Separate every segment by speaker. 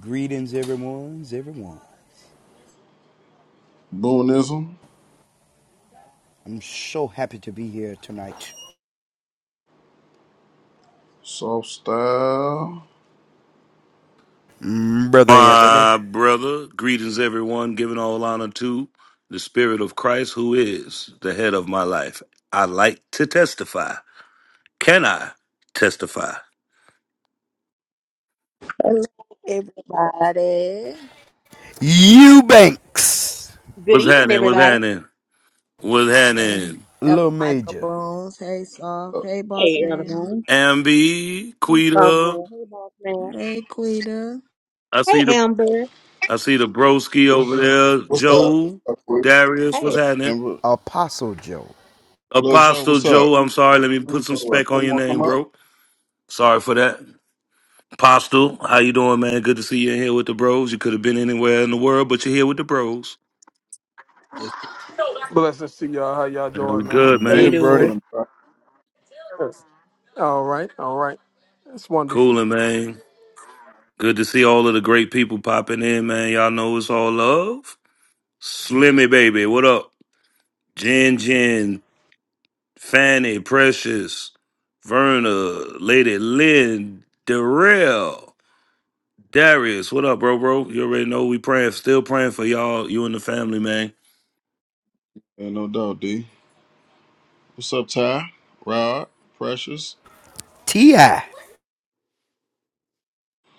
Speaker 1: Greetings, everyone! everyone.
Speaker 2: Boonism,
Speaker 1: I'm so happy to be here tonight.
Speaker 2: soft style.
Speaker 1: Mm, Brother Anthony.
Speaker 3: My brother, greetings everyone, giving all honor to the Spirit of Christ, who is the head of my life. I like to testify. Can I testify?
Speaker 4: Hello, everybody.
Speaker 1: Eubanks.
Speaker 5: Good
Speaker 3: What's
Speaker 5: evening,
Speaker 3: happening? What's
Speaker 5: everybody.
Speaker 3: happening? What's happening?
Speaker 4: Ella
Speaker 1: Little
Speaker 4: Michael
Speaker 1: Major.
Speaker 4: Bones. Hey, Soft.
Speaker 2: Uh,
Speaker 4: Hey, Boss
Speaker 5: Hey,
Speaker 4: Man.
Speaker 5: Elderman.
Speaker 3: Ambi,
Speaker 5: Hey, Barbara.
Speaker 3: Quita,
Speaker 5: Hey, Boss Man.
Speaker 4: Hey, Quita.
Speaker 3: I
Speaker 5: Hey,
Speaker 3: see the
Speaker 5: Amber.
Speaker 3: I see the broski over there.
Speaker 2: What's up? What's
Speaker 3: Joe,
Speaker 2: up, Chris?
Speaker 3: Darius, what's
Speaker 2: What's
Speaker 5: Hey,
Speaker 2: up,
Speaker 3: happening?
Speaker 2: Amber?
Speaker 1: Apostle Joe.
Speaker 2: Lil Joe,
Speaker 3: Apostle
Speaker 2: what's up?
Speaker 3: Joe, I'm sorry, let me
Speaker 2: Lil
Speaker 3: put some
Speaker 2: Joe, what?
Speaker 3: spec
Speaker 2: Joe,
Speaker 3: on
Speaker 2: you
Speaker 3: your
Speaker 2: want to come
Speaker 3: name,
Speaker 2: up?
Speaker 3: bro. Sorry for that. Postal, how you doing, man? Good to see you in here with the bros. You could have been anywhere in the world, but you're here with the bros.
Speaker 2: Yes.
Speaker 6: Blessings to y'all. How y'all
Speaker 3: Man, we
Speaker 6: doing, man?
Speaker 3: good,
Speaker 5: how
Speaker 2: Man,
Speaker 5: you
Speaker 1: Good,
Speaker 2: we
Speaker 3: man.
Speaker 5: doing?
Speaker 1: Brody.
Speaker 2: coolin', bro.
Speaker 6: All right, all right. That's wonderful.
Speaker 3: Cooling, man. Good to see all of the great people popping in, man. Y'all know it's all love. Slimmy baby, what up? Jen Jen, Fanny, Precious, Verna, Lady Lynn, Darrell, Darius, what up, bro, bro? You already know we praying, still praying for y'all, you and the family, man.
Speaker 2: Ain't no doubt, D. What's up, Ty? Rod, Precious,
Speaker 1: T.I.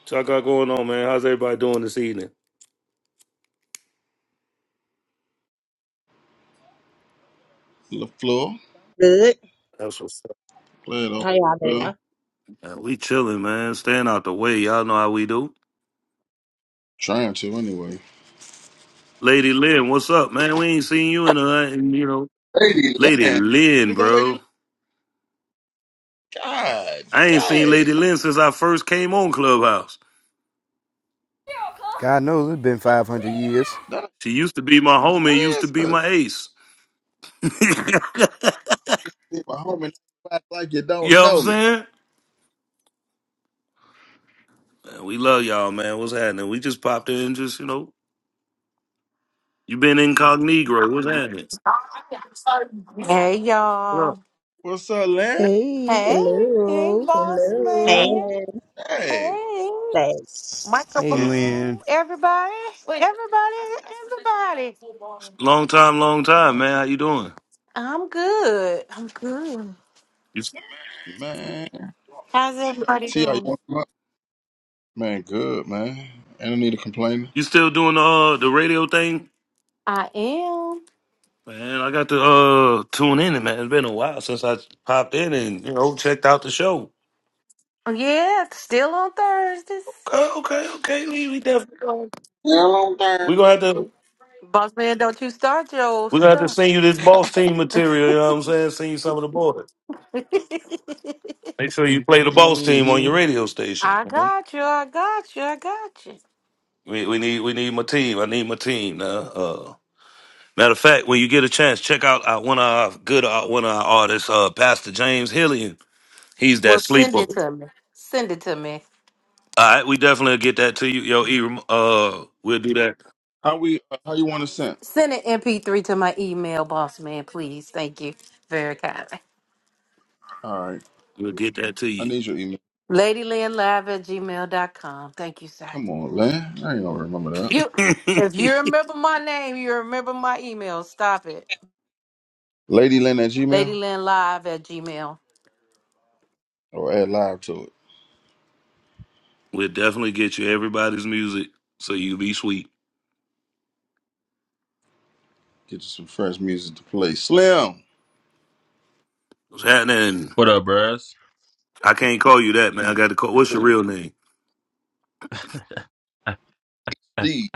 Speaker 3: So I got going on, man. How's everybody doing this evening?
Speaker 2: LaFleur.
Speaker 5: Good.
Speaker 3: That's what's up.
Speaker 2: Glad all
Speaker 5: How y'all
Speaker 2: well.
Speaker 5: doing?
Speaker 3: Man, we chilling, man. Staying out the way. Y'all know how we do.
Speaker 2: Trying to, anyway.
Speaker 3: Lady Lynn, what's up, man? We ain't seen you in a, in, you know,
Speaker 2: Lady
Speaker 3: Lady
Speaker 2: Land.
Speaker 3: Lynn,
Speaker 2: Is that Lady
Speaker 3: bro.
Speaker 2: Land? God
Speaker 3: I ain't seen Lady
Speaker 2: dang.
Speaker 3: Lynn since I first came on Clubhouse.
Speaker 1: God knows it's been 500 years.
Speaker 2: That,
Speaker 3: She used to be my homie,
Speaker 2: that
Speaker 3: used to
Speaker 2: is
Speaker 3: be
Speaker 2: her.
Speaker 3: my ace. you know
Speaker 2: See, my homie act like you don't
Speaker 3: what I'm
Speaker 2: know me.
Speaker 3: saying? Man, we love y'all, man. What's happening? We just popped in, and just you know, you been incognito. What's
Speaker 2: Mm.
Speaker 3: happening?
Speaker 7: Hey
Speaker 3: What up?
Speaker 7: y'all.
Speaker 2: What's up, Land?
Speaker 4: Hey,
Speaker 7: Hey, hey
Speaker 4: hello,
Speaker 7: boss
Speaker 5: Hey,
Speaker 2: God
Speaker 4: hello.
Speaker 7: man.
Speaker 5: Lynn.
Speaker 2: dang.
Speaker 7: Hey.
Speaker 5: Say,
Speaker 7: Michael
Speaker 1: Hey,
Speaker 7: Boo.
Speaker 1: Lynn.
Speaker 7: Everybody. Everybody. Everybody.
Speaker 3: Long time, long time,
Speaker 2: Oh,
Speaker 3: man. How you doing?
Speaker 7: I'm good. I'm good.
Speaker 3: You
Speaker 2: man.
Speaker 7: How's everybody
Speaker 2: T, how you
Speaker 7: doing?
Speaker 2: want to come up? Man, good, man. Ain't no need to complain.
Speaker 3: you still doing the uh, the radio thing?
Speaker 7: I am.
Speaker 3: Man, I got to uh tune in, man. It's been a while since I popped in and you know checked out the show.
Speaker 7: Oh, Yeah, still on Thursdays.
Speaker 3: Okay, okay, okay. We, we definitely going
Speaker 2: Hello there.
Speaker 3: we gonna have to
Speaker 7: Boss man, don't you start your old
Speaker 3: we gonna have to
Speaker 7: stuff.
Speaker 3: send you this boss team material. You know what I'm saying? Send you some of the boys. So you play the boss team on your
Speaker 2: Mm-hmm.
Speaker 3: radio station.
Speaker 7: I
Speaker 3: Mhm.
Speaker 7: got you. I got you. I got you.
Speaker 3: We we need we need my team. I need my team now. Uh, matter of fact, when you get a chance, check out uh, one of our good uh, one of our artists, uh, Pastor James Hillian. He's that
Speaker 7: Well,
Speaker 3: sleeper.
Speaker 7: send
Speaker 3: All
Speaker 7: it to me. Send it to me.
Speaker 3: right, we definitely get that to you, yo. E, rem- uh, we'll do that.
Speaker 2: How we? uh, How you want to send?
Speaker 7: Send an MP3 to my email, boss man, please. Thank you very kindly.
Speaker 2: All right.
Speaker 3: We'll get that to
Speaker 2: I
Speaker 3: you.
Speaker 2: need your email.
Speaker 7: LadyLandLive at gmail.com. Thank you, sir.
Speaker 2: Come on, Lynn. I ain't gonna remember that.
Speaker 7: You, If
Speaker 3: we'll
Speaker 7: you remember my name, you remember my email. Stop it.
Speaker 2: Lady Lynn at Gmail
Speaker 7: LadyLandLive at gmail.
Speaker 2: or add live to it.
Speaker 3: definitely get you everybody's music so you be sweet.
Speaker 2: Get you some fresh music to play. Slim,
Speaker 3: What's happening?
Speaker 8: What up, bruh?
Speaker 3: I can't call you that, man. I got to call. What's your real name?
Speaker 2: D,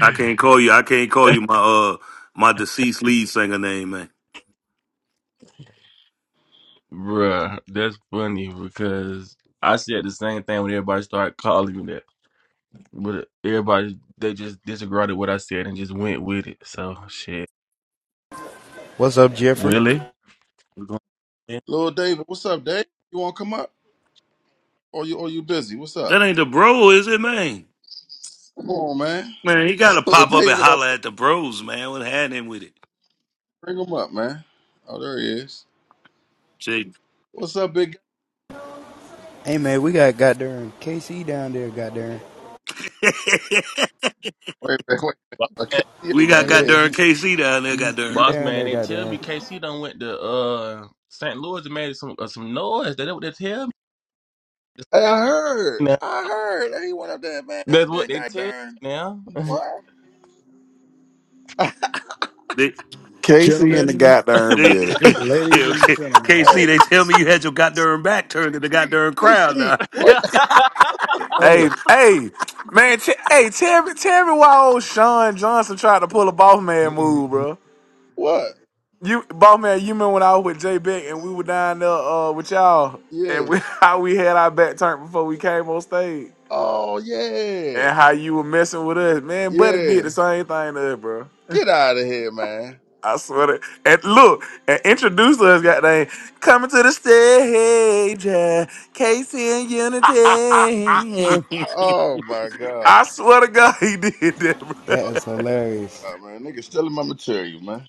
Speaker 3: I can't call you. I can't call you my uh my deceased lead singer name, man.
Speaker 8: bruh, that's funny because I said the same thing when everybody started calling me that. But everybody, they just disagreed with what I said and just went with it. So, shit.
Speaker 1: What's up, Jeffrey?
Speaker 8: Willie? we going yeah.
Speaker 2: Lil David. What's up, Dave? You want to come up? Or you? Or you busy? What's up?
Speaker 3: That ain't the bro, is it, man?
Speaker 2: Come on, man.
Speaker 3: Man, he gotta
Speaker 2: Lil
Speaker 3: pop up and
Speaker 2: David up.
Speaker 3: holler
Speaker 2: there.
Speaker 3: at the bros, man. What had him with it?
Speaker 2: Bring him up, man. Oh, there he is.
Speaker 3: See,
Speaker 2: What's up, big guy?
Speaker 1: Hey, man, we got goddamn KC down there, goddamn.
Speaker 2: Wait, wait, wait.
Speaker 8: Boss
Speaker 2: Okay,
Speaker 8: man,
Speaker 2: he
Speaker 3: we
Speaker 2: ain't
Speaker 3: got
Speaker 2: down there,
Speaker 3: got
Speaker 1: Yeah,
Speaker 2: is
Speaker 3: during
Speaker 2: he?
Speaker 1: he,
Speaker 3: KC down there.
Speaker 1: he,
Speaker 3: Got during
Speaker 1: he
Speaker 8: boss
Speaker 1: down
Speaker 8: man,
Speaker 1: there,
Speaker 8: they tell
Speaker 1: goddamn.
Speaker 8: me KC done went to uh St. Louis and made some uh, some noise. That's what they tell me.
Speaker 2: Hey, I heard.
Speaker 8: Now,
Speaker 2: I heard. Hey, what up there, man? Up
Speaker 8: that's what
Speaker 2: there,
Speaker 8: they
Speaker 2: god
Speaker 8: tell me
Speaker 2: darn.
Speaker 8: now.
Speaker 2: What?
Speaker 3: they
Speaker 9: Casey in the
Speaker 10: gentlemen,
Speaker 9: goddamn
Speaker 3: they
Speaker 9: building.
Speaker 10: ladies
Speaker 3: yeah,
Speaker 10: and
Speaker 3: okay.
Speaker 10: gentlemen.
Speaker 3: KC.
Speaker 2: Hey,
Speaker 3: They tell me you had your got during back turned to the got during crowd
Speaker 2: KC.
Speaker 3: now.
Speaker 2: What?
Speaker 9: hey,
Speaker 10: Hey,
Speaker 9: hey, man, t- hey, tell me, tell me why old Sean Johnson tried to pull a boss man
Speaker 8: Mm,
Speaker 9: move,
Speaker 8: mm,
Speaker 9: bro.
Speaker 2: What?
Speaker 9: You boss man, you remember when I was with J Beck and we were down there uh, with y'all and
Speaker 2: Yeah.
Speaker 9: we, how we had our back turned before we came on stage
Speaker 2: Oh, yeah.
Speaker 9: and how you were messing with us, man. Buddy
Speaker 2: Yeah.
Speaker 9: did the same thing to us, bro.
Speaker 2: Get out of here, man.
Speaker 9: I swear to and look and introduced us, goddamn, coming to the stage, yeah, Casey and Unity.
Speaker 3: Casey
Speaker 2: Oh, my God.
Speaker 9: I swear to God, he did that, bro.
Speaker 1: That is hilarious.
Speaker 2: Oh, man, nigga stealing my material, man.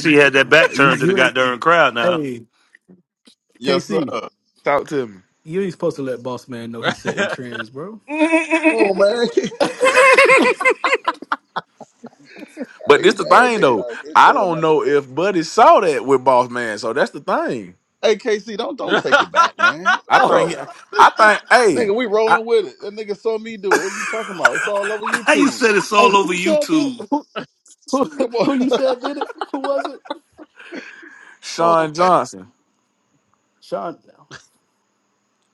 Speaker 10: you,
Speaker 3: had that back
Speaker 10: you,
Speaker 3: turned to the
Speaker 10: you ain't.
Speaker 3: goddamn crowd now.
Speaker 10: Hey,
Speaker 2: Yes, sir.
Speaker 10: KC,
Speaker 9: Talk to
Speaker 10: you ain't supposed to let boss man know he's
Speaker 8: mm.
Speaker 10: setting trends, bro.
Speaker 9: me.
Speaker 2: Oh, man.
Speaker 9: But this
Speaker 2: hey,
Speaker 9: the
Speaker 2: man,
Speaker 9: thing
Speaker 2: nigga
Speaker 9: though.
Speaker 2: out here
Speaker 9: I
Speaker 2: stealing
Speaker 9: don't
Speaker 2: my
Speaker 9: know
Speaker 2: material.
Speaker 9: if Buddy saw that with Boss Man. So that's the thing.
Speaker 2: Hey, KC, don't don't take it back, man.
Speaker 9: I think he,
Speaker 2: Bro,
Speaker 9: I think hey,
Speaker 2: nigga, we
Speaker 9: I,
Speaker 2: rolling with it. That nigga saw me do it. What are you talking about? It's all over
Speaker 3: How you
Speaker 2: YouTube.
Speaker 3: said it's
Speaker 10: Hey,
Speaker 3: all
Speaker 10: who
Speaker 3: over
Speaker 10: you said did?
Speaker 3: YouTube?
Speaker 10: Who, who,
Speaker 2: Come on.
Speaker 10: who you said did it? Who was it?
Speaker 2: Come on,
Speaker 9: Sean
Speaker 2: man.
Speaker 9: Johnson
Speaker 10: Sean.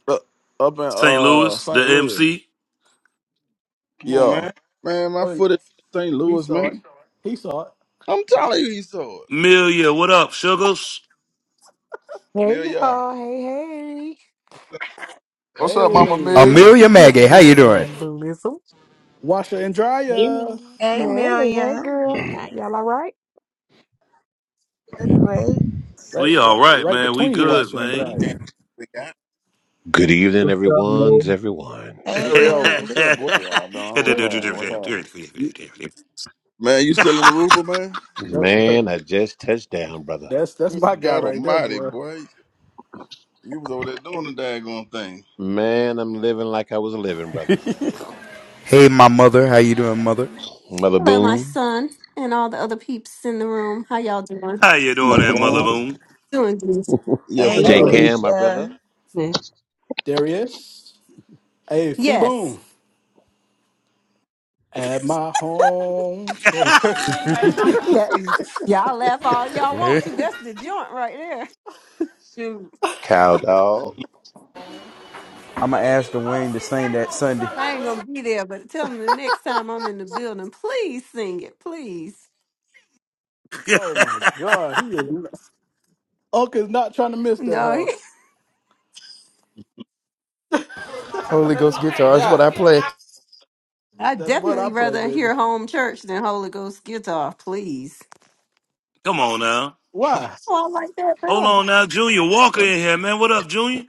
Speaker 9: uh, up in
Speaker 3: St.
Speaker 9: uh
Speaker 3: Louis, the
Speaker 9: St. Louis.
Speaker 3: MC.
Speaker 2: Come on,
Speaker 9: Yeah.
Speaker 2: man. Man, my
Speaker 10: Oh, he
Speaker 2: foot is St.
Speaker 10: he
Speaker 2: Louis,
Speaker 10: saw it.
Speaker 2: man.
Speaker 10: He saw it.
Speaker 2: I'm telling you, he saw it.
Speaker 3: Milia, what up, Sugars?
Speaker 11: Hey
Speaker 2: Yeah, yeah.
Speaker 11: y'all, hey hey.
Speaker 9: What's up, Mama Meg?
Speaker 10: Hey,
Speaker 1: Amelia
Speaker 11: What's
Speaker 1: Maggie, how you
Speaker 11: going
Speaker 1: doing?
Speaker 11: on, Blissum?
Speaker 10: washer and
Speaker 5: hey,
Speaker 10: dryer,
Speaker 5: Lynn.
Speaker 11: Hey,
Speaker 4: Hey,
Speaker 11: hey
Speaker 4: Amelia.
Speaker 2: Hmm,
Speaker 11: girl.
Speaker 5: Hey,
Speaker 11: Y'all all right?
Speaker 4: You're
Speaker 2: Man,
Speaker 4: great.
Speaker 10: right,
Speaker 3: We all
Speaker 10: right,
Speaker 3: right,
Speaker 10: right
Speaker 3: man. We
Speaker 10: between the
Speaker 2: Doing
Speaker 3: good,
Speaker 10: washer
Speaker 2: the best
Speaker 10: and
Speaker 3: man.
Speaker 10: dryer.
Speaker 2: we can. We got
Speaker 12: Good evening,
Speaker 13: What's up, Mo?
Speaker 12: everyone's everyone's.
Speaker 4: Hey,
Speaker 3: How
Speaker 2: Dario. What's
Speaker 4: Darius.
Speaker 2: up, boy?
Speaker 5: hey, Darren.
Speaker 2: You- Man, you still in Aruba, man?
Speaker 10: That-
Speaker 12: Man, I just touched down, brother.
Speaker 10: that's that's
Speaker 2: Good
Speaker 10: my guy
Speaker 2: God
Speaker 10: right there,
Speaker 2: Almighty,
Speaker 10: boy.
Speaker 2: boy. You was over there doing the daggone thing,
Speaker 12: Man, I'm living like I was living, brother.
Speaker 1: Hey, my mother. How you doing, mother?
Speaker 12: Mother
Speaker 14: Hello, my
Speaker 12: Boone,
Speaker 14: son, and all the other peeps in the room. How y'all doing?
Speaker 3: you doing
Speaker 2: mother
Speaker 3: there, Mother
Speaker 10: Uh,
Speaker 2: bone.
Speaker 3: Moon?
Speaker 14: Doing good.
Speaker 5: How
Speaker 2: Yes,
Speaker 13: That's
Speaker 4: Hey,
Speaker 5: you
Speaker 12: J
Speaker 2: sir.
Speaker 10: hey,
Speaker 5: doing?
Speaker 13: Khalifa.
Speaker 12: Cam, my brother,
Speaker 4: Felicia.
Speaker 5: Yeah.
Speaker 10: there he is. Hey,
Speaker 14: Yes.
Speaker 10: Fee at my home church.
Speaker 14: That, y'all laugh all y'all
Speaker 1: Yeah.
Speaker 14: want to. That's the joint right there. Shoot.
Speaker 12: Cow Dog.
Speaker 1: I'ma ask the wing to sing that Sunday.
Speaker 14: I ain't gonna be there, but tell them the next time I'm in the building, please sing it, please.
Speaker 10: Oh my God, he is Uncle's not trying to miss that
Speaker 14: No, he-
Speaker 10: house.
Speaker 1: Holy Ghost guitar is what I play.
Speaker 14: I
Speaker 10: That's what I
Speaker 14: definitely
Speaker 10: play,
Speaker 14: rather
Speaker 10: baby.
Speaker 14: hear home church than Holy Ghost guitar, please.
Speaker 3: Come on now.
Speaker 10: Why?
Speaker 14: Oh, I like that
Speaker 3: Hold
Speaker 14: better.
Speaker 3: on now. Junior Walker
Speaker 2: Uh,
Speaker 3: in here, man. What up, Junior?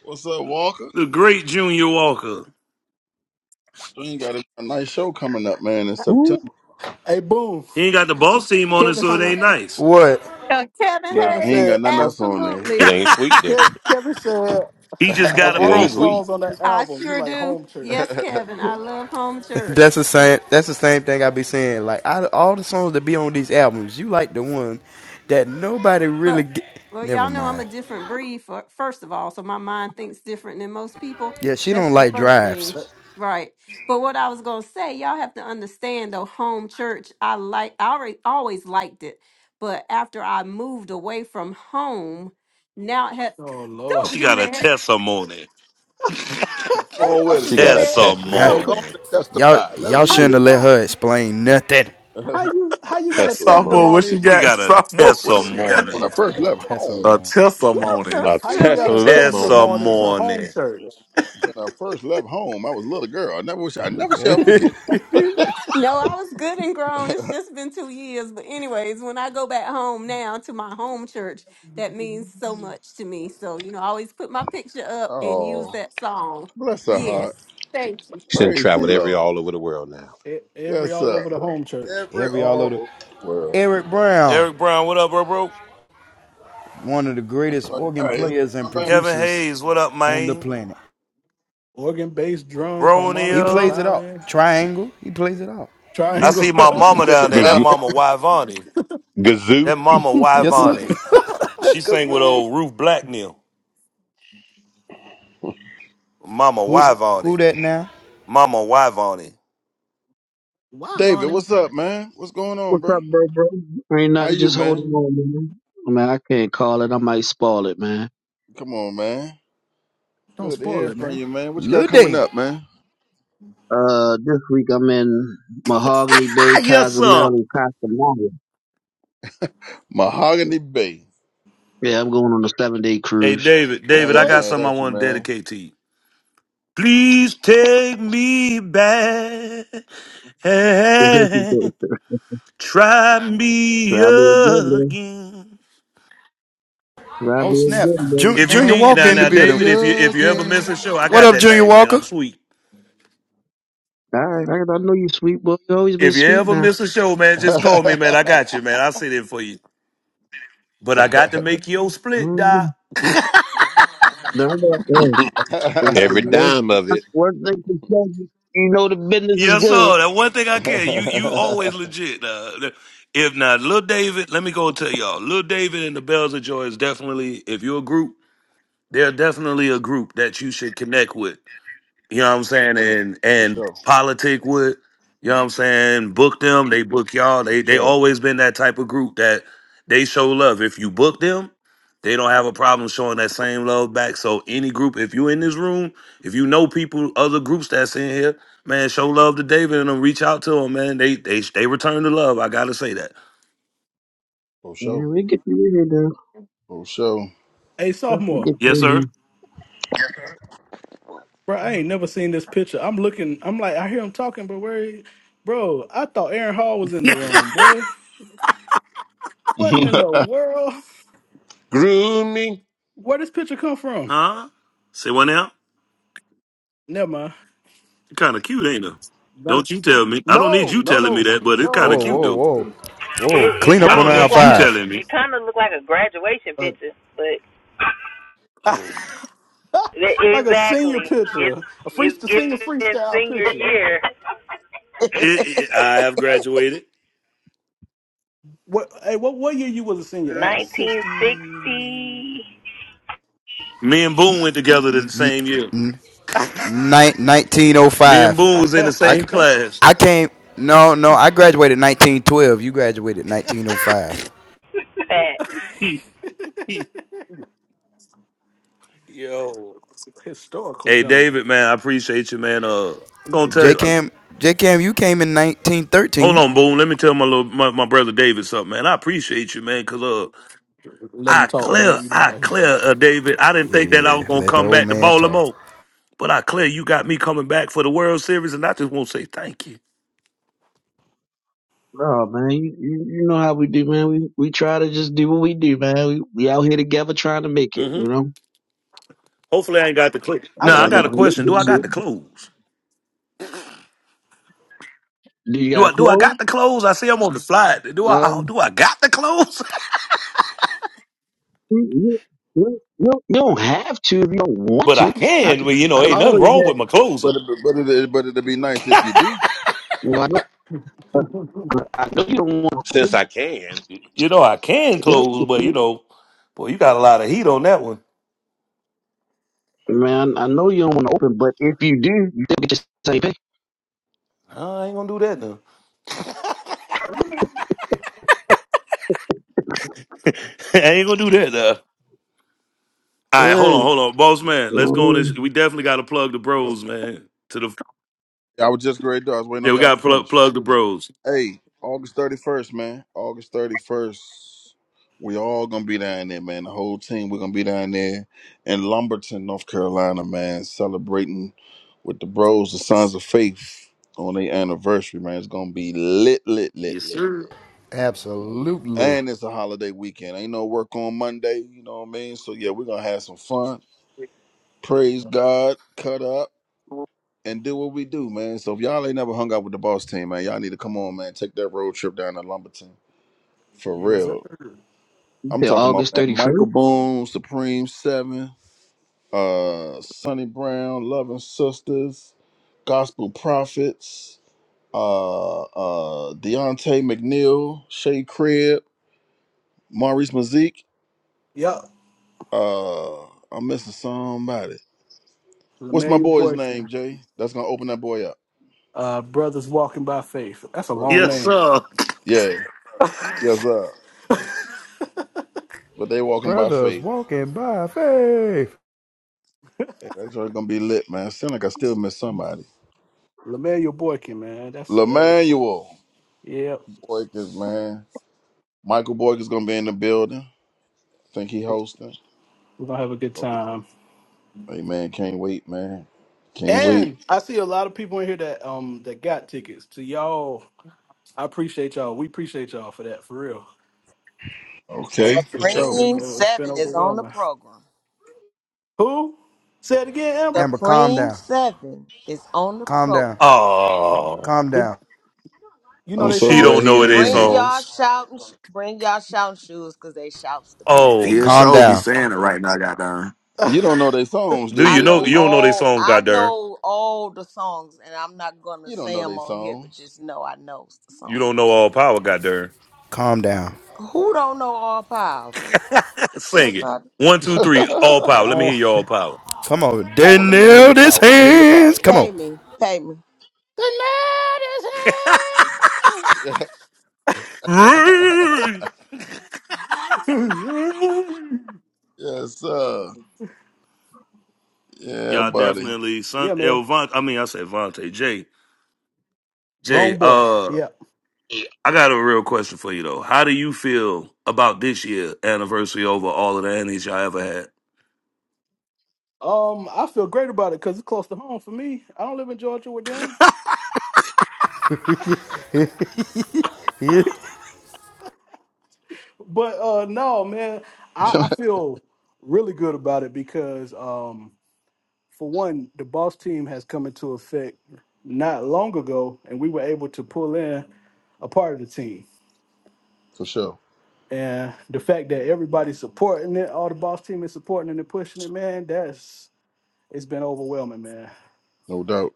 Speaker 2: what's up, Walker?
Speaker 3: The great Junior Walker.
Speaker 2: You ain't got a, a nice show coming up, man, in
Speaker 12: Woo.
Speaker 2: September.
Speaker 10: Hey, boom.
Speaker 3: He ain't got the boss team on it,
Speaker 10: Kevin.
Speaker 3: so
Speaker 10: s-
Speaker 3: it
Speaker 14: Hold on.
Speaker 3: ain't nice.
Speaker 1: What?
Speaker 14: Uh, Kevin
Speaker 2: Nah,
Speaker 10: Kevin
Speaker 2: he
Speaker 14: Hayes,
Speaker 2: ain't
Speaker 10: said.
Speaker 2: got nothing
Speaker 10: Of,
Speaker 2: else on there.
Speaker 14: absolutely.
Speaker 12: It ain't sweet, then.
Speaker 10: Kev, Kevin said
Speaker 3: He just
Speaker 10: of
Speaker 3: got a
Speaker 12: It
Speaker 10: all the
Speaker 12: ain't
Speaker 3: program.
Speaker 12: sweet.
Speaker 10: songs on that
Speaker 14: I
Speaker 10: album, you
Speaker 14: sure
Speaker 10: like
Speaker 14: do.
Speaker 10: Home
Speaker 14: Yes,
Speaker 10: Church.
Speaker 2: Come
Speaker 14: Kevin, I love home church.
Speaker 1: That's the same. That's the same thing I be saying. Like out of all the songs that be on these albums, you like the one that nobody really.
Speaker 14: But
Speaker 1: Get.
Speaker 14: well,
Speaker 1: Never
Speaker 14: y'all know I'm a
Speaker 1: mind.
Speaker 14: different breed. For, first of all, so my mind thinks different than most people.
Speaker 1: Yeah, she
Speaker 14: That's
Speaker 1: don't
Speaker 14: the
Speaker 1: like
Speaker 14: first
Speaker 1: drives.
Speaker 14: thing,
Speaker 10: That,
Speaker 14: right? But what I was gonna say, y'all have to understand though. Home church, I like. I already always liked it, but after I moved away from home, now it had,
Speaker 10: oh Lord,
Speaker 14: don't
Speaker 3: She
Speaker 14: do
Speaker 3: got a
Speaker 14: that.
Speaker 3: testimony.
Speaker 2: on with it.
Speaker 14: Don't
Speaker 12: She
Speaker 14: do
Speaker 12: got a
Speaker 14: that.
Speaker 12: Tesla,
Speaker 2: Come
Speaker 1: Huh?
Speaker 2: on, go
Speaker 10: yo,
Speaker 2: on
Speaker 3: Testimony.
Speaker 2: and
Speaker 1: y'all,
Speaker 2: testify. Let them
Speaker 1: y'all
Speaker 10: how
Speaker 1: shouldn't
Speaker 10: you
Speaker 2: use
Speaker 1: have
Speaker 2: you.
Speaker 1: let
Speaker 10: got
Speaker 1: her explain nothing.
Speaker 10: how
Speaker 2: when,
Speaker 10: you how you got a
Speaker 12: Tesla
Speaker 9: Sophomore,
Speaker 12: money,
Speaker 9: what she
Speaker 10: testimony?
Speaker 3: She
Speaker 9: got?
Speaker 3: got a
Speaker 9: Sophomore, what she
Speaker 2: I,
Speaker 9: got?
Speaker 2: when
Speaker 3: testimony.
Speaker 2: I first left
Speaker 1: That's her
Speaker 2: home,
Speaker 9: A
Speaker 1: mom.
Speaker 14: You're
Speaker 9: testimony.
Speaker 14: so
Speaker 12: a
Speaker 10: How you
Speaker 14: silly.
Speaker 10: got a
Speaker 12: Tesla money.
Speaker 10: testimony to Home
Speaker 3: Testimony.
Speaker 10: Church?
Speaker 2: when I first left home, I was a little girl. I never wish I never shall forget it.
Speaker 14: No, I was good and grown. It's just been two years. But, anyways, when I go back home now to my home church, that means so much to me. So, you know, I always put my picture up and use
Speaker 2: Oh,
Speaker 14: that song.
Speaker 2: bless her
Speaker 14: Yes.
Speaker 2: heart.
Speaker 14: Thank you.
Speaker 12: She done
Speaker 2: Praise the
Speaker 12: traveled every
Speaker 2: Lord.
Speaker 12: all over the world now.
Speaker 10: E- Every
Speaker 2: Yes,
Speaker 10: all over
Speaker 2: sir.
Speaker 10: the Home Church.
Speaker 2: Every
Speaker 1: Every all
Speaker 2: all
Speaker 1: over. The,
Speaker 2: over the world.
Speaker 1: Eric Brown,
Speaker 3: Eric Brown, what up, bro, bro?
Speaker 1: one of the greatest
Speaker 2: All
Speaker 1: organ
Speaker 2: right, it's-
Speaker 1: players
Speaker 2: my
Speaker 1: and
Speaker 2: man,
Speaker 3: Kevin
Speaker 1: producers
Speaker 3: Hayes, what up,
Speaker 1: on the
Speaker 3: man?
Speaker 1: planet.
Speaker 10: Organ, bass, drums,
Speaker 1: He
Speaker 10: harmonica,
Speaker 1: plays
Speaker 3: Bronia.
Speaker 1: it out.
Speaker 10: violin.
Speaker 1: Triangle. He plays it out.
Speaker 3: I see
Speaker 10: Triangle.
Speaker 3: my mama
Speaker 2: take the
Speaker 3: down there. That
Speaker 2: Bible.
Speaker 12: Gazoo,
Speaker 3: mama Yvonne.
Speaker 12: gazoo.
Speaker 3: That mama
Speaker 1: Yes, sir.
Speaker 3: Yvonne.
Speaker 1: the
Speaker 3: She sang with
Speaker 1: kazoo.
Speaker 3: old Ruth Blacknell. Mama
Speaker 1: Who who
Speaker 3: Yvonne.
Speaker 1: that now?
Speaker 3: Mama wife on it.
Speaker 10: Why,
Speaker 2: David,
Speaker 10: Bonnie?
Speaker 2: what's up, man? What's going on,
Speaker 13: What's
Speaker 2: bro?
Speaker 13: up, bro, bro? Ain't
Speaker 2: How
Speaker 13: nothing.
Speaker 2: you,
Speaker 13: Just
Speaker 2: man?
Speaker 13: holding on, man. I mean, I can't call it. I might spoil it, man.
Speaker 2: Come on, man.
Speaker 10: Don't
Speaker 2: Good to
Speaker 10: spoil
Speaker 2: hear
Speaker 10: it,
Speaker 2: from
Speaker 10: man.
Speaker 2: you, man. What you got
Speaker 1: Lil
Speaker 2: coming
Speaker 1: David.
Speaker 2: up, man?
Speaker 13: Uh, this week I'm in Mahogany
Speaker 3: Ah,
Speaker 13: Bay,
Speaker 3: yes,
Speaker 13: Cozumel,
Speaker 3: sir.
Speaker 13: and Costamare.
Speaker 2: Mahogany Bay.
Speaker 13: Yeah, I'm going on a seven day
Speaker 3: Hey,
Speaker 13: cruise.
Speaker 3: David,
Speaker 2: I
Speaker 3: David, I
Speaker 2: ain't
Speaker 10: Okay.
Speaker 3: got
Speaker 2: mad
Speaker 3: something I
Speaker 2: at you,
Speaker 3: want to
Speaker 2: man.
Speaker 3: dedicate to you. Please take me back
Speaker 13: Try
Speaker 3: and
Speaker 13: me
Speaker 3: try me
Speaker 13: again, man.
Speaker 3: again.
Speaker 13: Try
Speaker 1: Oh
Speaker 13: me
Speaker 1: snap.
Speaker 13: again, man.
Speaker 1: Ju-
Speaker 3: If you
Speaker 1: Junior
Speaker 2: Try
Speaker 3: need
Speaker 1: Walker
Speaker 3: now,
Speaker 1: in the
Speaker 3: now,
Speaker 1: building.
Speaker 2: me
Speaker 3: David, if you if you ever miss a
Speaker 2: again.
Speaker 3: show, I
Speaker 1: What
Speaker 3: got
Speaker 1: up,
Speaker 3: that
Speaker 1: Junior
Speaker 3: thing, man.
Speaker 1: Walker?
Speaker 3: I'm sweet.
Speaker 13: All right, I, I know you sweet, boy. You always been
Speaker 3: If you
Speaker 13: sweet
Speaker 3: ever
Speaker 13: now.
Speaker 3: miss a show, man, just
Speaker 2: for
Speaker 3: call me, man. I got you, man. I'll sit in for you. But I got to make your split, Doc.
Speaker 13: Mm. Now I know I am.
Speaker 12: every
Speaker 13: Work,
Speaker 12: dime of it
Speaker 13: work, work, you know the business is
Speaker 3: Yes,
Speaker 13: good.
Speaker 3: sir. That one thing I can. You you always legit. Uh, if not, Lil David, let me go tell y'all. Lil David and the Bells of Joy is definitely, if you're a group, they're definitely a group that you should connect with you know what I'm saying, and and
Speaker 2: sure.
Speaker 3: politic with, you know what I'm saying, book them, they book y'all.
Speaker 2: For
Speaker 3: They they
Speaker 2: sure.
Speaker 3: always been that type of group that they show love. If you book them, they don't have a problem showing that same love back. So any group, if you in this room, if you know people, other groups that's in here, man, show love to David and them, reach out to them, man. They they they return the love. I gotta say that.
Speaker 2: For
Speaker 13: Yeah,
Speaker 2: sure.
Speaker 13: we get you in here,
Speaker 2: For sure.
Speaker 10: Hey,
Speaker 13: Stuff to
Speaker 10: sophomore,
Speaker 13: get
Speaker 3: Yes, sir.
Speaker 13: busy.
Speaker 10: bro, I ain't never seen this picture. I'm looking, I'm like, I hear him talking, but where, he- bro? I thought Aaron Hall was in the room, boy. What in
Speaker 2: That's
Speaker 10: the world?
Speaker 12: grew me
Speaker 10: Where this picture come from?
Speaker 3: Huh? Say what now?
Speaker 10: Never mind.
Speaker 3: Kind of cute, ain't it?
Speaker 10: No,
Speaker 3: Don't you tell me. I don't need
Speaker 10: no,
Speaker 3: you
Speaker 10: no,
Speaker 3: telling me
Speaker 10: no,
Speaker 3: that, but it's kind
Speaker 10: no.
Speaker 3: of
Speaker 1: Whoa,
Speaker 3: cute
Speaker 10: no.
Speaker 1: whoa,
Speaker 3: though.
Speaker 1: whoa. Whoa.
Speaker 15: It, it
Speaker 1: Clean
Speaker 3: I
Speaker 1: up
Speaker 10: Bo-
Speaker 15: kind
Speaker 1: on
Speaker 3: don't
Speaker 15: of
Speaker 1: aisle
Speaker 15: looked
Speaker 3: need
Speaker 15: like
Speaker 3: you
Speaker 15: a
Speaker 1: five.
Speaker 3: telling me.
Speaker 15: it kind of looked like a graduation
Speaker 10: uh,
Speaker 15: picture, but e-,
Speaker 3: Oh,
Speaker 10: like a senior
Speaker 15: exactly it's
Speaker 10: picture, a free,
Speaker 15: it's
Speaker 10: the senior
Speaker 15: given
Speaker 10: freestyle
Speaker 15: senior
Speaker 10: picture.
Speaker 15: year
Speaker 3: it, it, I have graduated.
Speaker 10: What? Hey, what? What year you was a senior? At sixty?
Speaker 15: 1960.
Speaker 3: Me and Boone went together the same year.
Speaker 1: Nin-
Speaker 3: Me and
Speaker 1: 1905.
Speaker 3: Boone was in the
Speaker 1: I
Speaker 3: same class.
Speaker 1: I came. No, no. I graduated 1912. You graduated 1905.
Speaker 15: Fat.
Speaker 3: Yo,
Speaker 10: Historical
Speaker 3: Hey
Speaker 10: gentleman.
Speaker 3: David, man, I appreciate you, man. Uh, I'm gonna tell
Speaker 1: J
Speaker 3: you.
Speaker 1: Cam, J Cam, you came in
Speaker 3: Hold
Speaker 1: 1913.
Speaker 3: on, Boone. Let me tell my little my, my brother David something, man. I appreciate you, man, cause uh,
Speaker 10: Let him
Speaker 3: I
Speaker 10: talk,
Speaker 3: clear,
Speaker 10: Boone. You know
Speaker 3: I
Speaker 10: how he do.
Speaker 3: clear, uh, David. I didn't think that I was
Speaker 1: Yeah.
Speaker 3: gonna
Speaker 1: Let the
Speaker 3: come
Speaker 1: old
Speaker 3: back to
Speaker 1: man talk.
Speaker 3: Baltimore, but I clear you got me coming back for the World Series, and I just want to say thank you.
Speaker 13: No, man, you, you you know how we do, man. We we try to just do what we do, man. We, we out here together trying to make it,
Speaker 3: hmm
Speaker 13: you know.
Speaker 3: hopefully I ain't got the clip.
Speaker 10: I
Speaker 2: right.
Speaker 3: Now
Speaker 10: got
Speaker 3: I
Speaker 2: Gonna
Speaker 10: him.
Speaker 3: got a
Speaker 13: Out
Speaker 2: be
Speaker 13: here trying
Speaker 2: lit
Speaker 3: question. Do I
Speaker 13: to
Speaker 2: this
Speaker 3: got
Speaker 2: year.
Speaker 13: make
Speaker 3: the
Speaker 13: it.
Speaker 3: clothes?
Speaker 13: Do you
Speaker 3: Do
Speaker 13: got
Speaker 3: I do I
Speaker 13: clothes?
Speaker 3: got the clothes? I see I'm on the flight. Do I oh,
Speaker 13: Um,
Speaker 3: do I got the clothes?
Speaker 13: you, you, you, you don't you don't have to if you don't want
Speaker 3: but I
Speaker 13: to. I
Speaker 3: can.
Speaker 13: can
Speaker 3: But you
Speaker 13: I
Speaker 3: know,
Speaker 13: can
Speaker 3: ain't nothing
Speaker 13: always
Speaker 3: wrong
Speaker 13: have.
Speaker 3: with my clothes.
Speaker 2: But it, but it, but it'd be nice if you do.
Speaker 13: Well, I know, I, I I know you don't want to,
Speaker 12: since I can.
Speaker 3: You know, I can
Speaker 13: yeah,
Speaker 3: close, but you know, boy, you got a lot of heat on that one.
Speaker 13: man. I know you don't want to open, but if you do, you still get your same pay.
Speaker 3: I ain't gonna do that now. I ain't gonna do that now. All right, hold
Speaker 13: Hey,
Speaker 3: on,
Speaker 13: you
Speaker 3: hold on, boss man.
Speaker 13: know
Speaker 3: Let's
Speaker 13: what I
Speaker 3: go on this.
Speaker 13: mean?
Speaker 3: We definitely got to plug the bros, man. To the
Speaker 2: I was just great. I was waiting
Speaker 3: yeah,
Speaker 2: on
Speaker 3: we
Speaker 2: y'all
Speaker 3: got
Speaker 2: to
Speaker 3: to plug
Speaker 2: finish.
Speaker 3: plug the bros.
Speaker 2: Hey, August thirty first, man. August thirty first. We all gonna be down there, man. The whole team, we're gonna be down there in Lumberton, North Carolina, man, celebrating with the bros, the Sons of Faith, on their anniversary, man. It's gonna be lit, lit, lit,
Speaker 3: Yes,
Speaker 2: lit,
Speaker 3: sir.
Speaker 2: lit.
Speaker 1: Absolutely.
Speaker 2: And it's a holiday weekend. Ain't no work on Monday, you know what I mean? So yeah, we're gonna have some fun. Praise God, cut up, and do what we do, man. So if y'all ain't never hung out with the boss team, man, y'all need to come on, man. Take that road trip down to Lumberton For
Speaker 10: yes, sir.
Speaker 2: real.
Speaker 13: You
Speaker 2: I'm
Speaker 13: said
Speaker 2: talking about
Speaker 13: August
Speaker 2: man,
Speaker 13: 31st.
Speaker 2: Michael Boone, Supreme Seven, uh, Sonny Brown, Loving Sisters, Gospel Prophets, uh, uh, Deontay McNeil, Shay Crib, Maurice Mazik.
Speaker 10: Yep.
Speaker 2: Uh, I'm missing somebody. What's my
Speaker 10: Lemuel
Speaker 2: boy's name,
Speaker 10: Boykin.
Speaker 2: Jay? That's gonna open that boy up.
Speaker 10: Uh, Brothers Walking by Faith. That's a
Speaker 2: Brothers
Speaker 10: long
Speaker 3: Yes,
Speaker 2: walking.
Speaker 10: name.
Speaker 3: sir.
Speaker 2: Yeah, yes, sir. But they walking by
Speaker 1: Brothers
Speaker 2: faith.
Speaker 1: walking by faith.
Speaker 2: Yeah, that's gonna be lit, man. Sound like I still miss somebody.
Speaker 10: Lemuel Boykin, man. That's, uh,
Speaker 2: Lemanuel,
Speaker 10: yeah.
Speaker 2: boy, this man. Michael Borg is gonna be in the building. think he hosting.
Speaker 10: We're going to have a good
Speaker 2: Okay.
Speaker 10: time.
Speaker 2: Hey man, can't wait, man. Can't wait.
Speaker 10: And I see a lot of people in here that um that got tickets. To y'all, I appreciate y'all. We appreciate y'all for that, for real.
Speaker 2: Okay,
Speaker 10: It's,
Speaker 2: for
Speaker 10: it's
Speaker 2: sure.
Speaker 10: been
Speaker 4: Supreme
Speaker 10: uh, it's been
Speaker 4: 7 is on the
Speaker 10: overwhelming.
Speaker 4: program.
Speaker 10: Who? Say it again, Amber.
Speaker 1: Amber, calm
Speaker 4: Supreme
Speaker 1: down.
Speaker 4: 7 is on the
Speaker 1: Calm
Speaker 4: program.
Speaker 1: down.
Speaker 3: Oh,
Speaker 1: Calm
Speaker 10: But
Speaker 1: down.
Speaker 10: You know
Speaker 2: I'm
Speaker 10: they
Speaker 2: so
Speaker 3: she
Speaker 10: song?
Speaker 2: glad
Speaker 3: don't
Speaker 2: he
Speaker 3: know
Speaker 2: ain't
Speaker 3: their
Speaker 2: in
Speaker 4: Bring
Speaker 2: here.
Speaker 4: y'all
Speaker 3: songs.
Speaker 4: shouting, bring y'all shouting shoes because they shouts to
Speaker 9: He
Speaker 3: Oh
Speaker 4: people.
Speaker 9: His
Speaker 3: my.
Speaker 1: Calm
Speaker 9: show be
Speaker 1: down.
Speaker 9: saying it right now, goddamn.
Speaker 2: You don't know their songs, do
Speaker 3: Do
Speaker 4: I
Speaker 3: you
Speaker 2: you?
Speaker 3: know
Speaker 2: Do
Speaker 4: know
Speaker 3: you
Speaker 2: you?
Speaker 3: don't know their
Speaker 4: all
Speaker 3: songs,
Speaker 4: I
Speaker 3: goddamn?
Speaker 4: know all the songs, and I'm not gonna
Speaker 2: You don't
Speaker 4: say
Speaker 2: know
Speaker 4: them
Speaker 2: their
Speaker 4: on here, but
Speaker 2: songs.
Speaker 4: just know I know the
Speaker 3: You don't know all
Speaker 4: songs.
Speaker 3: power, goddamn.
Speaker 1: Calm down.
Speaker 4: Who don't know all powerfuls?
Speaker 3: Sing
Speaker 4: Yes,
Speaker 3: it.
Speaker 4: I
Speaker 3: One, two,
Speaker 2: Come
Speaker 3: three. All
Speaker 2: on,
Speaker 3: power. Let me hear
Speaker 10: oh.
Speaker 3: your all power.
Speaker 1: Come on. They
Speaker 4: pay, me,
Speaker 2: let me let me hear your
Speaker 1: nailed his
Speaker 2: power. Let me hear your
Speaker 1: hands.
Speaker 2: power.
Speaker 1: Come
Speaker 4: pay
Speaker 1: on.
Speaker 4: me, pay me.
Speaker 3: Ray!
Speaker 2: yes, sir. Yeah,
Speaker 3: Y'all
Speaker 2: buddy.
Speaker 3: definitely son.
Speaker 10: yeah, man.
Speaker 3: Yo, Von, I mean, I said Vontae. Jay, Jay.
Speaker 10: Wrong boy.
Speaker 3: Uh,
Speaker 10: Yeah.
Speaker 3: I got a real question for you though. How do you feel about this year anniversary over all of the annies y'all ever had?
Speaker 10: Um, I feel great about it because it's close to home for me. I don't live in Georgia with them. But uh no, man, I, I feel really good about it because um for one, the boss team has come into effect not long ago and we were able to pull in a part of the team.
Speaker 2: for sure.
Speaker 10: And the fact that everybody's supporting it, all the boss team is supporting it and pushing it, man, that's it's been overwhelming, man.
Speaker 2: No doubt.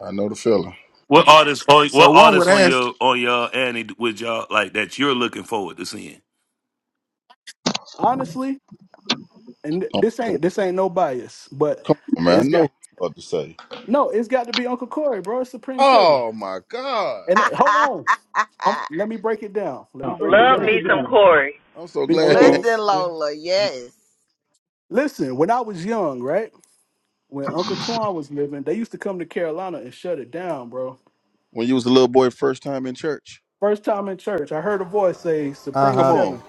Speaker 2: I know the feeling.
Speaker 3: What artists? on-
Speaker 9: So
Speaker 3: What
Speaker 9: one would
Speaker 3: artists on
Speaker 9: ask
Speaker 3: your on your annie with y'all like that you're looking forward to seeing?
Speaker 10: Honestly, and th- this
Speaker 2: Okay.
Speaker 10: ain't this ain't no bias, but
Speaker 2: Come on, man. I
Speaker 10: it's
Speaker 2: know
Speaker 10: got
Speaker 2: what you're about to say.
Speaker 10: no, it's got to be Uncle Corey, bro. It's Supreme Seven.
Speaker 2: Oh my God.
Speaker 10: And uh, hold on, um, let me break it down. Let me
Speaker 15: Oh,
Speaker 10: break it
Speaker 15: Love
Speaker 10: down
Speaker 15: me some Corey.
Speaker 2: I'm so glad he ain't
Speaker 4: Listen,
Speaker 10: because
Speaker 2: here.
Speaker 4: Lola. Yes,
Speaker 10: listen, when I was young, right, when Uncle Twan was living, they used to come to Carolina and shut it down, bro.
Speaker 2: when you was a little boy first time in church.
Speaker 10: First time in church, I heard a voice say Supreme
Speaker 2: Come on.
Speaker 10: Seven.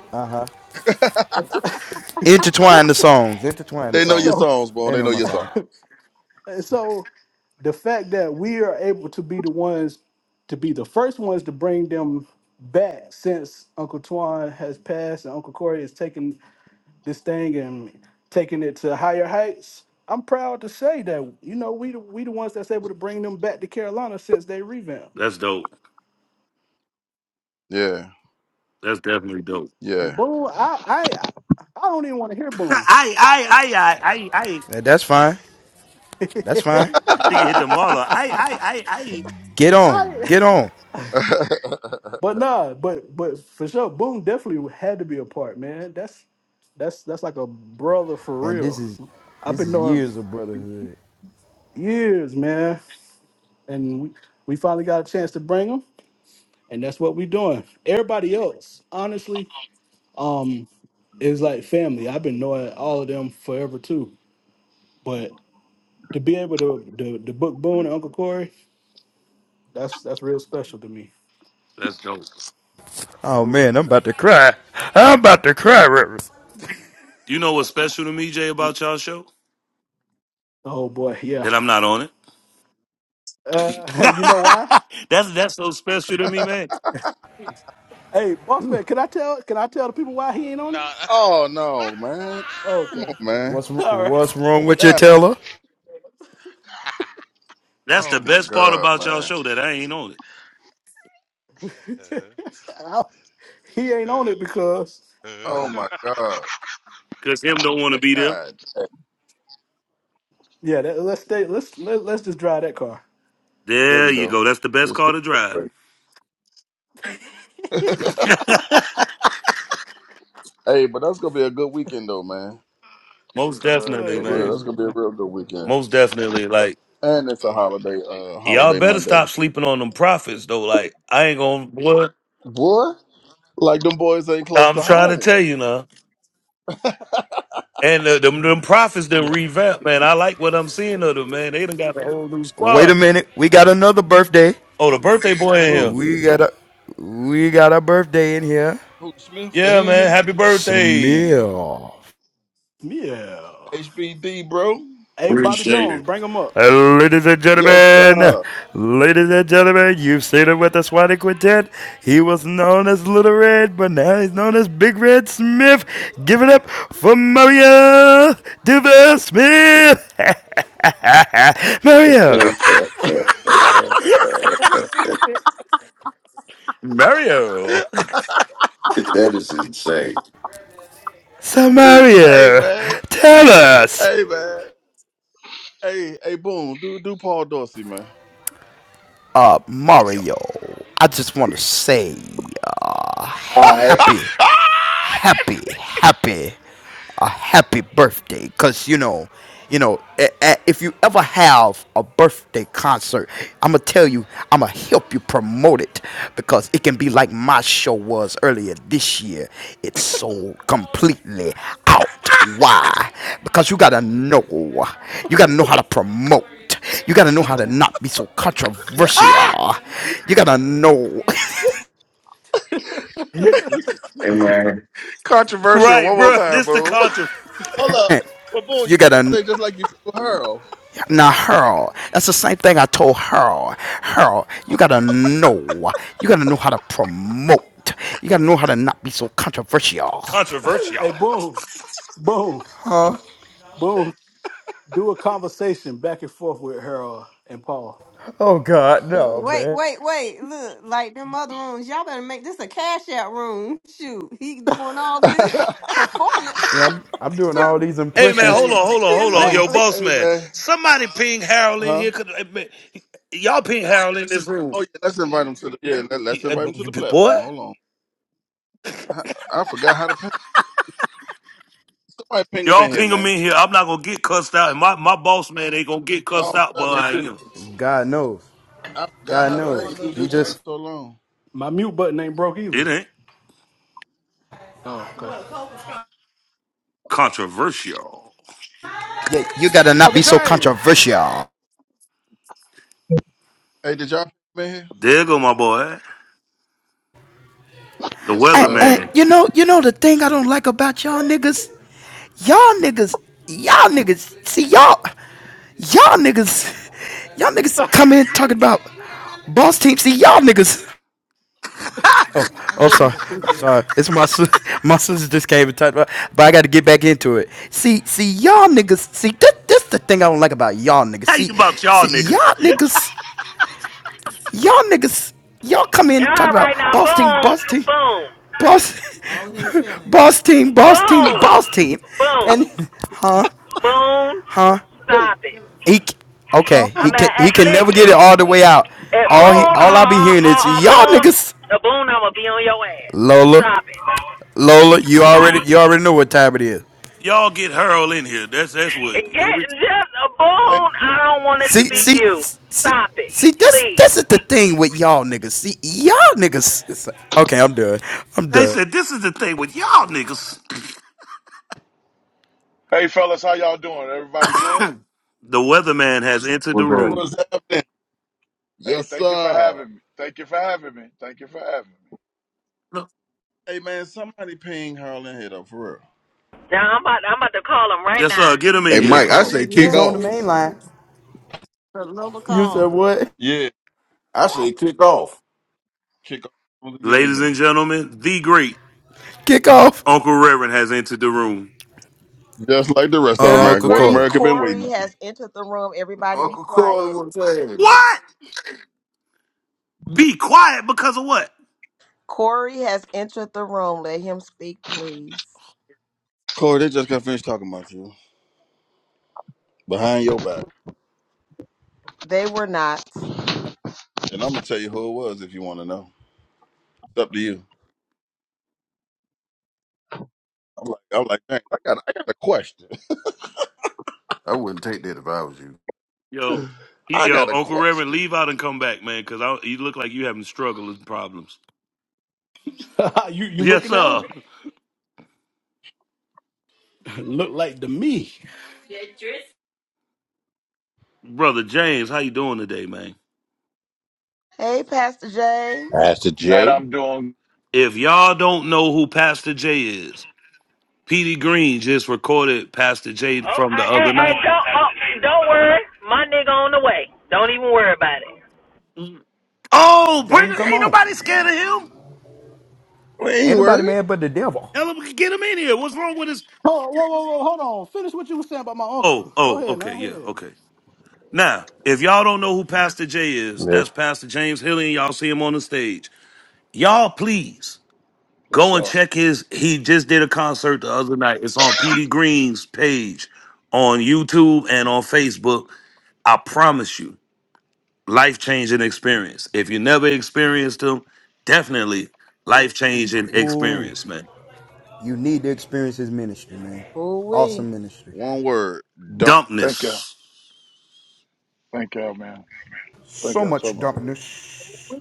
Speaker 1: Intertwine the songs. Intertwine the
Speaker 2: They
Speaker 10: And
Speaker 2: know your
Speaker 1: songs.
Speaker 10: so
Speaker 2: songs, bro.
Speaker 1: They
Speaker 2: They
Speaker 1: know
Speaker 2: know
Speaker 1: my
Speaker 2: your
Speaker 1: song.
Speaker 2: songs.
Speaker 10: And so the fact that we are able to be the ones to be the first ones to bring them back since Uncle Twan has passed and Uncle Corey is taking this thing and taking it to higher heights. I'm proud to say that you know we the, we the ones that's able to bring them back to Carolina since they revamped.
Speaker 3: That's dope.
Speaker 2: Yeah.
Speaker 3: That's definitely dope.
Speaker 10: And
Speaker 2: Yeah.
Speaker 10: boom, I I I don't even want to hear
Speaker 3: I
Speaker 10: boom.
Speaker 3: I I I I I.
Speaker 1: that's fine. That's fine.
Speaker 3: Nigga hit the marla. I, I, I, I.
Speaker 1: Get on.
Speaker 10: I
Speaker 1: Get on.
Speaker 10: But nah, but but for sure, Boone definitely had to be a part, man. That's that's that's like a brother for
Speaker 1: And this
Speaker 10: real.
Speaker 1: is
Speaker 10: I've
Speaker 1: this
Speaker 10: been
Speaker 1: is
Speaker 10: knowing him
Speaker 1: years of brotherhood.
Speaker 10: years, man, and we, we finally got a chance to bring him, and that's what we doing. Everybody else, honestly, um, is like family. I've been knowing all of them forever too, but to be able to to, to book Boone and Uncle Corey, that's that's real special to me.
Speaker 3: That's dope.
Speaker 1: Oh man, I'm about to cry. I'm about to cry, Rivers.
Speaker 3: You know what's special to me, Jay, about y'all show?
Speaker 10: Oh boy, yeah.
Speaker 3: That I'm not on it.
Speaker 10: Uh, you know why?
Speaker 3: that's that's so special to me, man.
Speaker 10: Hey, boss man, can I tell can I tell the people why he ain't on
Speaker 16: No.
Speaker 10: it?
Speaker 2: oh no, man. Come
Speaker 10: Okay.
Speaker 2: on, man.
Speaker 1: What's
Speaker 10: All right.
Speaker 1: what's wrong with your
Speaker 2: God.
Speaker 1: Taylor?
Speaker 3: That's the
Speaker 2: Oh my
Speaker 3: best part
Speaker 2: God,
Speaker 3: about y'all
Speaker 2: man.
Speaker 3: show that I ain't on it.
Speaker 10: I, he ain't on it because
Speaker 2: Oh my God.
Speaker 3: Cause him don't want to be there.
Speaker 2: God. Hey,
Speaker 10: yeah. That, let's stay. Let's let, let's just drive that car.
Speaker 2: There
Speaker 3: There
Speaker 2: we
Speaker 3: you
Speaker 2: go.
Speaker 3: go. That's the best
Speaker 2: We're
Speaker 3: car
Speaker 2: speaking
Speaker 3: to
Speaker 2: that
Speaker 3: drive.
Speaker 2: way. hey, but that's gonna be a good weekend though, man.
Speaker 3: Most
Speaker 10: Uh,
Speaker 3: definitely,
Speaker 2: For
Speaker 10: it
Speaker 2: real.
Speaker 3: man.
Speaker 10: is.
Speaker 2: That's gonna be a
Speaker 10: Man.
Speaker 2: real good weekend.
Speaker 3: Most definitely. Like
Speaker 2: And it's a holiday, uh
Speaker 3: y'all
Speaker 2: holiday
Speaker 3: better stop
Speaker 2: Monday.
Speaker 3: sleeping on them profits though. Like I ain't gonna what
Speaker 2: Boy. Like them boys ain't close
Speaker 3: I'm
Speaker 2: to
Speaker 3: trying to
Speaker 2: home.
Speaker 3: tell you now. And uh, them them prophets done
Speaker 10: Yeah.
Speaker 3: revamp, man. I like what I'm seeing of them, man. They done got a whole new
Speaker 1: Wait
Speaker 3: squad.
Speaker 1: a minute. We got another birthday.
Speaker 3: Oh, the birthday boy in
Speaker 10: Ooh.
Speaker 3: here.
Speaker 1: We got a we got a birthday in here.
Speaker 2: Who Smith?
Speaker 3: Yeah,
Speaker 2: He in
Speaker 3: man.
Speaker 2: here?
Speaker 3: Happy birthday.
Speaker 1: Smell.
Speaker 10: Yeah.
Speaker 2: HBD, bro.
Speaker 10: Hey, Bobby
Speaker 17: Appreciate it.
Speaker 10: Jones, bring him up.
Speaker 1: Ladies and
Speaker 2: Yes,
Speaker 1: gentlemen,
Speaker 2: sir.
Speaker 1: ladies and gentlemen, you've seen him with the Swatty Quintet. He was known as Little Red, but now he's known as Big Red Smith. Give it up for Mario Duval Smith. Mario,
Speaker 17: that
Speaker 14: So stupid.
Speaker 3: Mario.
Speaker 17: is insane.
Speaker 1: so
Speaker 2: hey
Speaker 1: Mario,
Speaker 2: man.
Speaker 1: tell us.
Speaker 2: Hey man. Hey, hey Boone, do do Paul Dorsey, man.
Speaker 1: Uh, Mario, I just want to say, uh,
Speaker 17: All right.
Speaker 1: happy happy, happy, a happy birthday. Cause you know, you know, a- a- if you ever have a birthday concert, I'ma tell you, I'ma help you promote it because it can be like my show was earlier this year. It's sold completely out. Why? Because you gotta know, you gotta know how to promote. You gotta know how to not be so
Speaker 3: Ah!
Speaker 1: controversial. You gotta know.
Speaker 17: Hey man,
Speaker 9: Controversial. One
Speaker 3: Right,
Speaker 9: more
Speaker 3: bro.
Speaker 9: time,
Speaker 3: This the
Speaker 9: bro.
Speaker 3: contra-
Speaker 2: Hold up. Well Boone,
Speaker 1: you
Speaker 2: you gotta
Speaker 1: gotta.
Speaker 2: say just like you told Harold.
Speaker 1: Now, Harold, that's the same thing I told Harold. Harold, you gotta know. You gotta know how to promote. You gotta know how to not be so controversial.
Speaker 3: controversial.
Speaker 10: Hey, boom, boom, boom. Do a conversation back and forth with Harold and Paul.
Speaker 1: Oh God, no,
Speaker 14: Wait,
Speaker 1: man.
Speaker 14: wait, wait. Look, like them other rooms, y'all better make this a cash out room. Shoot, he doing all of this performance.
Speaker 1: Yeah, I'm, I'm doing all
Speaker 14: Shoot,
Speaker 1: these
Speaker 3: Hey, man,
Speaker 1: impressions.
Speaker 3: hold
Speaker 2: hey,
Speaker 3: on, hold on, hold on. Yo,
Speaker 14: exactly.
Speaker 3: boss
Speaker 2: hey
Speaker 3: man,
Speaker 2: man.
Speaker 3: somebody ping Harold in
Speaker 2: Huh?
Speaker 3: here. 'cause, eh, man, Y'all ping Harold in this room.
Speaker 2: Oh yeah, let's invite him to the yeah, let,
Speaker 3: Y-
Speaker 2: us
Speaker 3: eh,
Speaker 2: invite him to
Speaker 3: b-
Speaker 2: the
Speaker 3: b- Boy?
Speaker 2: platform. Hold on. I, I forgot how to ping somebody ping him
Speaker 3: Y'all
Speaker 2: in here,
Speaker 3: ping him
Speaker 2: man.
Speaker 3: in here. I'm not going to get cussed out. And my, my boss man ain't going to get cussed
Speaker 2: Oh, I'm
Speaker 3: out
Speaker 2: telling
Speaker 3: behind
Speaker 2: you,
Speaker 3: you.
Speaker 1: God knows.
Speaker 2: I forgot
Speaker 1: God
Speaker 2: how to. I
Speaker 1: knows.
Speaker 2: ain't used
Speaker 1: He
Speaker 2: this in
Speaker 1: just
Speaker 2: so long.
Speaker 10: My mute button ain't broke
Speaker 3: It
Speaker 10: either.
Speaker 3: ain't
Speaker 10: Oh, okay.
Speaker 3: controversial.
Speaker 1: Yeah, you gotta not
Speaker 10: Uncle
Speaker 1: be so
Speaker 10: James.
Speaker 1: controversial.
Speaker 2: Hey, did y'all ping him in here?
Speaker 3: There go my boy, the
Speaker 2: Yes,
Speaker 1: And, and
Speaker 2: sir.
Speaker 3: weatherman.
Speaker 1: you know, you know the thing I don't like about y'all niggas, y'all niggas, y'all niggas. See y'all. Y'all niggas, y'all niggas come in talking about boss team. See, y'all niggas. Oh, oh,
Speaker 10: Boy, you
Speaker 1: sorry,
Speaker 10: stupid.
Speaker 1: sorry. It's my sis- my sister just came and talked about, but I got to get back into it. See, see, y'all niggas. See, this this the thing I don't like about y'all niggas.
Speaker 3: How you
Speaker 1: See,
Speaker 3: about y'all
Speaker 1: see,
Speaker 3: niggas?
Speaker 1: y'all niggas, y'all niggas, y'all come in
Speaker 15: All
Speaker 1: talking about
Speaker 15: right now,
Speaker 1: boss team,
Speaker 15: boom,
Speaker 1: boss team,
Speaker 15: boom,
Speaker 1: boss, boss team, boss team,
Speaker 15: boom,
Speaker 1: boss team,
Speaker 15: boom,
Speaker 1: and
Speaker 15: boom. Stop it.
Speaker 1: he okay. He
Speaker 2: Oh,
Speaker 15: I'm
Speaker 1: can
Speaker 15: at,
Speaker 1: he
Speaker 15: at
Speaker 1: can never get it
Speaker 15: listen.
Speaker 1: all the way out.
Speaker 15: At
Speaker 1: All he
Speaker 15: boom
Speaker 2: oh,
Speaker 15: or
Speaker 1: all I be hearing
Speaker 15: or,
Speaker 1: is
Speaker 15: or
Speaker 1: y'all
Speaker 15: boom,
Speaker 1: niggas.
Speaker 15: the boom, I'ma be on your ass.
Speaker 1: Lola,
Speaker 15: Stop it.
Speaker 1: Lola, you already you already know what time it is.
Speaker 3: y'all get hurled in here. That's that's what
Speaker 15: Get
Speaker 3: they
Speaker 15: just a
Speaker 2: hey,
Speaker 15: bone. I don't want it to
Speaker 1: See
Speaker 15: be
Speaker 2: man,
Speaker 1: see
Speaker 15: you.
Speaker 1: see
Speaker 15: Stop it,
Speaker 1: see that's
Speaker 15: please.
Speaker 1: this is the thing with y'all niggas. See y'all niggas. it's like- okay, I'm done. I'm done.
Speaker 3: said. This is the thing with y'all niggas.
Speaker 18: Hey fellas, how y'all doing? Everybody good?
Speaker 3: the weatherman has entered
Speaker 17: we're
Speaker 3: the
Speaker 17: ready.
Speaker 3: room.
Speaker 2: What's happening?
Speaker 18: Hey,
Speaker 2: Yes,
Speaker 18: thank you for
Speaker 2: sir.
Speaker 18: having me. Thank you for having me. Thank you for having me.
Speaker 3: Look.
Speaker 2: Hey, man, somebody ping Harlan here, though, for real.
Speaker 15: Now I'm about I'm about to call him right
Speaker 3: Yes,
Speaker 15: now.
Speaker 3: sir. Get him
Speaker 17: Hey
Speaker 3: in
Speaker 2: Yeah,
Speaker 14: Yeah,
Speaker 3: here,
Speaker 14: I
Speaker 17: Mike, I
Speaker 2: call him.
Speaker 14: sent him
Speaker 17: say
Speaker 14: a
Speaker 17: kick
Speaker 1: He's on the
Speaker 17: off.
Speaker 14: message,
Speaker 1: main line.
Speaker 14: but Lola
Speaker 1: You said
Speaker 14: call.
Speaker 1: what?
Speaker 2: Yeah,
Speaker 17: I say kick off.
Speaker 2: kick off. Let's get in
Speaker 3: ladies and
Speaker 2: here.
Speaker 3: gentlemen. The great
Speaker 1: Kick off,
Speaker 3: Uncle Reverend has entered the room.
Speaker 2: Just like the rest of
Speaker 4: the
Speaker 2: America.
Speaker 1: Uncle
Speaker 2: What
Speaker 4: great
Speaker 1: Cora.
Speaker 2: America been waiting
Speaker 4: Corey
Speaker 2: on.
Speaker 4: has entered the room. Everybody, be
Speaker 17: Uncle Corey
Speaker 4: quiet.
Speaker 17: wouldn't say anything.
Speaker 3: What? Be quiet because of what?
Speaker 4: Corey has entered the room. Let him speak, please.
Speaker 2: Corey, they just got finished talking about you behind your back.
Speaker 4: They were not.
Speaker 2: And I'm going to tell you who it was if you want to know. It's up to you. I'm like, I'm like, man, I got, I got a question.
Speaker 17: I wouldn't take that if I was you.
Speaker 3: Yo, he,
Speaker 2: I
Speaker 3: yo,
Speaker 2: got a
Speaker 3: Uncle Reverend,
Speaker 2: question.
Speaker 3: leave out and come back, man. Because you look like you having struggles and problems.
Speaker 10: you you
Speaker 3: Yes,
Speaker 10: looking at him?
Speaker 3: sir.
Speaker 10: Look like to me.
Speaker 3: Brother James, how you doing today, man?
Speaker 4: Hey, Pastor J.
Speaker 12: Pastor
Speaker 18: Man,
Speaker 12: J.
Speaker 18: I'm doing
Speaker 3: If y'all don't know who Pastor J is, Petey Green just recorded Pastor J
Speaker 15: Oh,
Speaker 3: from the
Speaker 15: I- and,
Speaker 3: other
Speaker 15: and
Speaker 3: night.
Speaker 15: don't oh, don't worry, my nigga on the way. Don't even worry about it.
Speaker 3: Oh,
Speaker 1: Tell
Speaker 3: bring
Speaker 1: him come
Speaker 3: ain't
Speaker 1: on.
Speaker 3: nobody scared of him.
Speaker 2: We
Speaker 1: Ain't
Speaker 2: ain't
Speaker 1: nobody
Speaker 2: worried.
Speaker 1: mad but the devil.
Speaker 3: Hell, we can get him in here. What's wrong with his?
Speaker 10: Whoa, whoa, whoa, whoa, hold on. Finish what you were saying about my
Speaker 3: Oh,
Speaker 10: uncle. Go
Speaker 3: oh,
Speaker 10: ahead
Speaker 3: okay,
Speaker 10: now.
Speaker 3: yeah,
Speaker 10: Hey.
Speaker 3: okay. Now, if y'all don't know who Pastor J is, that's Pastor James Hillian. y'all see him on the stage. Y'all, please
Speaker 18: bless
Speaker 3: go and
Speaker 18: y'all.
Speaker 3: check his. He just did a concert the other night. It's on Petey Green's page on YouTube and on Facebook. I promise you, life changing experience. If you never experienced them, definitely life changing
Speaker 1: Ooh,
Speaker 3: experience, man.
Speaker 1: you need to experience his ministry, man.
Speaker 4: Ooh wee.
Speaker 1: Awesome ministry.
Speaker 2: One word, dunk.
Speaker 18: Thank y'all.
Speaker 3: Dumpness.
Speaker 18: Thank y'all, man. Thank
Speaker 1: So
Speaker 18: y'all so
Speaker 10: Yes,
Speaker 1: much
Speaker 18: much.
Speaker 10: sir.
Speaker 1: dumpness.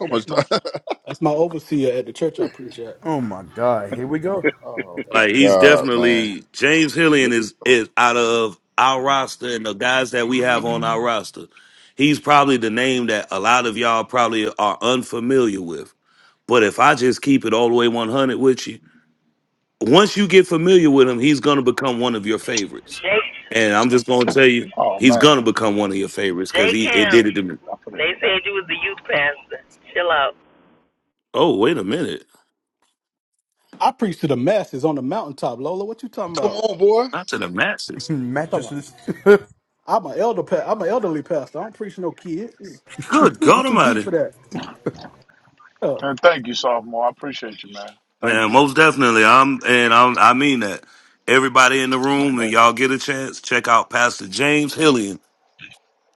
Speaker 2: So much
Speaker 10: That's my
Speaker 2: time.
Speaker 10: that's my overseer at the church I preach at.
Speaker 1: Oh my God! Here we go.
Speaker 2: oh, my
Speaker 3: Like he's
Speaker 2: God, man.
Speaker 3: definitely James Hillian is is out of our roster and the guys that we have on our roster. He's probably the name that a lot of y'all probably are unfamiliar with. But if I just keep it all the way 100 with you, once you get familiar with him, he's gonna become one of your favorites.
Speaker 15: Jay
Speaker 3: And I'm just gonna tell you,
Speaker 18: Oh
Speaker 3: he's gonna
Speaker 18: man.
Speaker 3: become one of your favorites
Speaker 15: Jay
Speaker 3: because he it
Speaker 15: Cam,
Speaker 18: It's
Speaker 3: did
Speaker 18: in
Speaker 3: it
Speaker 18: the
Speaker 3: to me.
Speaker 18: I put it in
Speaker 15: they
Speaker 18: the back.
Speaker 15: said you was the youth pastor. Chill out.
Speaker 3: Oh, wait a minute,
Speaker 10: I preach to the masses on the mountaintop, Lola. What you talking
Speaker 2: Come
Speaker 10: about?
Speaker 2: on, boy.
Speaker 3: not to the masses.
Speaker 10: Talking about-
Speaker 1: Mattresses.
Speaker 10: I'm an elder pa- I'm an elderly pastor. I don't preach no kids.
Speaker 3: Good
Speaker 10: I'm
Speaker 3: God
Speaker 10: too deep
Speaker 3: Almighty,
Speaker 10: for that. Yeah.
Speaker 18: And thank you, sophomore. I appreciate you, man. Thank
Speaker 3: man,
Speaker 18: you.
Speaker 3: most definitely. I'm and I'm, I mean that. Everybody in the room, and
Speaker 18: Thank you.
Speaker 3: y'all get a chance, check out Pastor James Hillian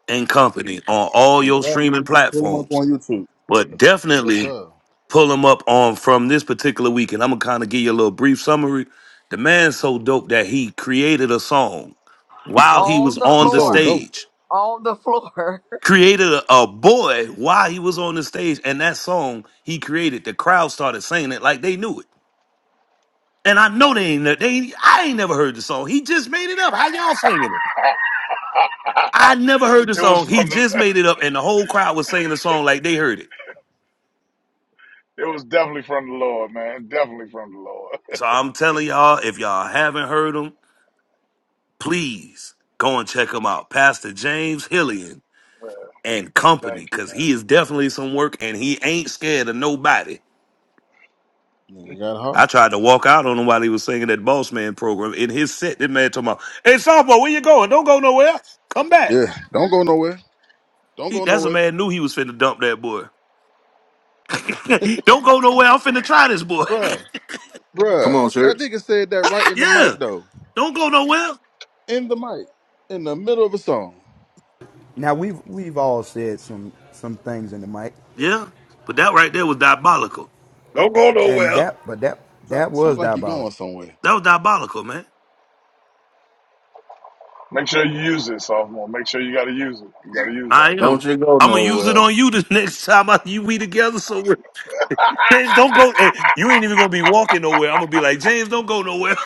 Speaker 3: and Company on all
Speaker 2: in
Speaker 3: your
Speaker 2: fact,
Speaker 3: streaming
Speaker 2: pull him up
Speaker 3: platforms.
Speaker 2: on YouTube.
Speaker 3: But
Speaker 2: Yes,
Speaker 3: definitely
Speaker 2: sir.
Speaker 3: pull him up on from this particular week, and I'm gonna kind of give you a little brief summary. The man's so dope that he created a song while he
Speaker 4: On
Speaker 3: was
Speaker 4: the
Speaker 2: He
Speaker 3: on the
Speaker 2: so
Speaker 4: floor.
Speaker 2: dope.
Speaker 3: stage.
Speaker 4: on the floor.
Speaker 3: Created a, a boy while he was on the stage, and that song he created, the crowd started saying it like they knew it. And I know they ain't ne- they ain't- I ain't never heard the song. He just made it up. How y'all singing it? I never heard the
Speaker 18: it was
Speaker 3: song. He
Speaker 18: from the
Speaker 3: just made it up, and the whole crowd was singing the song like they heard it.
Speaker 18: it was definitely from the Lord, man. Definitely from the Lord.
Speaker 3: So I'm telling y'all, if y'all haven't heard heard him. please go and check him out. Pastor James Hillian
Speaker 18: Yeah,
Speaker 3: and Company,
Speaker 18: thank you,
Speaker 3: because
Speaker 18: man.
Speaker 3: he is definitely some work and he ain't scared of nobody.
Speaker 2: Nigga got
Speaker 3: I
Speaker 2: hard.
Speaker 3: tried to walk out on him while he was singing that Boss Man program in his set. That man talking about, hey, sophomore, where you going? Don't go nowhere. Come back.
Speaker 2: Yeah, don't go nowhere. Don't
Speaker 3: He,
Speaker 2: go
Speaker 3: that's a
Speaker 2: nowhere,
Speaker 3: man knew he was finna dump that boy. don't go nowhere. I'm finna try this boy.
Speaker 2: Bruh,
Speaker 17: Come
Speaker 2: bruh.
Speaker 17: on,
Speaker 2: That
Speaker 17: church.
Speaker 2: nigga said that right in the
Speaker 3: yeah.
Speaker 2: mic though.
Speaker 3: Don't go nowhere.
Speaker 2: In the mic. In the middle of a song.
Speaker 1: now we've we've all said some some things in the mic,
Speaker 3: Yeah. But that right there was diabolical.
Speaker 17: Don't go
Speaker 1: and
Speaker 17: nowhere.
Speaker 1: that but that
Speaker 2: So-
Speaker 1: that
Speaker 2: Sound
Speaker 1: was
Speaker 2: like you
Speaker 1: diabolical.
Speaker 2: going somewhere.
Speaker 3: That was diabolical, man.
Speaker 18: Make sure you use it, sophomore. Make sure you gotta use it. You gotta use that
Speaker 3: I
Speaker 18: one.
Speaker 3: am.
Speaker 17: Don't you go
Speaker 3: I'm gonna use it
Speaker 17: nowhere.
Speaker 3: on you the next time I, you we together somewhere. James, don't go. eh, You ain't even gonna be walking nowhere. I'm gonna be like, James, don't go nowhere.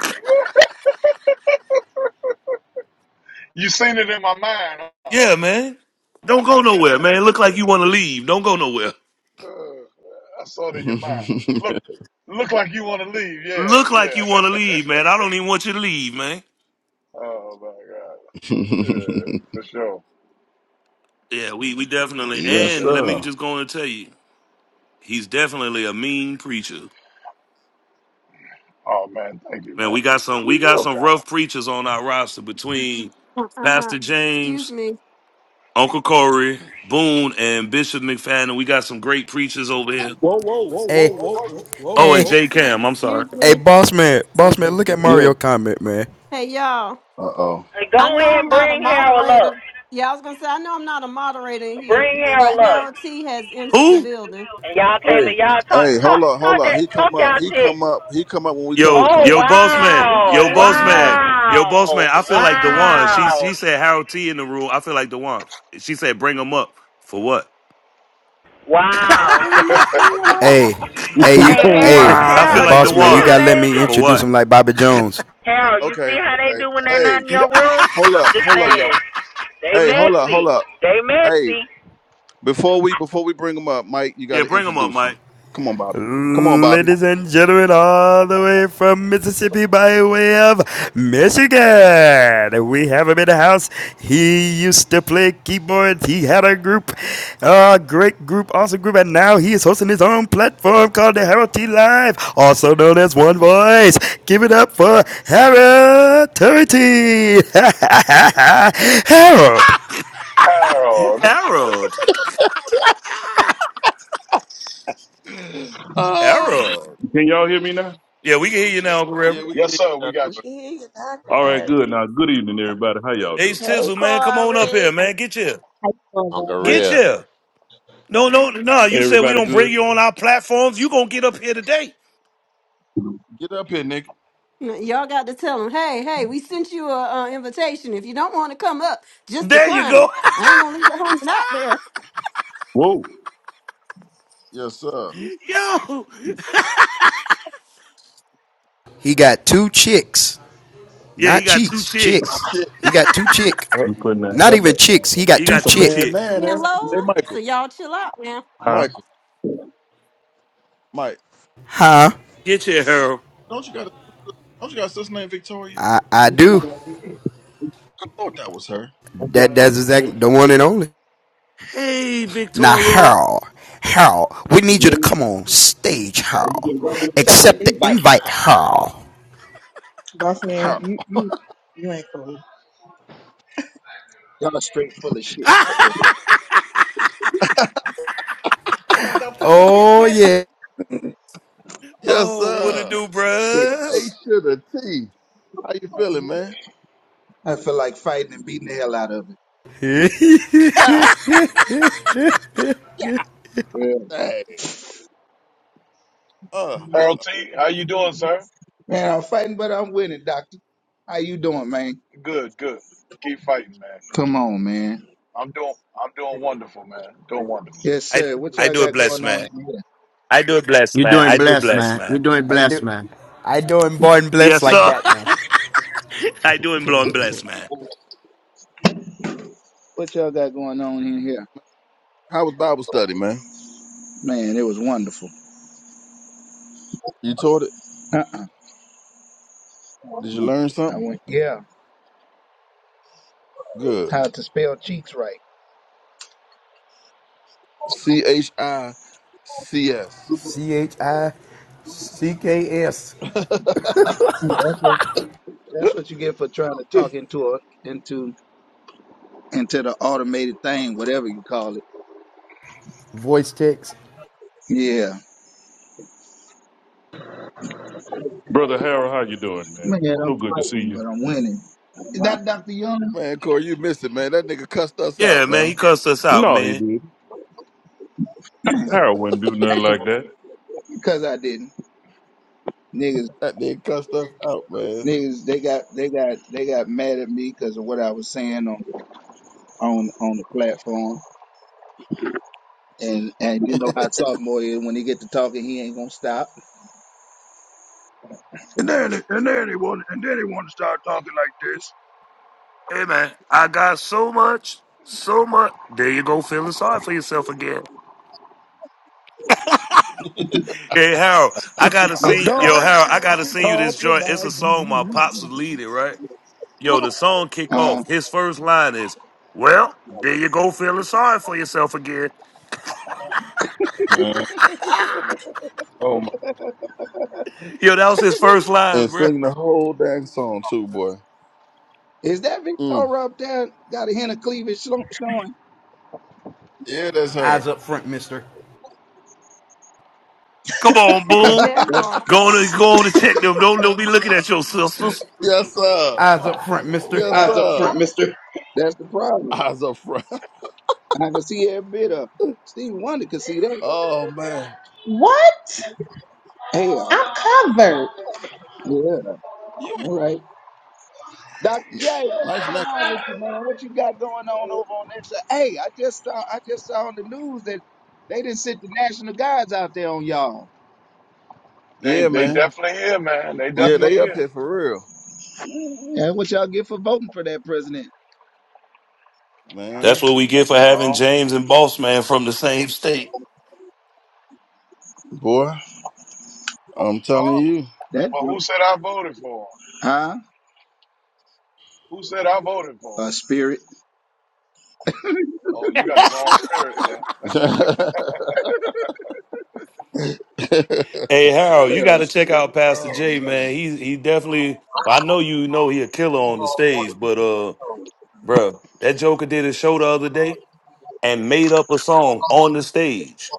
Speaker 18: You seen it in my mind.
Speaker 3: yeah, man. Don't go nowhere, man. Look like you want to leave. Don't go nowhere.
Speaker 18: Uh, I saw it in your mind. Look, look like you want to leave. Yeah,
Speaker 3: Look like you
Speaker 18: yeah.
Speaker 3: want to leave, man. I don't even want you to leave, man.
Speaker 18: Oh my God. Yeah, for sure,
Speaker 3: Yeah, we we definitely.
Speaker 18: for
Speaker 2: yes,
Speaker 3: And let
Speaker 18: sure.
Speaker 3: me
Speaker 2: sir.
Speaker 3: just go and tell you, he's definitely a mean preacher.
Speaker 18: Oh man, thank you,
Speaker 3: Man, we
Speaker 18: man.
Speaker 3: got some we
Speaker 18: You
Speaker 3: got
Speaker 18: real
Speaker 3: some
Speaker 18: kind.
Speaker 3: rough preachers on our roster between
Speaker 14: Uh, uh, uh.
Speaker 3: Pastor
Speaker 14: Excuse
Speaker 3: James,
Speaker 14: me.
Speaker 3: Uncle Corey, Boone, and Bishop McFadden. We got some great preachers over here.
Speaker 10: Whoa, whoa, whoa, whoa,
Speaker 1: Hey
Speaker 10: whoa, whoa, whoa,
Speaker 3: Oh, and
Speaker 1: hey
Speaker 10: whoa.
Speaker 3: J Cam. I'm sorry.
Speaker 14: Excuse
Speaker 1: hey,
Speaker 14: me.
Speaker 1: boss man, boss
Speaker 10: Thank
Speaker 1: man,
Speaker 10: you.
Speaker 1: look at Mario
Speaker 2: yo.
Speaker 1: comment, man.
Speaker 14: Hey, y'all.
Speaker 2: Uh oh.
Speaker 15: Go
Speaker 14: I know
Speaker 15: ahead
Speaker 14: I'm
Speaker 15: and
Speaker 14: not a
Speaker 15: bring Harold up.
Speaker 14: moderator. Yeah, I was going to say, I know I'm not a moderator in here,
Speaker 15: Bring
Speaker 14: but
Speaker 15: Harold up.
Speaker 14: Harold T has entered the
Speaker 3: Who?
Speaker 14: building.
Speaker 15: And y'all came
Speaker 2: Hey,
Speaker 15: and y'all talk
Speaker 2: hey,
Speaker 15: talk
Speaker 2: hold up,
Speaker 15: talk
Speaker 2: hold up.
Speaker 15: that
Speaker 2: He
Speaker 15: talk
Speaker 2: come up.
Speaker 15: y'all
Speaker 2: He
Speaker 15: shit.
Speaker 2: come up. He come up when we tell him
Speaker 3: Yo,
Speaker 2: to
Speaker 15: Oh
Speaker 2: come
Speaker 3: yo,
Speaker 2: up.
Speaker 3: boss
Speaker 14: Well,
Speaker 3: man,
Speaker 14: we just
Speaker 3: yo,
Speaker 15: wow,
Speaker 14: let
Speaker 3: boss
Speaker 14: you
Speaker 3: man,
Speaker 14: know.
Speaker 3: yo, boss
Speaker 15: wow,
Speaker 3: man. I feel like the
Speaker 2: Huh?
Speaker 3: one. She
Speaker 15: wow.
Speaker 3: she said Harold T in the room. I feel like the one. She said bring him up for what?
Speaker 15: Wow.
Speaker 14: Bring him up. Bring him up.
Speaker 1: Hey hey you
Speaker 15: Hey Harold,
Speaker 1: hey
Speaker 3: I
Speaker 1: hey,
Speaker 3: feel
Speaker 15: Harold,
Speaker 3: like
Speaker 17: wow.
Speaker 15: you
Speaker 3: the
Speaker 1: boss man,
Speaker 15: see
Speaker 1: you
Speaker 3: one
Speaker 15: how
Speaker 2: Yeah.
Speaker 1: gotta let
Speaker 15: they
Speaker 1: me
Speaker 3: for
Speaker 15: do?
Speaker 1: introduce
Speaker 3: what?
Speaker 1: him like Bobby Jones.
Speaker 15: Harold, you
Speaker 2: Okay.
Speaker 15: see how they
Speaker 2: Okay.
Speaker 15: do when they're not
Speaker 2: Hey.
Speaker 15: in your room?
Speaker 2: Hold
Speaker 15: I'm
Speaker 2: up,
Speaker 15: just
Speaker 2: hold up,
Speaker 15: saying,
Speaker 2: y'all.
Speaker 15: they
Speaker 2: Hey, hold up,
Speaker 15: messy.
Speaker 2: hold up.
Speaker 15: They
Speaker 2: Hey,
Speaker 15: messy.
Speaker 2: before we before we bring him up, Mike, you got
Speaker 3: Yeah,
Speaker 2: to
Speaker 3: bring him up,
Speaker 2: introduce
Speaker 3: Mike.
Speaker 2: him. Come on, Bobby. Come on, Bobby.
Speaker 1: Ladies and gentlemen, all the way from Mississippi by way of Michigan, we have him in the house. He used to play keyboards. He had a group, a great group, awesome group, and now he is hosting his own platform called the Harold T Live, also known as One Voice. Give it up for Harold T. Harold.
Speaker 18: Harold.
Speaker 3: Harold,
Speaker 2: Oh,
Speaker 3: Harold.
Speaker 19: Can y'all hear me now?
Speaker 3: Yeah, we can hear you now, Uncle
Speaker 2: yeah,
Speaker 3: Reverend.
Speaker 2: we
Speaker 18: Yes,
Speaker 2: get
Speaker 18: sir. We
Speaker 2: that
Speaker 4: We
Speaker 18: got
Speaker 2: door.
Speaker 18: you.
Speaker 4: can hear you
Speaker 19: All right,
Speaker 4: knocking.
Speaker 19: good. Now, good evening, everybody. How y'all
Speaker 3: Ace
Speaker 19: doing?
Speaker 4: Hey,
Speaker 3: Tizzle, man, come on up
Speaker 4: Corey.
Speaker 3: here, man. Get here,
Speaker 5: How you
Speaker 12: Uncle
Speaker 5: doing,
Speaker 3: get
Speaker 12: Rib.
Speaker 3: here. No, no, no. You said we
Speaker 19: Everybody
Speaker 3: don't bring
Speaker 19: good?
Speaker 3: you on our platforms. You gonna get up here today?
Speaker 2: Get up here, nigga.
Speaker 14: Y'all got to tell him, hey, hey, we sent you a uh, invitation. If you don't want to come up, just
Speaker 3: There you
Speaker 14: decline
Speaker 3: go.
Speaker 14: it. I ain't going to leave you hanging out there.
Speaker 19: Whoa,
Speaker 2: Yes, sir.
Speaker 3: Yo.
Speaker 1: He got two chicks.
Speaker 3: Yeah, he
Speaker 1: Not
Speaker 3: got two
Speaker 1: cheeks,
Speaker 3: chicks.
Speaker 1: chicks.
Speaker 2: Shit.
Speaker 1: He got two chick.
Speaker 2: Uh,
Speaker 19: you putting that
Speaker 1: Not
Speaker 19: hair
Speaker 1: even
Speaker 19: back
Speaker 1: chicks.
Speaker 19: down
Speaker 1: He
Speaker 3: He
Speaker 1: got two
Speaker 10: That's
Speaker 3: got
Speaker 10: a
Speaker 3: two
Speaker 1: chick.
Speaker 10: bad
Speaker 3: chicks.
Speaker 10: man,
Speaker 14: Me and
Speaker 10: ain't it?
Speaker 19: man.
Speaker 2: Hey,
Speaker 14: Lola.
Speaker 2: Michael.
Speaker 14: So y'all chill out now.
Speaker 19: Huh?
Speaker 2: Michael. Mike.
Speaker 1: Huh?
Speaker 3: Get your Harold.
Speaker 2: Don't you got a don't you got a sister named Victoria?
Speaker 1: I I do.
Speaker 2: I thought that was her.
Speaker 19: That's
Speaker 1: That
Speaker 19: why
Speaker 1: that's
Speaker 19: I ain't
Speaker 1: exactly
Speaker 19: with
Speaker 1: the one and
Speaker 19: you
Speaker 1: only.
Speaker 3: Hey,
Speaker 1: Now
Speaker 3: Victoro.
Speaker 1: Harold, Harold, we need you to
Speaker 19: with
Speaker 1: come on stage, Harold.
Speaker 20: accept the
Speaker 1: Accept
Speaker 19: that.
Speaker 1: the
Speaker 20: invite
Speaker 1: invite,
Speaker 20: her
Speaker 1: Harold.
Speaker 20: Boss man,
Speaker 2: How?
Speaker 20: you you you ain't cool.
Speaker 21: Y'all are straight full of shit. Uh oh.
Speaker 1: Oh yeah.
Speaker 2: Yes,
Speaker 3: oh, what it
Speaker 2: sir.
Speaker 3: do,
Speaker 21: Straight full. of
Speaker 3: bruh?
Speaker 2: H to the T. How you feeling, man?
Speaker 21: shit. I feel like fighting and beating the hell out of it.
Speaker 2: God
Speaker 21: Yeah.
Speaker 2: dang. Uh, uh. uh.
Speaker 18: Harold T. How you doing, sir?
Speaker 21: Man, I'm fighting, but I'm winning, doctor. How you doing, man?
Speaker 18: Good, good. Keep fighting, man.
Speaker 21: Come on, man.
Speaker 18: I'm doing, I'm doing wonderful, man. Doing wonderful.
Speaker 21: Yes,
Speaker 3: I
Speaker 21: sir. What
Speaker 3: I
Speaker 21: y'all
Speaker 3: do it
Speaker 21: got
Speaker 3: blessed,
Speaker 21: going on
Speaker 3: man.
Speaker 21: in here?
Speaker 3: I do it blessed,
Speaker 22: You're
Speaker 3: man.
Speaker 22: doing
Speaker 3: I do it
Speaker 22: blessed,
Speaker 3: blessed,
Speaker 22: man. You're
Speaker 3: man.
Speaker 22: doing
Speaker 1: I do.
Speaker 22: blessed, man.
Speaker 1: I do, and born blessed
Speaker 3: Yes,
Speaker 1: like
Speaker 3: sir.
Speaker 1: that, man.
Speaker 3: I do it blowing blessed, man.
Speaker 21: What y'all got going on in here?
Speaker 2: How was Bible study, man?
Speaker 21: Man, it was wonderful.
Speaker 2: You taught it.
Speaker 21: Uh-uh.
Speaker 2: Did you learn
Speaker 21: I
Speaker 2: something?
Speaker 21: went, yeah.
Speaker 2: Good.
Speaker 21: How to spell cheeks right.
Speaker 2: C H I C S.
Speaker 1: C H I C K S.
Speaker 21: Ooh, That's what that's what you get for trying to talk into a into into the automated thing, whatever you call it.
Speaker 1: Voice text.
Speaker 21: Yeah.
Speaker 19: Brother Harold, how you doing, man?
Speaker 21: Man, I'm
Speaker 19: So good to see
Speaker 21: fighting,
Speaker 19: you.
Speaker 21: but I'm winning. Is that Dr. Young?
Speaker 2: Man, Corey, you missed it, man. That nigga cussed us
Speaker 3: Yeah,
Speaker 2: out,
Speaker 3: man. He
Speaker 2: man.
Speaker 3: cussed us out,
Speaker 19: No, he
Speaker 3: man.
Speaker 19: did. Harold wouldn't do nothing
Speaker 21: Hey,
Speaker 19: like that.
Speaker 21: Because I didn't. Niggas,
Speaker 2: That nigga cussed us out, man.
Speaker 21: niggas, they got, they got, they got mad at me because of what I was saying on, on, on the platform. And, and you know how sophomore is when he get to talking, he ain't gonna stop. And then they, and then they want and then they want to start talking like this.
Speaker 3: hey, man, I got so much, so much. There you go, feeling sorry for yourself again. Hey, Harold, I gotta
Speaker 10: I
Speaker 3: sing. Yo,
Speaker 10: don't
Speaker 3: Harold, I
Speaker 10: have
Speaker 3: gotta
Speaker 10: to
Speaker 3: sing you this
Speaker 10: talk
Speaker 3: joint. It's a
Speaker 10: about
Speaker 3: song my pops was
Speaker 10: you.
Speaker 3: leading, right? Yo, the song kick off.
Speaker 21: Uh,
Speaker 3: His first line is, Well, there you go, feeling sorry for yourself again.
Speaker 2: man. Oh my.
Speaker 3: Yo, that was his first lines,
Speaker 2: And
Speaker 3: bro.
Speaker 2: sing the whole dang song too, boy.
Speaker 21: is that
Speaker 2: Mm.
Speaker 21: Victoria up there got a hint of cleavage sho- showing?
Speaker 2: Yeah, that's her.
Speaker 1: Eyes up front, mister.
Speaker 3: Come on,
Speaker 21: That,
Speaker 3: boom.
Speaker 14: That
Speaker 21: that's the
Speaker 14: part.
Speaker 3: Go on
Speaker 21: problem.
Speaker 3: and go on and check them. Don't don't be looking at your sisters.
Speaker 2: yes, sir.
Speaker 1: Eyes up front, mister.
Speaker 2: Yes,
Speaker 20: eyes up front,
Speaker 2: sir.
Speaker 20: mister.
Speaker 21: That's the problem.
Speaker 2: Eyes up front.
Speaker 21: I can see every bit of. it. Steve Wonder could see that.
Speaker 2: Oh man.
Speaker 20: What?
Speaker 21: Hell,
Speaker 20: I'm covered.
Speaker 21: yeah.
Speaker 2: You ain't
Speaker 21: All right. Dr. J, what's
Speaker 2: nice
Speaker 21: going
Speaker 2: neck.
Speaker 21: on with you, man? What you got going on over on that side? Hey, I just saw I just saw on the news that they didn't sent the national guards out there on y'all.
Speaker 18: They,
Speaker 2: Yeah,
Speaker 18: they
Speaker 2: man.
Speaker 18: definitely here, man. They
Speaker 2: Yeah,
Speaker 18: definitely
Speaker 2: they up
Speaker 18: here.
Speaker 2: here for real.
Speaker 21: Yeah, what y'all get for voting for that president?
Speaker 3: That's
Speaker 2: Man.
Speaker 3: what we get for having
Speaker 18: Well,
Speaker 3: James and Boss Man from the same state.
Speaker 2: Boy, I'm telling
Speaker 21: That
Speaker 18: but who said I voted for him?
Speaker 21: huh?
Speaker 18: Who said I voted for
Speaker 21: A
Speaker 18: him?
Speaker 21: spirit.
Speaker 18: Oh, you got the wrong spirit there.
Speaker 2: you.
Speaker 3: Hey, Harold, you
Speaker 21: Yeah,
Speaker 3: got
Speaker 21: a
Speaker 3: to check
Speaker 21: spirit.
Speaker 3: out Pastor
Speaker 2: Oh
Speaker 3: J,
Speaker 2: man.
Speaker 3: man. He he definitely. well, I know you know he a killer on the stage, but uh, bro, that Joker did a show the other day and made up a song on the stage,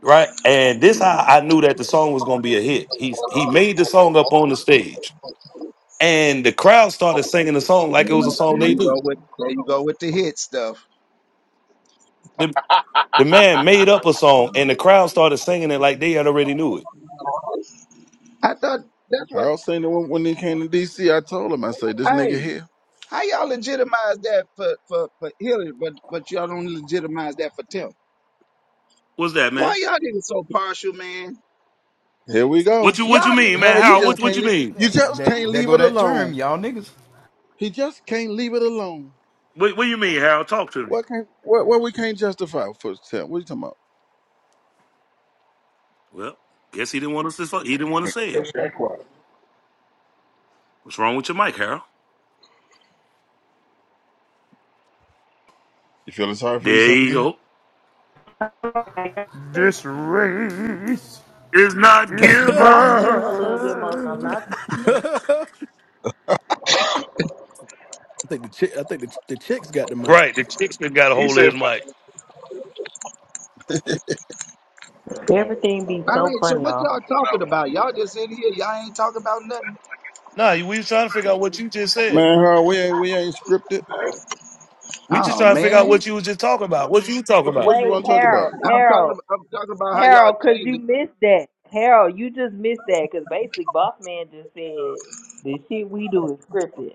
Speaker 3: right? And this how I knew that the song was gonna be a hit. He he made the song up on the stage. and the crowd started singing the song like it was a
Speaker 21: There
Speaker 3: song they
Speaker 21: you
Speaker 3: knew.
Speaker 21: go with there you go with the hit stuff.
Speaker 3: The, the man made up a song, and the crowd started singing it like they had already knew it.
Speaker 21: I thought that's what
Speaker 2: Harold Senior when when he came to DC, I told him, I say, this nigga
Speaker 21: hey.
Speaker 2: here.
Speaker 21: How y'all legitimize that for, for, for Hillary, but but y'all don't legitimize that for Tim?
Speaker 3: What's that,
Speaker 21: Boy,
Speaker 3: man?
Speaker 21: y'all niggas so partial, man.
Speaker 2: Here we
Speaker 3: What
Speaker 2: go.
Speaker 3: you
Speaker 21: Y'all
Speaker 3: What you mean,
Speaker 21: niggas
Speaker 3: man?
Speaker 2: Harold,
Speaker 21: so
Speaker 2: you
Speaker 3: Harold,
Speaker 2: just
Speaker 3: what
Speaker 21: partial.
Speaker 3: What
Speaker 2: can't
Speaker 3: you
Speaker 2: leave
Speaker 3: mean?
Speaker 2: you just
Speaker 1: There,
Speaker 2: can't
Speaker 1: there
Speaker 2: leave
Speaker 1: go
Speaker 2: it
Speaker 1: that term,
Speaker 2: alone.
Speaker 1: y'all niggas.
Speaker 2: He just can't leave it alone.
Speaker 3: What What you mean, Harold? Talk to me.
Speaker 2: What can what what we can't justify for Sam? What you talking about?
Speaker 3: Well, guess he didn't want us to. He didn't want to say it.
Speaker 2: That's that quiet.
Speaker 3: What's wrong with your mic, Harold?
Speaker 2: You feeling sorry for
Speaker 3: There
Speaker 2: yourself
Speaker 3: you
Speaker 2: again?
Speaker 3: go.
Speaker 1: This race
Speaker 3: It's not
Speaker 1: is
Speaker 10: I
Speaker 1: not
Speaker 15: Y'all could give them a
Speaker 3: giver.
Speaker 15: little bit
Speaker 1: given.
Speaker 15: more time. Not too much.
Speaker 10: think the chick I think the, the chicks got the mic.
Speaker 3: Right, the chick got a
Speaker 18: He
Speaker 3: hold of
Speaker 18: said
Speaker 3: his
Speaker 18: for
Speaker 3: mic.
Speaker 18: Been playing.
Speaker 15: Everything
Speaker 18: Uh oh. whatever
Speaker 15: be
Speaker 21: All
Speaker 18: that is.
Speaker 15: so
Speaker 21: right, so
Speaker 15: funny,
Speaker 21: what
Speaker 15: y'all.
Speaker 21: y'all talking about? Y'all just in here, y'all ain't talking about nothing.
Speaker 3: Nah, we was trying to figure out what you just said.
Speaker 2: Man, Harold, we ain't we ain't scripted.
Speaker 3: We just
Speaker 21: Oh
Speaker 3: trying to figure out
Speaker 21: man,
Speaker 3: what you was just talking about. What you talking
Speaker 2: What
Speaker 3: about?
Speaker 2: what you
Speaker 15: Wait,
Speaker 2: wanna talk about?
Speaker 15: Harold,
Speaker 21: I'm talking.
Speaker 15: Harold,
Speaker 21: I'm talking about how y'all
Speaker 15: Harold, because
Speaker 21: changed
Speaker 15: you
Speaker 21: it.
Speaker 15: missed that. Harold, you just missed that because basically Boss Man just said the shit we do is scripted.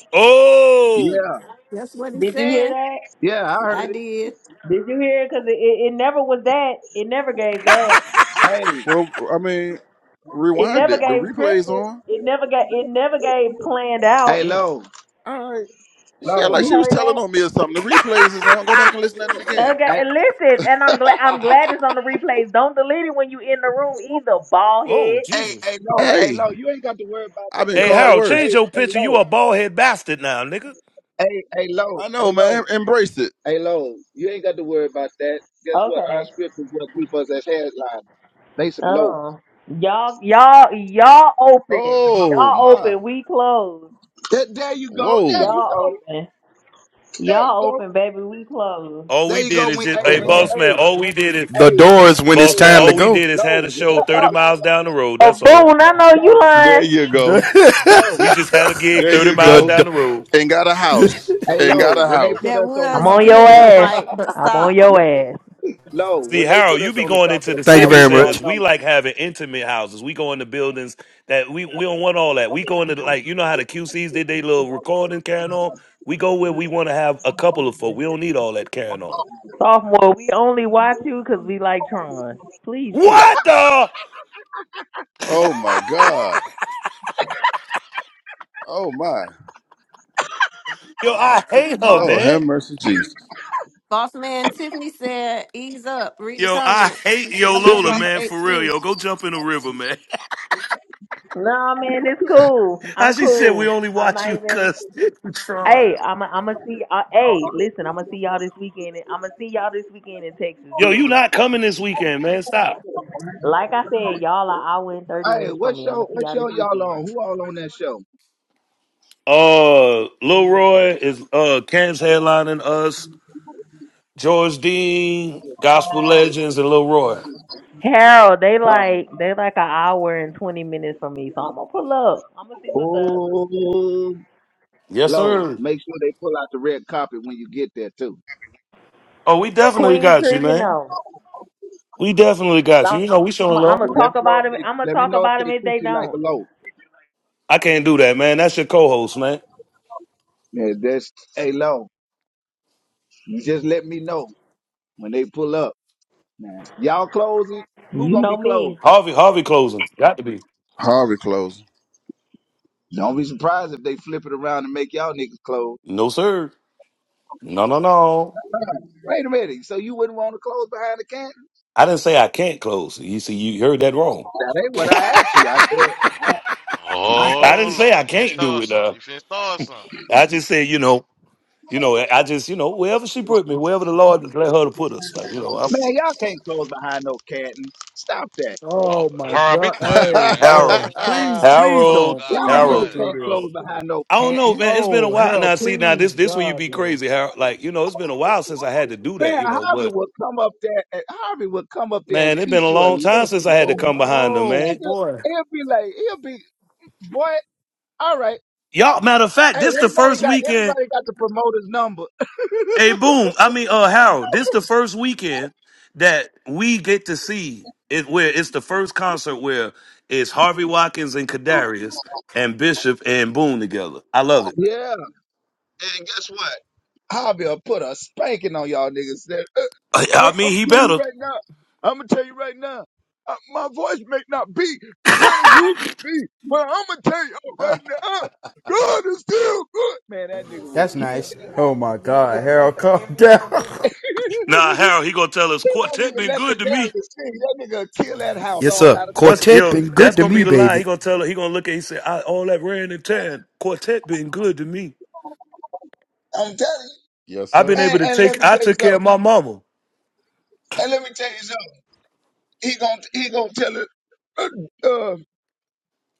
Speaker 21: Yeah,
Speaker 3: Oh.
Speaker 14: That's what he
Speaker 15: Did you hear
Speaker 14: said.
Speaker 15: that?
Speaker 21: yeah, I
Speaker 14: I
Speaker 21: heard it.
Speaker 14: did.
Speaker 15: Did you hear it? Because it, it, it never was that. It never gave that.
Speaker 21: Hey,
Speaker 2: Well, I mean,
Speaker 15: It
Speaker 2: rewind
Speaker 15: never
Speaker 2: it. The
Speaker 15: gave
Speaker 2: replay's
Speaker 15: scripted.
Speaker 2: on.
Speaker 15: It never got. It never gave planned out.
Speaker 21: hey, low,
Speaker 2: All right. She act
Speaker 21: low,
Speaker 2: like
Speaker 15: You
Speaker 2: she was
Speaker 15: heard
Speaker 2: telling
Speaker 15: that?
Speaker 2: on me or something. The replays is on. Go back and listen at it again.
Speaker 15: Okay,
Speaker 21: hey,
Speaker 15: and listen, and I'm glad. I'm glad it's on the replays. Don't delete it when you in the room either, ball
Speaker 3: Oh,
Speaker 15: head.
Speaker 21: hey,
Speaker 3: Jesus.
Speaker 21: hey, low, hey,
Speaker 2: Hey.
Speaker 21: low. You ain't got to worry about
Speaker 2: I've
Speaker 21: that.
Speaker 2: been
Speaker 3: Hey,
Speaker 21: That's
Speaker 2: called
Speaker 21: what.
Speaker 3: Harold,
Speaker 21: Hey,
Speaker 3: change
Speaker 2: worse.
Speaker 3: your
Speaker 21: hey,
Speaker 3: picture. You
Speaker 21: low,
Speaker 3: a bald head bastard now, nigga.
Speaker 21: hey, hey, low,
Speaker 2: I
Speaker 21: hey,
Speaker 2: know,
Speaker 21: low,
Speaker 2: man. Embrace it.
Speaker 21: hey, low. You ain't got to worry about that. Guess what? Our
Speaker 15: Okay.
Speaker 21: script is what keep us as headlines they some low.
Speaker 15: Oh, y'all, y'all, y'all open.
Speaker 2: Oh
Speaker 15: Y'all
Speaker 2: my.
Speaker 15: open. We closed.
Speaker 21: There, there you go. There
Speaker 2: Whoa.
Speaker 21: you go.
Speaker 15: Y'all open.
Speaker 21: There you
Speaker 15: Y'all
Speaker 21: go.
Speaker 15: open, baby. We closed.
Speaker 3: All
Speaker 21: There
Speaker 3: we
Speaker 21: you go.
Speaker 3: did is
Speaker 21: When
Speaker 3: just,
Speaker 21: hey,
Speaker 3: hey,
Speaker 21: when you
Speaker 3: boss man,
Speaker 21: hey,
Speaker 3: all we did is,
Speaker 21: Hey,
Speaker 1: The
Speaker 21: when
Speaker 1: door
Speaker 21: you,
Speaker 1: is when it's
Speaker 21: hey,
Speaker 3: boss man,
Speaker 1: time to
Speaker 3: all
Speaker 21: low,
Speaker 3: we
Speaker 1: go.
Speaker 3: did is had
Speaker 21: low,
Speaker 3: a
Speaker 21: when they
Speaker 3: show
Speaker 15: Uh,
Speaker 21: call
Speaker 3: 30
Speaker 15: uh,
Speaker 21: out
Speaker 3: miles
Speaker 21: on
Speaker 3: down
Speaker 21: the,
Speaker 3: the road.
Speaker 15: uh,
Speaker 3: That's all.
Speaker 15: I know you
Speaker 21: low,
Speaker 2: There
Speaker 15: lying.
Speaker 2: you
Speaker 1: The,
Speaker 2: go.
Speaker 21: low,
Speaker 3: We just had a gig
Speaker 2: There
Speaker 3: 30
Speaker 2: you
Speaker 1: The,
Speaker 3: miles
Speaker 2: go.
Speaker 3: down
Speaker 1: the
Speaker 3: the road.
Speaker 2: And got a house.
Speaker 21: hey,
Speaker 2: And
Speaker 21: low,
Speaker 2: got a
Speaker 21: when they put
Speaker 2: house.
Speaker 14: That
Speaker 21: us on the
Speaker 15: I'm
Speaker 14: was
Speaker 21: top,
Speaker 15: on your
Speaker 14: good
Speaker 21: hey,
Speaker 14: though,
Speaker 15: ass.
Speaker 14: Mike, but
Speaker 15: I'm on
Speaker 14: stop.
Speaker 15: your
Speaker 21: lo-
Speaker 15: ass.
Speaker 21: low,
Speaker 3: See,
Speaker 21: when they put
Speaker 3: Harold, you
Speaker 21: us
Speaker 3: be
Speaker 21: on the
Speaker 3: going
Speaker 21: top of
Speaker 3: into
Speaker 21: the
Speaker 3: the
Speaker 1: thank you
Speaker 21: car,
Speaker 3: civic
Speaker 21: we
Speaker 1: very
Speaker 21: draw
Speaker 3: centers.
Speaker 1: much.
Speaker 3: We like having intimate houses. We go into buildings that we, we don't want all that. We go into, like, you know how the QCs did they little recording carrying on? We go where we want to have a couple of folk. We don't need all that carrying on.
Speaker 15: Sophomore, we only watch you 'cause we like Tron. Please chill.
Speaker 3: What the?
Speaker 2: Oh my God. Oh my.
Speaker 3: Yo, I hate her,
Speaker 14: Boss
Speaker 2: Lord have
Speaker 3: man.
Speaker 2: mercy, Jesus.
Speaker 14: Boss man Tiffany said, ease up. Read the
Speaker 3: Yo, I
Speaker 14: comments.
Speaker 3: hate
Speaker 14: She said,
Speaker 3: Yo
Speaker 14: ease up
Speaker 3: Lola,
Speaker 14: off
Speaker 2: Tiffany?
Speaker 14: of
Speaker 3: man, for real.
Speaker 14: H2.
Speaker 3: Yo, go jump in the river, man.
Speaker 15: No, man, it's cool.
Speaker 3: How
Speaker 15: I'm
Speaker 3: she said we
Speaker 15: cool.
Speaker 3: only
Speaker 15: I'm
Speaker 3: watch
Speaker 15: not
Speaker 3: you
Speaker 15: even.
Speaker 3: because you Trump.
Speaker 15: Hey, I'm i I'm gonna see. Uh, hey, listen, I'm gonna see y'all this weekend. I'm gonna see y'all this weekend in Texas,
Speaker 3: Yo, you
Speaker 15: DMD.
Speaker 3: not coming this weekend, man. Stop.
Speaker 15: Like I said, y'all are hour and thirty
Speaker 21: numbers. Hey,
Speaker 15: minutes from
Speaker 21: what
Speaker 15: me. I'm
Speaker 21: show,
Speaker 15: gonna see
Speaker 21: what
Speaker 15: y'all this
Speaker 21: show y'all
Speaker 15: weekend.
Speaker 21: on? Who all on that show?
Speaker 3: Uh Lil Roy is uh Cam's headlining us. George Dean, Gospel Legends, and Lil Roy.
Speaker 15: Harold, they
Speaker 21: Oh,
Speaker 15: like they like an hour and twenty minutes from me, so I'm gonna pull up. I'm gonna see what's up.
Speaker 21: oh,
Speaker 3: Yes,
Speaker 21: low,
Speaker 3: sir.
Speaker 21: make sure they pull out the red carpet when you get there too.
Speaker 3: Oh, we definitely
Speaker 15: Queen
Speaker 3: got you,
Speaker 15: treatment
Speaker 3: man.
Speaker 15: though.
Speaker 3: We definitely got you.
Speaker 15: I'm,
Speaker 3: You know, we showing
Speaker 15: I'm
Speaker 3: love.
Speaker 15: gonna
Speaker 21: Let
Speaker 15: talk
Speaker 21: me know
Speaker 15: about
Speaker 21: if
Speaker 15: them.
Speaker 21: they,
Speaker 15: I'm gonna
Speaker 21: let me
Speaker 15: talk
Speaker 21: know if
Speaker 15: about them
Speaker 21: they
Speaker 15: if
Speaker 21: treat
Speaker 15: they
Speaker 21: you like a
Speaker 15: don't.
Speaker 21: low.
Speaker 3: I can't do that, man. That's your co-host, man.
Speaker 21: Yeah, that's, hey, low, just let me know when they pull up. Nah. Y'all closing? Who
Speaker 15: You
Speaker 21: gonna
Speaker 15: know
Speaker 21: be closed?
Speaker 15: me.
Speaker 3: Harvey, Harvey closing. Got to be.
Speaker 2: Harvey closing.
Speaker 21: Don't be surprised if they flip it around and make y'all niggas close.
Speaker 3: No, sir. No, no, no.
Speaker 21: Wait a minute. So you wouldn't want to close behind the cannon?
Speaker 3: I didn't say I can't close. You see, you heard that wrong.
Speaker 21: That ain't what I asked you. I said,
Speaker 3: I
Speaker 21: I, I asked
Speaker 16: oh
Speaker 3: didn't
Speaker 21: you,
Speaker 3: say I
Speaker 16: Lord, you finna
Speaker 3: can't do
Speaker 16: start
Speaker 3: it.
Speaker 16: something.
Speaker 3: Uh,
Speaker 16: You finna start something.
Speaker 3: I just said, you know, you know, I just, you know, wherever she put me, wherever the Lord let her to put us, like, you know, I'm
Speaker 21: man, y'all can't close behind no cantons. Stop that.
Speaker 16: Oh,
Speaker 10: Oh my
Speaker 16: Harold, be
Speaker 10: God.
Speaker 16: quiet,
Speaker 10: Hey,
Speaker 16: man. You
Speaker 2: Uh-oh.
Speaker 3: Harold,
Speaker 16: finna
Speaker 10: boy.
Speaker 16: start something.
Speaker 10: Please, please
Speaker 16: Boy,
Speaker 3: Harold,
Speaker 10: don't.
Speaker 16: God
Speaker 21: Y'all
Speaker 10: Please
Speaker 21: niggas
Speaker 10: don't
Speaker 3: Harold.
Speaker 16: Almighty.
Speaker 10: do
Speaker 21: can't
Speaker 10: this.
Speaker 21: close behind no
Speaker 3: I don't know, man.
Speaker 21: cantons.
Speaker 3: It's been a
Speaker 10: Oh,
Speaker 3: while
Speaker 10: hell,
Speaker 3: now. See, now
Speaker 10: please,
Speaker 3: this this where you
Speaker 10: God,
Speaker 3: be
Speaker 10: no.
Speaker 3: crazy, Harold. Like, you know, it's been a while since I had to do that,
Speaker 21: Man,
Speaker 3: you know.
Speaker 21: Harvey
Speaker 3: But
Speaker 21: will come up there and Harvey will come up there and
Speaker 3: man, it's been
Speaker 21: teach
Speaker 3: a
Speaker 21: you a
Speaker 3: long time since
Speaker 21: lesson,
Speaker 3: I had to
Speaker 21: bro.
Speaker 3: come behind them,
Speaker 10: Oh,
Speaker 3: man.
Speaker 21: Nigga,
Speaker 10: boy.
Speaker 21: he'll be like, he'll be, boy, all right.
Speaker 3: Y'all, matter of fact,
Speaker 21: Hey,
Speaker 3: this the
Speaker 21: anybody
Speaker 3: first
Speaker 21: got
Speaker 3: weekend.
Speaker 21: anybody got the promoter's number?
Speaker 3: Hey, boom. I mean, uh, Harold, this the first weekend that we get to see it where it's the first concert where it's Harvey Watkins and Kadarius and Bishop and Boone together. I love it.
Speaker 21: yeah, And guess what? Javier put a spanking on y'all niggas. That,
Speaker 3: I
Speaker 21: I'm
Speaker 3: I mean,
Speaker 21: gonna
Speaker 3: he
Speaker 21: tell you
Speaker 3: better.
Speaker 21: right now. I'm gonna tell you right now. Uh, my voice may not be where it used to be, but I'm gonna tell you right now. God is still good. Man, that nigga will
Speaker 1: That's
Speaker 21: kill
Speaker 1: nice.
Speaker 21: that
Speaker 1: oh my
Speaker 21: house.
Speaker 1: God, Harold, calm down.
Speaker 3: Nah, Harold, he gonna tell us
Speaker 21: he won't even
Speaker 3: quartet been
Speaker 21: let the
Speaker 3: good to
Speaker 21: devil
Speaker 3: me.
Speaker 21: sing. That nigga will kill that house
Speaker 1: Yes,
Speaker 21: all
Speaker 1: sir.
Speaker 21: out of.
Speaker 3: Once
Speaker 1: Quartet
Speaker 3: yo,
Speaker 1: been
Speaker 3: that's
Speaker 1: good to
Speaker 3: gonna be
Speaker 1: me,
Speaker 3: the line. He
Speaker 1: baby.
Speaker 3: gonna tell her. He gonna look at. He said, I, "All that ran and tan quartet been good to me.
Speaker 21: I'm telling you.
Speaker 2: yes,
Speaker 3: I've been
Speaker 2: sir.
Speaker 3: able
Speaker 21: And,
Speaker 3: to
Speaker 21: and let
Speaker 3: take.
Speaker 21: me
Speaker 3: I
Speaker 21: tell you
Speaker 3: took care of
Speaker 21: something.
Speaker 3: my mama.
Speaker 21: And let me tell you something. He gonna he gonna tell it. Uh, uh,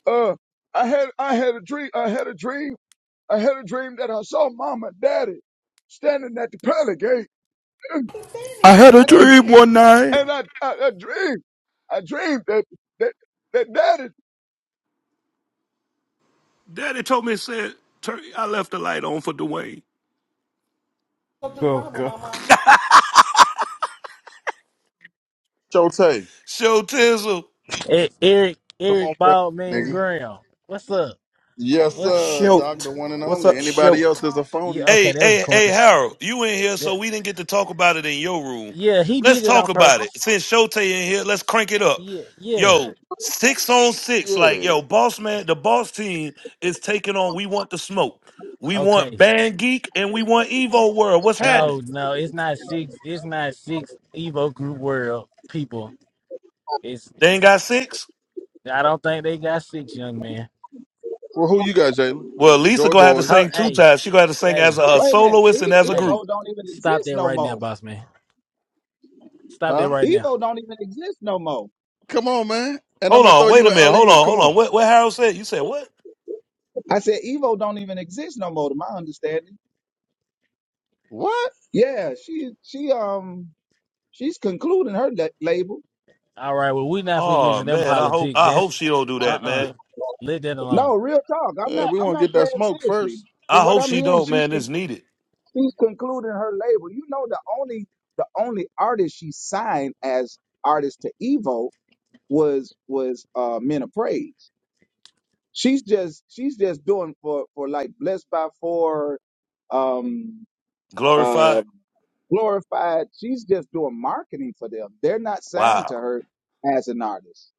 Speaker 21: Uh, I had I had a dream. I had a dream. I had a dream that I saw Mama and Daddy standing at the pearly gate,
Speaker 1: I had a
Speaker 21: and,
Speaker 1: dream one night.
Speaker 21: and I, I I dreamed. I dreamed that that that Daddy.
Speaker 3: Daddy told me said, "Turkey, I left the light on for Dwayne."
Speaker 1: Oh God.
Speaker 2: Chote.
Speaker 3: Show Tizzle.
Speaker 23: E- Eric
Speaker 2: Come on,
Speaker 23: Eric
Speaker 2: fam,
Speaker 23: Baldwin
Speaker 2: nigga.
Speaker 23: Graham. What's up?
Speaker 2: Yes,
Speaker 23: What's
Speaker 2: sir, Doctor One and Only. Anybody else
Speaker 1: Choked.
Speaker 2: is a
Speaker 23: yeah?
Speaker 2: phony.
Speaker 23: Okay,
Speaker 3: Hey,
Speaker 23: that was
Speaker 3: hey, hey,
Speaker 23: corny.
Speaker 3: Harold, you in here, so
Speaker 23: That-
Speaker 3: we didn't get to talk about it in your room.
Speaker 23: yeah, he
Speaker 3: Let's
Speaker 23: did it on
Speaker 3: talk about it.
Speaker 23: purpose.
Speaker 3: Since Shote in here, let's crank it up.
Speaker 23: Yeah, yeah.
Speaker 3: Yo, six on six. Like,
Speaker 2: Yeah.
Speaker 3: yo, boss man, the boss team is taking on We Want the Smoke. We want
Speaker 23: Okay.
Speaker 3: Band Geek and we want Evo World. What's happening?
Speaker 23: No, no, it's not six. It's not six Evo Group World people. It's
Speaker 3: They ain't got six?
Speaker 23: I don't think they got six young man.
Speaker 2: Well, who you got, Jalen?
Speaker 3: Well, Lisa
Speaker 2: Joy
Speaker 3: gonna have to
Speaker 2: Boys.
Speaker 23: Ho-
Speaker 3: sing two
Speaker 23: hey,
Speaker 3: times. She gonna have to sing as
Speaker 23: hey,
Speaker 3: a, a
Speaker 21: Wait a minute.
Speaker 3: soloist and
Speaker 21: E-
Speaker 3: as a
Speaker 23: hey!
Speaker 3: group.
Speaker 21: Evo don't even
Speaker 23: Stop
Speaker 21: exist
Speaker 23: that
Speaker 21: no
Speaker 23: right now,
Speaker 21: more.
Speaker 23: boss man. Stop that
Speaker 2: Huh?
Speaker 23: right now.
Speaker 21: Evo don't even exist no more.
Speaker 2: Come on, man. And I'm
Speaker 3: Hold
Speaker 2: gonna throw
Speaker 3: on, wait
Speaker 2: you
Speaker 3: a
Speaker 2: an
Speaker 3: minute. Hold
Speaker 2: alley oop.
Speaker 3: on,
Speaker 2: Come
Speaker 3: hold
Speaker 2: on.
Speaker 3: on. What what Harold said? You said what?
Speaker 21: I said Evo don't even exist no more, to my understanding.
Speaker 2: What?
Speaker 21: Yeah, she she um she's concluding her la- label.
Speaker 23: All right. Well, we not finna get into
Speaker 3: Oh
Speaker 23: them
Speaker 3: man, I hope
Speaker 23: politics.
Speaker 3: I hope
Speaker 23: That's
Speaker 3: she don't do
Speaker 23: uh
Speaker 3: that,
Speaker 23: uh.
Speaker 3: man.
Speaker 23: Let that alone.
Speaker 21: No, real talk. I'm
Speaker 2: Yeah,
Speaker 21: not
Speaker 2: we
Speaker 21: I'm
Speaker 2: wanna
Speaker 21: not
Speaker 2: get that
Speaker 21: playing
Speaker 2: smoke
Speaker 21: seriously.
Speaker 2: first.
Speaker 21: From
Speaker 3: I
Speaker 21: what
Speaker 3: hope
Speaker 21: I'm
Speaker 3: she
Speaker 21: hearing,
Speaker 3: don't,
Speaker 21: she
Speaker 3: man. It's needed.
Speaker 21: She's concluding her label. You know, the only the only artist she signed as artist to Evo was was uh Men of Praise. She's just she's just doing for for like Blessed by Four, um, uh,
Speaker 3: Glorified.
Speaker 21: Glorified. She's just doing marketing for them. They're not signed to
Speaker 3: Wow.
Speaker 21: her as an artist.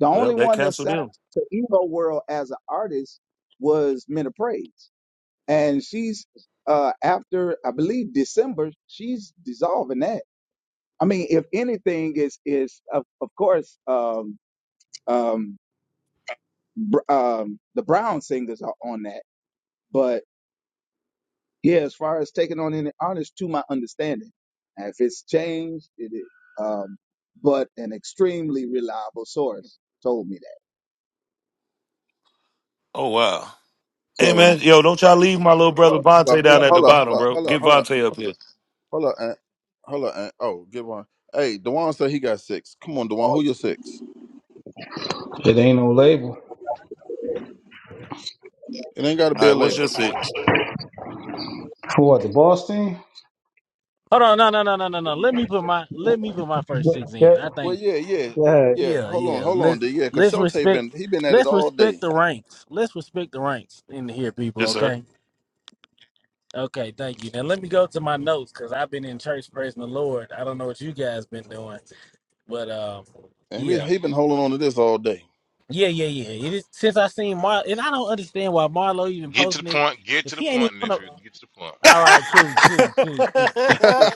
Speaker 21: The
Speaker 3: Well,
Speaker 21: only
Speaker 3: that
Speaker 21: one that
Speaker 3: canceled
Speaker 21: signed
Speaker 3: him.
Speaker 21: to Evo World as an artist was Men of Praise and she's uh after I believe December, she's dissolving that. I mean, if anything is is of, of course um um br- um the Brown singers are on that, but yeah, as far as taking on any artists, to my understanding, and if it's changed, it is. Um, but an extremely reliable source told me that.
Speaker 3: Oh wow. Hey
Speaker 21: So
Speaker 3: man, yo, don't y'all leave my little
Speaker 2: Hold
Speaker 3: brother
Speaker 2: up, hold up,
Speaker 3: Vontae
Speaker 2: hold
Speaker 3: down
Speaker 2: up,
Speaker 3: at the
Speaker 2: hold up, hold
Speaker 3: bottom,
Speaker 2: up,
Speaker 3: bro.
Speaker 2: hold up,
Speaker 3: Get
Speaker 2: hold up,
Speaker 3: Vontae up here.
Speaker 2: hold up, Aunt. Hold up, Aunt. Oh, get one. Hey, Dewan said he got six. Come on, Dewan, who your six?
Speaker 24: It ain't no label.
Speaker 2: It ain't gotta
Speaker 3: All
Speaker 2: be a
Speaker 3: right, what's your
Speaker 2: label.
Speaker 3: six?
Speaker 24: For what, the boss team?
Speaker 23: Hold on, no, no, no, no, no, no. Let me put my let me put my first six in.
Speaker 24: Yeah,
Speaker 23: I
Speaker 2: Well,
Speaker 23: think,
Speaker 2: yeah, yeah, yeah.
Speaker 24: yeah.
Speaker 2: yeah.
Speaker 23: yeah,
Speaker 2: Hold on,
Speaker 23: yeah.
Speaker 2: hold on,
Speaker 23: Let's
Speaker 2: D. Yeah, cause
Speaker 23: let's
Speaker 2: Shote
Speaker 23: respect
Speaker 2: been he been at it
Speaker 23: let's
Speaker 2: all day,
Speaker 23: respect the ranks. Let's respect the ranks in here, people.
Speaker 3: Yes, sir.
Speaker 23: Okay, okay. Thank you. Now let me go to my notes because I've been in church praising the Lord. I don't know what you guys been doing, but um,
Speaker 2: and he
Speaker 23: yeah,
Speaker 2: he been holding on to this all day.
Speaker 23: yeah, yeah, yeah. It is, since I seen Mar, and I don't understand why Marlo even
Speaker 16: Get to the
Speaker 23: posting it
Speaker 16: point. Get to
Speaker 23: because
Speaker 16: the
Speaker 23: he ain't even.
Speaker 16: point,
Speaker 23: Gonna,
Speaker 16: nephew. Get to the point.
Speaker 23: all right, cool,
Speaker 10: hey,
Speaker 23: cool, cool, cool, cool.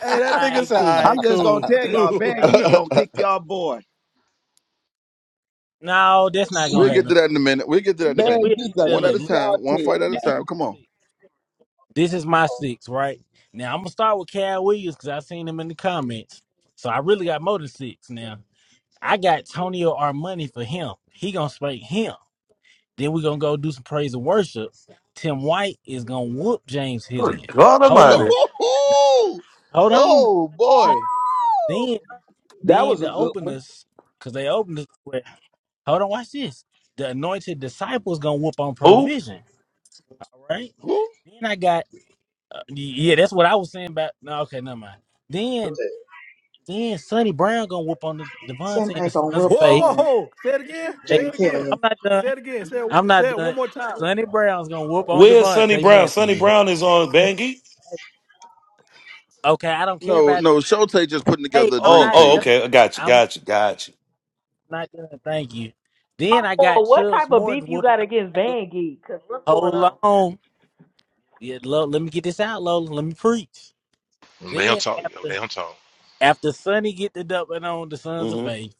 Speaker 10: that
Speaker 23: All
Speaker 10: nigga
Speaker 23: right,
Speaker 10: said,
Speaker 23: cool,
Speaker 10: all
Speaker 21: I'm
Speaker 10: right,
Speaker 21: just gonna
Speaker 10: cool,
Speaker 21: tell y'all,
Speaker 10: cool.
Speaker 23: all right,
Speaker 21: Bad Geek gonna
Speaker 23: cool.
Speaker 21: kick y'all boy.
Speaker 23: No, that's not
Speaker 2: we'll
Speaker 23: gonna
Speaker 2: get to
Speaker 23: happen.
Speaker 2: that
Speaker 23: But
Speaker 2: in a
Speaker 23: listen,
Speaker 2: minute. We'll get to that in a
Speaker 23: yeah,
Speaker 21: Bad
Speaker 2: minute.
Speaker 23: we'll
Speaker 21: Geek gonna
Speaker 23: handle that
Speaker 2: One at
Speaker 23: later.
Speaker 2: a
Speaker 21: kick
Speaker 23: Look,
Speaker 21: y'all
Speaker 2: time, one fight
Speaker 21: tail,
Speaker 2: at a
Speaker 23: this is
Speaker 2: time.
Speaker 21: man.
Speaker 23: my
Speaker 2: Come on.
Speaker 23: six. This is my six, right? Now I'm gonna start with Cal Williams because I seen him in the comments. So I really got more than six now. I got Tonio Armani for him. He gonna spank him. Then we gonna go do some praise and worship. Tim White is gonna whoop James
Speaker 3: Good
Speaker 23: Hillian.
Speaker 3: God
Speaker 23: Hold
Speaker 3: Almighty.
Speaker 23: on. Hold on.
Speaker 2: oh boy.
Speaker 23: Then
Speaker 4: Woo!
Speaker 21: That
Speaker 23: then
Speaker 21: was a
Speaker 23: the
Speaker 21: good one.
Speaker 23: openers, cause they opened us with hold on, watch this. The anointed disciples gonna whoop on
Speaker 3: Who?
Speaker 23: provision. All right?
Speaker 2: Who?
Speaker 23: Then I got uh, yeah, that's what I was saying about. No, okay, never mind. Then then Sonny Brown gonna whoop on the
Speaker 20: Tim
Speaker 23: Devontae and the
Speaker 20: ain't gonna
Speaker 23: Sons of
Speaker 20: whoop
Speaker 10: Whoa,
Speaker 23: Faith.
Speaker 10: whoa,
Speaker 20: on
Speaker 10: whoa. Say it again.
Speaker 23: They
Speaker 10: Say
Speaker 20: Jay
Speaker 10: it
Speaker 23: going
Speaker 10: again.
Speaker 20: Kelly.
Speaker 23: I'm
Speaker 20: You
Speaker 23: not
Speaker 10: Say
Speaker 23: done.
Speaker 10: it again. Say it,
Speaker 23: I'm not
Speaker 10: say it
Speaker 23: done.
Speaker 10: one more time.
Speaker 23: Sonny Brown's gonna whoop on
Speaker 3: Where's Sonny
Speaker 23: Devontae
Speaker 3: Brown? Sonny
Speaker 23: Matthews.
Speaker 3: Brown is on Bangy.
Speaker 23: Hey, Okay, I don't care
Speaker 2: No,
Speaker 23: about no.
Speaker 2: no. Shote just putting
Speaker 23: Hey,
Speaker 2: together a
Speaker 23: I'm
Speaker 3: Oh,
Speaker 2: dream
Speaker 23: not
Speaker 3: oh,
Speaker 23: done.
Speaker 2: team.
Speaker 3: okay. I got you.
Speaker 23: I'm not
Speaker 3: Got you.
Speaker 23: done.
Speaker 3: Got you.
Speaker 23: I'm not done. Thank you. Then I got
Speaker 15: Oh, what
Speaker 23: Chubbs
Speaker 15: type of
Speaker 23: Morton
Speaker 15: beef you
Speaker 23: whooping
Speaker 15: got
Speaker 23: on
Speaker 15: against
Speaker 23: Michael.
Speaker 15: Van Geek? 'Cause what's going
Speaker 23: Hold
Speaker 15: on?
Speaker 23: on. Yeah, Lola, let me get this out, Lola. Let me preach.
Speaker 16: They don't
Speaker 23: Then
Speaker 16: talk. Yo,
Speaker 23: after.
Speaker 16: they don't talk.
Speaker 23: After Sonny get the dub on the Sons of
Speaker 3: hmm
Speaker 23: Faith,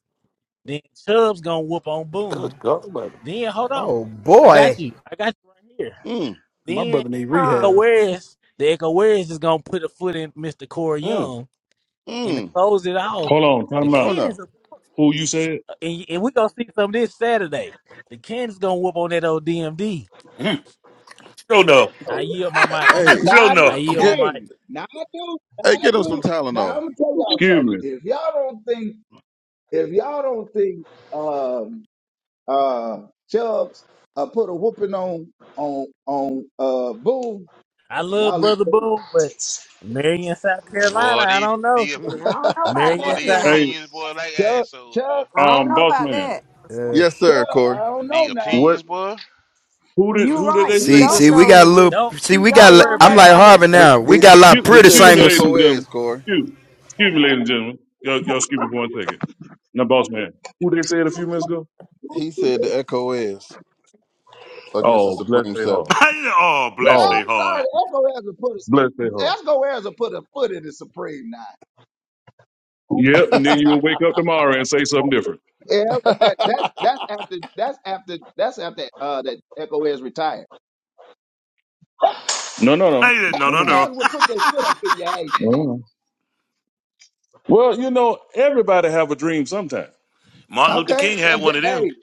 Speaker 23: then Chubb's gonna whoop on
Speaker 3: Good
Speaker 23: Boom.
Speaker 3: God Almighty.
Speaker 23: Then hold on,
Speaker 1: Oh
Speaker 23: I
Speaker 1: boy.
Speaker 23: got you. I got you right here.
Speaker 2: Mm,
Speaker 10: My
Speaker 23: Then
Speaker 10: brother need
Speaker 23: the
Speaker 14: Huh.
Speaker 23: Echo
Speaker 10: rehab.
Speaker 23: Warriors, the Echo Warriors is gonna put a foot in Mr. Corey
Speaker 3: Mm.
Speaker 23: Young, and to
Speaker 2: mm.
Speaker 23: close it off,
Speaker 19: Hold on,
Speaker 23: the
Speaker 19: time
Speaker 2: Sure
Speaker 19: out.
Speaker 2: enough.
Speaker 23: Cannons, are-
Speaker 19: Who you said?
Speaker 23: and, and we gonna see some of this Saturday. The Cannons gonna whoop on that old DMD.
Speaker 3: Mm. Joe no.
Speaker 23: I yield my
Speaker 2: Hey,
Speaker 23: mic.
Speaker 2: hey,
Speaker 3: Joe
Speaker 21: Now I
Speaker 23: I
Speaker 21: do.
Speaker 3: no.
Speaker 23: yield
Speaker 2: get
Speaker 23: my mic.
Speaker 21: Hey, now I do.
Speaker 2: hey,
Speaker 21: Now I
Speaker 2: get him some
Speaker 21: do. Now I'm
Speaker 2: Tylenol.
Speaker 21: gonna tell y'all
Speaker 19: Excuse
Speaker 21: something.
Speaker 19: me.
Speaker 21: If y'all don't think, if y'all don't think, um, uh, Chubbs uh, put a whooping on on on uh Boom,
Speaker 23: I love
Speaker 21: y'all look
Speaker 23: Brother
Speaker 21: crazy.
Speaker 23: Boom, but Marion, South
Speaker 16: Boy,
Speaker 23: Carolina, I
Speaker 16: these,
Speaker 23: don't know.
Speaker 16: these,
Speaker 14: Mm, I don't know about
Speaker 16: boy,
Speaker 23: Marion,
Speaker 14: that
Speaker 16: these
Speaker 23: South.
Speaker 14: now.
Speaker 19: Hey,
Speaker 16: opinions, boy, like
Speaker 21: Chubb,
Speaker 16: assholes, boy.
Speaker 21: Chubb,
Speaker 14: I
Speaker 16: Mm.
Speaker 14: don't
Speaker 19: um,
Speaker 14: know
Speaker 19: boss
Speaker 14: about
Speaker 19: man.
Speaker 14: that.
Speaker 2: Yes,
Speaker 21: Chubb.
Speaker 2: sir, Corey.
Speaker 21: I don't know
Speaker 16: The
Speaker 21: now.
Speaker 19: What?
Speaker 16: opinions, boy.
Speaker 19: Who did
Speaker 14: You
Speaker 16: Mm.
Speaker 19: who did
Speaker 14: right.
Speaker 19: they
Speaker 14: You
Speaker 19: say
Speaker 1: See,
Speaker 14: don't
Speaker 19: just
Speaker 1: see,
Speaker 19: a
Speaker 1: we
Speaker 19: few
Speaker 14: know.
Speaker 1: got a
Speaker 19: minutes ago?
Speaker 1: little.
Speaker 23: Don't
Speaker 1: See,
Speaker 14: You
Speaker 1: we
Speaker 23: don't
Speaker 14: don't
Speaker 1: got.
Speaker 23: worry
Speaker 14: know,
Speaker 1: I'm
Speaker 23: about it.
Speaker 1: like
Speaker 14: Harold.
Speaker 23: I'm in the
Speaker 1: Harvey
Speaker 2: He
Speaker 23: comments
Speaker 1: now. We
Speaker 2: he,
Speaker 23: with it.
Speaker 1: got a lot of
Speaker 19: Excuse,
Speaker 2: he
Speaker 1: pretty
Speaker 2: said
Speaker 19: excuse
Speaker 2: the
Speaker 19: me, ladies
Speaker 1: singers.
Speaker 2: echo
Speaker 19: and
Speaker 2: is
Speaker 19: gentlemen.
Speaker 2: Corey.
Speaker 19: Excuse, excuse me, ladies and gentlemen. Y'all, y'all excuse me for one second. Now, boss man, who they said a few minutes ago?
Speaker 2: He said the echo is against the
Speaker 19: Oh, bless
Speaker 2: Supreme
Speaker 19: their heart.
Speaker 2: Seven.
Speaker 3: oh,
Speaker 21: Yeah,
Speaker 3: bless
Speaker 19: Oh,
Speaker 3: they
Speaker 21: I'm
Speaker 3: heart.
Speaker 21: sorry. Esco has a put a
Speaker 19: bless their heart.
Speaker 21: Esco has a put a foot in the Supreme now.
Speaker 19: Yep, and then you'll wake up tomorrow and say something different.
Speaker 21: Yeah, but that that's that's after that's after that's after uh that Echo has retired.
Speaker 19: No, no, no,
Speaker 3: I didn't. No,
Speaker 19: no, no,
Speaker 3: no, no.
Speaker 19: no.
Speaker 21: Everywhere will put their foot up in your
Speaker 19: No,
Speaker 21: ass.
Speaker 19: no. no. Well, you know, everybody have a dream sometime,
Speaker 3: Martin Luther
Speaker 21: Okay?
Speaker 3: King had
Speaker 21: And
Speaker 3: one
Speaker 21: the-
Speaker 3: of them.
Speaker 21: Hey,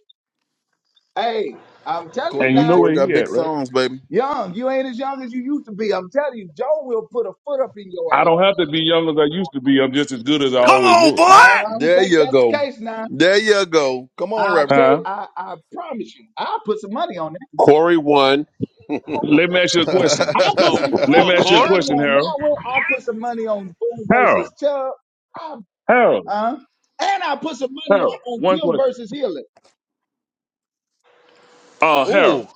Speaker 21: hey, I'm telling
Speaker 2: Corey
Speaker 21: you
Speaker 19: and you
Speaker 2: got
Speaker 19: know
Speaker 21: not.
Speaker 2: Corey
Speaker 19: where
Speaker 2: got
Speaker 19: he
Speaker 2: big
Speaker 19: at, right?
Speaker 2: songs, baby.
Speaker 21: Young, you ain't as young as you used to be. I'm telling you, Joe will put a foot up in your
Speaker 19: I
Speaker 21: ass.
Speaker 19: don't have to be young as I used to be. I'm just as good as I
Speaker 3: Come
Speaker 19: always
Speaker 3: on,
Speaker 19: was.
Speaker 21: I don't
Speaker 2: There
Speaker 21: think
Speaker 2: you
Speaker 21: that's the
Speaker 2: go.
Speaker 21: case now.
Speaker 2: There you go. Come on,
Speaker 21: I
Speaker 2: Reverend.
Speaker 21: tell
Speaker 19: Huh?
Speaker 21: I, I promise you, I'll put some money on that.
Speaker 12: Corey won. What's
Speaker 19: Let me ask you a question.
Speaker 21: I'll
Speaker 16: Let's
Speaker 21: put
Speaker 16: go.
Speaker 21: some
Speaker 16: Let's
Speaker 19: Let
Speaker 21: I'll
Speaker 16: go,
Speaker 19: me
Speaker 21: put
Speaker 19: ask you
Speaker 21: some
Speaker 19: a
Speaker 16: Cora.
Speaker 21: money
Speaker 19: question,
Speaker 21: on
Speaker 19: Harold.
Speaker 21: that one. I'll put some money on Boone
Speaker 19: Harold,
Speaker 21: versus Chubb. I,
Speaker 19: Harold,
Speaker 21: uh, and I will put some money
Speaker 19: Harold.
Speaker 21: on, on
Speaker 19: One
Speaker 21: Tim
Speaker 19: question.
Speaker 21: versus Hillen.
Speaker 19: Uh, Harold.
Speaker 2: Ooh.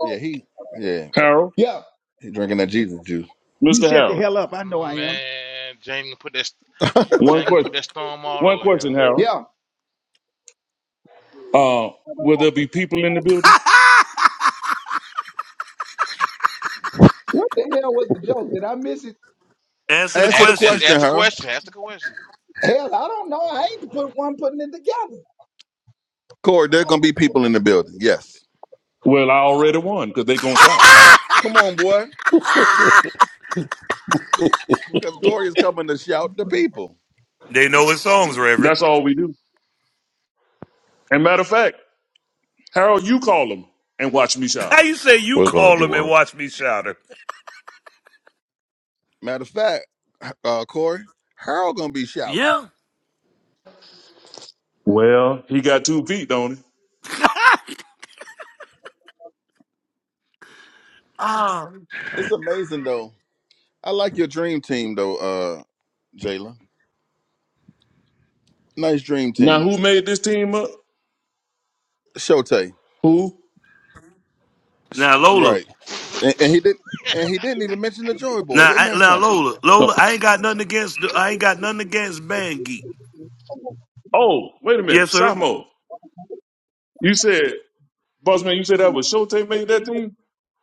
Speaker 2: Yeah, he yeah,
Speaker 19: Harold,
Speaker 21: Yeah.
Speaker 2: he drinking that Jesus juice.
Speaker 21: You
Speaker 19: Mr.
Speaker 21: shut the
Speaker 19: Harold,
Speaker 21: hell up. I know I am.
Speaker 16: Man, James, put that
Speaker 19: one
Speaker 16: Jang put
Speaker 19: question.
Speaker 16: that storm all
Speaker 19: One
Speaker 16: over him.
Speaker 19: question, Harold.
Speaker 21: Yeah.
Speaker 19: Uh, will there be people in the building?
Speaker 3: boy.
Speaker 21: What the hell was the joke? Did I miss it?
Speaker 3: Answer the
Speaker 2: Answer the
Speaker 16: Ask, that's,
Speaker 3: question.
Speaker 2: question,
Speaker 16: ask the
Speaker 2: Harold.
Speaker 16: question. Ask the question.
Speaker 21: Hell, I don't know. I ain't the put one putting it together.
Speaker 2: Corey, there gonna be people in the building. Yes.
Speaker 19: Well, I already won because they gonna shout.
Speaker 2: Come on, boy. Cause Corey is coming to shout the people.
Speaker 3: They know his songs, Reverend.
Speaker 19: That's all we do. And matter of fact, Harold, you call them and watch me shout shout
Speaker 3: How
Speaker 19: 'em.
Speaker 3: you say you
Speaker 12: going to
Speaker 3: call
Speaker 12: do,
Speaker 3: him and
Speaker 12: huh?
Speaker 3: watch me shout her?
Speaker 2: Matter of fact, uh Corey, Harold gonna be shouting.
Speaker 3: Yeah.
Speaker 19: Well, he got two feet, don't he?
Speaker 3: Ah.
Speaker 2: It's amazing though. I like your dream team though, uh, Jayla. Nice dream
Speaker 19: Now,
Speaker 2: team.
Speaker 19: who made this team up?
Speaker 2: Shotay.
Speaker 19: Who?
Speaker 2: Sh-
Speaker 3: Now Lola.
Speaker 2: Right. And, and he did and he didn't even mention the Joy Boys.
Speaker 3: Now,
Speaker 2: Isn't
Speaker 3: I,
Speaker 2: that
Speaker 3: now
Speaker 2: something?
Speaker 3: Lola.
Speaker 19: Uh,
Speaker 3: Lola. I ain't got nothing against. The, I ain't got nothing against Band Geek.
Speaker 19: oh, wait a minute,
Speaker 3: Yes, sir.
Speaker 19: Samo. You said, Bossman, you said that was Shote made that team?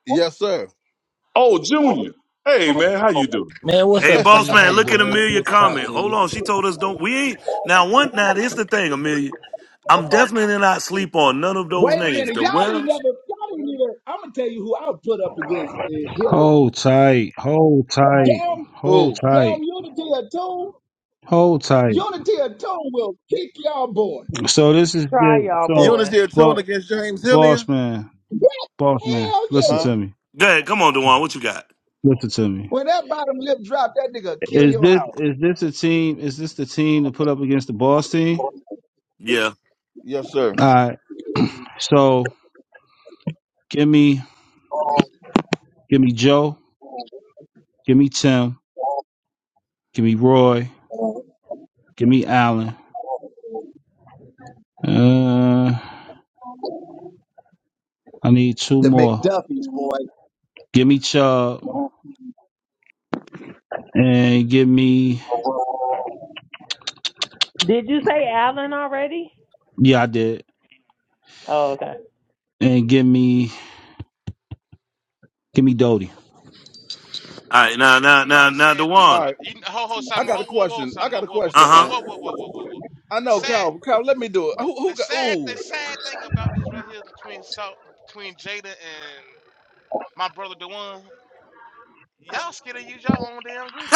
Speaker 2: Yes, sir.
Speaker 19: Oh, Junior. Hey, man, how you doing?
Speaker 23: Man, what's
Speaker 3: Hey,
Speaker 23: up,
Speaker 3: boss
Speaker 23: senior? How
Speaker 3: man.
Speaker 23: you
Speaker 3: Look at
Speaker 23: doing? It's
Speaker 3: Amelia
Speaker 23: good to talk
Speaker 3: comment.
Speaker 23: to
Speaker 3: Hold
Speaker 23: you.
Speaker 3: on. She told us don't. We ain't. Now one. Now this the thing, Amelia. I'm definitely not sleep on none of those
Speaker 21: Wait a
Speaker 3: names.
Speaker 21: minute,
Speaker 3: The
Speaker 21: y'all ain't
Speaker 3: Wells.
Speaker 21: never. Y'all ain't even. I'm gonna tell you who I would put up against uh, Hillary.
Speaker 24: Hold tight, hold tight,
Speaker 21: Damn,
Speaker 24: hold
Speaker 2: Who?
Speaker 21: damn,
Speaker 24: tight,
Speaker 21: Unity or two.
Speaker 24: hold tight.
Speaker 21: Unity or two will
Speaker 2: Y-
Speaker 21: kick y'all boy.
Speaker 24: So this is
Speaker 15: Try
Speaker 24: the
Speaker 15: y'all,
Speaker 24: so
Speaker 2: Eunice
Speaker 15: boy.
Speaker 2: here tune
Speaker 24: bo-
Speaker 2: against James Hillier?
Speaker 24: boss man,
Speaker 21: What?
Speaker 24: boss man.
Speaker 21: Hell
Speaker 24: Listen
Speaker 2: Huh?
Speaker 21: yeah.
Speaker 24: to me,
Speaker 3: Go ahead. Come on, Dewan. What you got?
Speaker 24: listen to me.
Speaker 21: When that bottom lip drop, that nigga kill
Speaker 24: Is
Speaker 21: your
Speaker 24: this
Speaker 21: house.
Speaker 24: is this a team? Is this the team to put up against the boss team?
Speaker 3: Yeah.
Speaker 2: Yes, sir.
Speaker 24: All right. So give me give me Joe, give me Tim, give me Roy, give me Allen. Uh, I need two
Speaker 21: The
Speaker 24: more.
Speaker 21: McDuffies, boy.
Speaker 24: Give me Chubb and give me
Speaker 15: Did you say Allen already?
Speaker 24: Yeah, I did.
Speaker 15: Oh, okay.
Speaker 24: And give me give me Doty.
Speaker 3: All right. Now, now,
Speaker 16: You know
Speaker 3: now,
Speaker 16: the
Speaker 3: now,
Speaker 16: sad thing
Speaker 3: Dewan.
Speaker 2: All
Speaker 16: about
Speaker 2: right.
Speaker 16: you know, ho ho
Speaker 2: I
Speaker 16: Sama
Speaker 2: got
Speaker 16: ho
Speaker 2: a
Speaker 16: whoa whoa
Speaker 2: question. I
Speaker 16: Sama
Speaker 2: got a
Speaker 16: whoa
Speaker 2: question,
Speaker 16: whoa
Speaker 3: Uh
Speaker 2: Aunt.
Speaker 16: whoa whoa whoa whoa whoa whoa. whoa.
Speaker 2: I
Speaker 16: The
Speaker 2: know,
Speaker 16: sad
Speaker 2: Kyle. Kyle, let me do it. Who, who
Speaker 16: the
Speaker 2: got?
Speaker 16: sad the
Speaker 2: Ooh,
Speaker 16: sad thing about this right here between Sal- between Jada and my brother Dewan, y'all scared to use y'all own damn
Speaker 3: huh.
Speaker 16: group.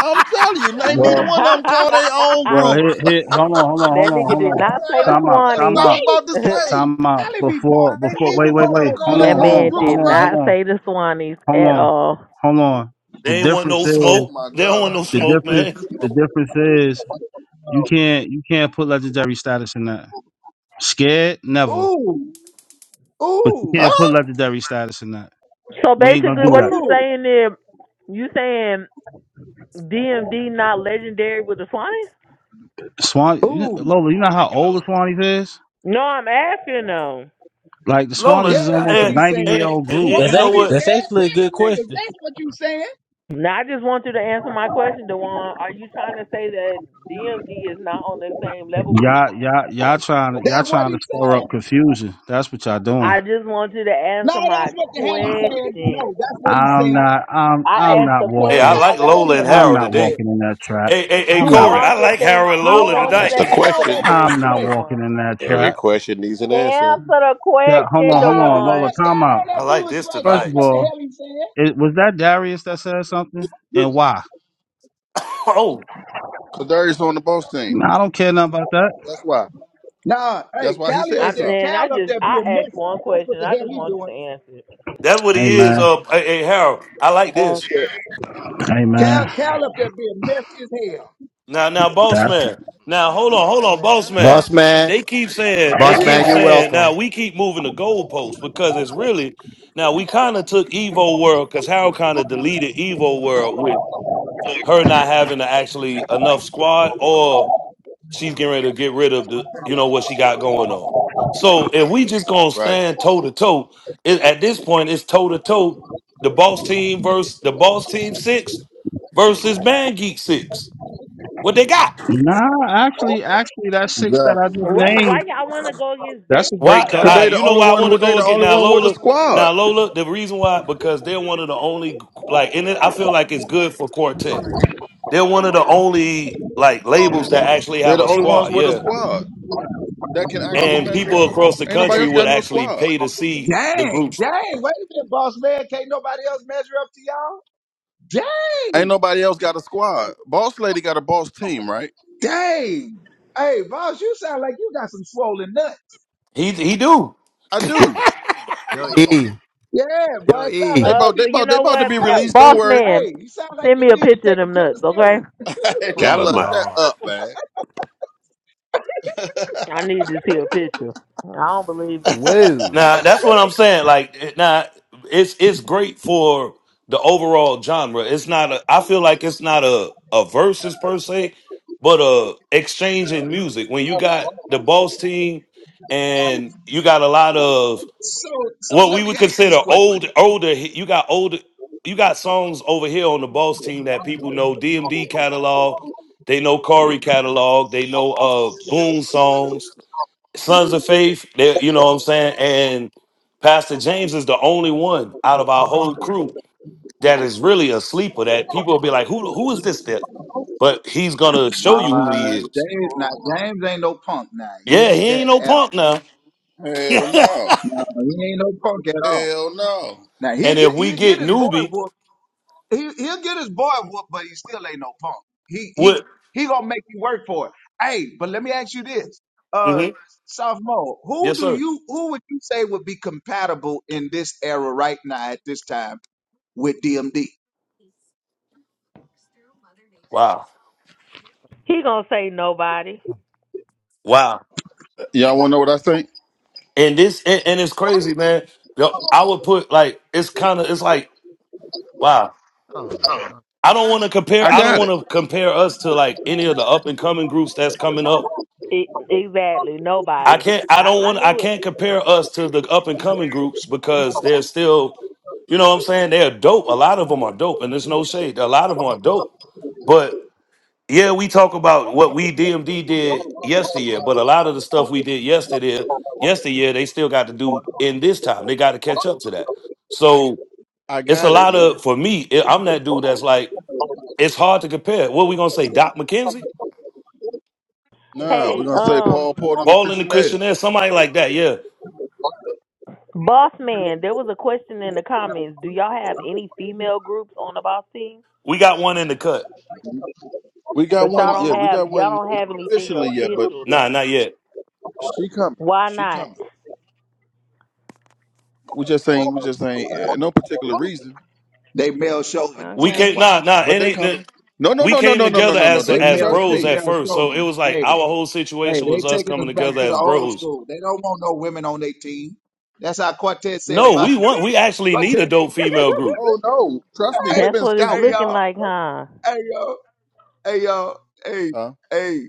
Speaker 2: I'm telling you, ain't neither
Speaker 24: Well,
Speaker 2: one of them call their own
Speaker 15: that
Speaker 24: well, here,
Speaker 2: groups.
Speaker 24: here, hold on, hold on, hold on,
Speaker 15: nigga
Speaker 24: hold
Speaker 15: did not say
Speaker 24: on.
Speaker 15: the
Speaker 2: Kyle,
Speaker 24: Time out,
Speaker 2: that's what
Speaker 24: time
Speaker 2: I
Speaker 15: Swannies.
Speaker 24: out,
Speaker 2: was about to say.
Speaker 24: time out.
Speaker 21: Cali be talking.
Speaker 24: Before,
Speaker 2: Ain't
Speaker 24: before,
Speaker 21: Cali
Speaker 2: neither
Speaker 24: wait,
Speaker 21: be
Speaker 24: wait,
Speaker 2: one
Speaker 21: talking
Speaker 2: of
Speaker 24: wait.
Speaker 2: them
Speaker 21: that
Speaker 2: call
Speaker 24: Hold
Speaker 15: that
Speaker 24: on,
Speaker 2: their
Speaker 21: big
Speaker 24: hold
Speaker 2: own
Speaker 21: time
Speaker 15: man
Speaker 24: on,
Speaker 2: groups,
Speaker 24: hold
Speaker 15: did
Speaker 21: garbage.
Speaker 24: on,
Speaker 2: bro.
Speaker 24: hold
Speaker 15: not
Speaker 24: on,
Speaker 15: say the Swannies
Speaker 24: hold
Speaker 15: at
Speaker 24: on,
Speaker 15: all.
Speaker 24: hold on. The
Speaker 3: they ain't want
Speaker 24: difference
Speaker 3: no
Speaker 24: is,
Speaker 2: Oh
Speaker 3: smoke.
Speaker 2: my
Speaker 3: They don't want
Speaker 2: God.
Speaker 3: no
Speaker 24: the
Speaker 3: smoke,
Speaker 24: difference,
Speaker 3: man.
Speaker 24: the difference is, you can't, you can't put legendary status in that. Scared, never.
Speaker 21: Ooh,
Speaker 24: But you
Speaker 21: ooh,
Speaker 24: can't put
Speaker 2: Huh?
Speaker 24: legendary status in that.
Speaker 15: So
Speaker 24: We ain't gonna
Speaker 15: basically,
Speaker 24: do
Speaker 15: what
Speaker 24: that.
Speaker 15: you
Speaker 21: ooh,
Speaker 15: saying there? You saying DMD not legendary with the Swannies?
Speaker 24: Swan, you know,
Speaker 21: ooh.
Speaker 24: Lola, you know how
Speaker 16: Thank you,
Speaker 24: old the
Speaker 16: Lola.
Speaker 24: Swannies is?
Speaker 15: No, I'm asking though.
Speaker 24: Like the Swannies
Speaker 3: Lola,
Speaker 24: is
Speaker 21: Yeah, that's
Speaker 24: almost
Speaker 21: what
Speaker 24: a
Speaker 3: and,
Speaker 21: he's
Speaker 24: ninety
Speaker 21: saying.
Speaker 24: year
Speaker 3: and,
Speaker 24: old
Speaker 3: and
Speaker 24: group.
Speaker 21: Well,
Speaker 23: That's
Speaker 3: you know
Speaker 21: don't be
Speaker 23: actually
Speaker 3: what?
Speaker 23: that's
Speaker 21: scared.
Speaker 23: actually a
Speaker 21: Tell
Speaker 23: good
Speaker 21: them niggas.
Speaker 23: question.
Speaker 21: That's what you saying.
Speaker 15: Now I just want you to answer my question, Dewan. Are you trying to say that DMD is not on the same level with the
Speaker 24: Y'all,
Speaker 15: Swannies?
Speaker 24: y'all, y'all trying to y'all
Speaker 21: That's what
Speaker 24: trying to
Speaker 21: he's
Speaker 24: stir
Speaker 21: saying.
Speaker 24: up confusion. That's what y'all doing.
Speaker 15: I just want you to
Speaker 21: No,
Speaker 15: answer
Speaker 21: that's
Speaker 15: my
Speaker 21: what the hell he's saying. No,
Speaker 15: question.
Speaker 21: that's what he's
Speaker 24: I'm
Speaker 21: saying.
Speaker 24: not. I'm.
Speaker 21: Hey,
Speaker 15: I
Speaker 24: I'm
Speaker 15: asked
Speaker 24: not
Speaker 15: the
Speaker 21: hey,
Speaker 3: Hey, I
Speaker 15: question.
Speaker 24: walking.
Speaker 15: I
Speaker 3: like
Speaker 21: stand
Speaker 15: want
Speaker 21: on
Speaker 15: you
Speaker 3: Lola
Speaker 21: it,
Speaker 3: and
Speaker 15: to
Speaker 24: I'm
Speaker 3: Harold
Speaker 24: not
Speaker 15: answer
Speaker 3: today.
Speaker 15: it.
Speaker 24: walking in that trap.
Speaker 3: Hey, hey, hey,
Speaker 24: I'm not.
Speaker 15: No,
Speaker 3: Corey,
Speaker 21: Duan.
Speaker 3: I
Speaker 15: I'm just
Speaker 3: like
Speaker 15: saying I,
Speaker 3: Harold and
Speaker 15: I
Speaker 3: Lola
Speaker 15: want
Speaker 21: Duan,
Speaker 15: you
Speaker 12: That's
Speaker 15: to
Speaker 3: tonight.
Speaker 12: the
Speaker 21: stand
Speaker 15: answer
Speaker 21: on
Speaker 15: the
Speaker 21: that
Speaker 12: question.
Speaker 21: bull
Speaker 24: I'm
Speaker 15: question,
Speaker 24: not
Speaker 21: swagger.
Speaker 24: walking
Speaker 15: Dewan.
Speaker 24: in that
Speaker 12: Every
Speaker 24: trap.
Speaker 12: question needs an answer.
Speaker 15: Answer the
Speaker 24: Yeah. Hold
Speaker 15: question,
Speaker 21: No,
Speaker 24: on. Hold on. Lola,
Speaker 21: Duan,
Speaker 15: Dewan.
Speaker 24: time
Speaker 21: stand
Speaker 24: out.
Speaker 21: on that
Speaker 3: I
Speaker 21: bull
Speaker 3: like this
Speaker 21: swagger.
Speaker 24: First
Speaker 21: That's
Speaker 24: of
Speaker 21: what
Speaker 3: tonight.
Speaker 21: the
Speaker 24: all,
Speaker 21: hell he's saying.
Speaker 24: it, was that Darius that said something, and why?
Speaker 3: oh,
Speaker 2: Cause Darius on the boss team.
Speaker 24: Nah, I don't care nothing about that.
Speaker 2: That's why.
Speaker 21: Nah, hey,
Speaker 2: That's why he
Speaker 21: Cali up
Speaker 2: said
Speaker 15: I
Speaker 21: there,
Speaker 2: something.
Speaker 15: man, I
Speaker 21: Cal up
Speaker 15: just
Speaker 21: there being
Speaker 15: I asked
Speaker 21: messy.
Speaker 15: one
Speaker 21: That's what
Speaker 15: question.
Speaker 21: the
Speaker 15: I
Speaker 21: hell
Speaker 15: just
Speaker 21: he
Speaker 15: want you to
Speaker 21: doing.
Speaker 15: answer it.
Speaker 3: that's what he is.
Speaker 24: Amen.
Speaker 3: Uh, hey, hey, Harold, I like this.
Speaker 15: Answer it.
Speaker 21: Cal,
Speaker 24: Amen.
Speaker 21: Cal up there being messy as hell.
Speaker 3: Now, now, boss
Speaker 24: That.
Speaker 3: man. Now, hold on,
Speaker 16: No,
Speaker 3: hold on,
Speaker 16: that's
Speaker 3: boss
Speaker 16: that one
Speaker 3: man.
Speaker 2: Huh?
Speaker 22: Boss
Speaker 16: messy. That
Speaker 22: man,
Speaker 16: one
Speaker 3: They keep saying,
Speaker 16: that
Speaker 3: they
Speaker 22: boss
Speaker 16: one
Speaker 2: Yeah.
Speaker 3: keep
Speaker 22: man, you're
Speaker 16: fast.
Speaker 3: saying. Now
Speaker 22: welcome.
Speaker 3: we keep moving the goalposts because it's really. Now we kind of took Evo World because Harold kind of deleted Evo World with her not having to actually enough squad, or she's getting ready to get rid of the, you know, what she got going on. So if we just gonna
Speaker 2: Right.
Speaker 3: stand toe to toe, it- at this point it's toe to toe. The boss team versus the boss team six versus Man Geek six. What they got?
Speaker 24: Nah. Actually, actually, that six that I
Speaker 2: Exactly.
Speaker 24: just
Speaker 15: Wait, why
Speaker 24: named.
Speaker 15: y'all want to go against
Speaker 24: That's a
Speaker 3: Why?
Speaker 24: great
Speaker 15: Benji
Speaker 2: Cause
Speaker 15: though?
Speaker 3: I,
Speaker 2: they
Speaker 24: card.
Speaker 2: the
Speaker 3: you know why
Speaker 2: only
Speaker 3: I
Speaker 2: one.
Speaker 3: want to
Speaker 2: They
Speaker 3: go
Speaker 2: the
Speaker 3: again
Speaker 2: only
Speaker 3: now,
Speaker 2: one with a
Speaker 3: Lola.
Speaker 2: squad.
Speaker 3: Now, Lola. The reason why because they're one of the only like, and it, I feel like it's good for quartet. They're one of the only like labels that actually
Speaker 2: They're
Speaker 3: have
Speaker 2: the
Speaker 3: a
Speaker 2: only ones
Speaker 3: squad.
Speaker 2: with a
Speaker 3: Yeah,
Speaker 2: squad. that can actually
Speaker 3: and
Speaker 2: measure
Speaker 3: people
Speaker 2: up.
Speaker 3: across the
Speaker 2: Ain't nobody
Speaker 3: country
Speaker 2: else
Speaker 3: would
Speaker 2: got no
Speaker 3: actually
Speaker 2: squad.
Speaker 3: pay to see the
Speaker 21: Dang,
Speaker 3: groups.
Speaker 21: dang. Wait a minute, boss man. Can't nobody else measure up to y'all? Dang.
Speaker 2: Ain't nobody else got a squad. Boss lady got a boss team, right?
Speaker 21: Dang. Hey, boss, you sound like you got some swollen nuts.
Speaker 3: He he do.
Speaker 2: I do.
Speaker 22: Yo, E.
Speaker 21: Yeah, boy,
Speaker 22: Yo,
Speaker 21: it sound
Speaker 2: They
Speaker 22: E.
Speaker 21: like
Speaker 15: Uh,
Speaker 21: you
Speaker 2: about
Speaker 21: need.
Speaker 2: they
Speaker 15: you
Speaker 2: about they
Speaker 15: know
Speaker 2: about to
Speaker 15: what,
Speaker 2: be
Speaker 15: Uh,
Speaker 21: Hey,
Speaker 2: released. Don't
Speaker 15: boss
Speaker 2: worry.
Speaker 15: man,
Speaker 21: hey, you sound like
Speaker 15: send
Speaker 21: you
Speaker 15: me a
Speaker 21: need to
Speaker 15: picture of
Speaker 21: take a
Speaker 15: them
Speaker 21: pill of
Speaker 15: nuts, okay?
Speaker 21: stealing.
Speaker 2: hey
Speaker 22: Oh
Speaker 12: God
Speaker 22: my
Speaker 2: Lola,
Speaker 12: almighty.
Speaker 2: shut
Speaker 22: God.
Speaker 2: up, man.
Speaker 15: I need to see a picture. I don't believe it.
Speaker 1: Whoa.
Speaker 3: Now that's what I'm saying. Like it- now, it's it's great for the overall genre. It's not a. I feel like it's not a a versus per se, but a exchange in music. When you got the boss team, and you got a lot of
Speaker 21: so, so
Speaker 3: what
Speaker 21: let
Speaker 3: we
Speaker 21: me
Speaker 3: would
Speaker 21: ask this
Speaker 3: consider
Speaker 21: question.
Speaker 3: old older. hi- You got older. You got songs over here on the boss team that people know DMD catalog. They know Corey catalog. They know uh Boone songs Sons of Faith, they, you know what I'm saying? And Pastor James is the only one out of our whole crew that is really a sleeper that people will be like, who, who is this that? But he's going to show you who he
Speaker 21: Uh,
Speaker 3: is.
Speaker 21: James, now James ain't no punk. Now he
Speaker 3: Yeah,
Speaker 21: ain't
Speaker 3: he ain't
Speaker 21: that
Speaker 3: no
Speaker 21: at all.
Speaker 3: punk now.
Speaker 2: Hell no.
Speaker 21: No, he ain't no punk at all.
Speaker 2: Hell no.
Speaker 21: Now he'll
Speaker 3: and if
Speaker 21: get
Speaker 3: we
Speaker 21: he'll get
Speaker 3: get
Speaker 21: his boy
Speaker 3: newbie,
Speaker 21: whooped. He he'll get his boy whooped, but he still ain't no punk. He he
Speaker 3: what?
Speaker 21: he gonna make you work for it. Hey, but let me ask you this. Uh
Speaker 3: mhm,
Speaker 21: sophomore, who
Speaker 3: Yes,
Speaker 21: do
Speaker 3: sir.
Speaker 21: you who would you say would be compatible in this era right now at this time with DMD?
Speaker 3: Wow.
Speaker 15: He gonna say nobody.
Speaker 3: Wow.
Speaker 2: Y'all wanna know what I think?
Speaker 3: And this, and, and it's crazy, man. Yo, I would put like, it's kind of, it's like, wow.
Speaker 22: Oh, my God.
Speaker 3: I don't want to compare.
Speaker 2: I
Speaker 3: I don't
Speaker 2: got
Speaker 3: want
Speaker 2: it.
Speaker 3: to compare us to like any of the up and coming groups that's coming up
Speaker 15: E- exactly,
Speaker 3: I
Speaker 15: nobody.
Speaker 3: can't. I
Speaker 15: I
Speaker 3: don't
Speaker 15: I
Speaker 3: want. I
Speaker 15: knew it.
Speaker 3: can't compare us to the up and coming groups because they're still. You know what I'm saying? They're dope. A lot of them are dope, and there's no shade. A lot of them are dope. But yeah, we talk about what we DMD did yesteryear, but a lot of the stuff we did yesterday, yesteryear, they still got to do in this time. They got to catch up to that. So
Speaker 2: I
Speaker 3: it's a
Speaker 2: got it,
Speaker 3: lot of
Speaker 2: man.
Speaker 3: for me. it- I'm that dude that's like, it's hard to compare. What we gonna say? Doc McKenzie,
Speaker 2: Nah, we're
Speaker 15: Hey,
Speaker 2: gonna say
Speaker 15: um,
Speaker 2: Paul Porter and the
Speaker 3: Paul and the Christian Air,
Speaker 2: Christianaires.
Speaker 3: somebody like that. Yeah,
Speaker 15: boss man, there was a question in the comments. Do y'all have any female groups on the boss team?
Speaker 3: we got one in the cut.
Speaker 2: We got
Speaker 15: But
Speaker 2: one.
Speaker 15: y'all
Speaker 2: Yeah,
Speaker 15: don't
Speaker 2: we
Speaker 15: have
Speaker 2: got
Speaker 15: y'all
Speaker 2: one.
Speaker 15: don't
Speaker 2: Not
Speaker 15: have anything
Speaker 2: officially yet, but
Speaker 15: official
Speaker 3: Nah,
Speaker 15: though.
Speaker 3: not yet.
Speaker 2: she coming.
Speaker 15: Why
Speaker 2: She
Speaker 15: not?
Speaker 2: coming. We just saying. We just saying. Uh, no particular reason.
Speaker 21: They male chauvinists,
Speaker 3: we
Speaker 21: that's
Speaker 15: Okay.
Speaker 3: came
Speaker 21: why.
Speaker 3: nah nah
Speaker 2: But
Speaker 3: it
Speaker 2: they
Speaker 3: ain't that-
Speaker 2: coming. No, no,
Speaker 3: we
Speaker 2: no, no,
Speaker 3: came
Speaker 2: no, no, no,
Speaker 3: together
Speaker 2: no, no.
Speaker 3: as
Speaker 21: They
Speaker 2: They
Speaker 3: as
Speaker 21: male
Speaker 2: trust
Speaker 21: they
Speaker 3: bros
Speaker 2: me.
Speaker 3: at
Speaker 21: male
Speaker 3: first so it
Speaker 21: chauvinists.
Speaker 3: was like
Speaker 21: Hey,
Speaker 3: our whole
Speaker 21: hey,
Speaker 3: situation
Speaker 21: they
Speaker 3: was us
Speaker 21: taking
Speaker 3: coming
Speaker 21: us back
Speaker 3: together
Speaker 21: to the
Speaker 3: as
Speaker 21: old
Speaker 3: bros
Speaker 21: school. They don't want no women on their team. That's how Quartet said
Speaker 3: no
Speaker 21: about
Speaker 3: we want we actually need a
Speaker 21: Quartet.
Speaker 3: dope female group
Speaker 2: Oh no, trust me.
Speaker 21: hey,
Speaker 2: We've
Speaker 15: That's
Speaker 2: been
Speaker 15: what it's
Speaker 21: hey
Speaker 2: scouting.
Speaker 15: looking
Speaker 21: y'all.
Speaker 15: like, huh?
Speaker 21: Hey y'all. Hey y'all, hey,
Speaker 2: Huh?
Speaker 21: hey,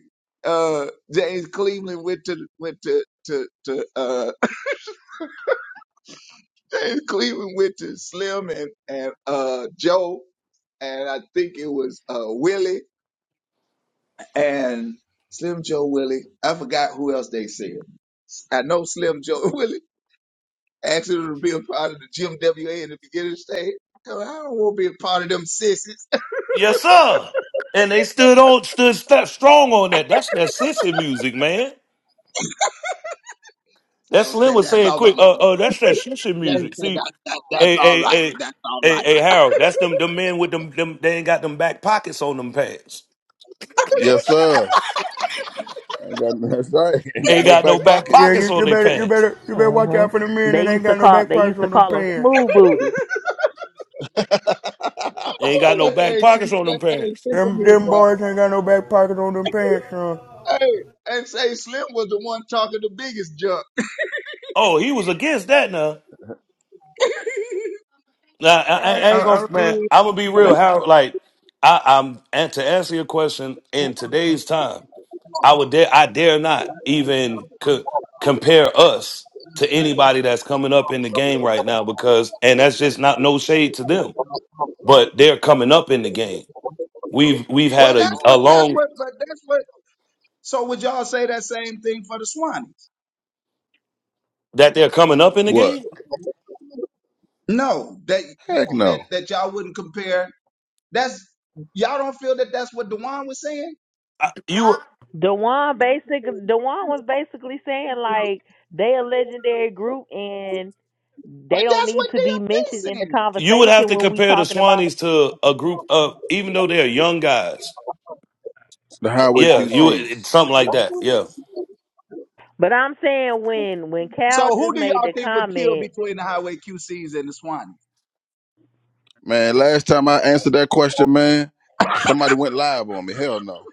Speaker 21: uh, James Cleveland went to went to to to uh James Cleveland went to Slim and and uh Joe and I think it was uh Willie and Slim Joe Willie. I forgot who else they said. I know Slim Joe Willie asked him to be a part of the Jim WA in the beginning stage. I "I don't want to be a part of them sissies.
Speaker 3: yes sir and they stood on stood step strong on that that's that sissy music man that
Speaker 21: Joe
Speaker 3: slim
Speaker 21: said,
Speaker 3: was
Speaker 21: that's
Speaker 3: saying
Speaker 21: all
Speaker 3: quick
Speaker 21: right.
Speaker 3: uh uh that's that sissy
Speaker 21: James
Speaker 3: music
Speaker 21: said,
Speaker 3: see
Speaker 21: that, that, that's
Speaker 3: hey
Speaker 21: all
Speaker 3: hey
Speaker 21: right.
Speaker 3: hey
Speaker 21: That's all
Speaker 3: hey hey harold
Speaker 21: right.
Speaker 3: that's them them men with them them they ain't got them back pockets on them pants
Speaker 2: Yes, sir. Ain't got that's right. Ain't got
Speaker 3: ain't
Speaker 2: no
Speaker 3: got no
Speaker 2: back
Speaker 3: back
Speaker 1: Yeah,
Speaker 2: pockets.
Speaker 3: pockets
Speaker 1: you,
Speaker 3: on
Speaker 1: you
Speaker 3: their
Speaker 1: better you
Speaker 3: pants
Speaker 1: better you better watch
Speaker 15: Uh-huh.
Speaker 1: out for the men
Speaker 15: They
Speaker 1: that ain't
Speaker 15: used to
Speaker 1: got no
Speaker 15: call
Speaker 1: back
Speaker 15: they
Speaker 1: pockets
Speaker 15: used to
Speaker 1: on them
Speaker 15: call them
Speaker 1: pants.
Speaker 15: smooth booties.
Speaker 21: Boy,
Speaker 3: ain't got no
Speaker 21: that
Speaker 3: back
Speaker 21: thing, took-
Speaker 3: pockets on
Speaker 21: that
Speaker 3: them
Speaker 21: thing
Speaker 3: pants
Speaker 21: tickled
Speaker 1: Them
Speaker 21: me,
Speaker 1: them
Speaker 21: boy.
Speaker 1: boys ain't got no back pockets on them pants, son.
Speaker 21: Hey, and say Slim was the one talking the biggest junk.
Speaker 3: Oh, he was against that now. Now I, I
Speaker 21: I,
Speaker 3: I
Speaker 21: I,
Speaker 3: ain't gonna
Speaker 21: I
Speaker 3: man.
Speaker 21: really-
Speaker 3: I'm gonna be real. How like I, I'm and to answer your question in today's time, I would dare I dare not even co- compare us to anybody that's coming up in the game right now because and that's just not no shade to them, but they're coming up in the game. We've we've
Speaker 21: well,
Speaker 3: had
Speaker 21: that's
Speaker 3: a, a
Speaker 21: what, that's
Speaker 3: long
Speaker 21: what, but that's what. So would y'all say that same thing for the Swannies?
Speaker 3: that they're coming up in the
Speaker 2: What?
Speaker 3: game.
Speaker 21: No, that
Speaker 2: Heck
Speaker 21: that that,
Speaker 2: no.
Speaker 21: that y'all wouldn't compare. That's y'all don't feel that that's what Dewan was saying,
Speaker 3: I- You
Speaker 15: Dewan basic Dewan was basically saying like they a legendary group and
Speaker 21: but
Speaker 15: they don't
Speaker 21: that's
Speaker 15: need
Speaker 21: what
Speaker 15: to be mentioned
Speaker 21: DMT
Speaker 15: in the
Speaker 21: saying.
Speaker 3: you would have
Speaker 15: conversation
Speaker 3: to
Speaker 15: when we
Speaker 3: compare the
Speaker 15: talking about.
Speaker 3: Swannies to a group of even though they're young guys.
Speaker 2: The highway
Speaker 3: Yeah, you it-
Speaker 2: QCs.
Speaker 3: something like that. Yeah,
Speaker 15: But I'm saying when when
Speaker 21: So
Speaker 15: Cal
Speaker 21: who
Speaker 15: just
Speaker 21: do
Speaker 15: made
Speaker 21: y'all
Speaker 15: the
Speaker 21: think would kill
Speaker 15: comment,
Speaker 21: between the Highway QCs and the Swannies?
Speaker 2: Man, last time I answered that question, man, somebody went live on me. Hell no.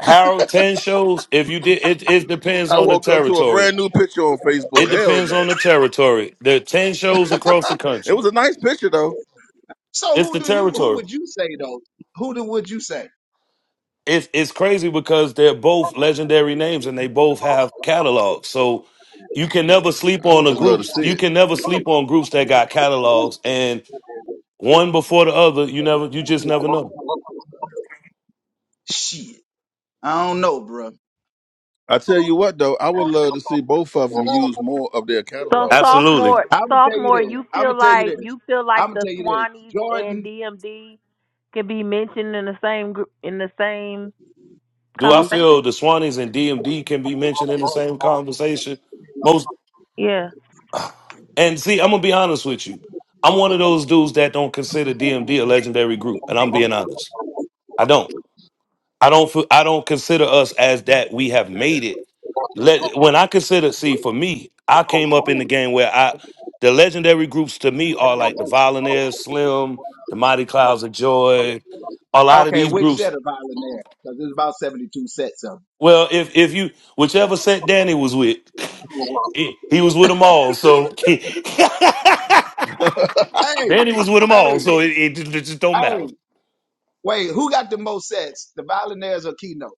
Speaker 3: Harold ten shows. If you did, it it depends
Speaker 2: I
Speaker 3: on the
Speaker 2: woke up to a
Speaker 3: territory.
Speaker 2: brand new picture on
Speaker 3: It
Speaker 2: Facebook. Hell
Speaker 3: depends on
Speaker 2: no.
Speaker 3: the territory. There are ten shows across the
Speaker 2: It was
Speaker 3: country.
Speaker 2: a nice picture though.
Speaker 21: So
Speaker 3: It's
Speaker 21: who
Speaker 3: the
Speaker 21: do you who
Speaker 3: territory.
Speaker 21: would you say though? Who do, would you say?
Speaker 3: It's it's crazy because they're both legendary names and they both have catalogs. So you can never sleep
Speaker 2: I
Speaker 3: on
Speaker 2: would
Speaker 3: the
Speaker 2: just love to
Speaker 3: groups.
Speaker 2: see
Speaker 3: You
Speaker 2: it.
Speaker 3: can never sleep on groups that got catalogs and one before the other. You never. You just never know.
Speaker 21: Shit. I don't know, bro.
Speaker 2: I tell you what though, I would love to see both of them use more of their
Speaker 15: so
Speaker 2: catalog though.
Speaker 3: Absolutely.
Speaker 15: sophomore
Speaker 21: I'm gonna tell you
Speaker 15: sophomore,
Speaker 21: this.
Speaker 15: you
Speaker 21: I'm gonna
Speaker 15: feel
Speaker 21: tell you
Speaker 15: like
Speaker 21: this.
Speaker 15: you feel
Speaker 21: I'm
Speaker 15: like
Speaker 21: gonna
Speaker 15: the
Speaker 21: tell you this.
Speaker 15: Swannies and
Speaker 21: Jordan.
Speaker 15: DMD can be mentioned in the same group in the same
Speaker 3: Do I
Speaker 2: Who?
Speaker 3: feel
Speaker 15: conversation.
Speaker 3: the Swannies and DMD can be mentioned in the same conversation? Most
Speaker 15: Yeah.
Speaker 3: And see, I'm gonna be honest with you. I'm one of those dudes that don't consider DMD a legendary group, and I'm being honest. I don't. I don't. feel- I don't consider us as that. We have made it. Let when I consider, see, for me, I came up in the game where I, the legendary groups to me are like the Volunteers, Slim, the Mighty Clouds of Joy, a lot of
Speaker 21: Okay,
Speaker 3: these
Speaker 21: which
Speaker 3: groups.
Speaker 21: set of violin there? Because there's about 72 sets of. 'em.
Speaker 3: Well, if if you whichever set Danny was with, he he was with them all. So.
Speaker 21: Hey,
Speaker 3: Danny was with them all,
Speaker 21: hey,
Speaker 3: so it, it, ju- ju- just don't matter.
Speaker 21: hey. Wait, who got the most sets? The violinaires or keynote?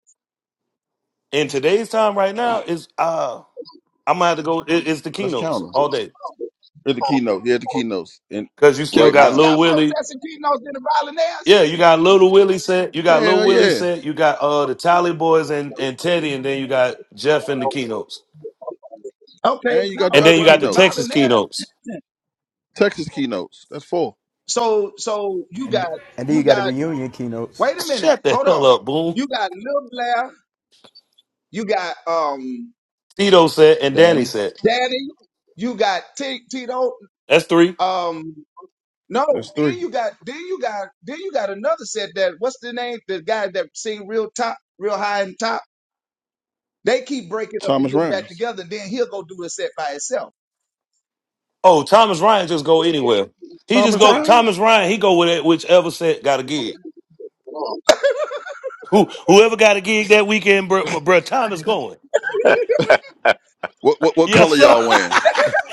Speaker 3: In today's time, right now,
Speaker 2: Ah,
Speaker 3: is uh, I'm gonna have to go. It, it's the
Speaker 2: Let's count
Speaker 3: keynotes
Speaker 2: them.
Speaker 3: all day
Speaker 2: Here are the keynote. Here are the keynotes. And
Speaker 3: because you still
Speaker 2: right
Speaker 3: got
Speaker 21: Keynote's
Speaker 2: now.
Speaker 3: Lil
Speaker 21: got more
Speaker 3: Willie.
Speaker 21: sets and keynotes than the violinaires.
Speaker 3: Yeah, you got Little Willie set. You got Lil
Speaker 2: Hell
Speaker 3: Willie
Speaker 2: yeah.
Speaker 3: set. You got uh the Tally Boys and and Teddy, and then you got Jeff in the keynotes,
Speaker 21: Okay,
Speaker 2: And you got the
Speaker 3: and
Speaker 21: no.
Speaker 3: then
Speaker 2: other
Speaker 3: you
Speaker 21: Well,
Speaker 3: got
Speaker 21: the
Speaker 3: the Texas
Speaker 2: keynotes.
Speaker 21: violinaires.
Speaker 3: keynotes.
Speaker 2: Texas keynotes. That's four.
Speaker 21: So, so you got,
Speaker 1: And then you
Speaker 21: you
Speaker 1: got the
Speaker 21: got.
Speaker 1: reunion keynotes.
Speaker 21: Wait a minute.
Speaker 3: Shut the
Speaker 21: Hold
Speaker 3: hell
Speaker 21: on.
Speaker 3: up, Boom.
Speaker 21: You got Lil Blair. You got um
Speaker 3: Tito set and Danny
Speaker 2: Danny.
Speaker 3: set.
Speaker 21: Daddy, you got T- Tito.
Speaker 3: That's three.
Speaker 21: Um, no,
Speaker 2: That's
Speaker 21: then
Speaker 2: three.
Speaker 21: you got then you got then you got another set that what's the name? The guy that sing real top, real high and top. They keep breaking up and
Speaker 2: Thomas
Speaker 21: getting back
Speaker 2: Rhymes.
Speaker 21: together. then he'll go do a set by himself.
Speaker 3: Oh, Thomas Ryan just go anywhere. He just
Speaker 2: Thomas
Speaker 21: Top,
Speaker 3: go.
Speaker 2: Rhymes?
Speaker 3: Thomas Ryan. He go with it, whichever set got a gig.
Speaker 21: what
Speaker 3: Who whoever got a gig that weekend, bro, my bro Tom is going.
Speaker 2: What what what
Speaker 3: Yes,
Speaker 2: color
Speaker 3: sir.
Speaker 2: y'all wearing?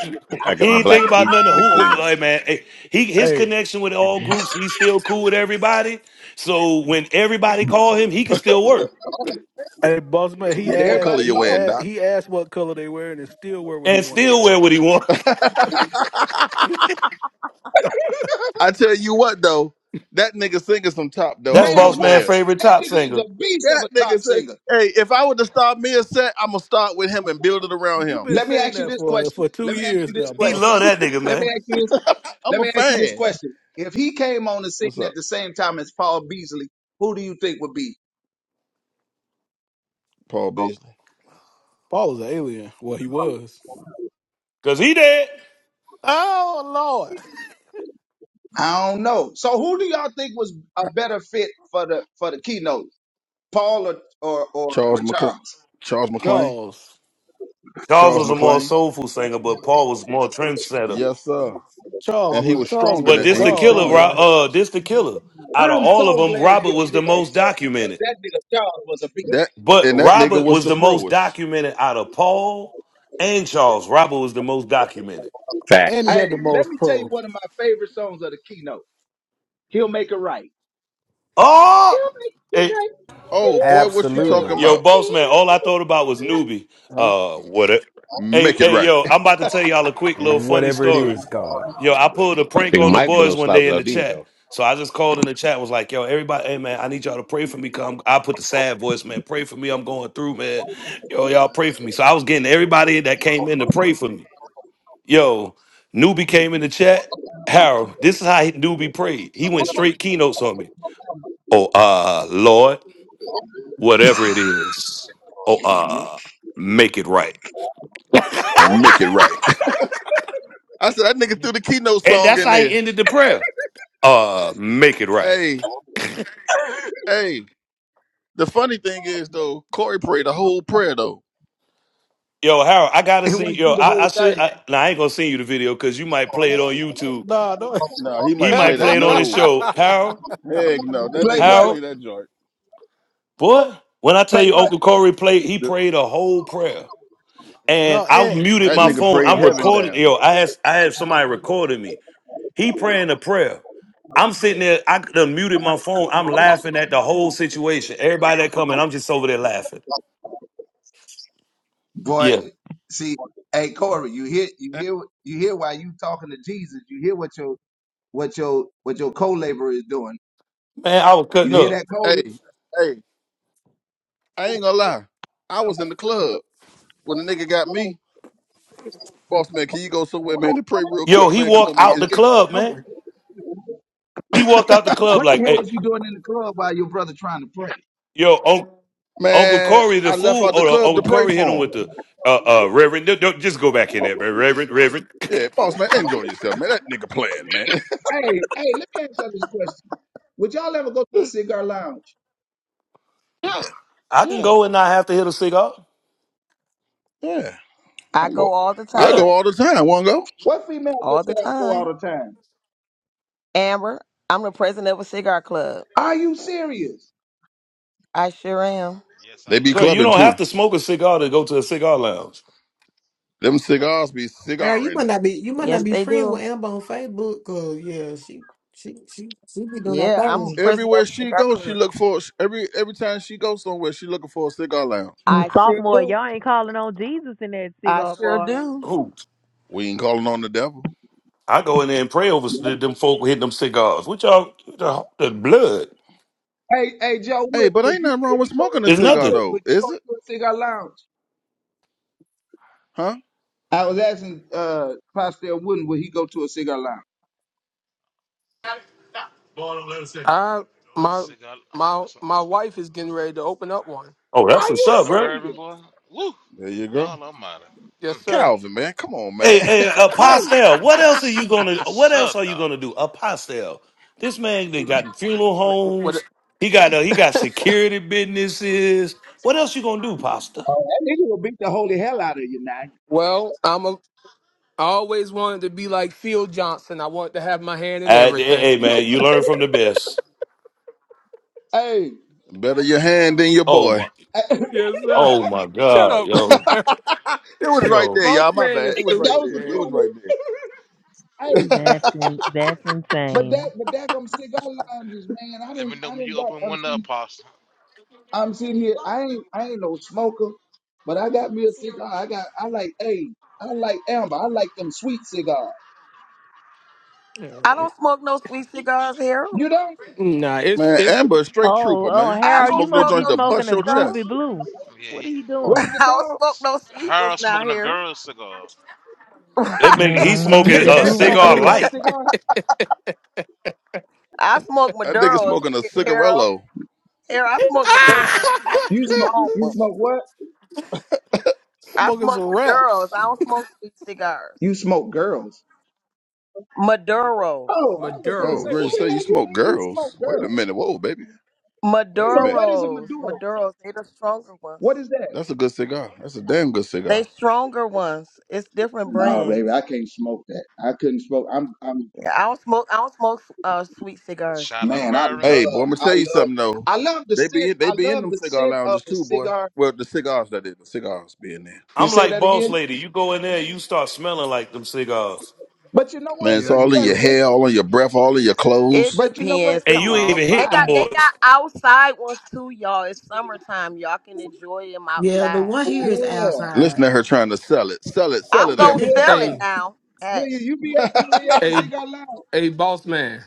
Speaker 12: I
Speaker 3: he
Speaker 12: got my
Speaker 3: ain't think
Speaker 12: black
Speaker 3: about
Speaker 12: suit
Speaker 3: nothing.
Speaker 12: and the
Speaker 3: Who, who hey,
Speaker 12: cleanest.
Speaker 3: man? hey, he his
Speaker 10: Hey,
Speaker 3: connection with all groups. He's still cool with everybody. So when everybody call him, he can still work
Speaker 10: hey, boss man, he
Speaker 2: What color
Speaker 21: everybody
Speaker 10: asked,
Speaker 2: you
Speaker 10: he
Speaker 21: call
Speaker 2: wearing,
Speaker 10: asked,
Speaker 21: him.
Speaker 2: Doc?
Speaker 10: he asked what color they wearing and still wear what he
Speaker 3: and
Speaker 10: want to
Speaker 3: still
Speaker 10: wear.
Speaker 3: wear what he want.
Speaker 2: I tell you what though, that nigga singing some top though. I
Speaker 3: That's
Speaker 2: don't
Speaker 21: Man,
Speaker 2: give a
Speaker 3: boss man
Speaker 21: what?
Speaker 2: damn.
Speaker 3: favorite
Speaker 21: That
Speaker 3: top
Speaker 21: nigga is
Speaker 3: singer.
Speaker 21: a beast of
Speaker 2: That
Speaker 21: a top
Speaker 2: nigga say,
Speaker 21: singer.
Speaker 2: hey, if I were to start me a set, I'm gonna start with him and build it around
Speaker 10: You've
Speaker 2: him.
Speaker 10: been
Speaker 21: Let me
Speaker 10: saying
Speaker 21: ask you
Speaker 10: that
Speaker 21: this
Speaker 10: for for
Speaker 21: question.
Speaker 10: two
Speaker 21: Let me ask you
Speaker 10: years
Speaker 21: this
Speaker 10: now,
Speaker 3: He
Speaker 10: boss.
Speaker 21: question.
Speaker 3: love that nigga
Speaker 21: Let me
Speaker 3: man
Speaker 21: ask you this
Speaker 2: I'm
Speaker 21: Let
Speaker 2: a
Speaker 21: me ask you this
Speaker 2: fan.
Speaker 21: question. If he came on the
Speaker 2: What's
Speaker 21: scene at
Speaker 2: up,
Speaker 21: the same time as Paul Beasley, who do you think would be?
Speaker 2: Paul Beasley?
Speaker 10: Paul is an alien. Well, he was.
Speaker 3: because he dead.
Speaker 10: Oh Lord,
Speaker 21: I don't know. So who do y'all think was a better fit for the for the keynote? Paul or or, or,
Speaker 2: Charles
Speaker 21: or
Speaker 2: McCl-
Speaker 21: Charles?
Speaker 2: Charles McClain.
Speaker 10: Charles.
Speaker 3: Charles
Speaker 2: Charles
Speaker 3: was a more
Speaker 2: McClain.
Speaker 3: soulful singer, but Paul was more trendsetter.
Speaker 2: Yes, sir.
Speaker 10: Charles
Speaker 2: And he
Speaker 10: was
Speaker 2: was
Speaker 10: Charles
Speaker 2: stronger
Speaker 10: was
Speaker 3: But
Speaker 10: a
Speaker 2: than and
Speaker 3: this
Speaker 2: he
Speaker 3: the
Speaker 2: was
Speaker 10: dog,
Speaker 3: killer.
Speaker 2: stronger.
Speaker 3: Ro-
Speaker 10: man,
Speaker 3: Uh, this the killer. Out of
Speaker 21: I'm
Speaker 3: all of
Speaker 21: so
Speaker 3: them,
Speaker 21: glad we
Speaker 3: Robert was the
Speaker 21: agree on
Speaker 3: most
Speaker 21: something because
Speaker 3: documented.
Speaker 21: that nigga Charles was a beast.
Speaker 2: That
Speaker 3: But
Speaker 2: and that nigga
Speaker 3: Robert
Speaker 2: was
Speaker 3: was
Speaker 2: the
Speaker 3: the most
Speaker 2: proest.
Speaker 3: documented out of Paul and Charles. Robert was the most documented.
Speaker 10: and
Speaker 12: Facts.
Speaker 10: he
Speaker 21: Hey,
Speaker 10: had the
Speaker 21: let
Speaker 10: most
Speaker 21: me tell you
Speaker 10: pro.
Speaker 21: one of my favorite songs of the keynote. He'll make it right.
Speaker 3: Oh,
Speaker 21: He'll make it
Speaker 3: hey,
Speaker 21: right. He'll,
Speaker 2: Oh boy, what you
Speaker 1: Absolutely.
Speaker 2: talking
Speaker 21: he'll,
Speaker 3: yo,
Speaker 2: about?
Speaker 3: boss man, all
Speaker 21: he'll.
Speaker 3: I thought about
Speaker 21: make
Speaker 3: was
Speaker 21: It
Speaker 3: newbie.
Speaker 2: Huh?
Speaker 3: Uh, what it? Hey,
Speaker 2: Make it
Speaker 3: hey,
Speaker 2: right.
Speaker 3: yo, I'm about to tell y'all a quick little funny
Speaker 1: Whatever it
Speaker 3: story.
Speaker 1: is, God.
Speaker 3: Yo, I pulled a prank
Speaker 12: Big
Speaker 3: on the
Speaker 12: Mike below
Speaker 3: boys one
Speaker 12: slouch
Speaker 3: day in
Speaker 12: without
Speaker 3: the
Speaker 12: Dean
Speaker 3: chat.
Speaker 12: though.
Speaker 3: So I just called in the chat, was like, yo, everybody, hey man, I need y'all to pray for me. Come, I put the sad voice, man. Pray for me. I'm going through, man. Yo, y'all pray for me. So I was getting everybody that came in to pray for me. Yo, newbie came in the chat. Harold, this is how he- newbie prayed. He went straight keynotes on me. Oh, uh, Lord, whatever it is, oh,
Speaker 21: right.
Speaker 3: uh, make it right.
Speaker 2: Make it right. I said that nigga threw the keynote
Speaker 3: And
Speaker 2: song
Speaker 3: that's
Speaker 2: in
Speaker 3: how he
Speaker 2: there.
Speaker 3: ended the prayer. Uh, make it right.
Speaker 2: Hey, hey. The funny thing is though, Corey prayed the whole prayer though.
Speaker 3: Yo, Harold, I gotta
Speaker 21: It
Speaker 3: see.
Speaker 21: went
Speaker 3: Yo,
Speaker 21: through the
Speaker 3: I, I
Speaker 21: whole
Speaker 3: should.
Speaker 21: thing.
Speaker 3: I, now I ain't gonna send you the video because you might play it on YouTube.
Speaker 10: Nah, no,
Speaker 2: Nah, he
Speaker 3: He
Speaker 2: might play
Speaker 3: might
Speaker 2: that.
Speaker 3: play it on his
Speaker 2: No.
Speaker 3: show. Harold,
Speaker 2: Heck no. That
Speaker 21: Play
Speaker 2: nigga will
Speaker 21: what?
Speaker 2: play
Speaker 3: Harold,
Speaker 2: that joint.
Speaker 3: boy, when I tell
Speaker 21: Play
Speaker 3: you Uncle
Speaker 21: what?
Speaker 3: Corey played, he
Speaker 2: The-
Speaker 3: prayed a whole prayer. and
Speaker 10: no,
Speaker 3: I
Speaker 10: and
Speaker 3: muted
Speaker 2: That
Speaker 3: my
Speaker 10: you
Speaker 2: nigga
Speaker 3: phone.
Speaker 2: prayed
Speaker 3: I'm
Speaker 2: heaven
Speaker 3: recording.
Speaker 2: down.
Speaker 3: Yo, I had I had somebody recording me. He praying a prayer. I'm sitting there. I done muted my phone. I'm laughing at the whole situation. Everybody that coming, I'm just over there laughing.
Speaker 21: Boy,
Speaker 3: Yeah,
Speaker 21: see, hey Corey, you hear you hear you hear why you talking to Jesus. You hear what your what your what your co-laborer is doing.
Speaker 3: man, I was cutting
Speaker 21: You hear
Speaker 3: up.
Speaker 21: that Corey?
Speaker 2: Hey, hey, I ain't gonna lie. I was in the club when the nigga got me. Boss man, can you go somewhere, man, to pray real
Speaker 3: Yo,
Speaker 2: quick,
Speaker 3: he
Speaker 2: man? Come
Speaker 3: walked
Speaker 2: on, man.
Speaker 3: out
Speaker 2: It's
Speaker 3: the
Speaker 2: good.
Speaker 3: club,
Speaker 2: I'm
Speaker 3: man.
Speaker 2: like,
Speaker 3: He walked out the club
Speaker 21: What the
Speaker 3: like,
Speaker 21: hell
Speaker 3: hey,
Speaker 21: was you doing in the club while your brother trying to pray?
Speaker 3: yo, Un- Uncle
Speaker 2: man,
Speaker 3: Corey the
Speaker 2: I left
Speaker 3: fool.
Speaker 2: out the
Speaker 3: Oh, no,
Speaker 2: club to
Speaker 3: Uncle
Speaker 2: pray
Speaker 3: Corey hit him
Speaker 2: for him.
Speaker 3: with the uh, uh, Reverend. Don't- don't- just go back in there, Reverend, Reverend.
Speaker 2: Yeah, boss man, enjoy yourself, man. That nigga playing, man.
Speaker 21: Hey, hey, let me ask y'all this question. Would y'all ever go to a cigar lounge?
Speaker 3: I can
Speaker 2: yeah,
Speaker 3: go and not have to hit a cigar.
Speaker 2: yeah.
Speaker 4: I
Speaker 2: I go,
Speaker 4: go all the
Speaker 2: I
Speaker 3: Yeah.
Speaker 4: time,
Speaker 2: go all the time. wanna go.
Speaker 21: What female good
Speaker 4: all the
Speaker 21: y'all go
Speaker 4: time.
Speaker 21: all the time?
Speaker 4: Amber, I'm the president of a cigar club.
Speaker 21: Are you serious?
Speaker 4: I sure
Speaker 16: Uh,
Speaker 4: am.
Speaker 16: yes, I
Speaker 2: They be
Speaker 16: love
Speaker 3: Bro, you
Speaker 2: clubbing
Speaker 16: cigar
Speaker 3: don't
Speaker 2: too.
Speaker 3: have to
Speaker 16: lounge.
Speaker 3: smoke a cigar to go to a cigar lounge.
Speaker 2: Them cigars be
Speaker 11: Girl, you
Speaker 2: cigaring.
Speaker 11: might not be you might not
Speaker 4: Yes,
Speaker 11: be
Speaker 4: they
Speaker 11: friends
Speaker 4: do.
Speaker 11: with Amber on Facebook, cause yeah, she she she she be doing that
Speaker 4: Yeah, I'm
Speaker 11: thing.
Speaker 4: president of
Speaker 2: Everywhere
Speaker 4: a
Speaker 2: she
Speaker 4: cigar
Speaker 2: goes, she
Speaker 4: club.
Speaker 2: look for every every time she goes somewhere, she looking for a cigar lounge.
Speaker 4: I sure
Speaker 15: Sophomore,
Speaker 4: do.
Speaker 15: y'all ain't calling on Jesus in that
Speaker 4: I
Speaker 15: cigar
Speaker 4: sure
Speaker 15: bar.
Speaker 4: do.
Speaker 3: Who?
Speaker 2: We ain't calling on the devil.
Speaker 3: I go in there and pray over s- them folk hitting them cigars. What y'all, the, the blood
Speaker 21: Hey, hey, Joe
Speaker 2: Hey,
Speaker 21: Wood,
Speaker 2: but
Speaker 21: would
Speaker 2: ain't
Speaker 21: you
Speaker 2: nothing
Speaker 21: would
Speaker 2: wrong
Speaker 21: you
Speaker 2: with
Speaker 21: go
Speaker 2: smoking a
Speaker 3: is
Speaker 21: Joe
Speaker 2: cigar
Speaker 3: nothing.
Speaker 21: Wood,
Speaker 2: though,
Speaker 21: would you go
Speaker 2: is it?
Speaker 21: to a cigar lounge?
Speaker 2: Huh?
Speaker 21: I was asking uh Pastor Wooden, would he go to a cigar lounge?
Speaker 6: I
Speaker 16: A
Speaker 6: my
Speaker 16: cigar. Oh,
Speaker 6: my
Speaker 16: what's up?
Speaker 6: my wife is getting ready to open up one.
Speaker 3: Oh,
Speaker 16: And
Speaker 3: that's
Speaker 21: Are
Speaker 16: a
Speaker 3: what's
Speaker 21: you
Speaker 3: up,
Speaker 16: shot of
Speaker 3: bro.
Speaker 16: bourbon,
Speaker 21: serious?
Speaker 16: boy. Woo!
Speaker 2: There
Speaker 16: Good
Speaker 2: you go.
Speaker 16: God Almighty.
Speaker 6: Yes,
Speaker 16: Mm.
Speaker 6: sir.
Speaker 2: Calvin, man, come on,
Speaker 3: Hey,
Speaker 2: man.
Speaker 3: hey, a
Speaker 21: Hey,
Speaker 3: pastel. What else are you gonna?
Speaker 16: Yes,
Speaker 3: What
Speaker 16: sir,
Speaker 3: else are you
Speaker 16: dog.
Speaker 3: gonna do? A pastel. This man, they got funeral
Speaker 6: What-
Speaker 3: homes. He got uh, he got security businesses. What else you gonna do, pasta?
Speaker 21: Oh, that nigga will beat the holy hell out of you now.
Speaker 6: Well, I'm a. I always wanted to be like Phil Johnson. I wanted to have my hand in
Speaker 3: Uh, hey,
Speaker 6: everything.
Speaker 3: hey,
Speaker 21: So,
Speaker 3: man, you learn from the best.
Speaker 21: Hey,
Speaker 2: Better your hand than your
Speaker 3: Oh
Speaker 2: boy.
Speaker 3: my,
Speaker 21: that
Speaker 6: yes, sir.
Speaker 3: oh my
Speaker 6: Shut
Speaker 3: God,
Speaker 6: up,
Speaker 2: it
Speaker 3: yo,
Speaker 2: was right
Speaker 3: yo.
Speaker 2: there,
Speaker 6: boss
Speaker 2: y'all. My
Speaker 6: man
Speaker 2: bad.
Speaker 6: is
Speaker 2: It was right
Speaker 6: stupid,
Speaker 21: was a
Speaker 2: there. It
Speaker 6: man.
Speaker 21: good
Speaker 2: was
Speaker 21: one.
Speaker 2: right there.
Speaker 21: Hey,
Speaker 15: That's in, that's
Speaker 21: but that
Speaker 15: insane.
Speaker 21: but that I'm cigar lounges, man. I
Speaker 16: Let
Speaker 21: didn't
Speaker 16: me know
Speaker 21: I
Speaker 16: when
Speaker 21: didn't
Speaker 16: you
Speaker 21: got
Speaker 16: open
Speaker 21: I'm
Speaker 16: one up,
Speaker 21: sitting
Speaker 16: Apostle.
Speaker 21: I'm sitting here. I ain't I ain't no smoker, but I got me a cigar. I got I like hey, I like amber. I like them sweet cigars.
Speaker 4: I don't smoke no sweet cigars, Harold.
Speaker 21: You don't?
Speaker 6: Nah, it's
Speaker 2: Man,
Speaker 6: it's
Speaker 2: Amber, a straight
Speaker 15: Oh,
Speaker 2: trooper,
Speaker 15: oh,
Speaker 2: man.
Speaker 4: I
Speaker 2: She
Speaker 15: Harold,
Speaker 4: don't
Speaker 15: you
Speaker 2: smoked no
Speaker 15: must
Speaker 4: smoke
Speaker 15: be
Speaker 2: joints
Speaker 4: no
Speaker 2: to
Speaker 4: sweet
Speaker 15: smoking
Speaker 2: bust
Speaker 15: a
Speaker 2: your
Speaker 4: cigar.
Speaker 15: groovy
Speaker 2: chest.
Speaker 15: blue.
Speaker 16: Yeah,
Speaker 15: What are
Speaker 16: he,
Speaker 15: you
Speaker 21: What
Speaker 4: I
Speaker 21: is
Speaker 15: doing?
Speaker 21: it
Speaker 4: don't
Speaker 21: called?
Speaker 4: smoke no sweet
Speaker 16: her
Speaker 4: ones now
Speaker 16: smoking a
Speaker 4: here.
Speaker 16: girl cigar.
Speaker 3: That man,
Speaker 4: Right.
Speaker 3: he's
Speaker 21: You
Speaker 15: Mm-hmm.
Speaker 3: smoking
Speaker 15: The
Speaker 21: said
Speaker 3: a
Speaker 21: I'm
Speaker 15: groovy
Speaker 21: smoking
Speaker 3: cigar
Speaker 21: a
Speaker 15: blue.
Speaker 21: what
Speaker 3: light.
Speaker 21: cigar?
Speaker 4: I smoke
Speaker 2: That nigga
Speaker 4: Maduros,
Speaker 2: smoking a
Speaker 4: Harold.
Speaker 2: cigarello.
Speaker 4: Here, I smoke Maduros. I smoke
Speaker 21: You
Speaker 4: the
Speaker 21: smoke
Speaker 4: strong
Speaker 21: you
Speaker 4: one.
Speaker 21: smoke what?
Speaker 4: I
Speaker 10: smoking some
Speaker 4: smoke Maduros.
Speaker 10: raps.
Speaker 4: I don't smoke sweet cigars.
Speaker 21: You smoke girls.
Speaker 4: Maduros.
Speaker 21: Oh, I was finna
Speaker 2: Oh,
Speaker 21: say,
Speaker 2: Ray
Speaker 21: what
Speaker 16: Oh
Speaker 6: Maduros.
Speaker 21: the
Speaker 16: yeah,
Speaker 2: say you
Speaker 21: hell you
Speaker 2: smoke
Speaker 21: mean you smoke,
Speaker 2: girls. Wait a
Speaker 21: girl?
Speaker 2: minute. Whoa, baby. Wait a
Speaker 21: So
Speaker 2: minute.
Speaker 21: what is a
Speaker 4: Maduros.
Speaker 21: Maduro?
Speaker 4: Maduros. They the stronger ones.
Speaker 21: What is that?
Speaker 2: That's a good cigar. That's a damn good
Speaker 4: They
Speaker 2: cigar.
Speaker 4: stronger ones. It's different
Speaker 21: Nah, baby, I
Speaker 4: brands.
Speaker 21: can't smoke that. I couldn't smoke. I'm, I'm,
Speaker 4: Yeah, I don't smoke. I don't smoke uh, sweet cigars.
Speaker 16: shot of
Speaker 21: man, I
Speaker 16: bourbon.
Speaker 2: Hey,
Speaker 21: love,
Speaker 2: boy, I'm gonna
Speaker 16: Woo.
Speaker 21: I
Speaker 2: tell you
Speaker 21: love,
Speaker 2: something though.
Speaker 21: I love the
Speaker 2: They
Speaker 21: scent.
Speaker 2: be they
Speaker 21: I
Speaker 2: be in
Speaker 21: love
Speaker 2: them
Speaker 21: the
Speaker 2: cigar
Speaker 21: scent of
Speaker 2: lounges
Speaker 21: the
Speaker 2: too, boy.
Speaker 21: cigar.
Speaker 2: Well, the cigars that is, the cigars be in there.
Speaker 21: You
Speaker 3: I'm
Speaker 21: say
Speaker 3: like,
Speaker 21: that
Speaker 3: boss
Speaker 21: again?
Speaker 3: lady, you go in there, you start smelling like them cigars,
Speaker 21: But you know what?
Speaker 2: Man, it's
Speaker 6: Yeah,
Speaker 21: It's
Speaker 6: you
Speaker 2: all in
Speaker 21: just,
Speaker 2: your
Speaker 6: do.
Speaker 21: it's,
Speaker 2: hair, all in your breath, all in your clothes.
Speaker 4: It
Speaker 21: but you know what?
Speaker 4: depends.
Speaker 3: and
Speaker 21: It's
Speaker 4: Come
Speaker 3: you
Speaker 21: like
Speaker 3: ain't
Speaker 21: a
Speaker 4: on.
Speaker 3: even
Speaker 4: They
Speaker 3: hit
Speaker 21: vibe.
Speaker 3: them
Speaker 4: got they
Speaker 3: boys.
Speaker 4: got outside ones too, y'all. It's summertime. Y'all can enjoy them
Speaker 11: Yeah, the
Speaker 4: outside.
Speaker 11: one here is
Speaker 21: Yeah.
Speaker 2: Listen
Speaker 11: outside.
Speaker 2: to her trying to sell it. Sell it, sell
Speaker 4: I'm
Speaker 2: it,
Speaker 6: Yeah.
Speaker 4: gonna
Speaker 2: Amber.
Speaker 4: sell it
Speaker 21: Amelia,
Speaker 6: Hey,
Speaker 4: now. Hey,
Speaker 21: Amelia, you be at, you be at the
Speaker 2: huh?
Speaker 6: hey,
Speaker 21: cigar lounge?
Speaker 6: hey, boss man.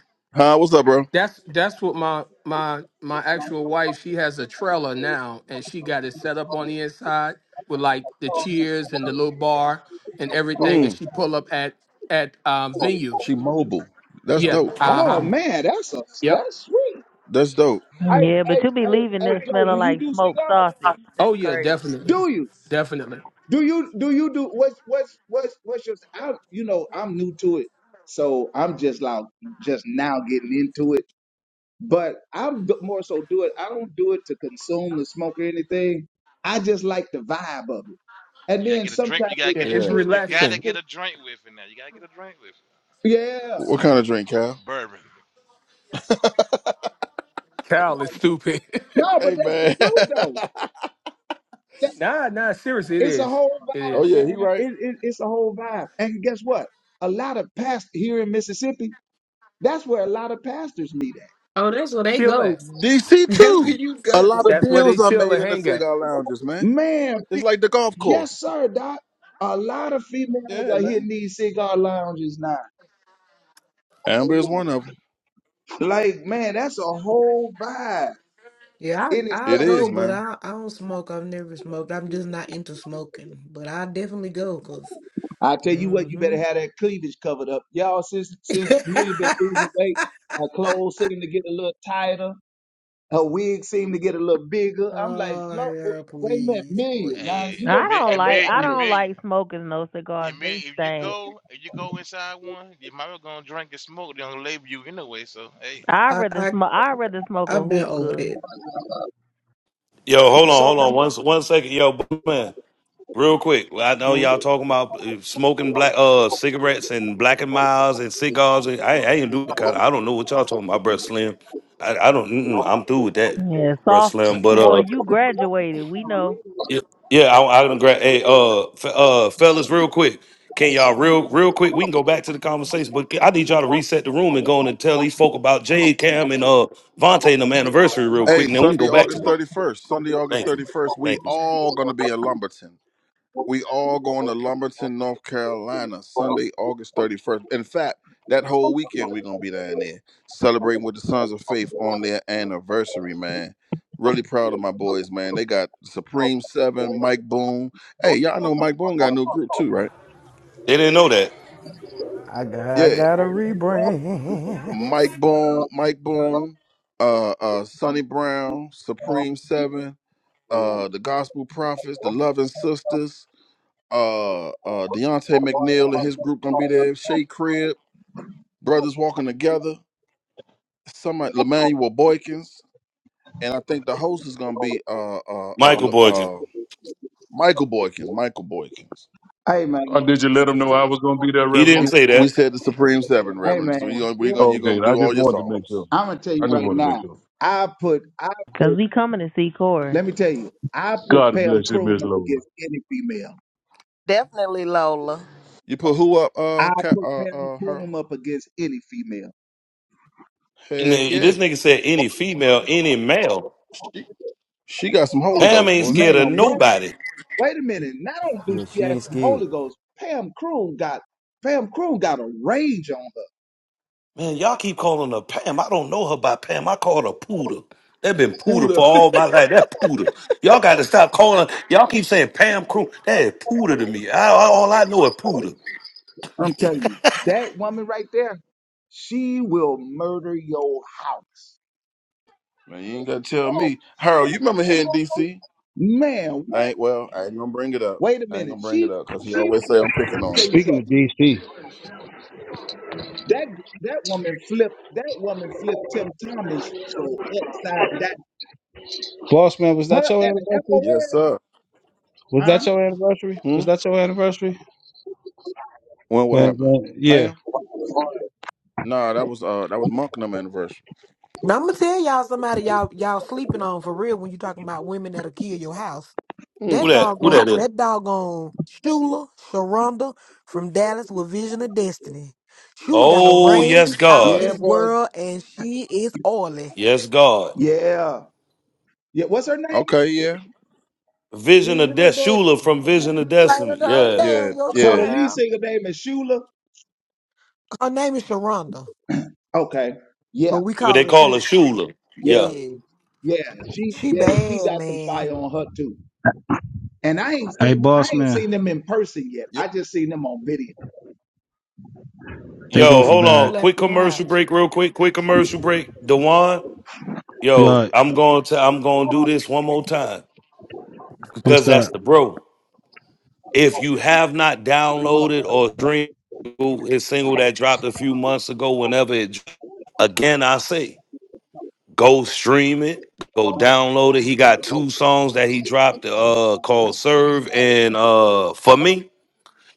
Speaker 2: What's up, bro?
Speaker 6: That's that's what my my my actual wife. She has a trailer now, and she got it set up on the inside with like the cheers and the little bar and everything. And
Speaker 2: Mm,
Speaker 6: she pull up at at um, venues.
Speaker 2: she mobile. That's
Speaker 6: Yeah.
Speaker 2: dope.
Speaker 6: Uh
Speaker 21: Oh
Speaker 6: huh.
Speaker 21: man, that's a,
Speaker 6: Yep.
Speaker 21: that's sweet.
Speaker 2: That's dope.
Speaker 21: Hey,
Speaker 15: Yeah, but
Speaker 21: hey,
Speaker 15: you be
Speaker 21: hey,
Speaker 15: leaving
Speaker 21: hey,
Speaker 15: there
Speaker 21: Joe, do
Speaker 15: smelling
Speaker 21: you
Speaker 15: like
Speaker 21: do
Speaker 15: smoked
Speaker 21: cigars?
Speaker 15: sausage.
Speaker 6: Oh
Speaker 15: That's
Speaker 6: yeah,
Speaker 15: crazy.
Speaker 6: definitely,
Speaker 21: Do you?
Speaker 6: definitely.
Speaker 21: Do you do you do what's what's what's what's your I you know I'm new to it, so I'm just like just now getting into it. But I'm d- more so do it. I don't do it to consume the smoke or anything. I just like the vibe of it. And
Speaker 16: You gotta
Speaker 21: then
Speaker 16: get a
Speaker 21: sometimes
Speaker 16: drink. You gotta
Speaker 21: it
Speaker 6: Yeah,
Speaker 16: get a.
Speaker 6: it's
Speaker 2: Yeah.
Speaker 21: depends
Speaker 16: You
Speaker 21: on the
Speaker 16: gotta
Speaker 6: relaxing.
Speaker 16: get
Speaker 21: stick.
Speaker 16: a drink with it now. You gotta get a drink with it.
Speaker 21: Yeah,
Speaker 2: What kind of drink, Cal?
Speaker 16: bourbon.
Speaker 6: Cal is stupid.
Speaker 21: no, but
Speaker 2: Hey
Speaker 21: that's the
Speaker 2: man.
Speaker 21: truth though. That,
Speaker 6: nah, nah. Seriously, it
Speaker 21: it's a
Speaker 6: is.
Speaker 21: whole
Speaker 6: It
Speaker 21: vibe,
Speaker 2: oh
Speaker 6: is.
Speaker 2: yeah, he
Speaker 21: man.
Speaker 2: right.
Speaker 21: It, it, it's a whole vibe. And guess what? A lot of past here in Mississippi. That's where a lot of pastors meet at.
Speaker 11: Oh, that's where they
Speaker 6: Chill
Speaker 11: go.
Speaker 6: at.
Speaker 2: DC
Speaker 11: That's where
Speaker 2: too.
Speaker 11: you
Speaker 2: A
Speaker 11: go.
Speaker 2: lot of
Speaker 6: That's where they
Speaker 2: deals are
Speaker 6: chill
Speaker 2: made
Speaker 6: and
Speaker 2: in the
Speaker 6: hang at.
Speaker 2: cigar lounges, man.
Speaker 21: Man,
Speaker 2: It's like the golf
Speaker 21: Yes,
Speaker 2: course.
Speaker 21: sir, Doc. A lot of females
Speaker 2: Yeah,
Speaker 21: are hitting
Speaker 2: man.
Speaker 21: these cigar lounges now.
Speaker 2: Amber is one of them.
Speaker 21: Like, man, that's a whole vibe
Speaker 11: Yeah,
Speaker 21: in
Speaker 11: I
Speaker 2: It
Speaker 11: I'll
Speaker 21: itself,
Speaker 11: go,
Speaker 2: is,
Speaker 21: man.
Speaker 11: but
Speaker 2: man.
Speaker 11: I I don't smoke. I've never smoked. I'm just not into smoking. But I definitely go, cause
Speaker 21: I tell you what, you better
Speaker 11: mm-hmm.
Speaker 21: have that cleavage covered up. Y'all, since since Amelia been losing weight, her clothes seem to get a little tighter. Her wig seem to get a little bigger. I'm like,
Speaker 11: Oh,
Speaker 21: look,
Speaker 11: yeah,
Speaker 21: wait a minute,
Speaker 11: please,
Speaker 21: Amelia, now
Speaker 16: Hey,
Speaker 11: please.
Speaker 21: you gonna
Speaker 15: I
Speaker 16: Amelia,
Speaker 15: don't
Speaker 21: slack up
Speaker 15: like I
Speaker 21: on
Speaker 15: don't
Speaker 21: this.
Speaker 16: Amelia,
Speaker 15: like smoking no cigars.
Speaker 16: Amelia.
Speaker 15: They
Speaker 16: If you
Speaker 15: stink.
Speaker 16: go, if you go inside one, you might as well gonna drink and smoke. They don't label you anyway. So hey.
Speaker 15: I
Speaker 11: I,
Speaker 15: rather
Speaker 11: I,
Speaker 15: smoke I rather smoke a
Speaker 11: I've been over
Speaker 15: hookah.
Speaker 11: it.
Speaker 3: Yo, hold on,
Speaker 21: So
Speaker 3: hold
Speaker 21: let
Speaker 3: on,
Speaker 21: me,
Speaker 3: one s- one second, yo, b- man, real quick. Well, I know
Speaker 2: Hmm.
Speaker 3: y'all talking about uh, smoking black uh cigarettes and black and miles and cigars. I, I ain't do that kind. Of, I don't know what y'all talking about, bro. Slim. I, I don't. Mm-mm, I'm through with that,
Speaker 15: Yeah,
Speaker 3: bro. Slim. But
Speaker 15: sophomore,
Speaker 3: uh,
Speaker 15: you graduated. We know,
Speaker 3: Yeah, yeah. I, I don't grab. Hey, uh, f- uh, fellas, real quick. Can y'all real, real quick? We can go back to the conversation, but I need y'all to reset the room and go on and tell these folk about Jade Cam and uh Vontae and them anniversary real quick,
Speaker 2: Hey,
Speaker 3: and then we can
Speaker 2: Sunday,
Speaker 3: go back to
Speaker 2: August
Speaker 3: that.
Speaker 2: thirty first. Sunday, August
Speaker 3: Thank you,
Speaker 2: thirty first. We
Speaker 3: thank you.
Speaker 2: all gonna be in Lumberton. We all going to Lumberton, North Carolina, Sunday, August 31st. In fact, that whole weekend we're gonna be down there celebrating with the Sons of Faith on their anniversary, man. Really proud of my boys, man. They got Supreme Seven, Mike Boone. Hey, y'all know Mike Boone got a new group too, right?
Speaker 3: They didn't know that
Speaker 1: I got, I
Speaker 2: Yeah.
Speaker 1: got a rebrand.
Speaker 2: Mike Boone, Mike Boone, uh uh Sonny Brown, Supreme Seven, uh the Gospel Prophets, the Loving Sisters, uh uh Deontay McNeil and his group gonna be there, Shea Crib. brothers walking together. Somebody, Lemanuel Boykins, and I think the host is gonna be uh uh uh,
Speaker 3: Michael
Speaker 2: Le-
Speaker 3: Boykin.
Speaker 2: uh Michael Boykins. Michael Boykins.
Speaker 21: hey man,
Speaker 19: Or did you let them know I was gonna be there,
Speaker 3: He didn't
Speaker 19: Reverend?
Speaker 2: You,
Speaker 3: say
Speaker 2: we
Speaker 3: that.
Speaker 2: said the Supreme Seven,
Speaker 21: hey
Speaker 2: Reverend.
Speaker 21: man,
Speaker 2: So you gonna we gonna you
Speaker 19: Okay,
Speaker 2: gonna
Speaker 19: I
Speaker 2: do
Speaker 19: just
Speaker 2: all your
Speaker 19: wanted to make sure.
Speaker 2: songs.
Speaker 21: I'm gonna tell
Speaker 19: I
Speaker 21: you
Speaker 19: just
Speaker 21: right
Speaker 19: wanted to make
Speaker 21: now.
Speaker 19: sure.
Speaker 21: I put, I put
Speaker 15: 'cause we coming to see Corey.
Speaker 21: Let me tell you, I put
Speaker 19: God
Speaker 21: Pam
Speaker 19: bless you,
Speaker 21: Croom
Speaker 19: Miss
Speaker 21: up
Speaker 19: Lola.
Speaker 21: against any female.
Speaker 4: definitely, Lola.
Speaker 2: You put who up?
Speaker 21: I
Speaker 2: Uh, Ca-
Speaker 21: put
Speaker 2: uh,
Speaker 21: Pam
Speaker 2: uh, her.
Speaker 21: Croom up against any female.
Speaker 3: And
Speaker 2: Heck
Speaker 3: then
Speaker 2: yeah,
Speaker 3: this nigga said any female, any male.
Speaker 2: she she got some Holy
Speaker 3: Pam
Speaker 2: Ghost,
Speaker 3: ain't
Speaker 2: boy.
Speaker 21: Man,
Speaker 3: scared of
Speaker 21: what?
Speaker 3: nobody.
Speaker 21: Wait a minute. Not only do
Speaker 1: Yeah,
Speaker 21: she
Speaker 1: she
Speaker 21: have
Speaker 1: ain't
Speaker 21: some
Speaker 1: scared.
Speaker 21: Holy Ghost, Pam Croom got Pam Croom got a rage on her.
Speaker 3: Man, y'all keep calling her Pam. I don't know her by Pam. I call her Poodle. That been Poodle
Speaker 6: Buddha.
Speaker 3: for all my life. That Poodle. Y'all got to stop calling. Y'all keep saying Pam Crew. That is Poodle to me. I, I- all I know is Poodle.
Speaker 21: I'm telling you, that woman right there, she will murder your house.
Speaker 2: Man, you ain't gotta tell me, Harold. You remember here in D.C.
Speaker 21: Man,
Speaker 2: I
Speaker 21: what?
Speaker 2: ain't well. I ain't gonna bring it up.
Speaker 21: Wait a
Speaker 2: I ain't
Speaker 21: minute.
Speaker 2: gonna bring
Speaker 21: She
Speaker 2: it up because he
Speaker 21: she
Speaker 2: always say I'm
Speaker 21: flipped. Let
Speaker 2: picking
Speaker 21: me
Speaker 2: on
Speaker 21: tell
Speaker 2: him.
Speaker 21: you
Speaker 24: Speaking
Speaker 21: something.
Speaker 24: of DC,
Speaker 21: That that woman flipped that woman flipped Tim Thomas so upside down.
Speaker 24: boss man, was
Speaker 21: Her
Speaker 24: that your
Speaker 21: at the
Speaker 24: anniversary?
Speaker 21: FOL,
Speaker 2: Yes, sir.
Speaker 24: Was that
Speaker 21: huh?
Speaker 24: your anniversary?
Speaker 2: Hmm.
Speaker 24: Was that your anniversary?
Speaker 2: When what
Speaker 24: When,
Speaker 2: happened,
Speaker 24: when, yeah.
Speaker 2: Pam? Nah, that was uh that was Monknum anniversary.
Speaker 11: Now I'm gonna tell y'all somebody y'all y'all sleeping on for real when you talking about women that'll kill your house.
Speaker 2: Hmm.
Speaker 3: Who
Speaker 11: That
Speaker 3: that? Who
Speaker 11: doggone
Speaker 3: that is?
Speaker 11: that doggone Shula Sharonda from Dallas with Vision of Destiny. Shula got a
Speaker 3: Oh, yes,
Speaker 11: range out of
Speaker 3: God.
Speaker 21: Yeah,
Speaker 11: this
Speaker 21: boy.
Speaker 11: world and she is oily.
Speaker 3: Yes, God.
Speaker 21: Yeah. Yeah. What's her name?
Speaker 2: Okay, yeah.
Speaker 3: Vision of
Speaker 11: Vision
Speaker 3: Death.
Speaker 11: of
Speaker 3: Shula
Speaker 11: Destiny.
Speaker 3: from Vision of
Speaker 11: Played her
Speaker 3: Destiny.
Speaker 11: the other
Speaker 3: Yeah.
Speaker 11: day
Speaker 2: Yeah,
Speaker 11: on your
Speaker 21: So
Speaker 11: show,
Speaker 21: the
Speaker 2: yeah.
Speaker 21: lead
Speaker 11: Harold.
Speaker 21: singer name is Shula.
Speaker 11: Her name is Sharonda,
Speaker 21: Okay.
Speaker 11: but
Speaker 21: Yeah.
Speaker 11: we
Speaker 3: But
Speaker 11: call
Speaker 3: they
Speaker 11: her
Speaker 3: call her
Speaker 11: Shula.
Speaker 3: Shula. Yeah.
Speaker 21: Yeah.
Speaker 11: Yeah.
Speaker 21: Yeah. She
Speaker 11: She
Speaker 21: yeah, she
Speaker 11: bad,
Speaker 21: got some
Speaker 11: man.
Speaker 21: fire on her too. And I ain't
Speaker 24: Hey,
Speaker 21: seen I
Speaker 24: boss
Speaker 21: ain't
Speaker 24: man,
Speaker 21: seen them in person yet.
Speaker 2: You
Speaker 21: I just seen them on video.
Speaker 3: Yo,
Speaker 24: they go for
Speaker 3: hold
Speaker 11: Will
Speaker 3: on.
Speaker 24: bad.
Speaker 11: slap
Speaker 3: Quick
Speaker 11: your
Speaker 3: commercial
Speaker 11: house.
Speaker 3: break, real quick. Quick commercial break. Dewan, yo,
Speaker 24: Yo,
Speaker 3: I'm going to I'm going to do this one more time
Speaker 24: what's
Speaker 3: because
Speaker 24: up?
Speaker 3: that's the bro. If you have not downloaded or streamed his single that dropped a few months ago, whenever it dro- again, I say go stream it, go download it. He got two songs that he dropped uh called Serve and uh For Me.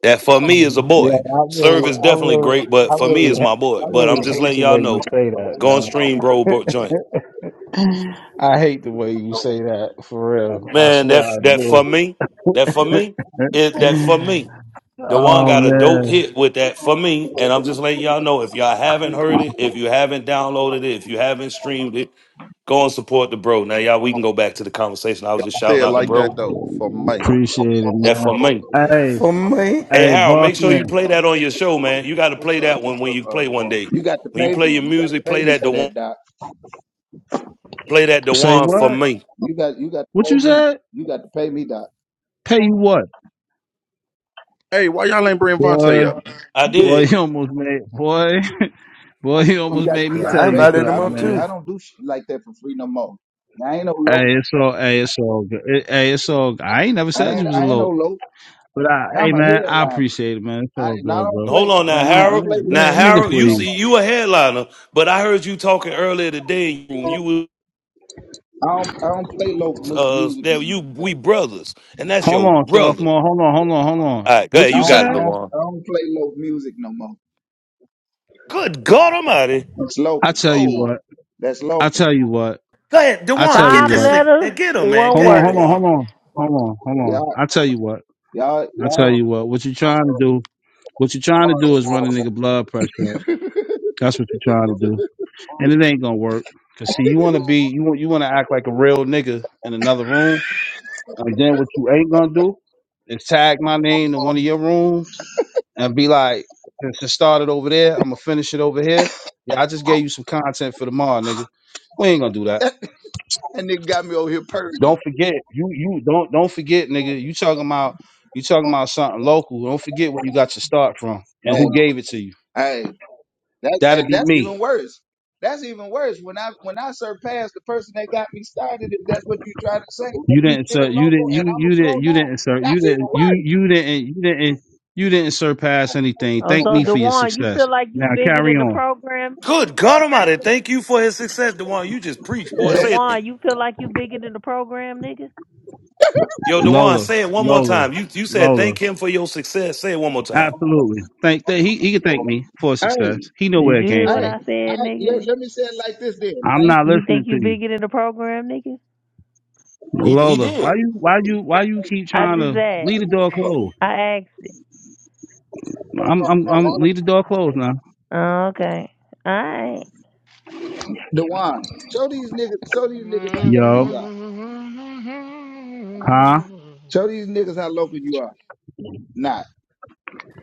Speaker 3: That for me is a
Speaker 24: Yeah,
Speaker 3: boy.
Speaker 24: I
Speaker 3: Serve
Speaker 24: really,
Speaker 3: is
Speaker 24: I
Speaker 3: definitely
Speaker 24: really,
Speaker 3: great,
Speaker 24: I
Speaker 3: but for me
Speaker 24: really,
Speaker 3: is my
Speaker 24: ha-
Speaker 3: boy.
Speaker 24: I
Speaker 3: But
Speaker 24: really
Speaker 3: I'm just
Speaker 24: hate
Speaker 3: letting
Speaker 24: the way
Speaker 3: y'all
Speaker 24: you
Speaker 3: know
Speaker 24: say
Speaker 3: go on
Speaker 24: that,
Speaker 3: stream, bro, bro joint.
Speaker 24: man. I hate the way you say that for real. I
Speaker 3: Man,
Speaker 24: swear
Speaker 3: that
Speaker 24: I
Speaker 3: that for
Speaker 24: do.
Speaker 3: me, that for me, it that for me. The one
Speaker 24: oh
Speaker 3: got a dope
Speaker 24: man,
Speaker 3: hit with that for me, and I'm just letting y'all know if y'all haven't heard it, if you haven't downloaded it, if you haven't streamed it, go and support the bro. Now, y'all, we can go back to the conversation. I was just
Speaker 2: say
Speaker 3: shouting
Speaker 2: it
Speaker 3: out the
Speaker 2: like
Speaker 3: bro.
Speaker 2: that though, for May.
Speaker 24: Appreciate it,
Speaker 3: That
Speaker 24: man.
Speaker 3: for me.
Speaker 24: Hey,
Speaker 1: For me.
Speaker 3: Hey,
Speaker 24: hey,
Speaker 3: Harold,
Speaker 24: boss
Speaker 3: make sure
Speaker 24: man,
Speaker 3: you play that on your show, man. You got to
Speaker 2: What's
Speaker 3: play
Speaker 2: up?
Speaker 3: that one
Speaker 2: What's
Speaker 3: when
Speaker 2: up,
Speaker 3: you
Speaker 2: uh
Speaker 3: play one
Speaker 2: Dewan?
Speaker 3: day.
Speaker 21: You got to
Speaker 3: When you
Speaker 21: pay me.
Speaker 3: play your
Speaker 21: You got to
Speaker 3: music,
Speaker 21: pay
Speaker 3: play
Speaker 21: me
Speaker 3: that
Speaker 21: for
Speaker 3: the one,
Speaker 21: that, Doc.
Speaker 3: play that the
Speaker 24: say
Speaker 3: one for
Speaker 24: what?
Speaker 3: me.
Speaker 21: You got you got to
Speaker 24: What
Speaker 21: pay
Speaker 24: you
Speaker 21: me.
Speaker 24: said?
Speaker 21: You got to pay me, Doc.
Speaker 24: Pay you what,
Speaker 2: Hey, why y'all ain't bring Vontae
Speaker 24: boy?
Speaker 2: up?
Speaker 3: I
Speaker 21: Give it
Speaker 24: Boy,
Speaker 21: to
Speaker 3: did.
Speaker 21: me.
Speaker 24: you almost made, boy. Well, he
Speaker 21: You
Speaker 24: almost
Speaker 21: got
Speaker 24: made
Speaker 21: you
Speaker 24: me
Speaker 1: Yeah,
Speaker 21: got to
Speaker 24: tell
Speaker 1: I
Speaker 21: pay
Speaker 24: you
Speaker 21: me.
Speaker 1: invited
Speaker 21: I
Speaker 1: them
Speaker 24: something,
Speaker 1: up
Speaker 21: don't do
Speaker 1: too.
Speaker 24: man.
Speaker 21: I don't do shit like that for free no more. I ain't no low.
Speaker 24: Hey, it's all, hey, it's all good. It- Hey, it's all good. I ain't never
Speaker 21: I
Speaker 24: said you
Speaker 21: ain't
Speaker 24: was a
Speaker 21: I ain't no
Speaker 24: lope.
Speaker 21: low.
Speaker 24: But I, hey,
Speaker 21: I'm a
Speaker 24: man, I
Speaker 21: headliner.
Speaker 24: appreciate it, man. It's
Speaker 21: I
Speaker 24: all
Speaker 21: and I
Speaker 24: good,
Speaker 21: don't
Speaker 24: bro.
Speaker 3: Hold
Speaker 21: play
Speaker 3: on now,
Speaker 24: Man,
Speaker 21: and
Speaker 24: man,
Speaker 21: I don't
Speaker 3: Harold.
Speaker 21: play
Speaker 24: man,
Speaker 21: low
Speaker 3: Now,
Speaker 24: man, nigga,
Speaker 3: Harold,
Speaker 21: music
Speaker 3: you
Speaker 21: no
Speaker 24: please.
Speaker 3: see,
Speaker 21: more.
Speaker 3: you a headliner, but I heard you talking earlier today. You, you was
Speaker 21: I don't I don't play low mu-
Speaker 3: uh
Speaker 21: music. no
Speaker 3: there. you
Speaker 21: more,
Speaker 3: we
Speaker 21: baby.
Speaker 3: brothers, and that's
Speaker 24: Hold
Speaker 3: your
Speaker 24: on,
Speaker 3: brother.
Speaker 24: sophomore. Hold on, hold on, hold on.
Speaker 3: All right, go
Speaker 24: What
Speaker 3: ahead,
Speaker 21: I
Speaker 24: you
Speaker 3: you
Speaker 21: don't
Speaker 24: said?
Speaker 3: got it,
Speaker 21: I don't
Speaker 3: Dewan.
Speaker 21: I don't play low music no more.
Speaker 3: Good God Almighty.
Speaker 21: It's
Speaker 24: I
Speaker 21: local.
Speaker 24: tell you
Speaker 2: Whoa.
Speaker 24: what.
Speaker 21: That's
Speaker 24: I
Speaker 21: local.
Speaker 24: tell you what.
Speaker 3: Go ahead,
Speaker 24: I
Speaker 3: Dewan,
Speaker 24: tell you
Speaker 3: get
Speaker 15: Five
Speaker 3: this
Speaker 24: what.
Speaker 3: nigga.
Speaker 15: letters,
Speaker 3: man, Get him, man.
Speaker 15: one
Speaker 3: Go
Speaker 24: Hold on,
Speaker 3: ahead,
Speaker 24: hold
Speaker 15: word.
Speaker 24: on,
Speaker 3: Dewan.
Speaker 24: hold on. Hold on, hold on.
Speaker 21: Y'all
Speaker 24: I tell you what.
Speaker 21: y'all
Speaker 24: I tell
Speaker 21: y'all.
Speaker 24: you what. What you trying to do? What you trying to do is run a nigga blood pressure. up. That's what you trying to do. and it ain't gonna work. Cause see, you wanna be, you want, you wanna act like a real nigga in another room, and then what you ain't gonna do is tag my name to one of your rooms and be like, "Since it started over there, I'm gonna finish it over here." Yeah, I just gave you some content for tomorrow, nigga. We ain't gonna do that.
Speaker 21: and they got me over here purging.
Speaker 24: Don't forget, you you don't don't forget, nigga. You talking about you talking about something local. Don't forget where you got your start from and
Speaker 21: Hey,
Speaker 24: who gave it to you.
Speaker 21: hey. That
Speaker 24: That'll
Speaker 21: and
Speaker 24: be
Speaker 21: that's
Speaker 24: me.
Speaker 21: even worse. That's even worse. When I when I surpass the person that got me started, if that's what you're trying to say,
Speaker 24: You
Speaker 21: and you
Speaker 24: didn't sur
Speaker 21: still
Speaker 24: you didn't
Speaker 21: local
Speaker 24: you
Speaker 21: and I'm a
Speaker 24: you
Speaker 21: pro
Speaker 24: didn't you
Speaker 21: nine,
Speaker 24: didn't sir you
Speaker 21: that's even
Speaker 24: didn't you you didn't you didn't you didn't surpass anything.
Speaker 15: Oh,
Speaker 24: Thank
Speaker 15: so
Speaker 24: me for your
Speaker 15: Dewan, you
Speaker 24: success.
Speaker 15: feel like you
Speaker 24: Now
Speaker 15: bigger
Speaker 24: carry
Speaker 15: than the
Speaker 24: on.
Speaker 15: program, nigga?
Speaker 3: Good God Almighty. Thank you for his success, Dewan. You just preached,
Speaker 21: worse.
Speaker 3: boy. Say it.
Speaker 21: Yeah.
Speaker 3: again.
Speaker 15: Dewan, you feel like you bigger than the program, nigga?
Speaker 3: Yo, Dewan,
Speaker 24: Lola,
Speaker 3: say it one more
Speaker 24: Lola,
Speaker 3: time. You you said
Speaker 24: Lola.
Speaker 3: thank him for your success. Say it one more time.
Speaker 24: Absolutely. Thank that he he can thank me for
Speaker 21: Hey,
Speaker 24: success. He know
Speaker 15: Did
Speaker 24: where
Speaker 15: you
Speaker 24: it came
Speaker 15: hear what
Speaker 21: hey,
Speaker 24: from.
Speaker 15: I
Speaker 21: I,
Speaker 15: said,
Speaker 21: let,
Speaker 15: nigga?
Speaker 21: let me say it like this then.
Speaker 24: I'm
Speaker 21: Thank
Speaker 24: not
Speaker 21: you,
Speaker 15: You
Speaker 24: listening
Speaker 15: think
Speaker 24: to
Speaker 15: you
Speaker 24: you.
Speaker 15: bigger than the program, nigga?
Speaker 3: He he
Speaker 24: Lola, why
Speaker 3: did.
Speaker 24: you why you why you keep
Speaker 15: I
Speaker 24: trying
Speaker 15: just
Speaker 24: to
Speaker 15: asked.
Speaker 24: leave the door closed?
Speaker 15: I asked it.
Speaker 24: I'm I'm I'm leave the door closed now.
Speaker 15: Oh, okay. All right.
Speaker 21: Dewan. Show these niggas, show these niggas how local
Speaker 24: Yo.
Speaker 21: you are.
Speaker 24: Huh?
Speaker 21: Show these niggas how local you are. Nah,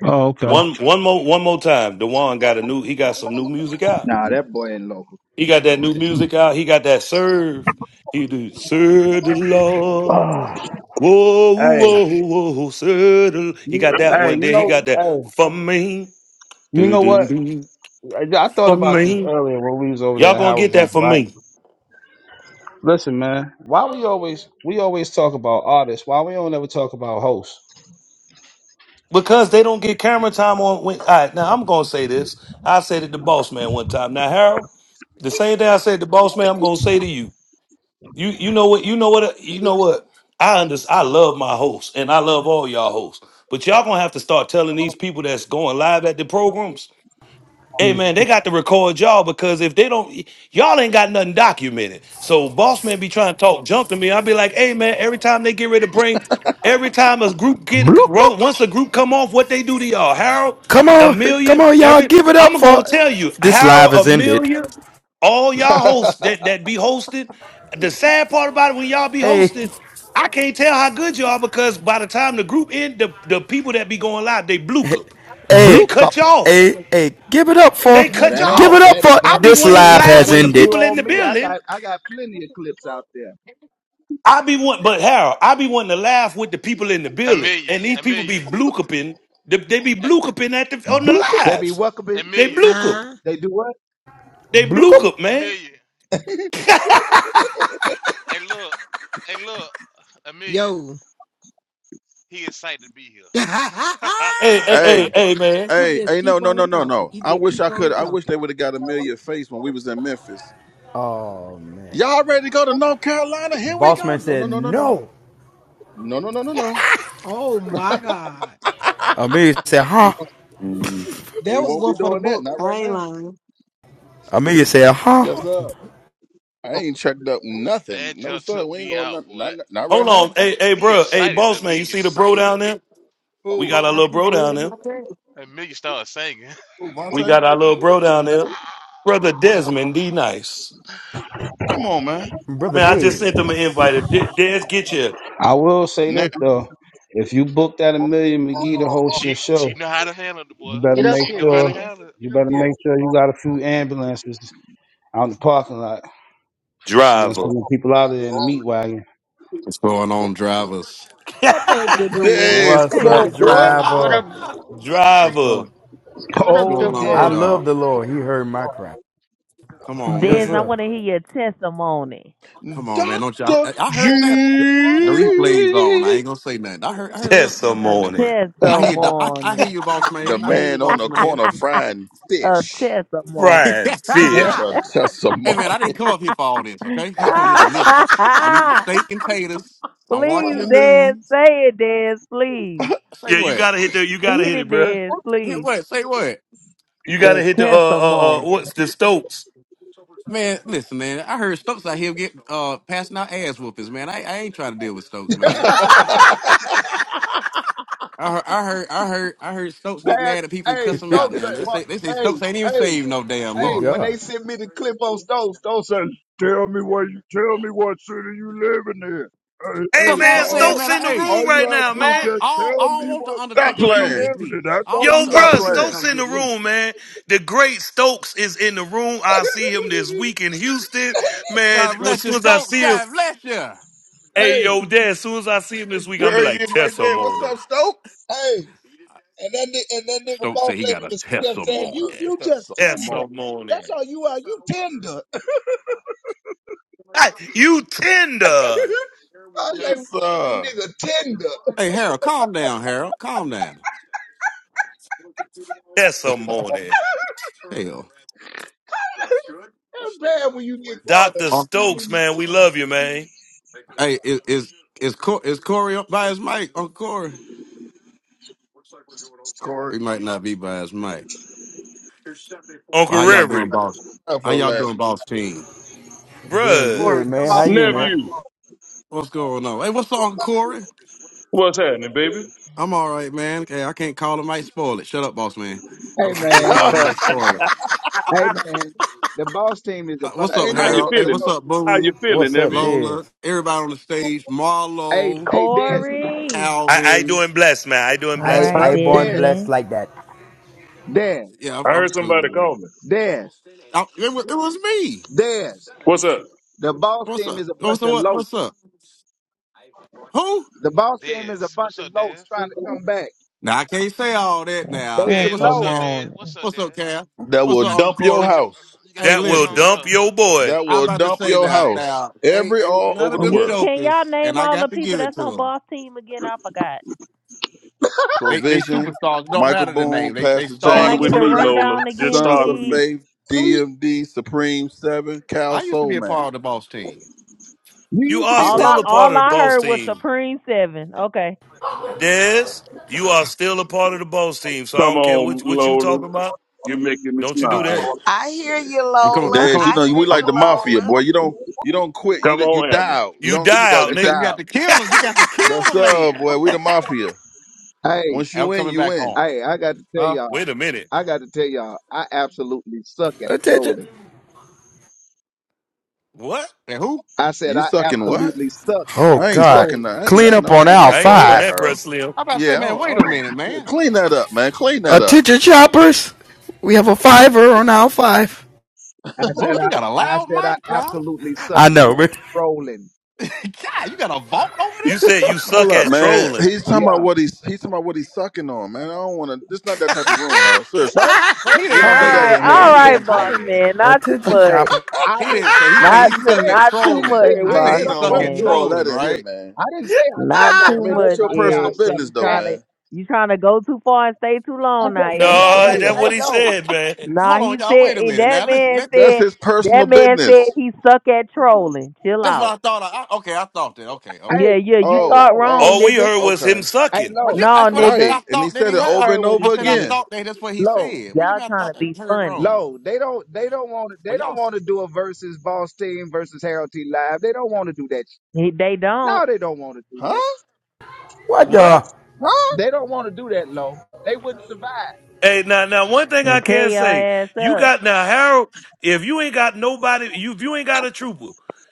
Speaker 24: Oh, okay.
Speaker 3: One one more one more time. Dewan got a new he got some new music out.
Speaker 21: nah, that boy ain't local.
Speaker 3: He got that new music out. He got that serve. He do serve the Lord.
Speaker 24: Oh,
Speaker 3: Whoa,
Speaker 24: hey.
Speaker 3: whoa, whoa, settle. He
Speaker 24: You-
Speaker 3: got that
Speaker 24: Hey,
Speaker 3: one.
Speaker 24: you
Speaker 3: Then he
Speaker 24: know,
Speaker 3: got that
Speaker 24: hey.
Speaker 3: for me.
Speaker 24: You
Speaker 3: Do,
Speaker 24: know what?
Speaker 3: do, do.
Speaker 24: I, I thought
Speaker 3: For
Speaker 24: about this
Speaker 3: me.
Speaker 24: earlier when we was over there
Speaker 3: Y'all
Speaker 24: at
Speaker 3: gonna
Speaker 24: Howard
Speaker 3: get
Speaker 24: Room,
Speaker 3: that for
Speaker 24: right?
Speaker 3: me.
Speaker 24: Listen, man, why we always we always talk about artists, why we don't ever talk about hosts?
Speaker 3: Because they don't get camera time on when all right, now I'm gonna say this. I said it to boss man one time. Now, Harold, the same thing I said to boss man, I'm gonna say to you. You you know what, you know what, you know what? I under, I love my hosts and I love all y'all hosts. But y'all gonna have to start telling these people that's going live at the programs Hey man, they got to record y'all because if they don't, y'all ain't got nothing documented. So boss man be trying to talk junk to me. I'll be like, hey man, every time they get ready to bring, every time a group get
Speaker 22: Blook up,
Speaker 3: ro- once a group come off, what they do to y'all? Harold,
Speaker 1: Come on, come
Speaker 3: Amelia,
Speaker 1: on, y'all,
Speaker 3: every
Speaker 1: give it up
Speaker 3: I'm gonna
Speaker 1: for
Speaker 3: tell you,
Speaker 1: this
Speaker 3: Harold,
Speaker 1: live has ended.
Speaker 3: Amelia, all y'all hosts that that be hosted. The sad part about it when y'all be
Speaker 1: Hey,
Speaker 3: hosted, I can't tell how good y'all because by the time the group end, the, the people that be going live, they blue up.
Speaker 1: Hey,
Speaker 3: They
Speaker 22: blook up.
Speaker 3: cut you off.
Speaker 1: hey, hey, give it up for,
Speaker 3: They
Speaker 21: Nah,
Speaker 3: cut you
Speaker 21: that ain't
Speaker 1: give it
Speaker 3: off.
Speaker 1: up
Speaker 21: that
Speaker 1: for
Speaker 3: I'll
Speaker 21: that
Speaker 3: be
Speaker 1: this
Speaker 21: that
Speaker 3: wanting to
Speaker 1: live
Speaker 21: ain't
Speaker 3: laugh
Speaker 21: that
Speaker 1: has
Speaker 3: with the
Speaker 21: ain't true
Speaker 1: ended.
Speaker 3: people in the
Speaker 21: on me. I
Speaker 3: building.
Speaker 21: got I got plenty of clips out there.
Speaker 3: i be one, but Harold, i be wanting to laugh with the people in the building. And
Speaker 16: Amelia,
Speaker 3: these people
Speaker 16: Amelia,
Speaker 3: be blue cupping. They they be blue
Speaker 16: A-
Speaker 3: cupping at the on the
Speaker 2: Bloop.
Speaker 21: They be
Speaker 3: lives.
Speaker 21: welcoming.
Speaker 3: They
Speaker 16: Amelia,
Speaker 3: blue cup.
Speaker 11: Uh
Speaker 21: They do what?
Speaker 3: They blue
Speaker 1: Bloop
Speaker 3: cup, man.
Speaker 16: Amelia. Hey, look, hey, look, Amelia.
Speaker 11: yo.
Speaker 16: He excited to be here.
Speaker 3: Hey, hey, hey,
Speaker 16: that
Speaker 2: hey,
Speaker 3: hey, man.
Speaker 11: You
Speaker 2: hey,
Speaker 11: just
Speaker 2: hey, no,
Speaker 11: keep
Speaker 2: no, no,
Speaker 11: on
Speaker 2: no,
Speaker 11: talking.
Speaker 2: no.
Speaker 11: You
Speaker 2: I
Speaker 11: just
Speaker 2: wish
Speaker 11: keep
Speaker 2: I could
Speaker 11: on
Speaker 2: I wish
Speaker 11: talking.
Speaker 2: they would have got Amelia face when we was in Memphis. Y'all ready to go to North Carolina? Here we
Speaker 1: Boss
Speaker 2: go.
Speaker 1: man
Speaker 2: No, no,
Speaker 1: said,
Speaker 2: no, no, no.
Speaker 1: no.
Speaker 2: No, no, no, no, no.
Speaker 11: Oh my God.
Speaker 1: Amelia said, huh?
Speaker 2: We
Speaker 11: That was
Speaker 2: won't be
Speaker 11: one for the
Speaker 2: doing that,
Speaker 11: book.
Speaker 2: not
Speaker 11: I
Speaker 2: right
Speaker 11: ain't
Speaker 2: now.
Speaker 11: lying.
Speaker 1: Amelia said, huh?
Speaker 2: Yes, sir. I ain't checked up nothing. No
Speaker 16: jump
Speaker 2: sir,
Speaker 16: took
Speaker 2: we ain't
Speaker 16: me
Speaker 2: going
Speaker 16: out,
Speaker 2: nothing.
Speaker 16: boy.
Speaker 2: Not not right
Speaker 3: Hold on.
Speaker 2: now.
Speaker 3: Hey, hey,
Speaker 16: He
Speaker 3: bro. Hey,
Speaker 16: excited to
Speaker 3: boss man,
Speaker 16: be
Speaker 3: you
Speaker 16: here.
Speaker 3: see the bro down there? We
Speaker 2: Who?
Speaker 3: got our
Speaker 11: I
Speaker 3: little
Speaker 11: be
Speaker 3: bro
Speaker 11: dead
Speaker 3: down
Speaker 11: in
Speaker 3: there.
Speaker 11: my bed.
Speaker 16: Amelia started singing.
Speaker 2: Who
Speaker 3: We
Speaker 2: Vontae?
Speaker 3: got our little bro down there. Brother
Speaker 2: Who?
Speaker 3: Desmond D Nice.
Speaker 2: Come on, man.
Speaker 1: Brother
Speaker 3: Man, I just sent him an
Speaker 1: Dez.
Speaker 3: invite. If De- Des get your
Speaker 24: I will say
Speaker 2: Now,
Speaker 24: this though, if you booked at a million McGee to host your
Speaker 16: she
Speaker 24: show,
Speaker 16: she know how to handle the boy.
Speaker 24: you better
Speaker 25: Get up
Speaker 24: make
Speaker 16: She
Speaker 25: here,
Speaker 16: know how to
Speaker 24: sure
Speaker 25: Dez.
Speaker 16: handle it.
Speaker 24: you
Speaker 25: Get up
Speaker 24: better
Speaker 25: here.
Speaker 24: make sure you got a few ambulances out in the parking lot. Cause she gonna
Speaker 3: driver.
Speaker 24: send them people out there in the meat wagon.
Speaker 26: What's going on, drivers?
Speaker 11: What thank you doing?
Speaker 2: yes,
Speaker 1: What's
Speaker 2: come
Speaker 11: Thank you,
Speaker 1: up,
Speaker 2: on, boy.
Speaker 25: What
Speaker 11: doing.
Speaker 1: driver?
Speaker 25: up?
Speaker 26: What's
Speaker 3: driver.
Speaker 26: going?
Speaker 25: What
Speaker 26: What's
Speaker 25: up,
Speaker 24: Oh
Speaker 26: going on with
Speaker 1: I
Speaker 25: DeLon?
Speaker 24: Desmond.
Speaker 1: love
Speaker 26: y'all?
Speaker 1: the Lord. He heard my cry.
Speaker 26: Come on,
Speaker 1: Yes,
Speaker 15: Dez. I
Speaker 26: man.
Speaker 1: sir.
Speaker 15: want to hear your testimony.
Speaker 26: Come on, man. Don't y'all?
Speaker 2: Doctor
Speaker 26: I, I heard that the replays on. I
Speaker 2: G,
Speaker 26: ain't gonna say nothing. I heard. I heard. Look, never
Speaker 15: A
Speaker 26: mind. Never
Speaker 3: testimony,
Speaker 26: mind. I hear. the- I, I hear
Speaker 15: testimony.
Speaker 26: you, boss
Speaker 2: the
Speaker 26: man. I hear you,
Speaker 2: man on
Speaker 26: boss
Speaker 2: the
Speaker 26: man.
Speaker 2: corner frying
Speaker 15: A
Speaker 2: fish,
Speaker 26: hey,
Speaker 15: testimony.
Speaker 3: fried
Speaker 2: got
Speaker 3: fish.
Speaker 2: a
Speaker 26: man.
Speaker 2: testimony.
Speaker 26: I didn't come up here for all this. Okay, I'm come here to listen. I'm eating steak and taters. I'm
Speaker 15: Please,
Speaker 26: watching the
Speaker 15: Dad,
Speaker 26: news.
Speaker 15: say it, Dad, please.
Speaker 26: Say
Speaker 3: Yeah, you
Speaker 26: what?
Speaker 3: gotta hit the, you gotta
Speaker 15: Hit
Speaker 3: hit it,
Speaker 15: it,
Speaker 3: bruh.
Speaker 15: Dad,
Speaker 26: Hit
Speaker 15: please.
Speaker 26: what? Say what?
Speaker 3: You gotta
Speaker 15: That
Speaker 3: hit the, uh, uh, uh,
Speaker 15: testimony.
Speaker 3: what's the Stokes?
Speaker 26: Man, listen, man. I heard Stokes out here get uh passing out ass whoopings, man. I, I ain't trying to deal with Stokes, man.
Speaker 21: Pat,
Speaker 26: I heard, I heard, I heard, I heard Stokes get mad at people and
Speaker 21: hey,
Speaker 26: cuss him out.
Speaker 21: Stokes, uh,
Speaker 26: Now they say, they say
Speaker 21: fu- hey,
Speaker 26: Stokes ain't even
Speaker 21: hey,
Speaker 26: saved no damn
Speaker 1: Good
Speaker 21: hey,
Speaker 26: more.
Speaker 21: when they
Speaker 1: God.
Speaker 21: sent me the clip on Stokes, Stokes said, tell me where you, tell me what city you living in. Hey,
Speaker 3: Hey,
Speaker 21: hey,
Speaker 26: That's what I'm
Speaker 3: man,
Speaker 26: saying,
Speaker 21: dog,
Speaker 3: Stokes
Speaker 26: man. I,
Speaker 3: in the
Speaker 26: hey,
Speaker 21: all
Speaker 3: room right
Speaker 21: you have
Speaker 3: now,
Speaker 21: to do is
Speaker 26: I don't,
Speaker 3: man.
Speaker 21: just
Speaker 26: I don't, I
Speaker 21: tell me
Speaker 26: don't want the
Speaker 21: what
Speaker 2: Stop
Speaker 26: Undertaker
Speaker 21: city
Speaker 26: to
Speaker 21: you
Speaker 26: come get
Speaker 2: playing.
Speaker 21: living
Speaker 26: me.
Speaker 21: in. That's
Speaker 26: I
Speaker 21: all
Speaker 26: don't want
Speaker 3: Yo,
Speaker 26: the
Speaker 21: you
Speaker 2: Stop
Speaker 3: bruh,
Speaker 21: have
Speaker 26: Undertaker
Speaker 21: to
Speaker 26: to
Speaker 2: playing.
Speaker 3: Stokes
Speaker 26: come
Speaker 3: in the
Speaker 26: get me.
Speaker 3: room, man. The great Stokes is in the room. I see him this
Speaker 21: do.
Speaker 3: week in Houston, man.
Speaker 26: God
Speaker 3: As
Speaker 26: bless you,
Speaker 3: soon as I
Speaker 26: Stokes.
Speaker 3: see him,
Speaker 26: God bless you.
Speaker 3: hey, yo,
Speaker 21: hey,
Speaker 3: Dad, as soon as I see him this week, I'm gonna be
Speaker 2: There he
Speaker 3: like,
Speaker 2: is, right there. What's
Speaker 3: testimony,
Speaker 2: up, Stoke?
Speaker 21: hey, and that, ni- and that nigga
Speaker 26: Stokes
Speaker 21: boss
Speaker 26: said he
Speaker 21: lady
Speaker 26: got a
Speaker 21: was kept saying,
Speaker 26: testimony.
Speaker 2: A
Speaker 21: you, you just tender.
Speaker 2: testimony.
Speaker 3: testimony.
Speaker 21: That's all you are. You tender. I
Speaker 3: Hey, You tender
Speaker 21: was like, "God,
Speaker 2: Yes, sir.
Speaker 21: that nigga tender.
Speaker 26: Hey, Harold, calm down, Harold. Calm down.
Speaker 3: testimony.
Speaker 26: Hell.
Speaker 21: It's bad when you get called up.
Speaker 3: Dr.
Speaker 26: Uh,
Speaker 3: Stokes, man, we love you, man.
Speaker 26: hey, is is is, Cor- is Corey up by his mic? Uncle Corey. we He
Speaker 2: Corey,
Speaker 26: might not be by his mic. But
Speaker 3: Uncle
Speaker 2: he
Speaker 26: how
Speaker 2: been
Speaker 26: y'all doing,
Speaker 3: Reverie,
Speaker 26: boss?
Speaker 2: quiet
Speaker 26: How
Speaker 2: for
Speaker 26: y'all
Speaker 2: the
Speaker 26: doing, boss team?
Speaker 1: Doing good,
Speaker 25: Corey,
Speaker 3: bruh.
Speaker 25: come
Speaker 1: man. How
Speaker 25: off
Speaker 1: you,
Speaker 25: the
Speaker 1: man?
Speaker 19: Nephew,
Speaker 25: mic.
Speaker 26: What's going on? Hey, what's up, Uncle Corey?
Speaker 19: what's happening, baby?
Speaker 26: I'm all right, man. Okay, I can't call him. Might spoil it. Shut up, boss man.
Speaker 21: Hey
Speaker 26: I'm, I
Speaker 21: man,
Speaker 26: can't call him.
Speaker 19: Huh?
Speaker 2: last.
Speaker 26: Might spoil it.
Speaker 21: hey man, the boss team is a
Speaker 26: Uh, what's
Speaker 21: bunch
Speaker 2: I
Speaker 21: of
Speaker 26: up,
Speaker 2: ain't
Speaker 19: How
Speaker 2: even
Speaker 19: you
Speaker 21: low.
Speaker 26: Harold?
Speaker 2: get
Speaker 26: Hey,
Speaker 2: it
Speaker 19: feeling?
Speaker 26: what's
Speaker 2: out.
Speaker 26: up,
Speaker 19: How you
Speaker 26: Boone,
Speaker 19: feeling,
Speaker 1: What's up,
Speaker 19: nephew?
Speaker 1: Dez?
Speaker 26: Lola, everybody on the stage,
Speaker 21: Hey,
Speaker 26: Marlo,
Speaker 21: hey, Des,
Speaker 15: Corey.
Speaker 3: I, I
Speaker 26: Alvin.
Speaker 3: doing blessed, man. I doing
Speaker 15: All
Speaker 1: I
Speaker 3: blessed,
Speaker 15: right,
Speaker 19: Huh?
Speaker 3: man.
Speaker 1: I born
Speaker 21: Des,
Speaker 1: blessed
Speaker 15: Desmond.
Speaker 1: like that.
Speaker 21: Des,
Speaker 26: Yeah, I'm,
Speaker 19: I
Speaker 26: I'm
Speaker 19: heard
Speaker 26: cool,
Speaker 19: somebody
Speaker 26: man.
Speaker 19: call me.
Speaker 21: Des,
Speaker 26: I, it, was, it was me.
Speaker 21: Des.
Speaker 19: What's up?
Speaker 21: The boss
Speaker 26: What's
Speaker 21: team
Speaker 26: up?
Speaker 21: is a bunch
Speaker 26: What's up?
Speaker 21: of
Speaker 26: What? What's
Speaker 21: loafs.
Speaker 26: up? Who?
Speaker 21: The boss team is a
Speaker 16: Dez,
Speaker 21: bunch
Speaker 16: what's
Speaker 21: of
Speaker 16: up,
Speaker 21: loafs
Speaker 16: Dez?
Speaker 21: trying to come back.
Speaker 26: Now I can't say all that now.
Speaker 21: They
Speaker 26: Hey,
Speaker 21: some
Speaker 16: Dez,
Speaker 26: what's
Speaker 16: what's
Speaker 26: up,
Speaker 16: up,
Speaker 21: loafs.
Speaker 26: Cal?
Speaker 16: Dez?
Speaker 15: Testimony.
Speaker 16: What's up,
Speaker 26: What's up,
Speaker 16: Dez?
Speaker 26: Cal?
Speaker 2: That
Speaker 26: What's
Speaker 2: will
Speaker 16: You
Speaker 26: up,
Speaker 16: got your
Speaker 26: Uncle
Speaker 2: dump
Speaker 16: you
Speaker 2: your
Speaker 26: Corey?
Speaker 16: got your
Speaker 2: house.
Speaker 16: you got
Speaker 26: Hey,
Speaker 16: your
Speaker 3: That
Speaker 16: boots
Speaker 3: will
Speaker 16: on,
Speaker 26: listen,
Speaker 3: dump
Speaker 16: bro.
Speaker 3: your boy.
Speaker 2: That
Speaker 26: I'm
Speaker 2: will
Speaker 26: about to
Speaker 2: dump
Speaker 26: say
Speaker 2: your
Speaker 26: that
Speaker 2: house.
Speaker 26: now. Ain't
Speaker 2: Every
Speaker 26: ain't
Speaker 2: all
Speaker 26: none
Speaker 2: over
Speaker 26: of
Speaker 2: the
Speaker 26: them
Speaker 15: Get-
Speaker 2: world.
Speaker 15: Can
Speaker 26: jokers,
Speaker 15: y'all
Speaker 26: and
Speaker 15: name
Speaker 26: I
Speaker 15: all the
Speaker 26: got to
Speaker 15: people
Speaker 26: give it
Speaker 15: that's
Speaker 26: to
Speaker 15: on
Speaker 26: them.
Speaker 15: boss team again? I forgot.
Speaker 26: They they
Speaker 2: Provision,
Speaker 26: superstars. Don't
Speaker 2: Michael
Speaker 26: matter the
Speaker 2: Boone,
Speaker 26: name. They they
Speaker 2: Pastor
Speaker 15: Can I
Speaker 19: Start
Speaker 2: James
Speaker 19: with
Speaker 15: get
Speaker 26: stars.
Speaker 15: the
Speaker 19: me,
Speaker 2: Hillian,
Speaker 19: Lola.
Speaker 15: rundown
Speaker 19: Just
Speaker 15: again,
Speaker 2: Sons
Speaker 19: start
Speaker 2: of
Speaker 19: with me.
Speaker 15: please?
Speaker 2: Faith,
Speaker 21: See,
Speaker 2: DMD, Supreme Seven, Cal
Speaker 26: I used to
Speaker 2: Soul
Speaker 26: be a
Speaker 2: Man.
Speaker 26: part of the boss team.
Speaker 21: you
Speaker 3: You
Speaker 21: used to
Speaker 3: are
Speaker 21: be
Speaker 15: All
Speaker 2: Wait,
Speaker 15: I
Speaker 3: still
Speaker 21: part of
Speaker 3: a
Speaker 21: the
Speaker 3: part
Speaker 21: boss
Speaker 15: all
Speaker 3: of the
Speaker 15: I
Speaker 21: team.
Speaker 3: boss
Speaker 15: heard was
Speaker 3: team.
Speaker 15: Supreme Seven. Okay.
Speaker 3: Des, you are still a part of the boss team. So I
Speaker 19: Come
Speaker 3: don't care
Speaker 19: on,
Speaker 3: what what you
Speaker 19: Lola.
Speaker 3: talking about.
Speaker 19: You're making me
Speaker 3: Don't you do
Speaker 19: smile.
Speaker 26: Okay,
Speaker 3: that.
Speaker 4: I hear you,
Speaker 26: I'm coming. I'm
Speaker 4: Lola.
Speaker 2: Dez, you
Speaker 4: I
Speaker 26: coming.
Speaker 2: know
Speaker 4: hear
Speaker 2: we
Speaker 26: I'm,
Speaker 2: like
Speaker 4: you,
Speaker 2: the mafia,
Speaker 4: Lola.
Speaker 2: boy. You don't you don't quit. You
Speaker 19: Come
Speaker 2: you
Speaker 19: on, Amber.
Speaker 2: die out. You
Speaker 3: You
Speaker 2: don't leave
Speaker 3: die
Speaker 2: out.
Speaker 3: out,
Speaker 26: they
Speaker 2: You
Speaker 26: say
Speaker 2: die
Speaker 3: nigga.
Speaker 26: you got
Speaker 2: out.
Speaker 26: to kill them. You got to kill
Speaker 2: That's
Speaker 26: the
Speaker 2: up,
Speaker 26: man.
Speaker 2: boy. We the mafia.
Speaker 21: Hey,
Speaker 2: Once you
Speaker 26: I'm
Speaker 2: win,
Speaker 26: coming
Speaker 2: you
Speaker 26: back
Speaker 2: win.
Speaker 26: home.
Speaker 21: hey, I got to tell
Speaker 26: Huh?
Speaker 21: y'all,
Speaker 3: Wait a minute.
Speaker 21: I got to tell y'all, I absolutely suck at
Speaker 1: Attention.
Speaker 21: trolling.
Speaker 3: What?
Speaker 26: And who?
Speaker 21: I said
Speaker 2: You
Speaker 21: I
Speaker 2: sucking what?
Speaker 21: absolutely suck at
Speaker 1: Oh,
Speaker 2: I ain't
Speaker 1: God.
Speaker 2: sucking.
Speaker 21: trolling.
Speaker 2: nothing. I ain't. I
Speaker 1: Clean
Speaker 2: ain't.
Speaker 1: up
Speaker 2: no, I
Speaker 1: on
Speaker 2: ain't
Speaker 1: aisle
Speaker 3: I
Speaker 2: into
Speaker 3: ain't
Speaker 2: all
Speaker 3: doing
Speaker 2: that,
Speaker 1: five.
Speaker 3: that,
Speaker 2: Harold.
Speaker 3: bruh Slim.
Speaker 26: I about to say,
Speaker 2: Yeah, I
Speaker 26: man.
Speaker 2: don't, I
Speaker 26: Wait a
Speaker 2: don't-
Speaker 26: minute,
Speaker 2: yeah,
Speaker 26: man.
Speaker 2: clean that up, man. Clean that up.
Speaker 1: Attention, shoppers. We have a fiver on aisle five.
Speaker 21: I
Speaker 26: Boy,
Speaker 21: said
Speaker 26: you got a
Speaker 21: I, I
Speaker 26: loud
Speaker 21: said I
Speaker 26: mic, bro.
Speaker 21: absolutely suck
Speaker 1: I know,
Speaker 21: at
Speaker 1: man.
Speaker 21: trolling.
Speaker 26: God, you got a vault over
Speaker 3: You said
Speaker 26: there?
Speaker 3: you
Speaker 2: Hold
Speaker 3: suck
Speaker 2: up,
Speaker 3: at
Speaker 2: man.
Speaker 3: trolling.
Speaker 2: He's talking about
Speaker 21: Yeah.
Speaker 2: what he's he's talking about what he's sucking on, man. I don't want to. This not that type of room, Harold. Seriously,
Speaker 21: First first
Speaker 26: He
Speaker 21: of
Speaker 2: we
Speaker 26: didn't
Speaker 2: don't
Speaker 21: all,
Speaker 15: All
Speaker 2: do
Speaker 26: say
Speaker 2: that
Speaker 15: right,
Speaker 2: in
Speaker 26: that,
Speaker 21: I
Speaker 2: here.
Speaker 15: all
Speaker 21: didn't
Speaker 26: man. He
Speaker 21: say
Speaker 15: right,
Speaker 26: didn't
Speaker 21: I
Speaker 26: say
Speaker 15: boss
Speaker 21: didn't
Speaker 26: that.
Speaker 15: man. Not too
Speaker 1: Attention,
Speaker 15: much.
Speaker 1: shopper.
Speaker 21: I
Speaker 26: He
Speaker 21: did
Speaker 26: didn't say. He
Speaker 21: I
Speaker 26: said
Speaker 15: Not
Speaker 26: he
Speaker 21: didn't
Speaker 15: too,
Speaker 26: suck
Speaker 21: say
Speaker 26: at
Speaker 15: not
Speaker 21: I
Speaker 15: too
Speaker 21: didn't say
Speaker 26: trolling.
Speaker 15: much,
Speaker 2: Yeah,
Speaker 26: He
Speaker 21: I
Speaker 2: we ain't
Speaker 26: said
Speaker 15: boss
Speaker 26: he
Speaker 2: in
Speaker 21: suck
Speaker 2: on. We
Speaker 26: suck at
Speaker 2: don't
Speaker 21: on
Speaker 15: man.
Speaker 2: do all that
Speaker 21: nothing.
Speaker 26: trolling.
Speaker 2: in here,
Speaker 26: Right?
Speaker 2: man.
Speaker 21: I didn't say I
Speaker 15: Not
Speaker 21: suck on
Speaker 2: I
Speaker 15: too
Speaker 2: mean, that's
Speaker 21: nothing.
Speaker 15: much,
Speaker 2: your
Speaker 21: I said I
Speaker 2: personal
Speaker 15: Eric, because
Speaker 21: suck
Speaker 2: business,
Speaker 15: you
Speaker 2: though,
Speaker 21: at
Speaker 15: trying to
Speaker 2: man.
Speaker 15: you trying to go too far and stay too long
Speaker 21: that's, a-
Speaker 15: now,
Speaker 21: that's
Speaker 26: You
Speaker 15: Eric.
Speaker 21: all
Speaker 3: No,
Speaker 26: you
Speaker 21: right.
Speaker 3: that's
Speaker 15: Chill.
Speaker 3: what
Speaker 21: Hey
Speaker 3: he
Speaker 21: low.
Speaker 3: said, man.
Speaker 15: Nah,
Speaker 26: hold
Speaker 15: he
Speaker 26: on, y'all.
Speaker 15: said
Speaker 26: Wait a
Speaker 15: eh,
Speaker 26: minute
Speaker 15: that
Speaker 26: now. Listen,
Speaker 15: man
Speaker 26: let
Speaker 2: That's
Speaker 15: said
Speaker 2: his personal
Speaker 15: that man said
Speaker 2: business.
Speaker 15: he suck at trolling. Chill
Speaker 26: that's what
Speaker 15: out.
Speaker 26: I thought. I, I- okay, I thought that. Okay, okay,
Speaker 21: Hey,
Speaker 15: Yeah,
Speaker 26: okay.
Speaker 15: yeah, you
Speaker 21: hey
Speaker 15: thought
Speaker 2: Oh,
Speaker 21: low.
Speaker 15: wrong,
Speaker 3: All
Speaker 2: oh,
Speaker 3: we
Speaker 15: nigga.
Speaker 3: heard was him
Speaker 2: okay,
Speaker 21: Hey
Speaker 3: sucking.
Speaker 26: What
Speaker 21: low.
Speaker 26: you?
Speaker 15: No,
Speaker 26: That's what I said.
Speaker 2: right.
Speaker 15: nigga,
Speaker 26: I
Speaker 2: And he
Speaker 26: thought that
Speaker 2: said
Speaker 26: he
Speaker 2: it
Speaker 15: you
Speaker 26: heard. I,
Speaker 2: over
Speaker 15: heard
Speaker 2: and
Speaker 15: what
Speaker 26: I
Speaker 15: he
Speaker 2: over
Speaker 26: said I
Speaker 15: said.
Speaker 2: again.
Speaker 26: thought that. That's what he
Speaker 21: Low.
Speaker 26: said. What you
Speaker 15: Y'all
Speaker 26: mean? I
Speaker 15: trying
Speaker 26: thought
Speaker 15: to
Speaker 26: that
Speaker 15: be
Speaker 26: heard
Speaker 15: funny.
Speaker 26: wrong.
Speaker 21: Low. They don't they don't want to they
Speaker 26: Well,
Speaker 21: don't
Speaker 26: y'all,
Speaker 21: want to do a versus Boss Team versus Harold T Live. They don't want to do that. sh-
Speaker 15: He- They don't
Speaker 21: No, they don't want to do
Speaker 2: Huh?
Speaker 21: that.
Speaker 1: What
Speaker 3: What?
Speaker 1: the?
Speaker 2: Huh?
Speaker 21: They don't want to do that low. They wouldn't survive.
Speaker 3: Hey, now, now, one thing I
Speaker 15: and
Speaker 3: can
Speaker 15: tear
Speaker 3: say,
Speaker 15: all ass
Speaker 3: you
Speaker 15: up.
Speaker 3: got now Harold. If you ain't got nobody, you if you ain't got a trooper,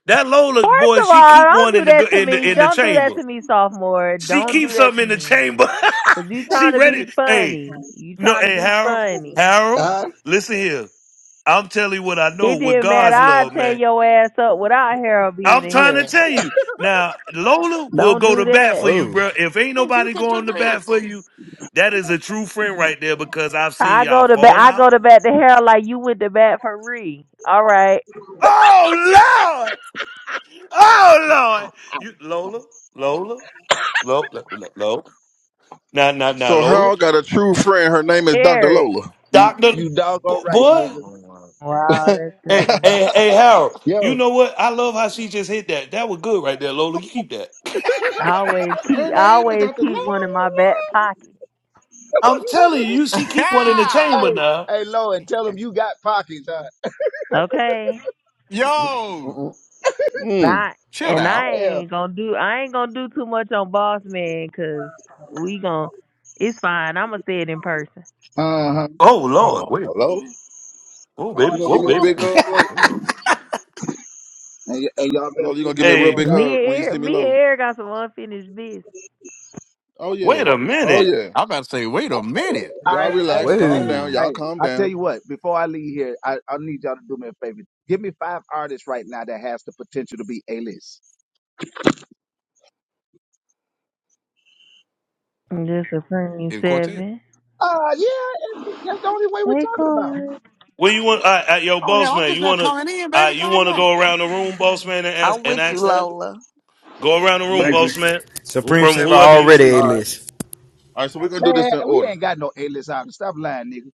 Speaker 3: that Lola boy,
Speaker 15: First of
Speaker 3: she
Speaker 15: all,
Speaker 3: keep
Speaker 15: don't
Speaker 3: one in
Speaker 15: do
Speaker 3: the gu-
Speaker 15: that to
Speaker 3: in the
Speaker 15: me.
Speaker 3: in the
Speaker 15: Don't do that
Speaker 3: chamber.
Speaker 15: to me, sophomore.
Speaker 3: She
Speaker 15: Don't do
Speaker 3: keeps
Speaker 15: that
Speaker 3: something
Speaker 15: to
Speaker 3: in the
Speaker 15: me.
Speaker 3: chamber.
Speaker 15: Cause you
Speaker 3: she
Speaker 15: trying to be
Speaker 3: ready. Hey,
Speaker 15: funny. You
Speaker 3: no,
Speaker 15: trying to
Speaker 3: hey
Speaker 15: be
Speaker 3: Harold,
Speaker 15: funny.
Speaker 3: Harold,
Speaker 21: Huh?
Speaker 3: listen here. I'm telling you what I know
Speaker 15: It
Speaker 3: with
Speaker 15: didn't matter.
Speaker 3: God's
Speaker 15: I
Speaker 3: love,
Speaker 15: tear your ass up without Harold being
Speaker 3: I'm
Speaker 15: in
Speaker 3: trying to
Speaker 15: here.
Speaker 3: tell you. Now, Lola will
Speaker 15: Don't
Speaker 3: go
Speaker 15: do
Speaker 3: to bat
Speaker 15: that.
Speaker 3: for you,
Speaker 1: Whoa.
Speaker 3: bro. If ain't
Speaker 26: James, you
Speaker 3: nobody
Speaker 26: cut your
Speaker 3: going to bat
Speaker 26: dreads.
Speaker 3: for you, that is a true friend right there because I've seen
Speaker 15: I
Speaker 3: y'all
Speaker 15: go to bat.
Speaker 3: fall
Speaker 15: I go
Speaker 3: out.
Speaker 15: to bat to Harold like you went to bat for Ree. All right,
Speaker 3: Oh Lord. Oh Lord. You Lola, Lola, Lola, Lola. Now, now, now,
Speaker 2: So
Speaker 3: Lola.
Speaker 2: Harold got a true friend. Her name is Dr.
Speaker 15: Eric.
Speaker 2: Lola.
Speaker 3: Doctor
Speaker 21: You doggone right,
Speaker 3: boy.
Speaker 21: nigga.
Speaker 26: Oh, my.
Speaker 15: Wow, that's
Speaker 3: Hey,
Speaker 15: crazy.
Speaker 3: hey, hey, Harold. You
Speaker 21: Yo.
Speaker 3: know what? I love how she just hit that. That was good right there, Lola. You keep that.
Speaker 15: I always
Speaker 2: Her
Speaker 15: keep. I
Speaker 2: name is
Speaker 15: always
Speaker 2: Dr.
Speaker 15: keep
Speaker 26: Hmm.
Speaker 15: one in my
Speaker 2: Lola.
Speaker 15: back pocket.
Speaker 3: I'm telling you, you see keep one in the
Speaker 21: hey,
Speaker 3: chamber now.
Speaker 21: hey, Lord, tell them you got pockets, huh?
Speaker 15: Okay.
Speaker 26: Yo,
Speaker 2: Mm-mm.
Speaker 15: Not.
Speaker 26: chill
Speaker 15: And
Speaker 26: out.
Speaker 15: I
Speaker 21: Yeah.
Speaker 15: ain't gonna do. I ain't gonna do too much on Boss Man, cause we gon' It's fine. I'ma say it in person.
Speaker 21: Uh-huh.
Speaker 3: Oh Lord,
Speaker 2: Oh,
Speaker 3: wait.
Speaker 2: Lola,
Speaker 3: Oh
Speaker 26: Oh
Speaker 2: you
Speaker 3: baby.
Speaker 2: gonna give
Speaker 3: Whoa,
Speaker 2: me a
Speaker 3: baby.
Speaker 26: snap!
Speaker 2: big hug, Lola?
Speaker 26: Wait a minute.
Speaker 21: And, y- and y'all better
Speaker 2: Lola, you
Speaker 21: do
Speaker 2: gonna
Speaker 21: my
Speaker 2: give me a real
Speaker 21: girl
Speaker 3: Hey,
Speaker 2: big
Speaker 15: Me and
Speaker 21: right.
Speaker 2: hug when you see
Speaker 15: Eric.
Speaker 2: me,
Speaker 15: Me and
Speaker 2: Lola?
Speaker 15: Eric got some unfinished business.
Speaker 2: Oh yeah,
Speaker 3: wait a
Speaker 2: oh
Speaker 3: minute.
Speaker 2: yeah.
Speaker 26: I'm about to say, wait a minute.
Speaker 21: All
Speaker 2: Y'all
Speaker 21: right,
Speaker 2: relax,
Speaker 21: hey,
Speaker 2: calm
Speaker 21: hey,
Speaker 1: Whoa.
Speaker 2: down. Y'all
Speaker 21: hey.
Speaker 2: calm
Speaker 21: I tell
Speaker 2: down.
Speaker 21: you what, before I leave here, I, I need y'all to do me a favor. Give me five artists right now that has the potential to be A-list.
Speaker 15: Just a premium
Speaker 26: In quartet.
Speaker 15: seven.
Speaker 21: Uh yeah, and we- that's the only way we're
Speaker 15: Hey,
Speaker 21: talking about.
Speaker 15: Corey.
Speaker 3: When you want, uh, uh, yo,
Speaker 26: Oh
Speaker 3: boss
Speaker 26: hell, I'm
Speaker 3: man,
Speaker 26: just
Speaker 3: you
Speaker 26: not
Speaker 3: wanna,
Speaker 26: coming in,
Speaker 3: uh,
Speaker 26: baby.
Speaker 3: you
Speaker 26: Calm
Speaker 3: wanna
Speaker 26: down.
Speaker 3: go around the room, boss man, and ask
Speaker 4: I'm
Speaker 3: and
Speaker 4: with you,
Speaker 3: ask that?
Speaker 4: Lola.
Speaker 3: Go around the room,
Speaker 2: Yeah.
Speaker 19: Thank you.
Speaker 3: boss man, who-
Speaker 1: Supreme
Speaker 3: from
Speaker 1: Seven
Speaker 3: whoever you
Speaker 1: already
Speaker 3: see.
Speaker 1: a
Speaker 2: All right.
Speaker 1: list.
Speaker 2: All right. So we're gonna do
Speaker 21: Man,
Speaker 2: this in
Speaker 21: we
Speaker 2: order.
Speaker 21: ain't got no A-list artists. Stop lying, nigga.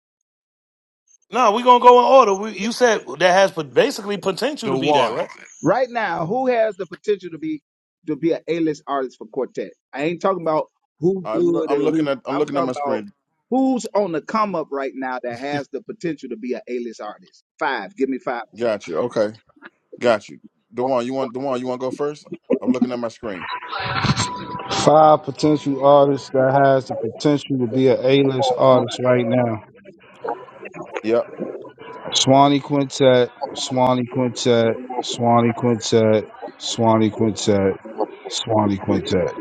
Speaker 3: No, we gonna go in order. We, you said that has pot- basically potential
Speaker 26: The
Speaker 3: to be that,
Speaker 26: one.
Speaker 3: right?
Speaker 21: Right now, who has the potential to be to be an A-list artist for Quartet? I ain't talking about who's
Speaker 2: I'm loo-
Speaker 21: good and
Speaker 2: I'm looking
Speaker 21: who.
Speaker 2: at I'm
Speaker 21: I'm
Speaker 2: looking at
Speaker 21: talking
Speaker 2: my
Speaker 21: about
Speaker 2: screen.
Speaker 21: who's on the come up right now that has the potential to be an A-list artist. Five. Give me five.
Speaker 2: Got you. Okay. Got you. Dewan, you want Dewan, you want to go first? I'm looking at my screen.
Speaker 24: Five potential artists that has the potential to be an A-list artist right now.
Speaker 2: Yep.
Speaker 24: Swanee Quintet, Swanee Quintet, Swanee Quintet, Swanee Quintet, Swanee Quintet.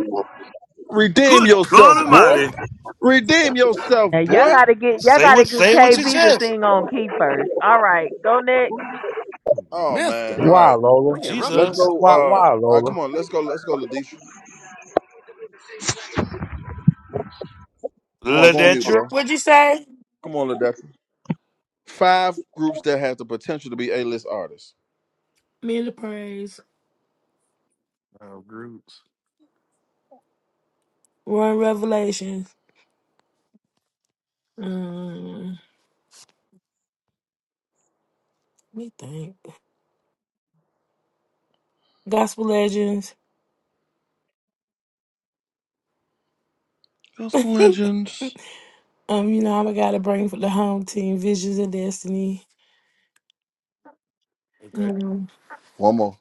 Speaker 2: Redeem
Speaker 3: Good God
Speaker 2: yourself, boy.
Speaker 3: Almighty!
Speaker 2: Redeem yourself,
Speaker 15: Now y'all
Speaker 2: boy.
Speaker 15: gotta get y'all
Speaker 3: Say
Speaker 15: gotta
Speaker 3: what,
Speaker 15: get
Speaker 3: say what you
Speaker 15: KB to
Speaker 3: says.
Speaker 15: sing on key first. All right, go next.
Speaker 2: Oh man.
Speaker 26: Mister,
Speaker 2: All
Speaker 24: Why,
Speaker 2: right.
Speaker 24: Lola?
Speaker 26: they get rough in
Speaker 2: Let's
Speaker 3: Jesus,
Speaker 26: this
Speaker 2: go.
Speaker 24: Why,
Speaker 2: Uh.
Speaker 24: why,
Speaker 2: All right.
Speaker 24: Lola?
Speaker 2: Come on. Let's go. Let's go, Ladisha. Dewan, go on mute,
Speaker 3: Ledetra.
Speaker 2: bro.
Speaker 27: What'd you say?
Speaker 2: Come on, Ladisha. Five groups that have the potential to be A-list artists.
Speaker 27: Me and the praise.
Speaker 26: uh, groups.
Speaker 27: Run Revelations. Um, let me think. Gospel Legends. um,
Speaker 2: Gospel
Speaker 27: you
Speaker 2: Legends.
Speaker 27: know, I am gotta bring for the home team Visions of Destiny.
Speaker 3: Okay.
Speaker 27: Um,
Speaker 2: One more.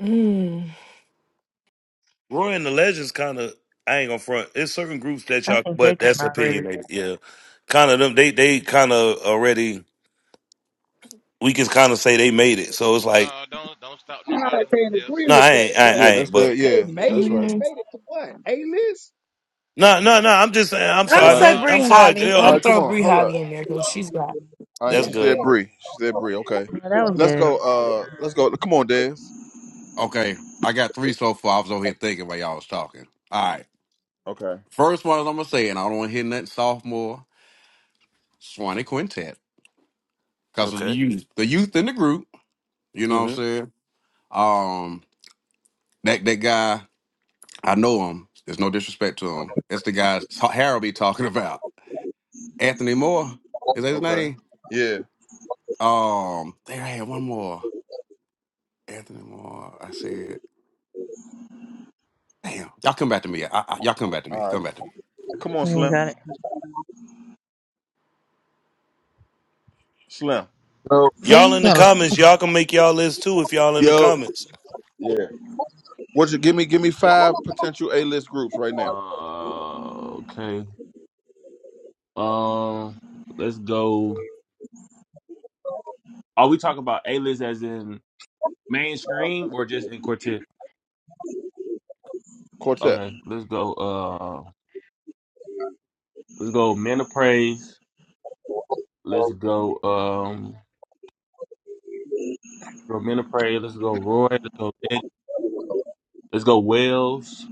Speaker 27: mm,
Speaker 3: Roy and the Legends kind of. I ain't gonna front. It's certain groups that
Speaker 15: I
Speaker 3: y'all,
Speaker 15: think
Speaker 3: but
Speaker 15: they kind
Speaker 3: that's
Speaker 15: of already
Speaker 3: opinionated.
Speaker 15: did.
Speaker 3: Yeah, kind of them. They they kind of already. we can kind of say they made it. So it's like,
Speaker 16: Don't don't don't stop
Speaker 21: Nah, I
Speaker 16: nobody
Speaker 21: can't
Speaker 16: else
Speaker 21: agree
Speaker 3: no,
Speaker 21: with
Speaker 3: I
Speaker 16: saying, man.
Speaker 21: that,
Speaker 3: ain't, I,
Speaker 21: bro.
Speaker 3: I
Speaker 2: Yeah,
Speaker 16: Yeah.
Speaker 2: that's
Speaker 3: ain't. But
Speaker 2: that. Yeah,
Speaker 21: They made
Speaker 2: that's
Speaker 21: it.
Speaker 2: right.
Speaker 27: mm.
Speaker 21: Made it to what? A-list?
Speaker 3: no, no, no. I'm just saying.
Speaker 27: I'm
Speaker 3: I'm
Speaker 27: gonna
Speaker 2: All
Speaker 3: sorry,
Speaker 2: right,
Speaker 27: say
Speaker 3: man.
Speaker 16: No,
Speaker 27: Bree
Speaker 3: I'm
Speaker 16: no, no,
Speaker 3: sorry.
Speaker 27: Holly.
Speaker 16: that,
Speaker 3: Girl.
Speaker 27: I'm
Speaker 2: all
Speaker 16: that,
Speaker 27: gonna
Speaker 3: I'm.
Speaker 2: right. Come
Speaker 27: throw
Speaker 16: that,
Speaker 2: on,
Speaker 27: Bree
Speaker 2: hold up.
Speaker 27: Holly in there
Speaker 16: that,
Speaker 27: because she's
Speaker 16: uh,
Speaker 27: got
Speaker 2: All right,
Speaker 3: That's
Speaker 2: she
Speaker 27: yeah
Speaker 3: good.
Speaker 2: said Bree. She said Bree. Okay,
Speaker 15: No, that was
Speaker 2: let's go.
Speaker 15: good.
Speaker 2: Uh, let's go. Come on, Des.
Speaker 26: Okay, I got three so far. I was over here thinking while y'all was talking. All right,
Speaker 2: Okay.
Speaker 26: first one is I'm gonna say, and I don't want to hit nothing sophomore Swanee Quintet because of the
Speaker 3: Okay.
Speaker 26: youth, the youth in the group. You know what I'm
Speaker 3: hmm
Speaker 26: saying? Um, that that guy. I know him. There's no disrespect to him. That's the guy Harold be talking about. Anthony Moore is that his
Speaker 2: Okay.
Speaker 26: name?
Speaker 2: Yeah.
Speaker 26: Um, there I had one more. Anthony Moore. I said, damn, y'all come back to me. I, I, y'all come back to me.
Speaker 2: All right.
Speaker 26: Come back to me.
Speaker 2: Come on,
Speaker 15: You ain't
Speaker 2: Slim.
Speaker 15: got it.
Speaker 2: Slim.
Speaker 8: Yo,
Speaker 25: Hey,
Speaker 3: Y'all
Speaker 25: you
Speaker 3: in the
Speaker 25: gotta
Speaker 3: comments. Y'all can make y'all list too if y'all in the
Speaker 8: yo,
Speaker 3: comments.
Speaker 2: Yeah. What you give me? Give me five potential A-list groups right now.
Speaker 8: Uh, okay. Um, let's go. Are we talking about A list as in mainstream or just in quartet?
Speaker 2: Quartet.
Speaker 8: Okay, let's go. Uh, let's go. Men of Praise. Let's go. Um, go Men of Praise. Let's go. Roy. Let's go. Nick. Let's go. Wells.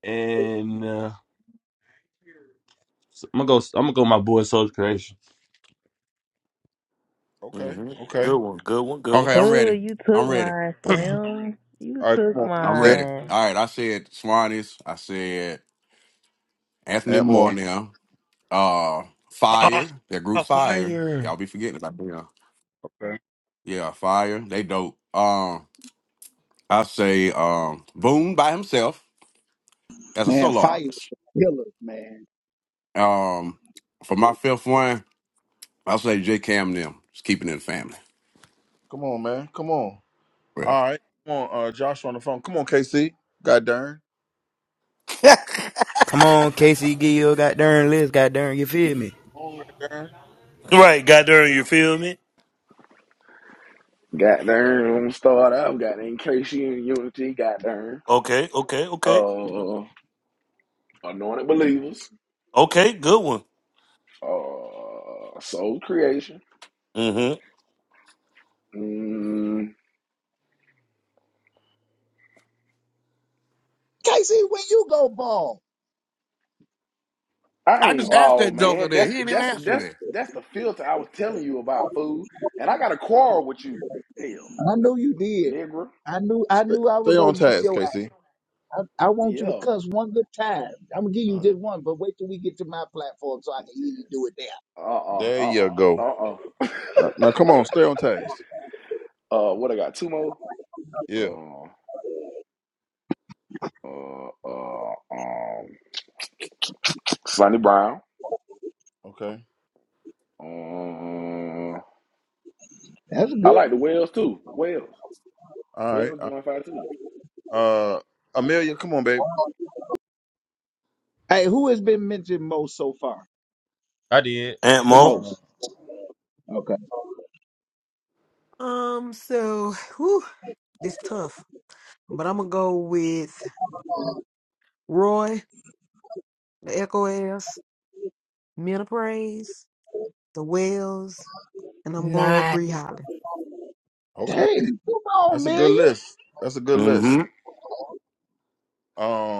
Speaker 8: And uh, I'm gonna go. I'm gonna go. My boy, Soul's Creation.
Speaker 2: Okay.
Speaker 3: hmm
Speaker 2: Okay.
Speaker 3: Good one. Good one. Good
Speaker 26: Okay, I'm
Speaker 3: one.
Speaker 15: Oh,
Speaker 26: ready.
Speaker 15: you
Speaker 26: I'm
Speaker 15: took
Speaker 26: ready.
Speaker 15: mine,
Speaker 8: oh,
Speaker 15: Slim. You
Speaker 2: All right. Come
Speaker 15: took
Speaker 2: on. Come
Speaker 26: I'm
Speaker 2: on, Des.
Speaker 26: ready.
Speaker 15: mine.
Speaker 26: All right. I said Swanee's. I said Anthony
Speaker 2: Add
Speaker 26: Moore
Speaker 2: more.
Speaker 26: now. Uh, Fire. That group Fire.
Speaker 8: fire!
Speaker 26: Y'all be forgetting about them.
Speaker 2: Okay.
Speaker 26: Yeah, Fire. They dope. Um, I say um, Boom by himself as a
Speaker 21: Man,
Speaker 26: solo
Speaker 21: fire is
Speaker 26: artist.
Speaker 21: a killer, man.
Speaker 26: Um, for my fifth one, I'll say J Cam and them. Just keeping it in the family.
Speaker 2: Come on, man. Come on.
Speaker 26: Well,
Speaker 2: All right. Come on, uh, Josh on the phone. Come on, KC. God darn.
Speaker 1: Come on, Casey, give your goddamn list, goddamn, you feel me?
Speaker 2: Come on, God darn.
Speaker 3: right. Goddamn. You feel me?
Speaker 9: Goddamn, I'm gonna start out. Goddamn, KC and Unity. Goddamn,
Speaker 3: Okay. Okay. Okay.
Speaker 9: uh, anointed believers.
Speaker 3: Okay. Good one.
Speaker 9: Uh, soul creation.
Speaker 3: hmm
Speaker 9: Mm,
Speaker 21: Casey, where you go ball?
Speaker 9: I
Speaker 26: I
Speaker 9: ain't
Speaker 26: just asked
Speaker 9: bald,
Speaker 26: that joker
Speaker 9: man.
Speaker 26: there.
Speaker 9: That's
Speaker 26: He didn't even
Speaker 9: that's
Speaker 26: answer
Speaker 9: that's
Speaker 26: me.
Speaker 9: that's the filter I was telling you about, food. And I got a quarrel with you. Hell,
Speaker 21: I knew you did.
Speaker 9: nigga.
Speaker 21: I knew I
Speaker 2: Stay,
Speaker 21: knew I was
Speaker 2: stay on
Speaker 21: gonna get
Speaker 2: task,
Speaker 21: your
Speaker 2: KC.
Speaker 21: I, I want you to
Speaker 9: Yeah.
Speaker 21: cuss one good time. I'm gonna give you
Speaker 9: Uh.
Speaker 21: just one, but wait till we get to my platform so I can hear you do it there.
Speaker 9: Uh. Uh.
Speaker 2: There you
Speaker 9: Uh. Uh.
Speaker 2: go.
Speaker 9: Uh. uh
Speaker 2: Now, now, come on, stay on task.
Speaker 9: Uh, what I got? Two more.
Speaker 2: Yeah.
Speaker 9: Uh. Uh. Uh. Um. Sonny Brown.
Speaker 2: Okay.
Speaker 9: Um.
Speaker 21: That's a
Speaker 9: I
Speaker 21: good
Speaker 9: like the
Speaker 21: one.
Speaker 9: Wells too. Wells.
Speaker 2: All right.
Speaker 9: Wells
Speaker 2: Uh,
Speaker 9: doing fine too.
Speaker 2: uh, Amelia, come on, babe.
Speaker 21: Hey, who has been mentioned most so far?
Speaker 8: I did.
Speaker 3: Aunt
Speaker 21: The
Speaker 3: Mo.
Speaker 21: most.
Speaker 2: Uh,
Speaker 21: Okay.
Speaker 11: Um, so whew, it's tough. But I'm gonna go with Roy, the Echo Ass, Men of Praise, the Wells, and I'm going with Bree
Speaker 27: nine
Speaker 11: Holly.
Speaker 2: okay.
Speaker 21: Dang, come on,
Speaker 2: That's a good
Speaker 21: Amelia.
Speaker 2: list. That's a good list.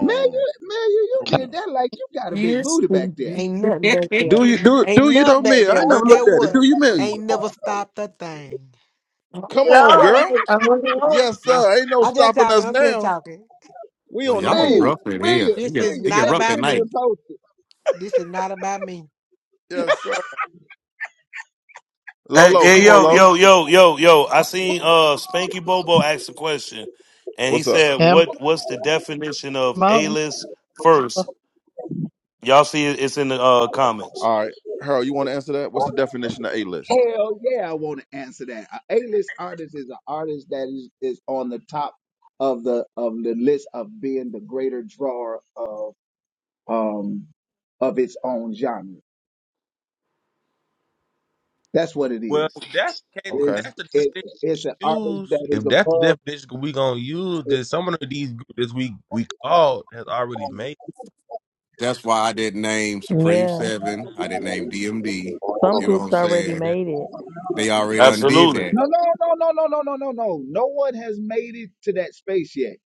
Speaker 21: Amelia, Amelia, you
Speaker 2: what
Speaker 25: can
Speaker 2: we
Speaker 21: did
Speaker 2: on?
Speaker 21: that like you got a big
Speaker 27: years.
Speaker 21: booty back
Speaker 27: Lord,
Speaker 21: there.
Speaker 11: Ain't nothing back there.
Speaker 2: do you do
Speaker 11: Ain't
Speaker 2: do you know
Speaker 11: nothing back
Speaker 2: me? I
Speaker 11: there.
Speaker 2: ain't
Speaker 11: But
Speaker 2: never
Speaker 11: guess
Speaker 2: looked at it.
Speaker 11: what?
Speaker 2: Do you mail you?
Speaker 11: Ain't never stopped a thing.
Speaker 2: Come on, girl.
Speaker 27: I'm on the road.
Speaker 2: Yes,
Speaker 11: No.
Speaker 2: sir. Ain't no
Speaker 11: I'm just
Speaker 2: stopping
Speaker 11: talking,
Speaker 2: us
Speaker 11: I'm just
Speaker 2: now.
Speaker 11: talking.
Speaker 2: We
Speaker 26: Well,
Speaker 2: on the
Speaker 26: y'all get
Speaker 21: Amelia,
Speaker 2: move.
Speaker 26: rough in here.
Speaker 21: Amelia,
Speaker 26: It
Speaker 11: This
Speaker 26: get
Speaker 11: is
Speaker 21: Amelia,
Speaker 26: it
Speaker 11: not
Speaker 26: get
Speaker 21: take
Speaker 26: rough
Speaker 21: a
Speaker 11: about
Speaker 26: at
Speaker 21: picture
Speaker 11: me.
Speaker 26: night.
Speaker 21: and post it.
Speaker 11: This is not about me.
Speaker 2: Yes, sir.
Speaker 3: Hey,
Speaker 2: Lolo,
Speaker 3: hey,
Speaker 2: come on,
Speaker 3: yo,
Speaker 2: Lo.
Speaker 3: yo, yo, yo, yo. I seen uh Spanky Bobo ask a question and he
Speaker 2: What's up?
Speaker 3: said,
Speaker 25: I have
Speaker 3: What what's the definition of A list first? Y'all see it, it's in the uh comments.
Speaker 2: All right, Harold, you want to answer that? What's the definition of A list?
Speaker 21: Hell yeah, I want to answer that. A A-list artist is an artist that is, is on the top of the of the list of being the greater drawer of. um, of its own genre. That's what it
Speaker 8: Well,
Speaker 21: is.
Speaker 8: if that's the case. If
Speaker 2: Okay.
Speaker 21: It's
Speaker 8: that's the definition.
Speaker 21: it's it's an artist that
Speaker 8: use,
Speaker 21: is
Speaker 8: if that's the
Speaker 21: above.
Speaker 8: definition we gonna use, then
Speaker 21: No,
Speaker 8: some of these groups that we we called has already made.
Speaker 26: That's why I didn't name
Speaker 8: it.
Speaker 26: Supreme
Speaker 15: Yeah.
Speaker 26: Seven. I didn't name DMD.
Speaker 15: Some
Speaker 26: You know what
Speaker 15: groups
Speaker 26: I'm
Speaker 15: already
Speaker 26: saying?
Speaker 8: Yeah.
Speaker 15: made it.
Speaker 26: They already undid
Speaker 3: Absolutely.
Speaker 26: that.
Speaker 21: no, no, no, no, no, no, no, no. No one has made it to that space yet.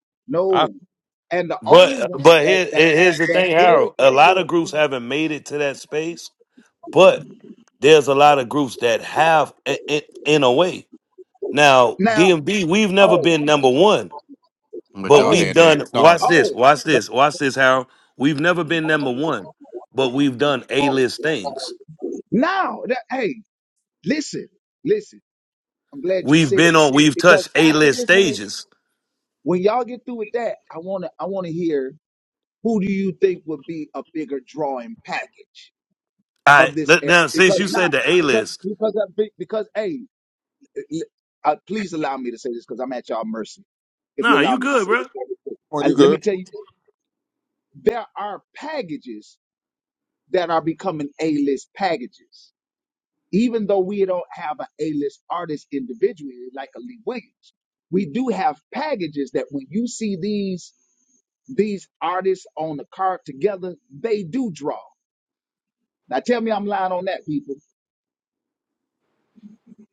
Speaker 8: I
Speaker 21: No, and the only
Speaker 3: But
Speaker 21: one
Speaker 3: but
Speaker 21: that
Speaker 3: here,
Speaker 21: that
Speaker 3: here's
Speaker 21: has
Speaker 3: the
Speaker 21: that
Speaker 3: thing,
Speaker 21: greater
Speaker 3: Harold. A lot of
Speaker 21: influence
Speaker 3: groups haven't made it to that space, but there's a lot of groups that have i- i- in a way. Now,
Speaker 21: now.
Speaker 3: DMB, we've never
Speaker 21: Oh,
Speaker 3: been number one
Speaker 26: But
Speaker 3: But
Speaker 26: y'all
Speaker 21: oh,
Speaker 3: we've
Speaker 26: had that
Speaker 3: done.
Speaker 26: start
Speaker 3: Watch
Speaker 26: on.
Speaker 3: this.
Speaker 21: oh.
Speaker 3: Watch
Speaker 21: But
Speaker 3: this. Watch this, Harold. We've never been number one, but we've done A list things.
Speaker 21: now, that, hey, listen, listen. I'm glad you
Speaker 3: We've
Speaker 21: said
Speaker 3: been
Speaker 21: that
Speaker 3: on. We've
Speaker 21: because
Speaker 3: touched A
Speaker 21: after
Speaker 3: list
Speaker 21: this, when
Speaker 3: stages.
Speaker 21: when y'all get through with that, I wanna I wanna hear who do you think would be a bigger drawing package
Speaker 3: I
Speaker 21: of this era?
Speaker 3: now since
Speaker 21: Because
Speaker 3: you said
Speaker 21: now,
Speaker 3: the A
Speaker 21: because
Speaker 3: list.
Speaker 21: because of, big- because hey, eh, l- uh, please allow me to say this because I'm at y'all mercy. If you
Speaker 3: Nah,
Speaker 21: allow
Speaker 3: you
Speaker 21: me to
Speaker 3: good,
Speaker 21: say
Speaker 3: bro.
Speaker 21: this,
Speaker 2: Oh,
Speaker 21: and
Speaker 2: you
Speaker 21: let me
Speaker 2: good?
Speaker 21: tell you, there are packages that are becoming A-list packages. Even though we don't have an A-list artist individually like a Lee Williams, we do have packages that when you see these these artists on the card together, they do draw. Now tell me I'm lying on that, people.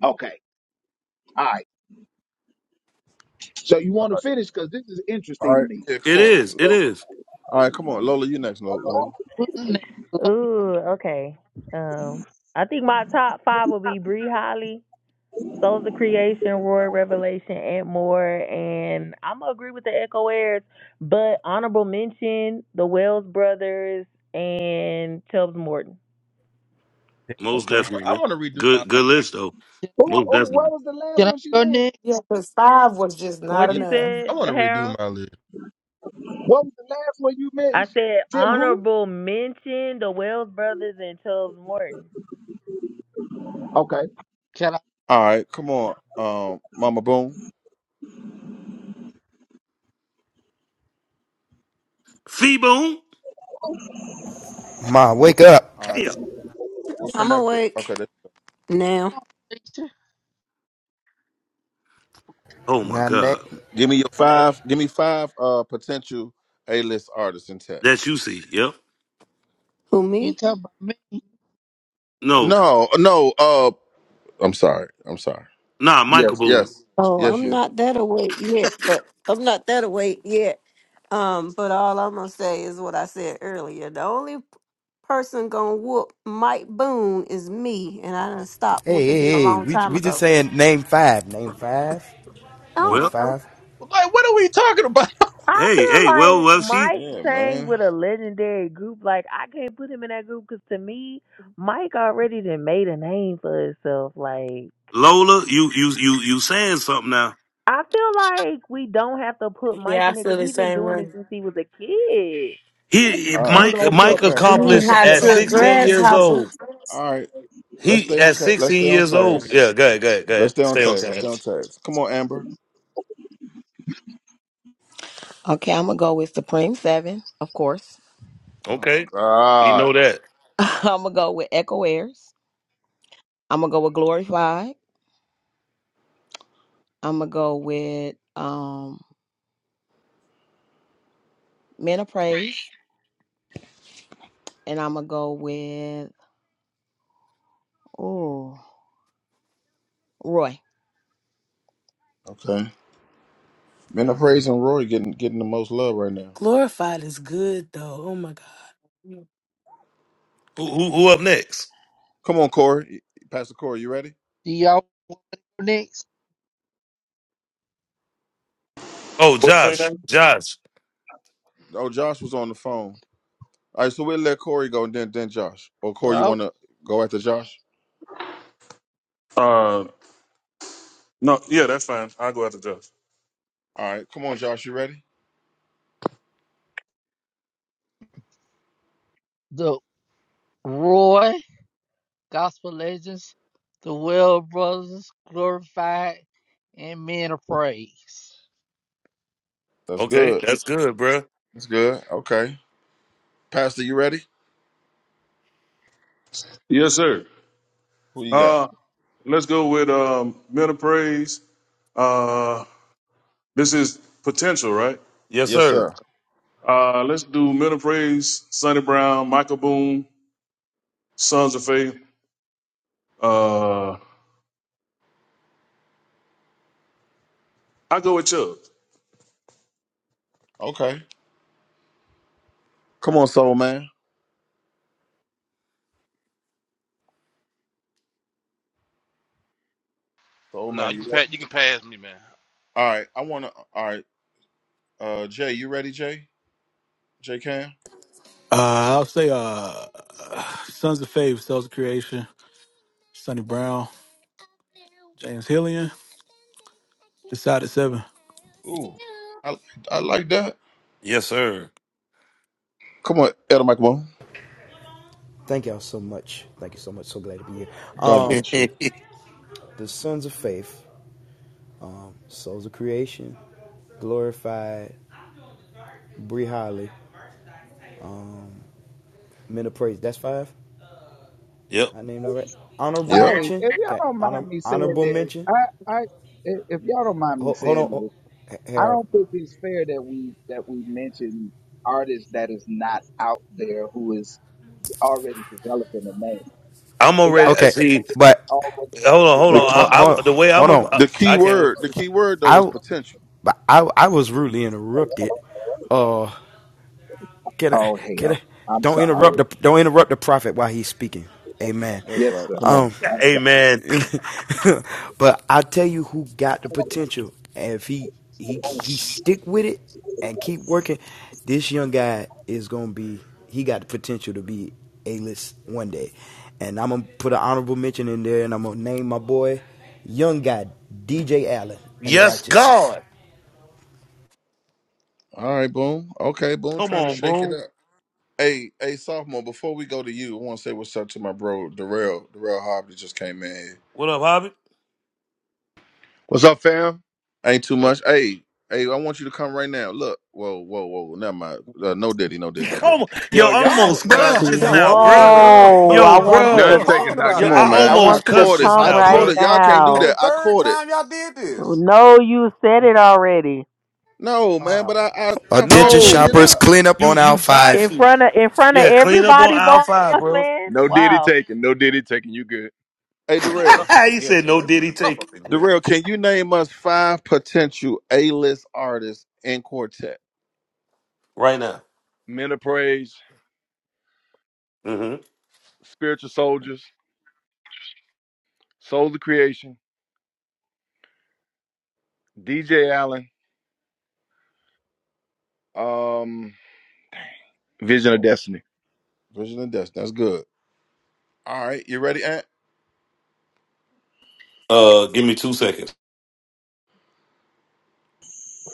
Speaker 21: Okay. All right. So you want to finish because this is
Speaker 2: All
Speaker 21: interesting to
Speaker 2: right.
Speaker 21: me.
Speaker 2: Yeah, come
Speaker 3: It
Speaker 2: on.
Speaker 3: is. It
Speaker 2: Lo-
Speaker 3: is
Speaker 2: All right, come on, Lola. You next, Lo- Lola.
Speaker 25: Who's next? Hello?
Speaker 15: Ooh, okay. Um, I think my top five will be Bree Holly. Souls of Creation, Royal Revelation, and more. And I'm gonna agree with the Echo Airs, but honorable mention the Wells Brothers and Tubbs Morton.
Speaker 3: most
Speaker 2: Okay.
Speaker 8: I
Speaker 3: definitely
Speaker 8: want to redo my
Speaker 3: good. Good list though.
Speaker 25: Can
Speaker 21: Who,
Speaker 3: Most
Speaker 21: who, what
Speaker 3: definitely.
Speaker 21: was the last
Speaker 25: can I
Speaker 21: one she
Speaker 25: go
Speaker 21: named?
Speaker 25: next?
Speaker 27: Yeah, because five was just not
Speaker 15: What
Speaker 8: yeah.
Speaker 15: you
Speaker 27: enough.
Speaker 8: I
Speaker 15: said,
Speaker 8: want to redo
Speaker 15: Harold?
Speaker 8: my list.
Speaker 21: What was the last one you
Speaker 15: I
Speaker 21: mentioned?
Speaker 15: said
Speaker 21: Tim who?
Speaker 15: honorable mention the Wells Brothers and Tubbs Morton.
Speaker 21: Okay.
Speaker 25: Can I
Speaker 2: All right, come on, um, Mama Boom.
Speaker 3: Fee Boom.
Speaker 1: Ma, wake up.
Speaker 2: All right,
Speaker 3: Damn.
Speaker 2: we'll come
Speaker 14: I'm
Speaker 2: back to.
Speaker 14: awake
Speaker 2: Okay, that-
Speaker 14: now.
Speaker 25: go next?
Speaker 3: Oh my
Speaker 1: Now, na-
Speaker 3: God.
Speaker 2: give me your five. Give me five uh potential A list artists in tech.
Speaker 3: That's you see. Yep.
Speaker 14: Who
Speaker 25: You
Speaker 14: me?
Speaker 25: talk about me.
Speaker 3: No.
Speaker 2: No, no. Uh, I'm sorry. I'm sorry.
Speaker 3: Nah. Michael
Speaker 2: Yes,
Speaker 3: Boone.
Speaker 2: yes,
Speaker 14: Oh,
Speaker 2: yes.
Speaker 14: I'm
Speaker 2: You.
Speaker 14: not that awake yet, but I'm not that awake yet. Um, but all I'm gonna say is what I said earlier. The only person gonna whoop Mike Boone is me, and I done
Speaker 1: hey,
Speaker 14: stopped whooping
Speaker 1: hey,
Speaker 14: him a
Speaker 1: hey,
Speaker 14: long
Speaker 1: we,
Speaker 14: time
Speaker 1: we just
Speaker 14: ago.
Speaker 1: saying name five. Name five. Name
Speaker 14: Oh,
Speaker 3: Well.
Speaker 14: so
Speaker 1: five.
Speaker 8: Like, what are we talking about?
Speaker 15: I
Speaker 3: Hey.
Speaker 15: feel
Speaker 3: Hey. Well.
Speaker 15: like
Speaker 3: Well. She.
Speaker 15: Mike
Speaker 2: Yeah,
Speaker 15: sang
Speaker 2: man.
Speaker 15: with a legendary group. Like I can't put him in that group because to me, Mike already done made a name for himself. Like.
Speaker 3: Lola. You. You. You. You saying something now?
Speaker 15: I feel like we don't have to put Mike
Speaker 27: Yeah, I
Speaker 15: in there
Speaker 27: feel
Speaker 15: because
Speaker 27: the
Speaker 15: he's been
Speaker 27: same
Speaker 15: doing
Speaker 27: way.
Speaker 15: this since he was a kid.
Speaker 3: He
Speaker 2: All
Speaker 21: You
Speaker 2: right.
Speaker 3: Mike
Speaker 21: don't put,
Speaker 3: Mike
Speaker 2: Okay.
Speaker 21: you don't have to
Speaker 3: accomplished
Speaker 27: Yeehaw
Speaker 21: put
Speaker 3: at
Speaker 27: to
Speaker 21: Mike what
Speaker 3: 16 years
Speaker 21: now?
Speaker 27: grasshopper.
Speaker 3: old.
Speaker 2: All right. Let's
Speaker 3: He
Speaker 2: stay on.
Speaker 3: at
Speaker 2: ca- Let's
Speaker 3: 16
Speaker 2: stay on
Speaker 3: years old.
Speaker 2: task.
Speaker 3: Yeah, go ahead, go ahead, go
Speaker 2: Let's
Speaker 3: ahead.
Speaker 2: stay on
Speaker 3: Stay on
Speaker 2: task. Let's
Speaker 3: time.
Speaker 2: stay on task. Come on, Amber.
Speaker 4: Okay, I'm gonna go with Supreme Seven, of course.
Speaker 2: Oh
Speaker 3: Okay, we
Speaker 2: God.
Speaker 3: know that.
Speaker 4: I'm gonna go with Echo Airs. I'm gonna go with Glorified. I'm gonna go with um Men of Praise, and I'm gonna go with oh Roy.
Speaker 2: Okay. Men are praising Roy getting getting the most love right now.
Speaker 27: Glorified is good though. Oh my God.
Speaker 3: Who who, who up next?
Speaker 2: Come on, Corey. Pastor Corey, you ready?
Speaker 25: Do y'all want to go next?
Speaker 3: Oh,
Speaker 19: What you say
Speaker 3: Josh,
Speaker 19: now?
Speaker 3: Josh.
Speaker 2: Oh, Josh was on the phone. All right, so we'll let Corey go and then then Josh. Or Corey, you
Speaker 25: Well,
Speaker 2: wanna go after Josh?
Speaker 19: Uh, no, yeah, that's fine. I'll go after Josh.
Speaker 2: All right, come on, Josh, you ready?
Speaker 25: the Roy, Gospel Legends, the Well Brothers, Glorified, and Men of Praise.
Speaker 2: That's
Speaker 3: Okay,
Speaker 2: good.
Speaker 3: that's good, bruh.
Speaker 2: That's good. Okay. Pastor, you ready?
Speaker 19: Yes, sir.
Speaker 2: Who you got?
Speaker 19: Uh, let's go with um, middle praise. Uh, this is potential, right?
Speaker 3: Yes,
Speaker 2: Yes,
Speaker 3: sir.
Speaker 2: sir.
Speaker 19: Uh, let's do Men of Praise, Sonny Brown, Michael Boone, Sons of Faith. Uh, I go with Chubb.
Speaker 2: Okay. Come on, soul man. Soul
Speaker 16: no.
Speaker 2: man,
Speaker 16: You can
Speaker 2: you ready?
Speaker 16: pass. You can pass me, man.
Speaker 2: All right. I wanna all right. Uh Jay, you ready, Jay? Jay Cam?
Speaker 10: Uh, I'll say, uh, Sons of Faith, Cells of Creation, Sonny Brown, James Hillian, Decided Seven.
Speaker 2: Ooh. I I like that.
Speaker 3: Yes, sir.
Speaker 2: Come on, Elder Mike God
Speaker 1: Thank y'all so much. Thank you so much. So glad to be here. Um,
Speaker 2: bless you.
Speaker 3: yep.
Speaker 1: the Sons of Faith, Souls of Creation, Glorified, Bree Holly, Men of Praise. That's five. I named all right. Honorable
Speaker 2: Yeah,
Speaker 21: Hey, if
Speaker 1: mention.
Speaker 21: y'all
Speaker 1: Okay.
Speaker 21: don't
Speaker 1: Honor,
Speaker 21: mind me saying
Speaker 1: honorable
Speaker 21: this,
Speaker 1: mention.
Speaker 21: I, I, if if y'all don't mind me
Speaker 1: Ho- hold
Speaker 21: saying
Speaker 1: on, oh,
Speaker 21: this, I
Speaker 1: Harold.
Speaker 21: don't think it's fair that we, that we mention artists that is not out there who is already developing a name.
Speaker 3: I'm
Speaker 21: It got
Speaker 3: already.
Speaker 21: to
Speaker 3: uh,
Speaker 21: be
Speaker 1: Okay,
Speaker 3: See,
Speaker 21: somebody that's
Speaker 1: but
Speaker 21: already
Speaker 3: hold on, hold
Speaker 2: The
Speaker 3: on.
Speaker 1: hold,
Speaker 2: key,
Speaker 21: developing
Speaker 3: I,
Speaker 1: hold,
Speaker 3: I the way I'm
Speaker 1: hold
Speaker 3: a,
Speaker 1: on.
Speaker 3: I,
Speaker 2: the key
Speaker 3: I can't wait.
Speaker 2: word, the key word though was
Speaker 1: I,
Speaker 2: potential.
Speaker 1: but I, I was rudely interrupted. Uh, Get it,
Speaker 21: Oh
Speaker 1: get
Speaker 21: hell.
Speaker 1: it.
Speaker 21: I'm
Speaker 1: Don't interrupt
Speaker 21: sorry.
Speaker 1: the don't interrupt the prophet while he's speaking. Amen.
Speaker 2: That's
Speaker 21: Yes,
Speaker 2: right.
Speaker 21: sir.
Speaker 2: Come on.
Speaker 1: Um,
Speaker 21: I'm
Speaker 3: Amen.
Speaker 1: but I tell you who got the potential, and if he he he stick with it and keep working, this young guy is gonna be. He got the potential to be a list one day, and I'm gonna put an honorable mention in there, and I'm gonna name my boy, young guy DJ Allen and
Speaker 3: Yes,
Speaker 1: Righteous.
Speaker 3: God.
Speaker 2: All right, boom. Okay, boom.
Speaker 3: Come
Speaker 2: Trying to
Speaker 3: on,
Speaker 2: shake it
Speaker 3: boom.
Speaker 2: up. Hey, hey, sophomore. Before we go to you, I want to say what's up to my bro Darrell. Darrell Hobbs just came in. here.
Speaker 3: What up, Hobby?
Speaker 28: What's up, fam?
Speaker 2: Ain't too much. Hey, hey, I want you to come right now. Look. Whoa, whoa, whoa. Never mind. Uh, no diddy, no diddy, no
Speaker 3: Come
Speaker 2: diddy.
Speaker 3: on. Yo,
Speaker 26: Yo,
Speaker 3: I
Speaker 26: y'all,
Speaker 3: almost
Speaker 26: man,
Speaker 10: Bruh.
Speaker 3: cussed
Speaker 26: what are
Speaker 3: just
Speaker 26: y'all
Speaker 3: now,
Speaker 26: doing in
Speaker 3: bruh.
Speaker 26: here,
Speaker 10: Bro,
Speaker 26: man?
Speaker 15: Whoa!
Speaker 3: Yo,
Speaker 15: I want
Speaker 26: What
Speaker 15: you
Speaker 26: are you
Speaker 3: bruh.
Speaker 28: None
Speaker 15: to,
Speaker 28: taken,
Speaker 26: talking
Speaker 10: oh,
Speaker 28: Doc.
Speaker 26: about
Speaker 3: Yo,
Speaker 2: Come
Speaker 26: in
Speaker 28: None
Speaker 2: on,
Speaker 3: I
Speaker 28: taken.
Speaker 15: I
Speaker 26: here?
Speaker 2: man.
Speaker 10: Lord.
Speaker 28: None
Speaker 2: I
Speaker 15: want
Speaker 3: almost
Speaker 15: you
Speaker 28: taken.
Speaker 15: to
Speaker 3: cussed
Speaker 2: caught it.
Speaker 3: just
Speaker 15: come
Speaker 2: I
Speaker 3: now,
Speaker 2: caught
Speaker 15: right
Speaker 3: bruh.
Speaker 2: it. Y'all can't
Speaker 26: It's
Speaker 2: do
Speaker 26: like the
Speaker 15: now.
Speaker 2: that. I
Speaker 26: third
Speaker 2: caught it.
Speaker 26: time y'all did this.
Speaker 15: No, you said it already
Speaker 2: No, man. But
Speaker 3: Wow.
Speaker 2: I, I, I, I
Speaker 1: Attention
Speaker 2: cleaned
Speaker 3: No.
Speaker 2: it
Speaker 1: shoppers,
Speaker 2: up.
Speaker 1: clean up
Speaker 3: You
Speaker 1: on aisle
Speaker 3: you tried
Speaker 1: five.
Speaker 15: in
Speaker 3: to.
Speaker 15: front of, in front of
Speaker 3: Yeah, clean up on
Speaker 15: everybody,
Speaker 3: aisle
Speaker 15: boss
Speaker 3: five, bro.
Speaker 15: man.
Speaker 28: No diddy
Speaker 15: Wow.
Speaker 28: taken. No diddy taken. You good.
Speaker 2: Hey,
Speaker 26: Well, it get
Speaker 2: Darrell.
Speaker 26: rough up in
Speaker 3: he
Speaker 26: here,
Speaker 3: said
Speaker 26: bro.
Speaker 3: no
Speaker 26: It get
Speaker 3: diddy
Speaker 26: rough
Speaker 3: take it.
Speaker 26: up in here.
Speaker 2: Darrell, can you name us five potential A-list artists in quartet?
Speaker 3: right now.
Speaker 28: Men of Praise,
Speaker 3: hmm
Speaker 28: Spiritual Soldiers, Souls of Creation, DJ Allen, um, Vision of
Speaker 2: Well,
Speaker 28: Destiny.
Speaker 2: Vision and Destiny. That's good. All right, you ready, Aunt?
Speaker 3: Uh give me two seconds.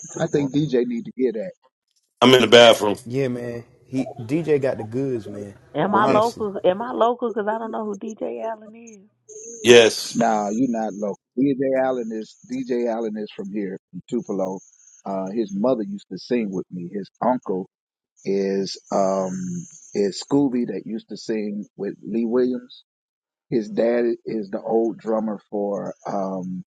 Speaker 21: sorry. I
Speaker 2: Well,
Speaker 21: think DJ need to hear that.
Speaker 3: I'm in the bathroom.
Speaker 1: Yeah, man. He DJ got the goods, man.
Speaker 2: well,
Speaker 15: Am I
Speaker 2: damn.
Speaker 1: Honestly,
Speaker 15: local? Am I local? Because I don't know who DJ Allen is.
Speaker 3: Yes.
Speaker 21: Nah, you not local. DJ Allen is DJ Allen is from here, from Tupelo. Uh, his mother used to sing with me. His uncle is um is Scooby that used to sing with Lee Williams. His dad is the old drummer for um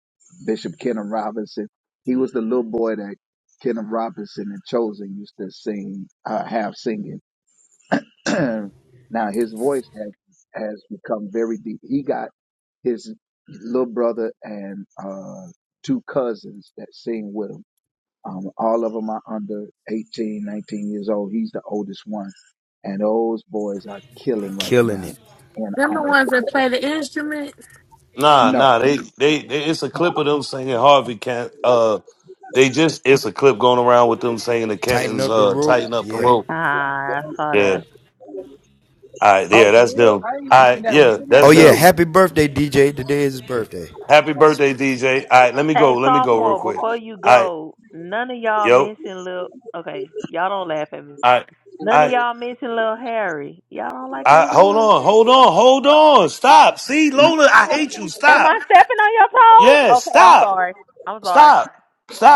Speaker 21: Bishop Kenneth Robinson. He was the little boy that Kenneth Robinson and Chosen used to sing, uh, have singing. now his voice has has become very deep. He got his little brother and uh, two cousins that sing with him. Um, all of them are under 18, 19 years old. He's the oldest one. And those boys are killing right
Speaker 1: killing
Speaker 21: now.
Speaker 1: it.
Speaker 21: And I
Speaker 27: Them the ones that play the instruments.
Speaker 3: Nah,
Speaker 21: no.
Speaker 3: nah, they, they they it's a clip of them singing Harvey can't uh they just it's a clip going around with them singing the
Speaker 1: Tighten
Speaker 3: Cantons
Speaker 1: up the
Speaker 3: uh
Speaker 1: rope.
Speaker 3: tighten up the
Speaker 1: Yeah.
Speaker 3: rope.
Speaker 15: Ah, I saw
Speaker 3: Yeah.
Speaker 15: that.
Speaker 3: All right,
Speaker 21: Oh,
Speaker 3: yeah,
Speaker 21: for
Speaker 3: that's
Speaker 21: real?
Speaker 3: them. All
Speaker 21: I ain't seen
Speaker 3: right,
Speaker 21: that one.
Speaker 3: yeah,
Speaker 21: Send that
Speaker 1: Oh
Speaker 3: that's
Speaker 21: to
Speaker 1: yeah,
Speaker 21: me.
Speaker 3: them.
Speaker 1: happy birthday, DJ. Today is his birthday.
Speaker 3: Happy birthday, DJ. All right, let me
Speaker 15: Hey,
Speaker 3: go. Let me go real
Speaker 15: sophomore,
Speaker 3: quick.
Speaker 15: before you
Speaker 3: All right,
Speaker 15: go, none of y'all
Speaker 3: yo.
Speaker 15: mentioned Lil. Okay, y'all don't laugh at me.
Speaker 3: All right,
Speaker 15: None
Speaker 3: all
Speaker 15: of
Speaker 3: right.
Speaker 15: y'all mentioned Lil Harry. Y'all don't like
Speaker 3: I,
Speaker 15: Lil
Speaker 3: hold
Speaker 15: Harry?
Speaker 3: on, hold on, hold on. Stop. See, Lola, I hate you.
Speaker 15: Am
Speaker 3: Stop.
Speaker 15: I stepping on your toes?
Speaker 3: Yes,
Speaker 15: Okay, I'm
Speaker 3: stop.
Speaker 15: sorry. I'm sorry.
Speaker 3: Stop.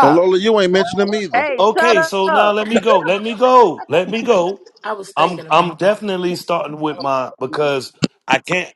Speaker 2: And Lola, you ain't mentioned them either.
Speaker 15: Hey,
Speaker 3: Okay,
Speaker 15: shut
Speaker 3: so now
Speaker 15: up!
Speaker 3: let me go. Let me go. Let me go.
Speaker 27: I was
Speaker 3: I'm
Speaker 27: thinking
Speaker 3: I'm
Speaker 27: about them.
Speaker 3: definitely starting with my because I can't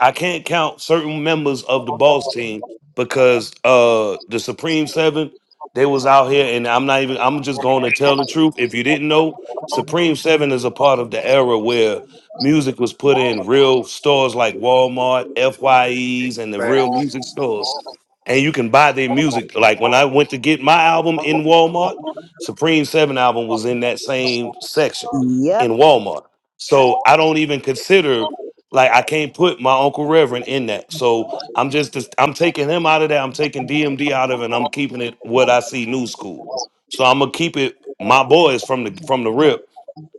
Speaker 3: I can't count certain members of the boss team because uh the Supreme Seven they was out here and I'm not even I'm just going to tell the truth. If you didn't know, Supreme Seven is a part of the era where music was put in real stores like Walmart, FYEs, and the real
Speaker 26: Facts.
Speaker 3: music stores, and you can buy their music. Like when I went to get my album in Walmart, Supreme Seven album was in that same section
Speaker 4: Yep,
Speaker 3: in Walmart. So I don't even consider like I can't put my Uncle Reverend in that. So I'm just just- I'm taking him out of that. I'm taking DMD out of it and I'm keeping it what I see new school. So I'm gonna keep it my boys from the from the rip.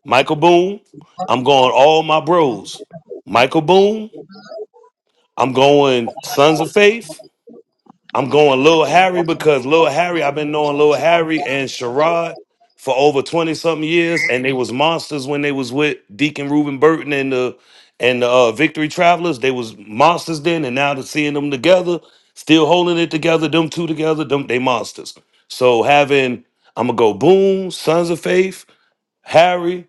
Speaker 3: Michael Boone, I'm going all my bros. Michael Boone, I'm going Sons of Faith. I'm going Lil Harry because Lil Harry, I've been knowing Lil Harry and Sherrod for over 20 something years, and they was monsters when they was with Deacon Reuben Burton and the and the uh, Victory Travelers. They was monsters then, and now to seeing them together, still holding it together, them two together, them they monsters. So having I'm gonna go Boom, Sons of Faith, Harry,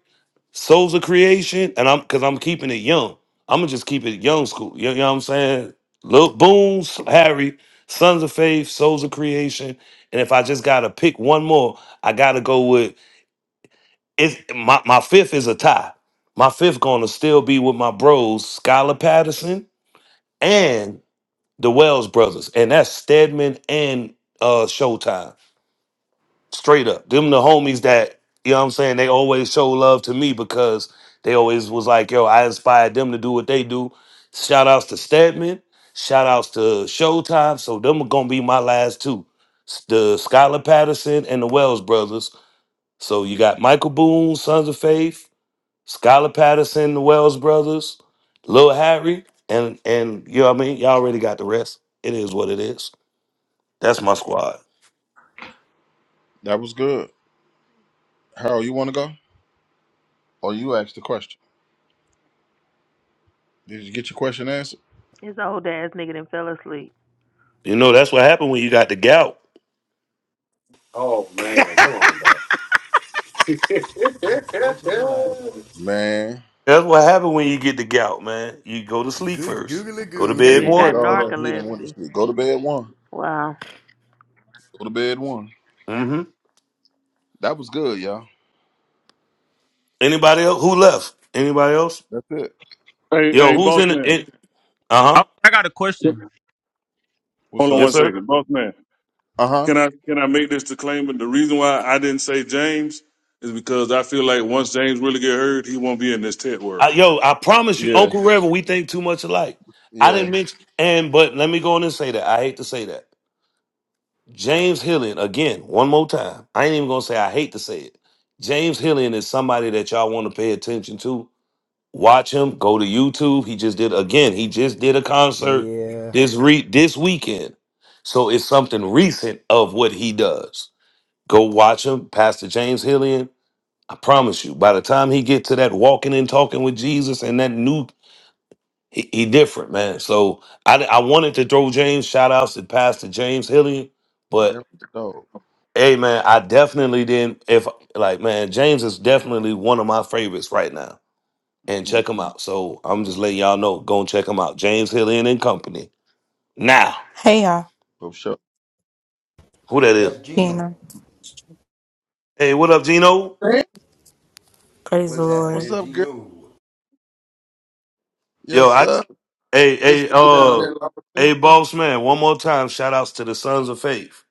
Speaker 3: Souls of Creation, and I'm because I'm keeping it young. I'm gonna just keep it young school. You, you know what I'm saying? Lil Boom, Harry, Sons of Faith, Souls of Creation, and if I just gotta pick one more, I gotta go with it. My my fifth is a tie. My fifth gonna still be with my bros, Skylar Patterson and the Wells brothers, and that's Stedman and uh Showtime straight up. Them the homies that, you know what I'm saying, they always show love to me because they always was like, yo, I inspired them to do what they do. Shout outs to Stedman. Shout outs to Showtime. So them are gonna be my last two. S- The Skylar Patterson and the Wells brothers. So you got Michael Boone, Sons of Faith, Skylar Patterson, the Wells brothers, Lil Harry, and and you know what I mean? Y'all already got the rest. It is what it is. That's my squad.
Speaker 2: That was good. Harold, you want to go? Or you asked the question? Did you get your question answered?
Speaker 15: His old ass nigga done fell asleep.
Speaker 3: You know, that's what happened when you got the gout.
Speaker 26: Oh man, come on, bro.
Speaker 1: Good gracious alive.
Speaker 2: Man,
Speaker 3: That's what happened when you get the gout, man. You go to sleep
Speaker 1: Good
Speaker 3: first.
Speaker 1: googly
Speaker 3: Go to
Speaker 15: That
Speaker 1: goo.
Speaker 2: we
Speaker 3: bed
Speaker 2: done
Speaker 15: nigga
Speaker 2: did
Speaker 15: got
Speaker 3: one.
Speaker 2: all that. He done went to
Speaker 15: narcolepsy.
Speaker 2: sleep. Go to bed one.
Speaker 15: Wow.
Speaker 2: Go to bed one.
Speaker 3: Mm-hmm.
Speaker 2: That was good, y'all.
Speaker 3: Anybody else? Who left? Anybody else?
Speaker 2: That's it.
Speaker 19: Hey,
Speaker 3: Yo,
Speaker 19: hey,
Speaker 3: who's
Speaker 19: boss
Speaker 3: in
Speaker 19: man.
Speaker 3: it? Uh
Speaker 8: Oh,
Speaker 3: huh.
Speaker 8: I got a question.
Speaker 2: What's
Speaker 19: Hold on
Speaker 2: up?
Speaker 19: one
Speaker 3: Yes, sir.
Speaker 19: second, boss man.
Speaker 2: Uh huh.
Speaker 19: Can I can I make this disclaimer? The reason why I didn't say James is because I feel like once James really get heard, he won't be in this tent world.
Speaker 3: I, yo, I promise you,
Speaker 2: Yeah.
Speaker 3: Uncle Reverend, we think too much alike. I
Speaker 2: Yeah.
Speaker 3: didn't mention, and but let me go on and say that. I hate to say that. James Hillian, again, one more time. I ain't even gonna say I hate to say it. James Hillian is somebody that y'all want to pay attention to Watch him. Go to YouTube. He just did again. He just did a concert
Speaker 1: Yeah.
Speaker 3: this re this weekend. So it's something recent of what he does. Go watch him, Pastor James Hillian. I promise you, by the time he get to that walking and talking with Jesus and that new, he, he different man. So I I wanted to throw James shout outs to Pastor James Hillian,
Speaker 2: You
Speaker 3: but
Speaker 2: definitely dog.
Speaker 3: hey man, I definitely didn't. If like man, James is definitely one of my favorites right now and
Speaker 2: Mm,
Speaker 3: check them out. So I'm just letting y'all know. Go and check them out. James Hill Inn and Company. Now,
Speaker 29: Hey y'all,
Speaker 2: for sure.
Speaker 3: who that is?
Speaker 29: Tina.
Speaker 3: Hey, what up, Gino?
Speaker 2: Hey.
Speaker 29: Praise the Lord.
Speaker 2: What's up, girl?
Speaker 3: Yo,
Speaker 2: Yes,
Speaker 3: I
Speaker 2: sir.
Speaker 3: hey
Speaker 2: Where's
Speaker 3: hey
Speaker 2: Cookie down
Speaker 3: uh
Speaker 2: there,
Speaker 3: hey
Speaker 2: Lawson?
Speaker 3: boss man. One more time, shout outs to the Sons of Faith.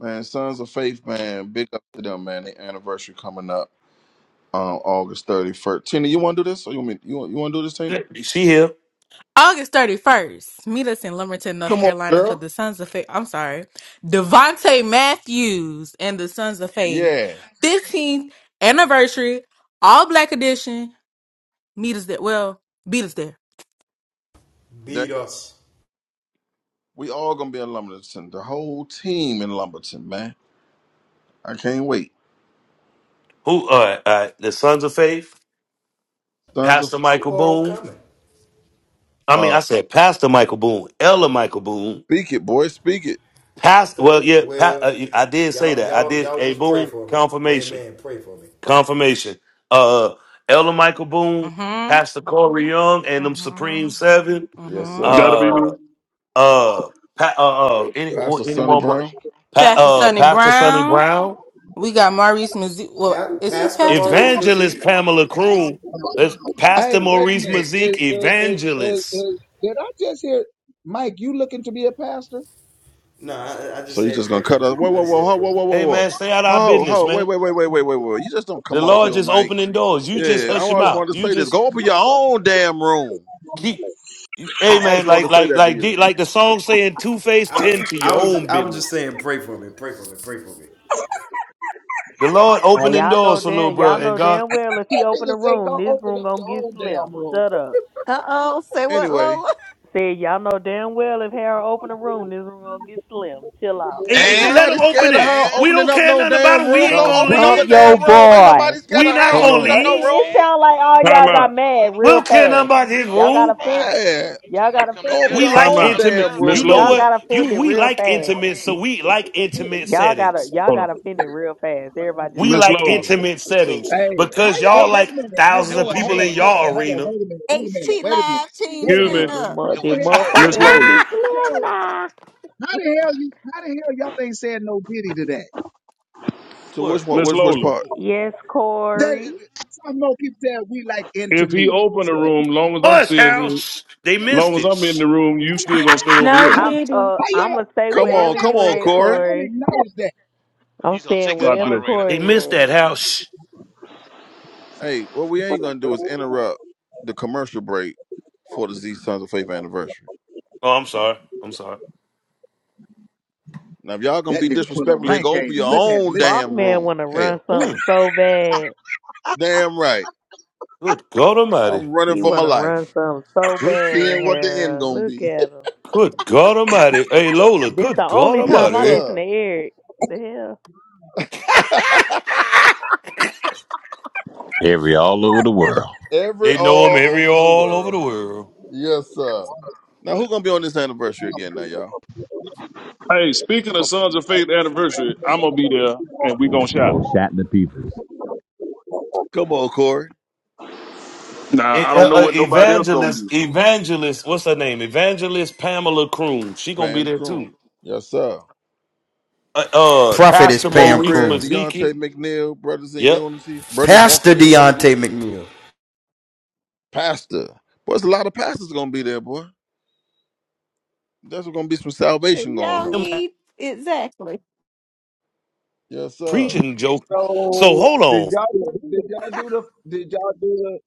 Speaker 2: Man, Sons of Faith, man, big up to them, man. The anniversary coming up um, August 31st. Tina, you want to do this? Or you want me, you want, you want to do this, Tina?
Speaker 3: She here.
Speaker 29: August 31st, meet us in Lumberton, North
Speaker 2: Come on,
Speaker 29: Carolina for
Speaker 2: girl.
Speaker 29: the Sons of Faith. I'm sorry, Devontae Matthews and the Sons of Faith
Speaker 2: Yeah.
Speaker 29: 15th anniversary, all black edition. Meet us there. Well, beat us there.
Speaker 2: That-
Speaker 1: Beat us.
Speaker 2: we all going to be in Lumberton. The whole team in Lumberton, man. I can't wait.
Speaker 3: Who? All right, all right. The Sons of Faith.
Speaker 2: Sons of
Speaker 3: Pastor
Speaker 1: Who
Speaker 3: Michael
Speaker 1: all
Speaker 3: Boone.
Speaker 1: coming?
Speaker 3: I mean, I
Speaker 2: uh,
Speaker 3: said Pastor Michael Boone. Ella Michael Boone.
Speaker 2: Speak it, boy. Speak it.
Speaker 3: Pastor.
Speaker 1: Uh,
Speaker 3: Well, yeah. Pa,
Speaker 1: well,
Speaker 3: uh, I did say
Speaker 1: y'all,
Speaker 3: that. I
Speaker 1: y'all,
Speaker 3: did.
Speaker 1: y'all
Speaker 3: Hey,
Speaker 1: just pray
Speaker 3: Boone.
Speaker 1: for me.
Speaker 3: Confirmation.
Speaker 1: Amen. Pray for me.
Speaker 3: Confirmation. Uh, Elder Michael Boone,
Speaker 29: Mm hmm.
Speaker 3: Pastor Corey Young, and
Speaker 29: Mm
Speaker 3: them Supreme Seven.
Speaker 29: hmm. Mm
Speaker 2: Yes,
Speaker 29: hmm.
Speaker 2: sir.
Speaker 19: That'll be me.
Speaker 3: Uh, uh, pa- uh, uh any or
Speaker 2: Pastor
Speaker 3: any
Speaker 2: Sonny
Speaker 3: more? bro-
Speaker 2: Brown.
Speaker 3: Pa-
Speaker 29: Pastor
Speaker 3: uh,
Speaker 29: Sonny
Speaker 3: Pastor Sonny
Speaker 29: Brown.
Speaker 3: Brown,
Speaker 29: We got Maurice Mizzou. Well,
Speaker 1: Pa-
Speaker 29: is he
Speaker 1: Pastor
Speaker 29: pastor
Speaker 1: Maurice
Speaker 29: too?
Speaker 3: Evangelist
Speaker 1: Mazik.
Speaker 3: Pamela Croon, that's
Speaker 21: Hey,
Speaker 3: Pastor
Speaker 21: wait a
Speaker 3: Maurice
Speaker 21: minute. Is,
Speaker 3: Mazik,
Speaker 21: is, is, is,
Speaker 3: Evangelist.
Speaker 21: is, did I just hear, Mike, you looking to be a pastor?
Speaker 1: No, I, I just
Speaker 2: So you
Speaker 1: said
Speaker 2: just going
Speaker 1: pray
Speaker 2: to
Speaker 1: for
Speaker 2: cut
Speaker 1: me.
Speaker 2: us. Whoa,
Speaker 1: I
Speaker 2: whoa,
Speaker 1: just
Speaker 2: whoa,
Speaker 1: said
Speaker 2: whoa,
Speaker 1: pray
Speaker 2: whoa,
Speaker 1: for
Speaker 2: whoa,
Speaker 1: me.
Speaker 2: whoa,
Speaker 3: Hey
Speaker 2: whoa.
Speaker 3: man, stay out of our
Speaker 2: Ho,
Speaker 3: business,
Speaker 2: ho, wait,
Speaker 3: man.
Speaker 2: wait, wait, wait, wait, wait, wait. You just don't
Speaker 3: The
Speaker 2: come off
Speaker 3: Lord
Speaker 2: your
Speaker 3: just
Speaker 2: mic
Speaker 3: opening doors. You just
Speaker 2: Yeah, I
Speaker 3: hush him
Speaker 2: always
Speaker 3: out.
Speaker 2: wanted to
Speaker 3: You
Speaker 2: say this.
Speaker 3: just
Speaker 2: Go open your own damn room.
Speaker 3: keep. you- Hey
Speaker 2: I
Speaker 3: man,
Speaker 2: always wanted
Speaker 3: like
Speaker 2: to say
Speaker 3: like
Speaker 2: that to
Speaker 3: like
Speaker 2: you.
Speaker 3: D- like the song saying, two face
Speaker 1: I,
Speaker 3: tend to
Speaker 1: I
Speaker 3: your
Speaker 1: was,
Speaker 3: own
Speaker 1: just, I was
Speaker 3: business.
Speaker 1: just saying pray for me. Pray for me. Pray for me.
Speaker 3: The Lord
Speaker 15: Now
Speaker 3: opening
Speaker 15: y'all know
Speaker 3: doors for little
Speaker 15: damn
Speaker 3: bro,
Speaker 15: y'all
Speaker 3: and
Speaker 15: know
Speaker 3: God,
Speaker 15: damn well if
Speaker 21: I
Speaker 15: he
Speaker 21: think
Speaker 15: open a
Speaker 21: it's say
Speaker 15: room,
Speaker 21: go
Speaker 15: this
Speaker 21: open
Speaker 15: room
Speaker 21: up
Speaker 15: gonna
Speaker 21: your
Speaker 15: get
Speaker 21: own
Speaker 15: slim.
Speaker 21: damn room.
Speaker 15: Shut up.
Speaker 14: uh oh, say what,
Speaker 2: Anyway,
Speaker 14: Lola?
Speaker 15: Said y'all know damn well if Harold open a room, this room gonna get slim. Chill out.
Speaker 3: Hey,
Speaker 2: ain't
Speaker 3: just let
Speaker 16: And
Speaker 3: him
Speaker 2: nobody
Speaker 3: open
Speaker 2: scared of
Speaker 3: it.
Speaker 2: her
Speaker 16: and
Speaker 3: We
Speaker 2: opening
Speaker 3: don't
Speaker 2: up
Speaker 3: care
Speaker 2: no
Speaker 3: nothing about
Speaker 2: damn
Speaker 3: him.
Speaker 16: what
Speaker 3: We
Speaker 16: that
Speaker 2: room.
Speaker 3: ain't
Speaker 2: Go
Speaker 15: gonna
Speaker 3: gonna
Speaker 16: m-
Speaker 2: open
Speaker 16: what
Speaker 2: up a
Speaker 15: dump
Speaker 16: that
Speaker 3: leave.
Speaker 15: your
Speaker 16: mean,
Speaker 2: damn room.
Speaker 16: Loader?
Speaker 2: Ain't
Speaker 15: boy.
Speaker 2: nobody scared
Speaker 3: We
Speaker 2: of
Speaker 16: What
Speaker 3: not
Speaker 2: her
Speaker 16: that
Speaker 19: Hold
Speaker 3: gonna
Speaker 2: opening
Speaker 19: on.
Speaker 15: Uh,
Speaker 2: up
Speaker 15: it,
Speaker 2: no
Speaker 3: leave.
Speaker 15: it
Speaker 2: room.
Speaker 15: sounds
Speaker 16: and, and
Speaker 15: like all
Speaker 16: Loader,
Speaker 19: Time
Speaker 15: y'all got
Speaker 19: out.
Speaker 15: mad
Speaker 16: Loader,
Speaker 3: We
Speaker 15: real
Speaker 3: don't care nothing
Speaker 15: fast.
Speaker 16: Loader,
Speaker 3: about his
Speaker 15: Y'all
Speaker 16: Loader?
Speaker 15: got
Speaker 3: rule.
Speaker 15: offended.
Speaker 2: Yeah,
Speaker 16: You
Speaker 15: Y'all
Speaker 16: talking about
Speaker 15: got
Speaker 16: come
Speaker 2: go open
Speaker 15: offended.
Speaker 3: We
Speaker 2: your
Speaker 16: together? We
Speaker 19: Time
Speaker 3: like
Speaker 16: finna
Speaker 2: own
Speaker 19: out.
Speaker 16: come
Speaker 3: intimate.
Speaker 2: damn
Speaker 16: together
Speaker 19: Miss
Speaker 3: You
Speaker 2: room.
Speaker 16: now.
Speaker 3: know
Speaker 15: Y'all
Speaker 19: Lola.
Speaker 3: what?
Speaker 15: got
Speaker 3: You
Speaker 15: offended
Speaker 3: we
Speaker 15: real
Speaker 3: like
Speaker 15: fast.
Speaker 3: intimate, so we like intimate
Speaker 15: Y'all got
Speaker 3: settings.
Speaker 15: y'all
Speaker 19: Hold on.
Speaker 15: got offended real fast. Everybody just
Speaker 3: We
Speaker 19: Miss
Speaker 15: started
Speaker 3: like
Speaker 19: Lola.
Speaker 15: attacking us.
Speaker 3: intimate
Speaker 15: It's cool.
Speaker 3: settings
Speaker 21: Hey,
Speaker 16: That
Speaker 21: how
Speaker 16: what a
Speaker 3: because
Speaker 21: y'all?
Speaker 3: y'all
Speaker 16: team.
Speaker 14: H
Speaker 21: Wait a
Speaker 3: like
Speaker 21: minute. Hey,
Speaker 3: thousands
Speaker 16: That
Speaker 21: hold
Speaker 3: of
Speaker 21: on,
Speaker 16: what a
Speaker 21: hold
Speaker 3: people
Speaker 21: on,
Speaker 3: in
Speaker 16: team
Speaker 21: hold
Speaker 16: do.
Speaker 21: on,
Speaker 3: y'all
Speaker 21: hold on.
Speaker 3: arena.
Speaker 21: Wait a minute. Wait a minute.
Speaker 14: HT
Speaker 21: Wait a minute.
Speaker 14: Live team,
Speaker 21: Wait a
Speaker 19: Excuse
Speaker 15: I
Speaker 19: me.
Speaker 14: stand
Speaker 15: know
Speaker 21: minute.
Speaker 15: this
Speaker 14: up.
Speaker 21: How
Speaker 15: mo-
Speaker 16: That
Speaker 21: the
Speaker 15: this
Speaker 16: what a team
Speaker 21: hell?
Speaker 16: do.
Speaker 15: motherfucker
Speaker 19: Miss
Speaker 21: Wait a
Speaker 15: gonna
Speaker 21: minute.
Speaker 19: Lola.
Speaker 15: get
Speaker 21: How the hell?
Speaker 15: slim now.
Speaker 21: How the hell you? How the hell y'all ain't said no Diddy to that?
Speaker 2: To which
Speaker 3: What?
Speaker 2: one?
Speaker 19: Miss
Speaker 2: Which which
Speaker 19: Lola.
Speaker 2: part?
Speaker 15: Yes,
Speaker 21: That
Speaker 15: Corey.
Speaker 21: some more people said we like into
Speaker 19: If he
Speaker 21: me.
Speaker 19: open the
Speaker 21: Shit.
Speaker 19: room, long as I'm
Speaker 3: Hush,
Speaker 19: still here,
Speaker 3: house. They
Speaker 19: Long
Speaker 3: missed
Speaker 19: as
Speaker 3: it.
Speaker 19: I'm in
Speaker 3: Shh.
Speaker 19: the room, you still gonna stay over
Speaker 27: No,
Speaker 19: here.
Speaker 21: How
Speaker 15: I'm
Speaker 27: Diddy.
Speaker 15: uh
Speaker 21: how
Speaker 15: I'm
Speaker 21: y'all?
Speaker 15: gonna stay
Speaker 21: How
Speaker 2: Come
Speaker 21: y'all
Speaker 2: on,
Speaker 15: wherever
Speaker 21: not?
Speaker 2: come
Speaker 15: you
Speaker 21: How
Speaker 2: on,
Speaker 15: at,
Speaker 21: y'all not
Speaker 2: Corey.
Speaker 21: gonna
Speaker 15: Corey.
Speaker 21: acknowledge that?
Speaker 15: I'm
Speaker 16: You gonna take
Speaker 15: staying
Speaker 16: this
Speaker 19: God
Speaker 15: wherever
Speaker 19: bless you.
Speaker 16: moderator in the
Speaker 3: They
Speaker 15: Corey
Speaker 16: court.
Speaker 3: missed
Speaker 15: at.
Speaker 3: that house.
Speaker 2: Hey, what we ain't gonna do is interrupt the commercial break for the Z Sons of Faith anniversary.
Speaker 3: Oh, I'm sorry. I'm sorry.
Speaker 2: Now, if y'all gonna
Speaker 21: That
Speaker 2: be
Speaker 21: nigga put a
Speaker 2: disrespectful here,
Speaker 21: rank
Speaker 2: go
Speaker 21: game.
Speaker 2: open your
Speaker 21: Look at,
Speaker 2: own
Speaker 21: listen
Speaker 15: Boss
Speaker 21: to.
Speaker 2: damn
Speaker 21: Him.
Speaker 15: man
Speaker 2: room.
Speaker 15: wanna run
Speaker 2: Hell,
Speaker 15: something
Speaker 3: Mm,
Speaker 15: so bad.
Speaker 2: damn right.
Speaker 3: good God Almighty.
Speaker 2: I'm running
Speaker 15: He
Speaker 2: for my
Speaker 15: wanna run
Speaker 2: life,
Speaker 15: something so bad,
Speaker 2: seeing what the end
Speaker 15: Harold.
Speaker 2: gonna
Speaker 15: Look
Speaker 2: be.
Speaker 15: at him.
Speaker 3: Good God Almighty. Hey, Lola,
Speaker 15: This the
Speaker 3: good God
Speaker 15: only time
Speaker 2: yes,
Speaker 15: I
Speaker 3: Almighty.
Speaker 15: listen to
Speaker 2: sir.
Speaker 15: Eric. The hell.
Speaker 12: Every all over the world.
Speaker 2: Every
Speaker 3: They know him
Speaker 2: all
Speaker 3: every
Speaker 2: over the
Speaker 3: all over the
Speaker 2: world.
Speaker 3: world.
Speaker 2: Yes, sir. Now who gonna be on this anniversary again now, y'all?
Speaker 19: Hey, speaking of Sons of Faith anniversary, I'm gonna be there and we gonna shop.
Speaker 12: Go chat the people.
Speaker 2: Come on, Corey.
Speaker 19: Now
Speaker 3: E-
Speaker 19: I don't know
Speaker 3: uh, uh,
Speaker 19: what nobody else gonna
Speaker 3: evangelist,
Speaker 19: do.
Speaker 3: evangelist, what's her name? Evangelist Pamela Croon. She gonna be
Speaker 2: Pam
Speaker 3: there
Speaker 2: Croom.
Speaker 3: too.
Speaker 2: Yes, sir.
Speaker 3: Uh, uh
Speaker 1: Prophetess
Speaker 3: Pastor
Speaker 2: Jay
Speaker 1: Pam
Speaker 3: Maurice
Speaker 2: Crib,
Speaker 1: Croom.
Speaker 3: Maziki.
Speaker 2: Deontay McNeil, Brothers in
Speaker 3: Yep.
Speaker 2: Unity, Brothers Walking
Speaker 1: Pastor
Speaker 2: in Unity,
Speaker 1: Deontay McNeil.
Speaker 2: Pastor. Boy, there's a lot of pastors gonna be there, boy. There's gonna be some salvation going
Speaker 14: Y'all
Speaker 2: on.
Speaker 3: Him
Speaker 14: need exactly.
Speaker 2: Yes, sir.
Speaker 3: preaching joke.
Speaker 21: So
Speaker 3: So hold
Speaker 21: did
Speaker 3: on.
Speaker 21: y'all? Did y'all do the? Did y'all do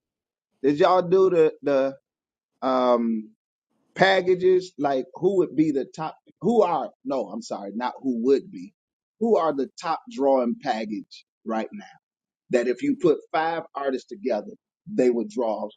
Speaker 21: the? Did y'all do the? The um. packages like who would be the top who are no i'm sorry not who would be who are the top drawing package right now that if you put five artists together they would draw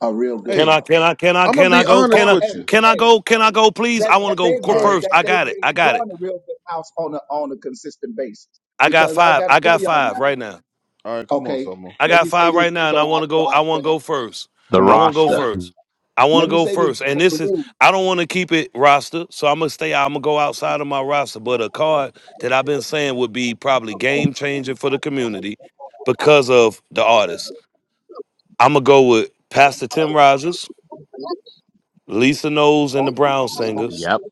Speaker 21: a real good
Speaker 3: Can I?
Speaker 2: Hey,
Speaker 3: Can
Speaker 21: house
Speaker 3: I? Can I?
Speaker 2: I'm gonna
Speaker 3: Can I
Speaker 2: be
Speaker 3: go? Can
Speaker 2: honest
Speaker 21: oh
Speaker 3: I?
Speaker 2: with you.
Speaker 21: hey
Speaker 3: Can I
Speaker 21: hey
Speaker 3: go? Can I go? Please,
Speaker 21: that
Speaker 3: I want to
Speaker 21: that
Speaker 3: go
Speaker 21: they've
Speaker 3: qu-
Speaker 2: All
Speaker 21: been
Speaker 2: right,
Speaker 3: first.
Speaker 21: that
Speaker 3: I
Speaker 21: they've
Speaker 3: got it.
Speaker 21: been
Speaker 3: I got it.
Speaker 21: drawing a real good house on a on a consistent basis
Speaker 3: I got
Speaker 21: because i
Speaker 3: five.
Speaker 21: gotta
Speaker 3: I
Speaker 21: tell
Speaker 3: got
Speaker 21: y'all
Speaker 3: five
Speaker 21: now
Speaker 3: right now.
Speaker 2: all right, come on,
Speaker 21: okay
Speaker 2: Samo.
Speaker 3: I
Speaker 21: let me
Speaker 3: got
Speaker 21: say
Speaker 3: five
Speaker 21: this
Speaker 3: right now,
Speaker 21: so
Speaker 3: and I
Speaker 21: i
Speaker 3: want to
Speaker 21: so
Speaker 3: go.
Speaker 21: i
Speaker 3: I want to
Speaker 21: set up
Speaker 3: go first.
Speaker 12: The
Speaker 3: I
Speaker 2: Come
Speaker 3: want to go
Speaker 21: all
Speaker 12: roster.
Speaker 21: right
Speaker 3: first. I want
Speaker 21: let
Speaker 3: to
Speaker 21: me
Speaker 3: go
Speaker 21: say this
Speaker 3: first. And
Speaker 21: for the
Speaker 3: this is
Speaker 21: room
Speaker 3: I don't want to keep it roster, so I'm gonna stay. I'm gonna go outside of my roster. But a card that I've been saying would be probably game changing for the community because of the artist. I'm gonna go with Pastor Tim Rogers, Lisa Knowles and the Brown Singers,
Speaker 12: Yep.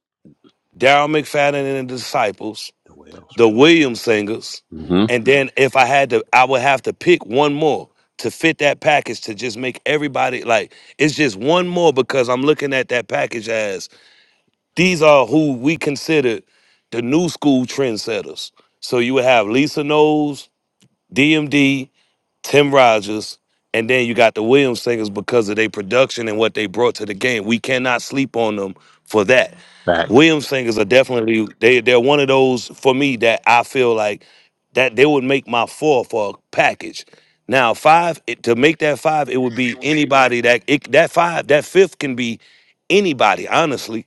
Speaker 3: Daryl McFadden and the Disciples,
Speaker 12: The whales.
Speaker 3: the Williams singers,
Speaker 12: Mm-hmm.
Speaker 3: and then if I had to, I would have to pick one more to fit that package to just make everybody like it's just one more because I'm looking at that package as these are who we consider the new school trendsetters. So you would have Lisa Knowles, DMD. Tim Rogers, and then you got the Williams singers because of their production and what they brought to the game. We cannot sleep on them for that. The
Speaker 12: Facts.
Speaker 3: Williams singers are definitely they they're one of those for me that I feel like that they would make my four for a package. Now five it, to make that five, it would be anybody that it, that five that fifth can be anybody. Honestly,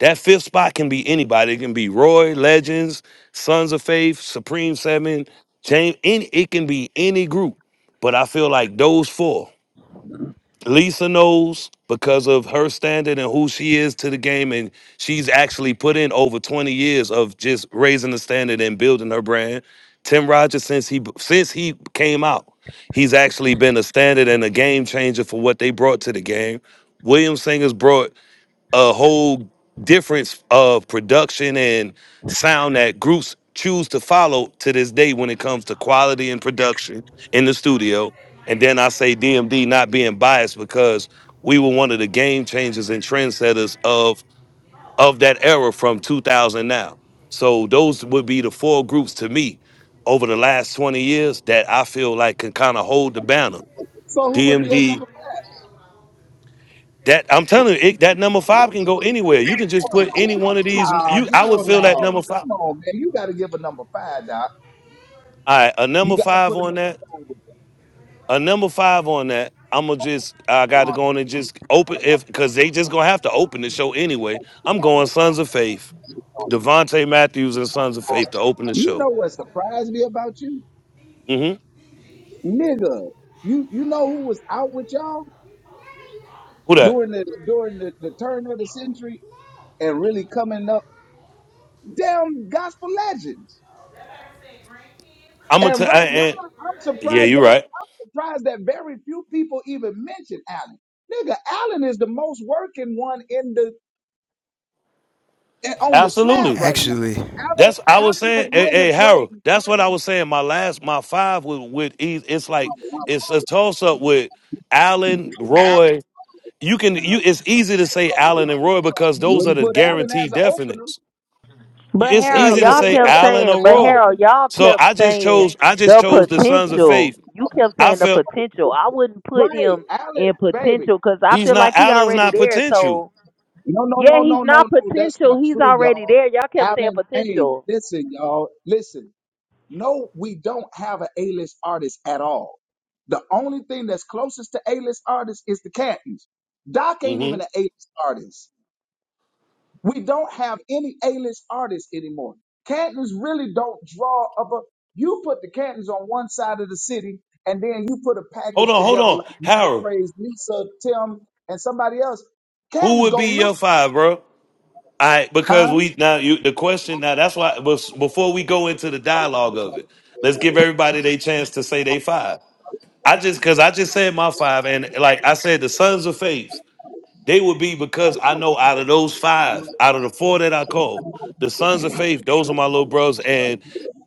Speaker 3: that fifth spot can be anybody. It can be Roy Legends, Sons of Faith, Supreme Seven, James. Any, it can be any group. But I feel like those four, Lisa knows because of her standard and who she is to the game, and she's actually put in over 20 years of just raising the standard and building her brand. Tim Rogers, since he since he came out, he's actually been a standard and a game changer for what they brought to the game. William Singers brought a whole difference of production and sound that groups choose to follow to this day when it comes to quality and production in the studio. And then I say DMD not being biased because we were one of the game changers and trendsetters of of that era from 2000 now. So those would be the four groups to me over the last 20 years that I feel like can kind of hold the banner.
Speaker 21: so who would be a number
Speaker 3: DMD,
Speaker 21: five
Speaker 3: that I'm telling you, it, that number five can go anywhere. You can just put any one of these.
Speaker 21: Nah,
Speaker 3: You, I would
Speaker 21: hell
Speaker 3: feel that
Speaker 21: no.
Speaker 3: number five.
Speaker 21: Come on, man. You got to give a number five, Doc.
Speaker 3: All right, a
Speaker 21: You
Speaker 3: number
Speaker 21: got to
Speaker 3: five
Speaker 21: put a number
Speaker 3: on that.
Speaker 21: five with that.
Speaker 3: A number five on that. I'm gonna just. I got to go on and just open if because they just gonna have to open the show anyway. I'm going Sons of Faith, Devontae Matthews and Sons of Faith to open the
Speaker 21: You
Speaker 3: show.
Speaker 21: know what surprised me about you?
Speaker 3: hmm
Speaker 21: Nigga, you, you know who was out with y'all
Speaker 3: Who that?
Speaker 21: during the during the, the turn of the century and really coming up? Damn gospel legends.
Speaker 3: I'm gonna.
Speaker 21: And
Speaker 3: T- I,
Speaker 21: right now,
Speaker 3: and
Speaker 21: I'm
Speaker 3: yeah,
Speaker 21: surprised
Speaker 3: you're
Speaker 21: that
Speaker 3: right.
Speaker 21: surprised that very few people even mention Allen. Nigga, Allen is the most working one in the and on the slab
Speaker 3: Absolutely.
Speaker 21: right now.
Speaker 1: Actually,
Speaker 21: Allen,
Speaker 3: That's I was
Speaker 21: Allen has
Speaker 3: saying, hey,
Speaker 21: win the
Speaker 3: hey Harold.
Speaker 21: praise.
Speaker 3: That's what I was saying. My last, my five with with ease. It's like it's a toss up with Allen,
Speaker 2: on.
Speaker 3: Roy. You can you. It's easy to say Allen and Roy because those are
Speaker 21: Wouldn't
Speaker 3: the
Speaker 21: put Allen as
Speaker 3: guaranteed
Speaker 21: an opener.
Speaker 3: definites.
Speaker 15: But
Speaker 3: It's
Speaker 15: Harold,
Speaker 21: Hell,
Speaker 3: easy
Speaker 21: I
Speaker 3: to
Speaker 15: y'all
Speaker 21: wouldn't
Speaker 3: say
Speaker 21: put
Speaker 15: kept
Speaker 21: Allen
Speaker 3: Allen
Speaker 15: saying,
Speaker 3: or
Speaker 21: as
Speaker 15: but
Speaker 21: an
Speaker 3: Roy.
Speaker 15: Harold,
Speaker 21: opener.
Speaker 15: y'all
Speaker 3: So
Speaker 15: kept
Speaker 3: I just
Speaker 15: saying
Speaker 3: chose. I just
Speaker 15: the
Speaker 3: chose the Sons of
Speaker 15: potential.
Speaker 3: Faith.
Speaker 15: You kept
Speaker 3: I
Speaker 15: saying the
Speaker 3: felt
Speaker 15: potential. I wouldn't put
Speaker 21: Right,
Speaker 15: him
Speaker 21: Allen,
Speaker 15: in
Speaker 21: baby.
Speaker 15: potential because I
Speaker 3: he's
Speaker 15: feel
Speaker 3: not
Speaker 15: like he
Speaker 3: Allen's
Speaker 15: already
Speaker 3: not
Speaker 15: there.
Speaker 3: potential.
Speaker 15: So
Speaker 21: No, no,
Speaker 15: yeah,
Speaker 21: no, no,
Speaker 15: he's
Speaker 21: no,
Speaker 15: not
Speaker 21: no. That's not
Speaker 15: potential. He's
Speaker 21: true,
Speaker 15: already
Speaker 21: y'all.
Speaker 15: there. Y'all kept saying
Speaker 21: Allen, hey,
Speaker 15: potential.
Speaker 21: listen, y'all, listen. No, we don't have an A-list artist at all. The only thing that's closest to A-list artists is the Cantons. Doc ain't
Speaker 3: hmm
Speaker 21: even an A-list artist. We don't have any A-list artists anymore. Cantons really don't draw up a. You put the Cantons on one side of the city, and then you put a
Speaker 3: Hold
Speaker 21: package
Speaker 3: on, hold
Speaker 21: together like
Speaker 3: on,
Speaker 21: Men of
Speaker 3: Harold.
Speaker 21: Praise, Lisa, Tim, and somebody else.
Speaker 3: Who
Speaker 21: Cantons
Speaker 3: would
Speaker 21: gonna
Speaker 3: be
Speaker 21: lose,
Speaker 3: your five, bro? I
Speaker 21: huh?
Speaker 3: because we now you the question now that's why bef- before we go into the dialogue of it, let's give everybody their chance to say they five. I just because I just said my five and like I said the sons of faith. They would be because I know out of those five, out of the four that I called, the sons of faith, those are my little bros. And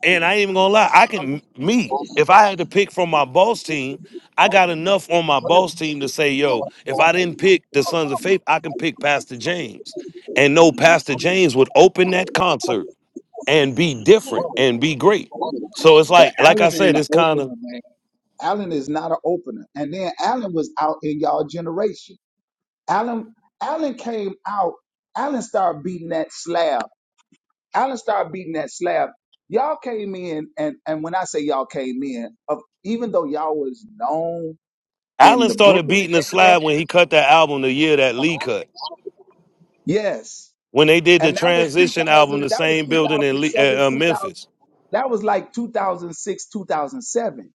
Speaker 3: and I ain't even gonna lie, I can me, if I had to pick from my boss team, I got enough on my boss team to say, yo, if I didn't pick the sons of faith, I can pick Pastor James. And no, Pastor James would open that concert and be different and be great. So it's
Speaker 21: But
Speaker 3: like,
Speaker 21: Allen
Speaker 3: like I
Speaker 21: ain't
Speaker 3: said,
Speaker 21: an
Speaker 3: it's kind of
Speaker 21: opener, man. Allen is not an opener. And then Allen was out in y'all generation. Allen, Allen came out. Allen started beating that slab. Allen started beating that slab. Y'all came in, and and when I say y'all came in, of even though y'all was known in
Speaker 3: Allen
Speaker 21: the
Speaker 3: started
Speaker 21: Brooklyn
Speaker 3: beating the
Speaker 21: era,
Speaker 3: slab when he cut that album the year that Lee cut.
Speaker 21: yes,
Speaker 3: when they did the
Speaker 21: and that was
Speaker 3: transition album,
Speaker 21: 2000,
Speaker 3: the
Speaker 21: that was
Speaker 3: same building in Le-
Speaker 21: 2007,
Speaker 3: uh, uh,
Speaker 21: 2000,
Speaker 3: Memphis.
Speaker 21: that was like 2006, 2007,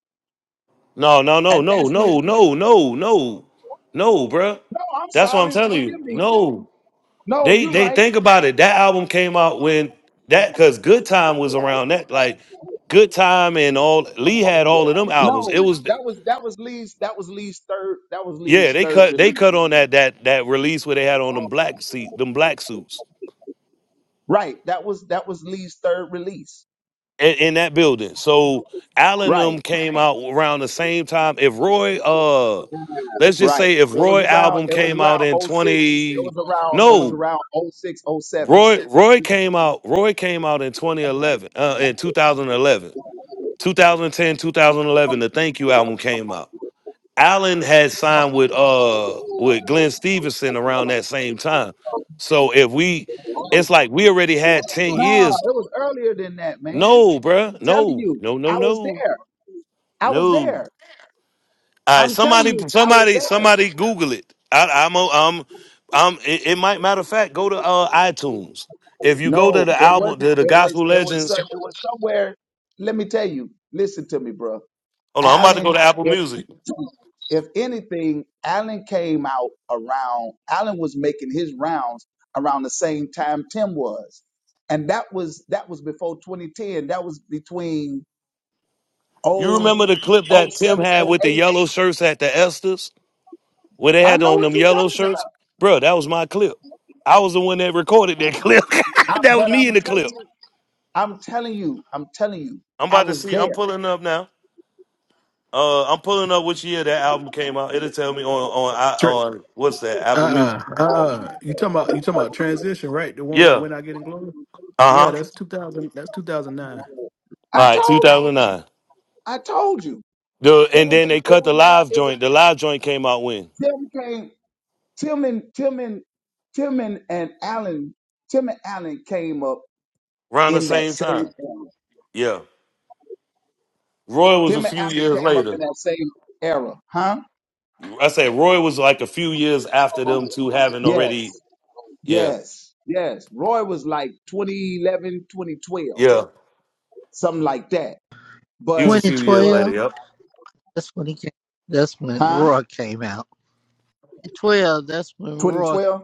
Speaker 3: No, no, no,
Speaker 21: and
Speaker 3: no,
Speaker 21: that's when.
Speaker 3: no, no, no, no, no, bruh.
Speaker 21: No, I'm
Speaker 3: That's what I'm
Speaker 21: sorry,
Speaker 3: telling you.
Speaker 21: forgive me.
Speaker 3: No,
Speaker 21: No,
Speaker 3: they
Speaker 21: you're
Speaker 3: they
Speaker 21: right.
Speaker 3: think about it. That album came out when that because Good Time was around that like Good Time and all Lee had all of them albums. It
Speaker 21: No,
Speaker 3: was
Speaker 21: that was that was Lee's that was Lee's third that was
Speaker 3: yeah
Speaker 21: Lee's
Speaker 3: they
Speaker 21: third
Speaker 3: cut they
Speaker 21: release.
Speaker 3: cut on that that that release where they had on them black seat them black suits.
Speaker 21: Right, that was that was Lee's third release.
Speaker 3: in, in that building. So Allen
Speaker 21: Right.
Speaker 3: and them came out around the same time. If Roy, uh, let's just
Speaker 21: Right.
Speaker 3: say if
Speaker 21: It was
Speaker 3: Roy
Speaker 21: around.
Speaker 3: album
Speaker 21: It was
Speaker 3: came
Speaker 21: around
Speaker 3: out in
Speaker 21: oh 06. It
Speaker 3: twenty,
Speaker 21: was around. It was
Speaker 3: no,
Speaker 21: around oh 06, oh 07.
Speaker 3: Roy Roy came out Roy came out in twenty eleven, uh, in 2011, 2010, 2011. The Thank You album came out. Allen had signed with uh with Glenn Stevenson around that same time. So if we, it's like we already had ten
Speaker 21: Nah,
Speaker 3: years.
Speaker 21: it was earlier than that, man.
Speaker 3: No,
Speaker 21: I'm
Speaker 3: bruh.
Speaker 21: telling
Speaker 3: No,
Speaker 21: you,
Speaker 3: no, no,
Speaker 21: I was
Speaker 3: no.
Speaker 21: there. I was
Speaker 3: No.
Speaker 21: there.
Speaker 3: All right.
Speaker 21: I'm telling
Speaker 3: Somebody,
Speaker 21: you, I was
Speaker 3: somebody,
Speaker 21: there.
Speaker 3: somebody. Google it. I, I'm, a, I'm, I'm. It, it might matter of fact. Go to uh, iTunes. If you go to
Speaker 21: No,
Speaker 3: the
Speaker 21: it
Speaker 3: album,
Speaker 21: wasn't.
Speaker 3: to the
Speaker 21: It was.
Speaker 3: Gospel
Speaker 21: It was. so-
Speaker 3: Legends.
Speaker 21: It was somewhere. Let me tell you. Listen to me, bro.
Speaker 3: Hold on. I'm about to go
Speaker 21: Allen,
Speaker 3: to Apple
Speaker 21: if,
Speaker 3: Music.
Speaker 21: if anything, Allen came out around, Allen was making his rounds around the same time Tim was. And that was that was before 2010. That was between
Speaker 3: You
Speaker 21: 0, 07,
Speaker 3: remember the clip that Tim had
Speaker 21: oh
Speaker 3: with the
Speaker 21: 08.
Speaker 3: yellow shirts at the Esters, where they
Speaker 21: I
Speaker 3: had
Speaker 21: know
Speaker 3: on
Speaker 21: what
Speaker 3: them
Speaker 21: you're
Speaker 3: yellow
Speaker 21: talking
Speaker 3: shirts,
Speaker 21: about.
Speaker 3: bro? That was my clip. I was the one that recorded that clip.
Speaker 21: I,
Speaker 3: that was
Speaker 21: but
Speaker 3: me in
Speaker 21: I'm
Speaker 3: the clip.
Speaker 21: telling you, I'm telling you, I'm telling you,
Speaker 3: I'm
Speaker 21: I
Speaker 3: about to
Speaker 21: was
Speaker 3: see. I'm
Speaker 21: there.
Speaker 3: pulling up now. Uh, I'm pulling up which year that album came out. It'll tell me on on I-
Speaker 10: Tra-
Speaker 3: on what's that
Speaker 10: uh
Speaker 3: Apple Music.
Speaker 10: uh uh. You talking about you talking about transition, right? The one with
Speaker 3: Yeah.
Speaker 10: when I get in glory. Yeah,
Speaker 3: Uh huh.
Speaker 10: that's two thousand. That's two thousand nine.
Speaker 21: I
Speaker 3: All right,
Speaker 21: told you.
Speaker 3: 2009.
Speaker 21: I told you.
Speaker 3: The,
Speaker 21: It
Speaker 3: and
Speaker 21: was it
Speaker 3: then they cut
Speaker 21: was
Speaker 3: the
Speaker 21: around
Speaker 3: live
Speaker 21: it was
Speaker 3: joint. The live joint came out when?
Speaker 21: Tim came Tillman, Tillman, Tillman and Allen, Tillman Allen came up
Speaker 3: Around the
Speaker 21: in that
Speaker 3: same
Speaker 21: same
Speaker 3: time.
Speaker 21: era.
Speaker 3: Yeah. Roy was a
Speaker 21: Tillman
Speaker 3: few
Speaker 21: Allen
Speaker 3: years
Speaker 21: came up
Speaker 3: later.
Speaker 21: in that same era, huh?
Speaker 3: I say Roy was like a few years after them two having
Speaker 21: Yes,
Speaker 3: already. Yeah.
Speaker 21: yes, yes. Roy was like 2011, 2012,
Speaker 3: Yeah.
Speaker 21: something like that.
Speaker 3: He was a
Speaker 21: But,
Speaker 3: few years
Speaker 21: but,
Speaker 3: later.
Speaker 25: 2012,
Speaker 3: Yep.
Speaker 25: that's when he came. That's when
Speaker 21: huh?
Speaker 25: Roy came out. twelve, that's when Roy
Speaker 21: 2012?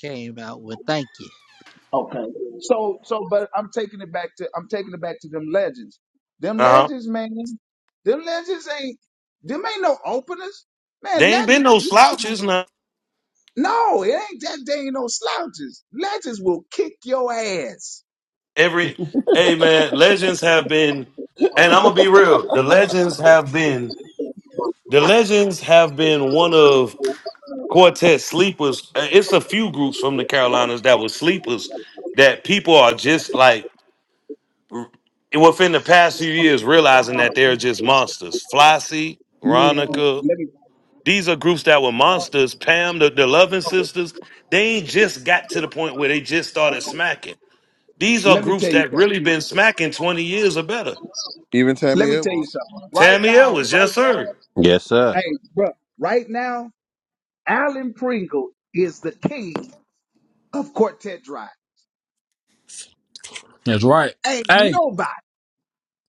Speaker 25: came out with "Thank You."
Speaker 21: Okay. So, so, but I'm taking it back to, I'm taking it back to them legends. Them
Speaker 3: Uh huh.
Speaker 21: legends, man, them legends ain't, them ain't no openers. Man,
Speaker 3: They ain't been
Speaker 21: legend,
Speaker 3: no
Speaker 21: legend
Speaker 3: slouches now.
Speaker 21: No, it ain't that they ain't no slouches. Legends will kick your ass.
Speaker 3: Every hey man, legends have been, and I'm gonna be real. The legends have been The legends have been one of Quartet sleepers. uh, It's a few groups from the Carolinas that were sleepers that people are just like within the past few years realizing that they're just monsters. Flossie,
Speaker 21: Man,
Speaker 3: Ronica.
Speaker 21: let me
Speaker 3: These are groups that were monsters. Pam, the, the Loving Sisters. They ain't just got to the point where they just started smacking. These are
Speaker 21: let me
Speaker 3: groups
Speaker 21: tell you
Speaker 3: that
Speaker 21: something.
Speaker 3: really been smacking 20 years or better.
Speaker 2: Even
Speaker 21: Let
Speaker 2: Tammy
Speaker 21: me tell you
Speaker 2: Edwards.
Speaker 21: something. Right
Speaker 3: Tammy L
Speaker 21: now,
Speaker 3: was
Speaker 21: right
Speaker 3: just
Speaker 21: now,
Speaker 3: heard.
Speaker 12: Yes, sir.
Speaker 21: hey, bro, right now, Alan Pringle is the king of quartet drive.
Speaker 23: That's right.
Speaker 21: Ain't
Speaker 23: Hey,
Speaker 21: nobody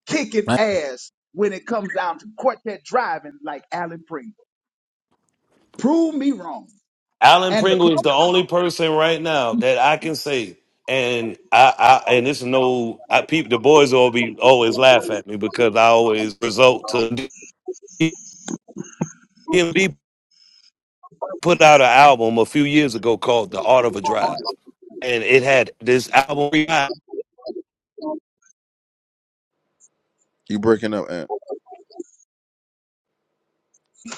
Speaker 21: kicking
Speaker 23: I'm
Speaker 21: ass when it comes down to quartet driving like Alan Pringle. Prove me wrong.
Speaker 3: Alan
Speaker 21: And the
Speaker 3: Pringle is
Speaker 21: close
Speaker 3: the only person right now that I can say, and I, I and it's no, I peep. The boys all be always laugh at me because I always result to DMB put out an album a few years ago called "The Art of a Drive," and it had this album. It
Speaker 2: You breaking up, Aunt.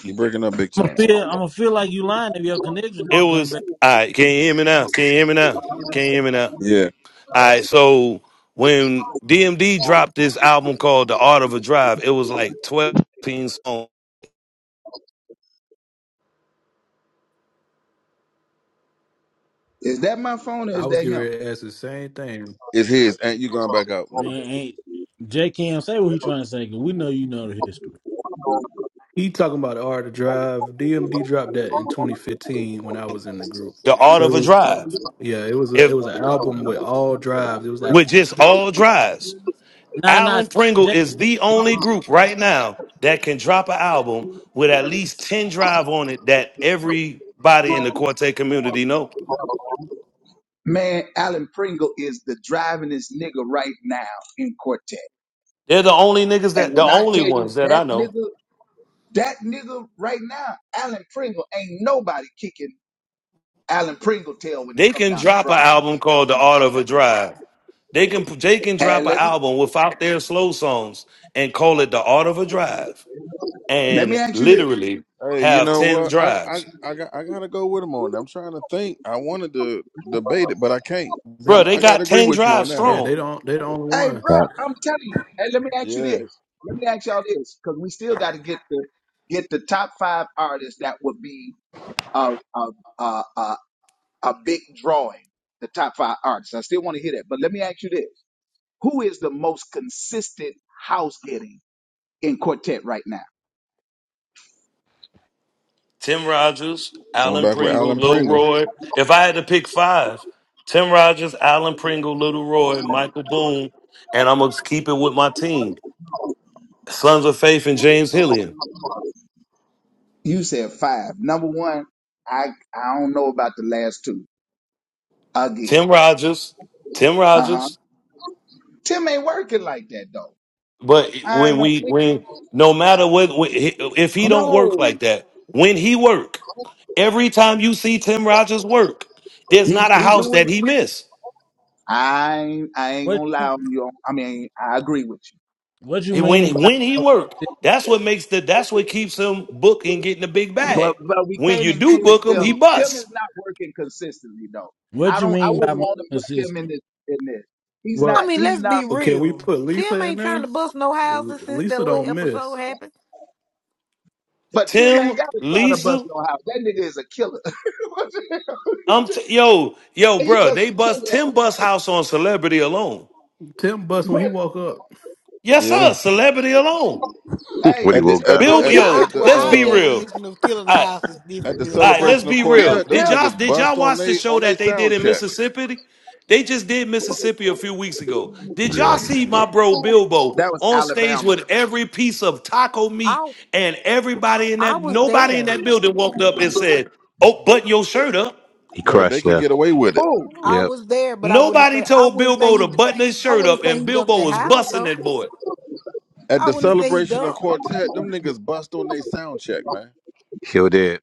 Speaker 2: You breaking up big
Speaker 23: gonna
Speaker 2: time.
Speaker 23: feel I'm gonna feel like you lying if your connection don't come
Speaker 3: was
Speaker 23: back.
Speaker 3: I can you hear me now? Can you hear me now? Can you hear me now?
Speaker 2: Yeah.
Speaker 3: All right, so when DMD dropped this album called "The Art of a Drive," it was like twelve songs.
Speaker 21: is that my phone or
Speaker 10: I
Speaker 21: is
Speaker 10: was
Speaker 21: that
Speaker 10: getting
Speaker 21: him?
Speaker 10: ready to ask the same thing.
Speaker 2: It's his. Aunt, you going back out,
Speaker 23: Man,
Speaker 2: man.
Speaker 23: ain't J Cam say what he trying to say? 'cause we know you know the history.
Speaker 10: He talking about the art to drive. DMD dropped that in 2015 when I was in the group.
Speaker 3: "The Art
Speaker 10: So it
Speaker 3: of a
Speaker 10: was
Speaker 3: Drive."
Speaker 10: yeah, it was a, it
Speaker 3: if
Speaker 10: was an album with all drives. It was like
Speaker 3: with just
Speaker 10: tw-
Speaker 3: all drives.
Speaker 23: Nah, nah.
Speaker 3: Alan Pringle
Speaker 23: J,
Speaker 3: is the only group right now that can drop an album with at least 10 drive on it that everybody in the Quartet community know.
Speaker 21: Man, Alan Pringle is the drivingest nigga right now in quartet.
Speaker 3: They're the only niggas
Speaker 21: And
Speaker 3: that the
Speaker 21: when I
Speaker 3: only
Speaker 21: tell you
Speaker 3: ones that
Speaker 21: that
Speaker 3: I know.
Speaker 21: nigga, that nigga right now, Alan Pringle ain't nobody kicking Alan Pringle tail when it
Speaker 3: They
Speaker 21: come
Speaker 3: can
Speaker 21: down to
Speaker 3: drop
Speaker 21: drive.
Speaker 3: an album called The Art of a Drive. They can they can drop
Speaker 21: And
Speaker 3: an
Speaker 21: let me
Speaker 3: album without their slow songs and call it The Art of a Drive
Speaker 21: let me
Speaker 3: and
Speaker 21: ask you this.
Speaker 3: literally
Speaker 2: Hey, you
Speaker 3: have
Speaker 2: know
Speaker 3: 10
Speaker 2: what? I I
Speaker 3: drives.
Speaker 2: I got I gotta go with him on. that. I'm trying to think. I wanted to debate it, but I can't.
Speaker 10: they-
Speaker 3: Bro,
Speaker 2: I'm
Speaker 3: they
Speaker 2: I
Speaker 3: got
Speaker 2: gotta agree
Speaker 3: 10
Speaker 2: with you on
Speaker 3: drives
Speaker 2: that,
Speaker 10: yeah,
Speaker 2: Harold.
Speaker 10: they
Speaker 3: strong.
Speaker 10: don't they the only
Speaker 21: Hey, bro,
Speaker 10: ones.
Speaker 12: Facts.
Speaker 21: I'm telling you. And let me ask you
Speaker 2: Yeah.
Speaker 21: this. Let me ask y'all this, because we still got to get the get the top five artists that would be a a a, a, a big drawing. The top five artists. I still want to hear that. But let me ask you this. Who is the most consistent house getting in quartet right now?
Speaker 3: Tim
Speaker 2: Shit.
Speaker 3: Rogers,
Speaker 2: Going
Speaker 3: Alan
Speaker 2: back with
Speaker 3: Pringle,
Speaker 2: Alan
Speaker 3: Lil
Speaker 2: Pringle.
Speaker 3: Roy. If I had to pick five, Tim Rogers, Alan Pringle, Little Roy, Michael Boone, and I'm gonna keep it with my team. Sons of Faith and James Hillian.
Speaker 21: You said five. Number one, I I don't know about the last two.
Speaker 3: Tim
Speaker 21: Again.
Speaker 3: Rogers, Tim
Speaker 21: Uh-huh.
Speaker 3: Rogers.
Speaker 21: Tim ain't working like that though.
Speaker 3: But
Speaker 21: I
Speaker 3: when we
Speaker 21: don't-
Speaker 3: when no matter what if he don't work
Speaker 21: no.
Speaker 3: like that, when he work, every time you see Tim Rogers work, there's
Speaker 21: He
Speaker 3: not a
Speaker 21: he do
Speaker 3: house
Speaker 21: it.
Speaker 3: that he miss.
Speaker 21: I ain't- I ain't
Speaker 23: what
Speaker 21: gonna lie
Speaker 23: you
Speaker 21: on you. I mean, I agree with you.
Speaker 23: what you
Speaker 3: It- when
Speaker 23: mean
Speaker 3: he
Speaker 23: by
Speaker 3: when he work, that's what makes the that's what keeps him booked and getting the big
Speaker 21: But
Speaker 3: bag.
Speaker 21: but we
Speaker 3: When
Speaker 21: can't
Speaker 3: you do
Speaker 21: include
Speaker 3: book him,
Speaker 21: Tim.
Speaker 3: he
Speaker 21: Tim
Speaker 3: busts.
Speaker 21: is not working consistently though.
Speaker 23: what
Speaker 21: I
Speaker 23: you
Speaker 21: don't I
Speaker 23: mean by
Speaker 21: wouldn't
Speaker 23: most
Speaker 21: want to put Tim in
Speaker 23: consistent?
Speaker 21: this in this. He's
Speaker 11: I
Speaker 10: Well,
Speaker 21: not.
Speaker 11: mean,
Speaker 21: He's
Speaker 11: let's
Speaker 21: not.
Speaker 11: be
Speaker 10: okay, we
Speaker 11: real.
Speaker 10: put
Speaker 11: Tim
Speaker 10: Lisa in
Speaker 11: ain't
Speaker 10: there.
Speaker 11: trying to bust no
Speaker 10: L-
Speaker 11: houses since that
Speaker 10: Lisa
Speaker 11: little
Speaker 10: don't
Speaker 11: episode
Speaker 10: miss.
Speaker 11: happened.
Speaker 21: But Tim ain't
Speaker 3: Tim,
Speaker 21: got to try to bust
Speaker 3: Lisa,
Speaker 21: no house. That nigga is a killer. What the hell?
Speaker 3: I'm t- yo yo,
Speaker 21: he just
Speaker 3: bro.
Speaker 21: a
Speaker 3: They bust
Speaker 21: killer.
Speaker 3: Tim bust house on celebrity alone.
Speaker 10: Tim bust when he
Speaker 21: But
Speaker 10: woke up.
Speaker 3: Yes, sir.
Speaker 2: Yeah.
Speaker 3: Celebrity alone.
Speaker 21: hey,
Speaker 12: When he
Speaker 2: At the
Speaker 12: woke
Speaker 21: Tim,
Speaker 2: at
Speaker 12: up.
Speaker 11: Oh
Speaker 2: the
Speaker 3: Bill,
Speaker 2: at
Speaker 11: yeah,
Speaker 2: the
Speaker 11: I
Speaker 3: yo,
Speaker 2: at the
Speaker 11: well
Speaker 3: let's
Speaker 11: our
Speaker 3: be
Speaker 2: uh
Speaker 3: real.
Speaker 11: definition of killing the house is
Speaker 2: at
Speaker 11: different
Speaker 2: the
Speaker 11: then.
Speaker 3: All
Speaker 11: I
Speaker 3: right,
Speaker 11: got
Speaker 3: let's
Speaker 2: celebration
Speaker 11: you.
Speaker 2: of
Speaker 3: be
Speaker 11: I got
Speaker 21: Tim,
Speaker 3: real.
Speaker 2: quartet,
Speaker 11: you.
Speaker 3: Did
Speaker 2: them
Speaker 21: Tim,
Speaker 3: y'all
Speaker 2: niggas
Speaker 3: did y'all
Speaker 2: bust on
Speaker 3: watch the
Speaker 2: they
Speaker 3: show
Speaker 2: on they
Speaker 3: that they did
Speaker 2: sound
Speaker 3: in
Speaker 2: check.
Speaker 3: Mississippi? They just did Mississippi a few weeks ago. Did
Speaker 12: Yeah.
Speaker 3: y'all see my bro Bilbo
Speaker 21: that was
Speaker 3: on stage
Speaker 21: Alabama.
Speaker 3: with every piece of taco meat
Speaker 11: I
Speaker 3: and everybody in
Speaker 11: I
Speaker 3: that
Speaker 11: was
Speaker 3: nobody in
Speaker 11: there.
Speaker 3: that building walked up and said, "Oh, button your shirt up."
Speaker 12: He
Speaker 2: Bruh, they
Speaker 12: crushed
Speaker 2: can
Speaker 12: there.
Speaker 2: get away with it.
Speaker 21: Oh,
Speaker 11: I
Speaker 12: Yep.
Speaker 11: was there, but I wouldn't
Speaker 3: Nobody
Speaker 11: say I
Speaker 3: told
Speaker 11: wouldn't say
Speaker 3: Bilbo
Speaker 11: he
Speaker 3: to
Speaker 11: d-
Speaker 3: button his
Speaker 11: I
Speaker 3: shirt
Speaker 11: wouldn't
Speaker 3: up,
Speaker 11: say
Speaker 3: and
Speaker 11: he dumped
Speaker 3: Bilbo
Speaker 11: that
Speaker 3: was
Speaker 11: house
Speaker 3: busting
Speaker 11: though.
Speaker 3: that boy.
Speaker 2: At
Speaker 11: I
Speaker 2: the
Speaker 11: wouldn't say he
Speaker 2: celebration of
Speaker 11: dumped.
Speaker 2: quartet, them niggas bust on they sound check, man.
Speaker 12: Sure did.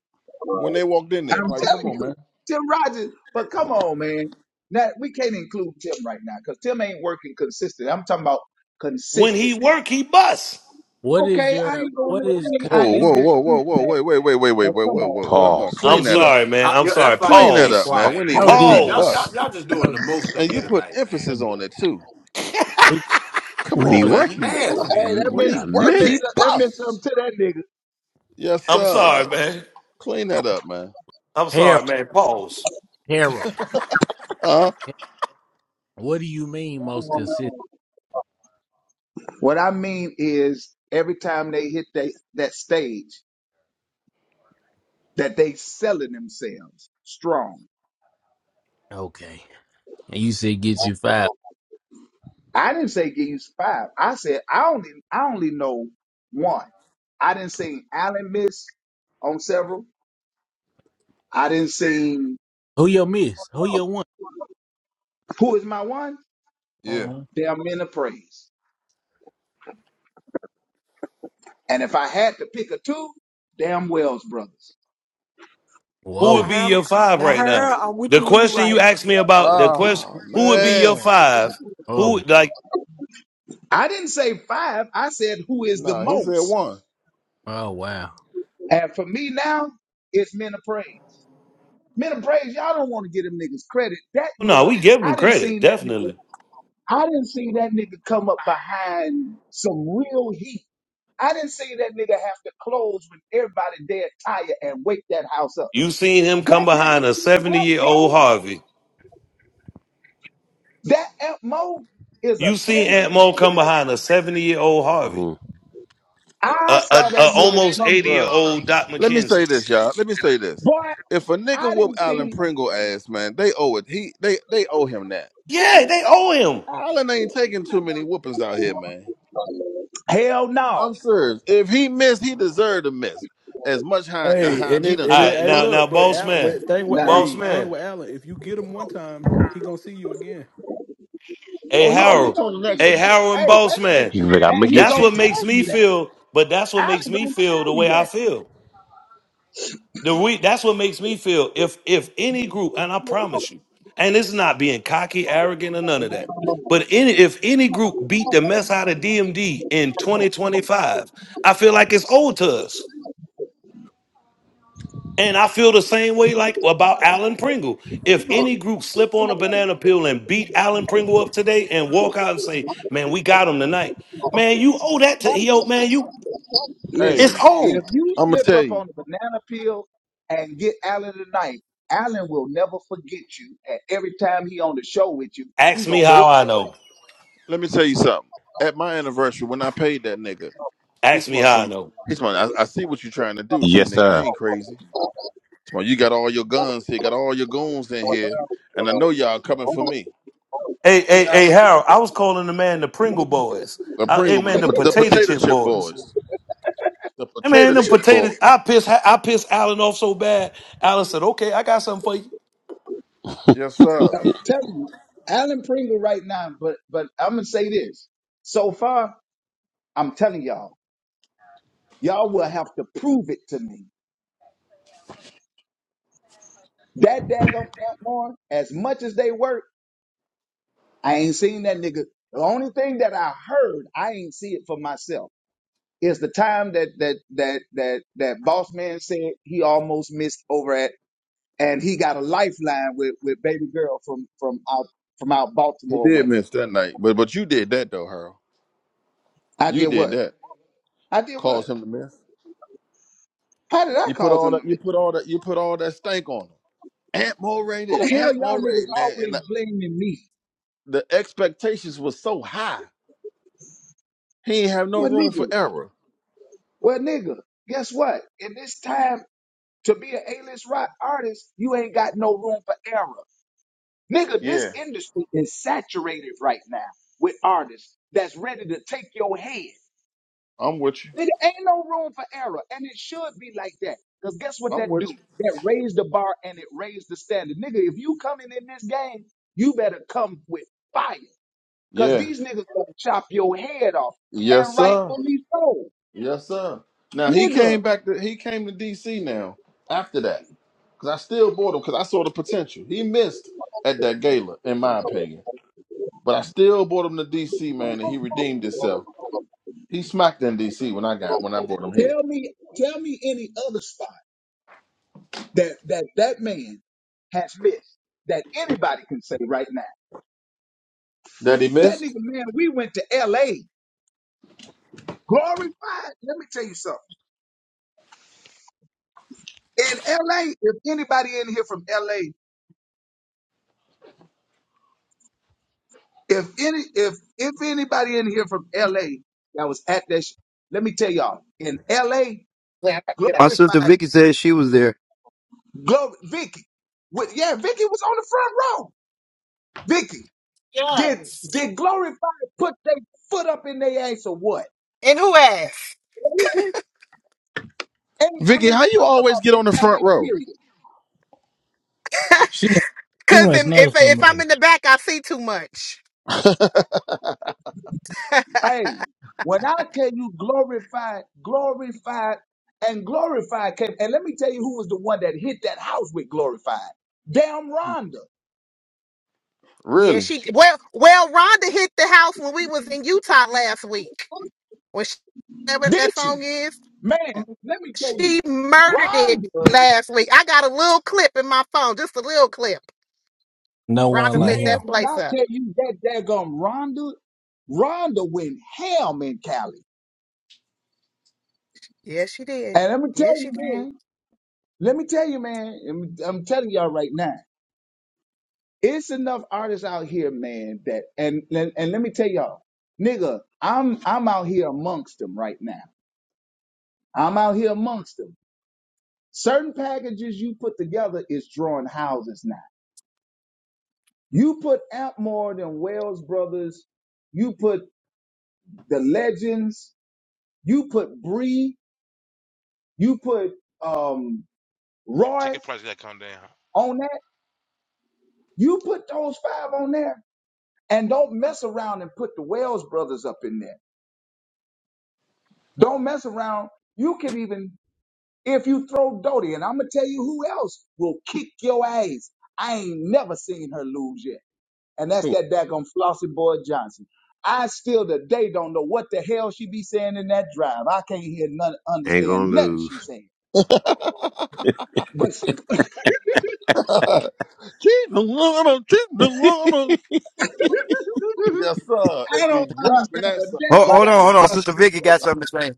Speaker 2: when they walked in there.
Speaker 21: I'm
Speaker 2: Like, come
Speaker 21: telling
Speaker 2: on,
Speaker 21: you,
Speaker 2: man.
Speaker 21: Tim Rogers. But come on, man. Now we can't include Tim right now because Tim ain't working consistent. I'm talking about
Speaker 3: When he
Speaker 21: consistently.
Speaker 3: work, he bust.
Speaker 23: What is
Speaker 21: Okay, I
Speaker 23: your
Speaker 21: ain't going
Speaker 23: what
Speaker 21: to
Speaker 23: is
Speaker 21: say I
Speaker 2: Whoa,
Speaker 21: ain't
Speaker 2: whoa,
Speaker 23: consistent?
Speaker 2: whoa, whoa,
Speaker 21: disputing
Speaker 2: whoa,
Speaker 21: that.
Speaker 2: wait, wait, wait, wait, wait,
Speaker 21: But
Speaker 2: wait,
Speaker 21: come
Speaker 2: whoa,
Speaker 21: on,
Speaker 2: whoa.
Speaker 21: bro.
Speaker 2: Come on,
Speaker 12: Pause.
Speaker 23: No
Speaker 3: I'm
Speaker 2: clean that
Speaker 23: Diddy,
Speaker 2: up.
Speaker 3: sorry, man.
Speaker 26: I,
Speaker 3: I'm
Speaker 26: yeah,
Speaker 3: sorry.
Speaker 26: that's
Speaker 23: no
Speaker 26: why I just
Speaker 2: Clean
Speaker 23: Diddy,
Speaker 2: that
Speaker 26: say
Speaker 2: up,
Speaker 3: Pause.
Speaker 2: man.
Speaker 26: quiet,
Speaker 2: When he
Speaker 26: man,
Speaker 2: work, he
Speaker 26: because
Speaker 23: no
Speaker 26: y'all y'all
Speaker 3: Pause.
Speaker 2: bust.
Speaker 26: y'all just doing the
Speaker 23: Diddy,
Speaker 26: most up
Speaker 2: And you
Speaker 26: here
Speaker 2: put
Speaker 26: tonight, man.
Speaker 23: no
Speaker 2: emphasis on it
Speaker 23: Diddy,
Speaker 2: too. Come
Speaker 12: When
Speaker 23: no
Speaker 12: he
Speaker 2: on,
Speaker 26: Just
Speaker 12: worked,
Speaker 2: man.
Speaker 12: you. I said,
Speaker 21: Hey,
Speaker 26: nasty.
Speaker 21: that
Speaker 2: When
Speaker 12: wait
Speaker 21: meant
Speaker 2: he
Speaker 12: a
Speaker 2: work,
Speaker 21: that meant
Speaker 2: he
Speaker 12: minute.
Speaker 21: some- that meant something
Speaker 2: bust.
Speaker 21: to that nigga.
Speaker 2: Yes,
Speaker 3: I'm
Speaker 2: sir.
Speaker 3: sorry, man.
Speaker 2: Clean that up, man.
Speaker 3: I'm
Speaker 23: Diddy.
Speaker 3: sorry, man. Pause.
Speaker 23: Harold.
Speaker 2: Uh huh.
Speaker 23: What do you mean most consistent?
Speaker 21: What I mean is every time they hit that, that stage, that they selling themselves strong.
Speaker 23: Okay. And you said get you five.
Speaker 21: I didn't say games five. I said I only I only know one. I didn't see Allen miss on several. I didn't see
Speaker 23: Who you miss? Who you want?
Speaker 21: who is my one?
Speaker 2: Yeah.
Speaker 23: Uh-huh.
Speaker 21: Damn men of praise. And if I had to pick a two, damn Wells brothers.
Speaker 3: Who
Speaker 11: Now
Speaker 3: would
Speaker 23: Whoa.
Speaker 3: be
Speaker 11: her
Speaker 3: your five
Speaker 11: now
Speaker 3: right now?
Speaker 11: her I'm with
Speaker 3: The
Speaker 11: you when you're
Speaker 3: question you
Speaker 11: right.
Speaker 3: asked me about the question,
Speaker 2: Oh
Speaker 3: who would be your
Speaker 2: man.
Speaker 3: five?
Speaker 23: Oh.
Speaker 3: Who like?
Speaker 21: I didn't say five. I said who is the
Speaker 2: Nah, he said
Speaker 21: most.
Speaker 2: one.
Speaker 23: Oh wow.
Speaker 21: And for me now, it's men of praise. Men of praise, y'all don't want to give them niggas credit. That
Speaker 3: No,
Speaker 21: nigga,
Speaker 3: we give
Speaker 21: I
Speaker 3: him
Speaker 21: didn't see
Speaker 3: credit
Speaker 21: that nigga.
Speaker 3: definitely.
Speaker 21: I didn't see that nigga come up behind some real heat. I didn't see that nigga have to close with everybody dead tired and wake that house up.
Speaker 3: You seen him come
Speaker 21: That nigga,
Speaker 3: behind a seventy
Speaker 21: Aunt
Speaker 3: year old
Speaker 21: Mo,
Speaker 3: Harvey.
Speaker 21: that Aunt Mo is a
Speaker 3: You seen Ant
Speaker 21: dangerous
Speaker 3: Mo
Speaker 21: nigga
Speaker 3: come
Speaker 21: right
Speaker 3: behind a seventy year old Harvey,
Speaker 12: Mm-hmm.
Speaker 21: now. I
Speaker 3: a, a,
Speaker 21: saw that
Speaker 3: a
Speaker 21: nigga
Speaker 3: almost
Speaker 21: come
Speaker 3: eighty
Speaker 21: be
Speaker 3: year
Speaker 2: Bruh.
Speaker 3: old Doc
Speaker 2: Let me say
Speaker 3: McKenzie.
Speaker 2: this, y'all. Let me say this.
Speaker 21: boy.
Speaker 2: If a nigga
Speaker 21: I
Speaker 2: whoop
Speaker 21: didn't
Speaker 2: Alan
Speaker 21: see.
Speaker 2: Pringle ass, man, they owe it. He they they owe him that.
Speaker 3: Yeah, they owe him.
Speaker 2: Allen ain't taking too many whoopings out here, man.
Speaker 21: Hell no.
Speaker 2: I'm serious. If he missed, he deserved to miss. As much high,
Speaker 10: Hey,
Speaker 2: high
Speaker 10: and
Speaker 2: he
Speaker 10: if
Speaker 2: done
Speaker 10: and
Speaker 3: All
Speaker 10: it,
Speaker 2: cut.
Speaker 3: right,
Speaker 10: hey,
Speaker 3: now now,
Speaker 10: look, but
Speaker 3: boss
Speaker 10: Al,
Speaker 3: man,
Speaker 10: with, thing with
Speaker 21: Nah.
Speaker 3: boss
Speaker 10: hey,
Speaker 2: Huh?
Speaker 10: thing
Speaker 3: man,
Speaker 10: with Allen, if you get him one time, he gonna see you again.
Speaker 3: hey
Speaker 2: Oh, he
Speaker 21: Oh,
Speaker 2: gonna
Speaker 21: he
Speaker 3: Harold,
Speaker 2: get you on
Speaker 21: gonna
Speaker 2: the
Speaker 21: see
Speaker 2: next
Speaker 21: you
Speaker 3: hey
Speaker 2: one.
Speaker 21: again.
Speaker 3: Harold and
Speaker 21: Hey, wait
Speaker 3: boss
Speaker 21: a minute.
Speaker 3: man.
Speaker 12: He's like, I'm going
Speaker 21: And
Speaker 12: to
Speaker 21: he
Speaker 12: get
Speaker 2: Huh?
Speaker 3: That's
Speaker 12: you.
Speaker 21: gonna
Speaker 3: what
Speaker 21: tell
Speaker 3: makes me
Speaker 21: you that.
Speaker 3: feel. But that's what
Speaker 21: Allen
Speaker 3: makes me
Speaker 21: gonna
Speaker 3: feel
Speaker 21: tell
Speaker 3: the
Speaker 21: you
Speaker 3: way
Speaker 21: that.
Speaker 3: I feel. The re- that's what makes me feel if if any group, and I promise you, and it's not being cocky, arrogant, or none of that. But any if any group beat the mess out of DMD in 2025, I feel like it's owed to us. And I feel the same way like about Alan Pringle. If any group slip on a banana peel and beat Alan Pringle up today and walk out and say, Man, we got him tonight. Man, you owe that to yo, man, you it's
Speaker 2: Hey,
Speaker 21: Listen, if
Speaker 3: old.
Speaker 21: you
Speaker 2: I'm gonna
Speaker 21: slip
Speaker 2: tell
Speaker 21: up
Speaker 2: you.
Speaker 21: on a banana peel and get Allen tonight, Allen will never forget you. And every time he on the show with you, he
Speaker 3: Ask me
Speaker 21: gonna
Speaker 10: But
Speaker 21: whoop
Speaker 3: how I
Speaker 21: your
Speaker 3: know.
Speaker 2: Let me tell you something. At my anniversary, when I paid that nigga, he
Speaker 3: Ask me
Speaker 2: smelled
Speaker 3: how I
Speaker 2: some.
Speaker 3: know.
Speaker 2: He smelled. I, I see what you're trying to do too,
Speaker 12: Yes,
Speaker 2: nigga. I
Speaker 12: sir.
Speaker 2: ain't crazy. Smell, you got all your guns here, got all your goons in here, and I know y'all coming for me. I
Speaker 3: Hey,
Speaker 2: see
Speaker 3: hey, hey,
Speaker 2: Allen,
Speaker 3: Harold, I was calling the man the Pringle Boys.
Speaker 2: The
Speaker 3: Uh, hey,
Speaker 2: Pringle, the,
Speaker 3: man, the
Speaker 2: po- the
Speaker 3: potato
Speaker 2: potato
Speaker 3: chip
Speaker 2: chip
Speaker 3: boys.
Speaker 2: boys, the
Speaker 3: Hey, man,
Speaker 2: potato
Speaker 3: them
Speaker 2: chip boy.
Speaker 3: potatoes. I pissed. I pissed Allen off so bad. Allen said, okay, I got something for you.
Speaker 2: Yes, sir.
Speaker 21: ass. I'm telling you, Allen Pringle right now. But but I'm gonna say this. So far, I'm telling y'all, y'all will have to prove it to me. That daggum Ant Moore, as much as they work, I ain't seen that nigga. The only thing that I heard, I ain't see it for myself. Is the time that that that that that boss man said he almost missed over at, and he got a lifeline with with baby girl from from out from out
Speaker 2: He
Speaker 21: Baltimore
Speaker 2: did
Speaker 21: way.
Speaker 2: miss that night, but but you did that though, Harold.
Speaker 21: I did
Speaker 2: You did
Speaker 21: what?
Speaker 2: that.
Speaker 21: I did what?
Speaker 2: Caused him to miss.
Speaker 21: How did I
Speaker 2: You put
Speaker 21: cause
Speaker 2: all
Speaker 21: them to
Speaker 2: that. You
Speaker 21: miss?
Speaker 2: put all that. You put all that stank on him. Aunt Moray
Speaker 21: What
Speaker 2: did.
Speaker 21: the hell,
Speaker 2: Aunt
Speaker 21: y'all
Speaker 2: Moray,
Speaker 21: niggas
Speaker 2: man, and
Speaker 21: always
Speaker 2: the,
Speaker 21: blaming me?
Speaker 2: the expectations was so high. He ain't have no
Speaker 21: Well,
Speaker 2: room for
Speaker 21: nigga,
Speaker 2: error.
Speaker 21: well, nigga, guess what? In this time to be an A-list rock artist, you ain't got no room for error, nigga. This
Speaker 2: Yeah,
Speaker 21: industry is saturated right now with artists that's ready to take your head.
Speaker 2: I'm with you.
Speaker 21: There ain't no room for error, and it should be like that. Cause guess what
Speaker 2: I'm
Speaker 21: that
Speaker 2: with
Speaker 21: do?
Speaker 2: you.
Speaker 21: That raised the bar and it raised the standard, nigga. If you coming in this game, you better come with fire, cause
Speaker 2: Yeah.
Speaker 21: these niggas gonna chop your head off, and
Speaker 2: Yes, sir.
Speaker 21: rightfully so,
Speaker 2: Yes, sir. Now he
Speaker 21: nigga.
Speaker 2: came back to he came to DC now after that because I still bought him because I saw the potential. He missed at that gala, in my opinion. But I still brought him to DC, man, and he redeemed himself. He smacked in DC when I got when I brought him here.
Speaker 21: Tell me, tell me any other spot that that that man has missed that anybody can say right now.
Speaker 2: That he
Speaker 21: That nigga,
Speaker 2: missed?
Speaker 21: man, we went to L.A. glorified. Let me tell you something. In LA, if anybody in here from LA If any, if if anybody in here from L.A. that was at that, sh- let me tell y'all, in L.A.
Speaker 1: My sister
Speaker 21: glorified,
Speaker 1: Vicky said she was there.
Speaker 21: glory, Vicky, with, yeah, Vicky was on the front row. Vicky did did glorified put their foot up in their ass or what? And I
Speaker 2: Vicky,
Speaker 21: mean,
Speaker 2: how you
Speaker 21: I'm talking
Speaker 2: always
Speaker 21: about
Speaker 2: get
Speaker 21: in
Speaker 2: on the front
Speaker 21: L.A.
Speaker 2: row?
Speaker 21: Period.
Speaker 23: She she must know somebody.
Speaker 21: Hey, when I tell you glorified, glorified, and glorified came, and let me tell you who was the one that hit that house with glorified. Damn Rhonda,
Speaker 2: Really?
Speaker 21: did she? Man, let me tell you, Rhonda,
Speaker 23: No one like
Speaker 21: man,
Speaker 23: him.
Speaker 21: when I tell you that daggone Rhonda, Rhonda went ham in Cali. And let me tell you, man, let me tell you, man, I'm, I'm telling y'all right now, it's enough artists out here, man, that, and, and, and let me tell y'all, nigga, I'm, I'm out here amongst them right now. I'm out here amongst them. Certain packages you put together is drawing houses now. You put Amp more than Wells Brothers, you put the legends. You put Bree, you put um,
Speaker 16: The
Speaker 21: Roy
Speaker 16: ticket price gotta come down.
Speaker 21: on that. You put those five on there, and don't mess around and put the Wells brothers up in there. Don't mess around. You can even if you throw Doty, and I'm gonna tell you who else will kick your ass. I ain't never seen her lose yet, and that's
Speaker 2: Who?
Speaker 21: that daggone Flossie Boy Johnson. I still today don't know what the hell she be saying in that drive. I can't hear none,
Speaker 12: Ain't
Speaker 21: understand
Speaker 12: gonna
Speaker 21: nothing she
Speaker 12: lose.
Speaker 21: saying. But she
Speaker 2: Cheating woman, cheating woman. Yes, sir.
Speaker 21: I
Speaker 2: And be
Speaker 21: don't
Speaker 2: dropping
Speaker 21: understand
Speaker 2: that
Speaker 21: a
Speaker 2: sucker,
Speaker 21: damn
Speaker 1: Hold,
Speaker 2: boy.
Speaker 23: Like
Speaker 1: hold on,
Speaker 21: thing
Speaker 1: hold on.
Speaker 21: Pastor
Speaker 1: Sister
Speaker 21: D
Speaker 1: Vicky
Speaker 21: said.
Speaker 1: got something to say.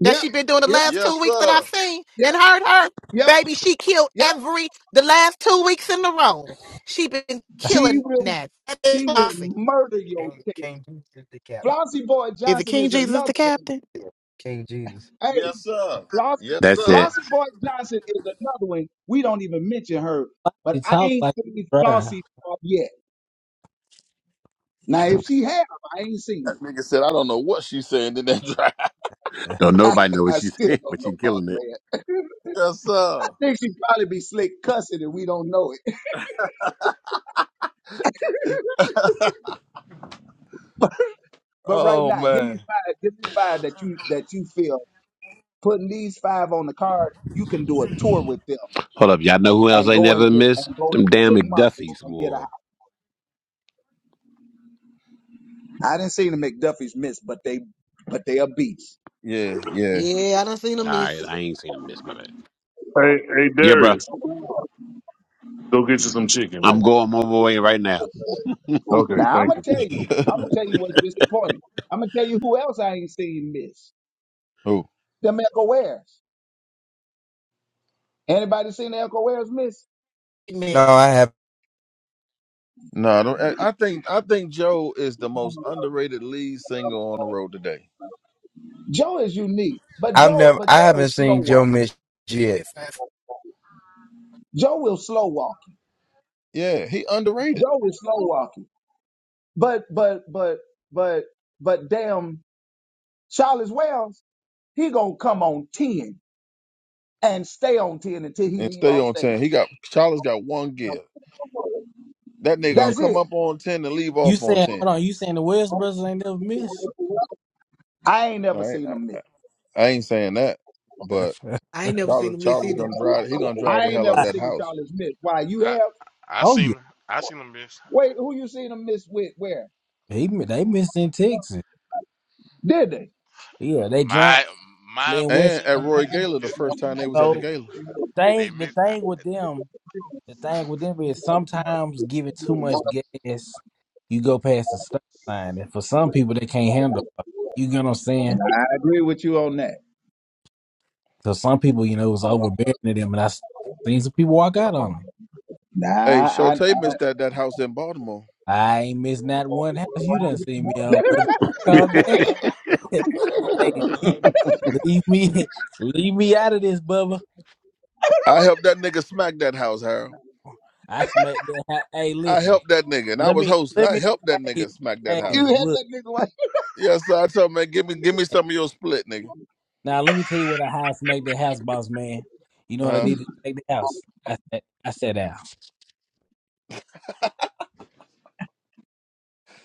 Speaker 21: Yep, yep,
Speaker 2: Yes, sir.
Speaker 21: yep, yep, yep. She will she will murder your tail. Flossie Boy Johnson is another one. Hey,
Speaker 2: Yes, sir.
Speaker 21: Flossie
Speaker 2: Yes,
Speaker 12: That's it.
Speaker 2: sir.
Speaker 21: Flossie Boy Johnson is another one. We don't even mention her, but
Speaker 23: he
Speaker 21: I
Speaker 23: talk
Speaker 21: ain't
Speaker 23: like
Speaker 21: seen
Speaker 23: he drive.
Speaker 21: Flossie up yet. Now, if she have, I ain't seen
Speaker 2: That
Speaker 21: it.
Speaker 2: nigga said, I don't know what she's saying in that drive.
Speaker 12: Don't
Speaker 21: I,
Speaker 12: nobody know what you
Speaker 21: still
Speaker 12: saying,
Speaker 21: don't
Speaker 12: but
Speaker 21: know
Speaker 12: you
Speaker 21: about
Speaker 12: killing
Speaker 21: it,
Speaker 12: it.
Speaker 21: man.
Speaker 2: Yes,
Speaker 21: I
Speaker 2: sir.
Speaker 21: think she probably be slick cussing and we don't know it. But right
Speaker 2: Oh
Speaker 21: now, give me
Speaker 2: man.
Speaker 21: five. Give me five that you that you feel putting these five on the card. You can do a tour with them
Speaker 12: Hold up, y'all know who else
Speaker 21: and
Speaker 12: I
Speaker 21: go
Speaker 12: never
Speaker 21: into
Speaker 12: miss?
Speaker 21: and go
Speaker 12: Them
Speaker 21: into
Speaker 12: damn
Speaker 21: ten markets
Speaker 12: McDuffies
Speaker 21: and get a
Speaker 12: war.
Speaker 21: house. I didn't see the McDuffies miss, but they but they a beast.
Speaker 2: Yeah, yeah.
Speaker 11: Yeah, I done seen a
Speaker 12: All right,
Speaker 11: miss.
Speaker 12: I ain't seen them miss, my man.
Speaker 19: Hey, hey
Speaker 12: Yeah, bro.
Speaker 19: Darius, go get you some chicken,
Speaker 12: I'm
Speaker 19: man.
Speaker 12: going my way right now.
Speaker 19: Okay,
Speaker 21: Now I'm
Speaker 19: thank
Speaker 21: gonna
Speaker 19: you.
Speaker 21: tell you. I'm gonna tell you what's disappointing. I'm gonna tell you who else I ain't seen miss.
Speaker 2: Who?
Speaker 21: Them Echo Wares. Anybody seen the Echo Wares miss?
Speaker 1: I have
Speaker 2: No, I, don't, I I think I think Joe is the most underrated lead singer on the road today.
Speaker 21: Joe is unique, but
Speaker 1: I've
Speaker 21: Joe
Speaker 1: never
Speaker 21: but
Speaker 1: I
Speaker 21: Joe
Speaker 1: haven't
Speaker 21: was slow
Speaker 1: seen Joe
Speaker 21: walk.
Speaker 1: Mitch yet.
Speaker 21: Joe will slow walk you.
Speaker 2: Yeah, he underrated.
Speaker 21: Joe is slow walking. But but but but but damn Charles Wells, he gonna come on ten and stay on ten until he
Speaker 2: And
Speaker 21: leave
Speaker 2: stay
Speaker 21: off
Speaker 2: on
Speaker 21: stage.
Speaker 2: ten. He got Charlie's got one give. That nigga gonna
Speaker 23: Yeah.
Speaker 21: That's
Speaker 2: come
Speaker 21: it.
Speaker 2: up on ten and leave
Speaker 23: You
Speaker 2: off on
Speaker 23: saying
Speaker 2: ten.
Speaker 23: hold on, you saying the West brothers ain't never missed?
Speaker 21: I ain't never
Speaker 2: All right,
Speaker 21: seen
Speaker 2: I,
Speaker 21: him
Speaker 2: I,
Speaker 21: miss.
Speaker 2: I ain't saying that, but
Speaker 11: I ain't never
Speaker 2: Charlie
Speaker 11: seen a miss
Speaker 2: Charlie's
Speaker 11: either.
Speaker 2: gonna drive. He gonna drive
Speaker 21: I
Speaker 2: the
Speaker 21: ain't
Speaker 2: hell out
Speaker 21: never
Speaker 2: that
Speaker 21: seen
Speaker 2: house.
Speaker 21: Charles miss. Why you
Speaker 16: I
Speaker 21: have?
Speaker 16: I
Speaker 23: oh yeah.
Speaker 16: seen I seen them, bitch.
Speaker 21: Wait, who you seen him miss with? Where
Speaker 23: He, they missed in Texas.
Speaker 21: did they?
Speaker 23: Yeah, they drank
Speaker 16: My my
Speaker 23: in West
Speaker 2: And
Speaker 16: opinion
Speaker 2: at Roy
Speaker 16: is
Speaker 2: Gala, the
Speaker 16: this,
Speaker 2: first time they was at the
Speaker 23: so
Speaker 2: gala,
Speaker 23: the
Speaker 16: they
Speaker 23: thing the
Speaker 16: miss I-
Speaker 23: thing with them The thing with them is sometimes giving too much gas, you go past the stop sign. And for some people, they can't handle it. You get what I'm saying?
Speaker 21: I agree with you on that.
Speaker 23: So some people, you know, it was overbearing to them. And I s- seen some people walk out on them.
Speaker 21: Nah,
Speaker 2: hey,
Speaker 21: I, I
Speaker 2: Shotay missed that that house in Baltimore.
Speaker 23: I ain't missed not one house you done seen me on, brother. Calm down. hey, leave, leave me leave me out of this, Bubba.
Speaker 2: I helped that nigga smack that house, Harold.
Speaker 23: I smacked that house. Hey,
Speaker 2: I
Speaker 23: listen.
Speaker 2: helped that nigga, and I
Speaker 23: Let
Speaker 2: was
Speaker 23: me,
Speaker 2: hosting.
Speaker 23: let
Speaker 2: I
Speaker 23: me,
Speaker 2: helped that
Speaker 23: hey,
Speaker 2: nigga smack that
Speaker 21: you
Speaker 2: house.
Speaker 23: hey,
Speaker 21: had
Speaker 23: look.
Speaker 21: that nigga like.
Speaker 2: Yes, sir. I told him, man, give me, give me some of your split, nigga.
Speaker 23: Now let me tell you what I had to make the house, boss man. You know
Speaker 2: Uh
Speaker 23: what I
Speaker 2: huh.
Speaker 23: did to make the house? I said I sat down.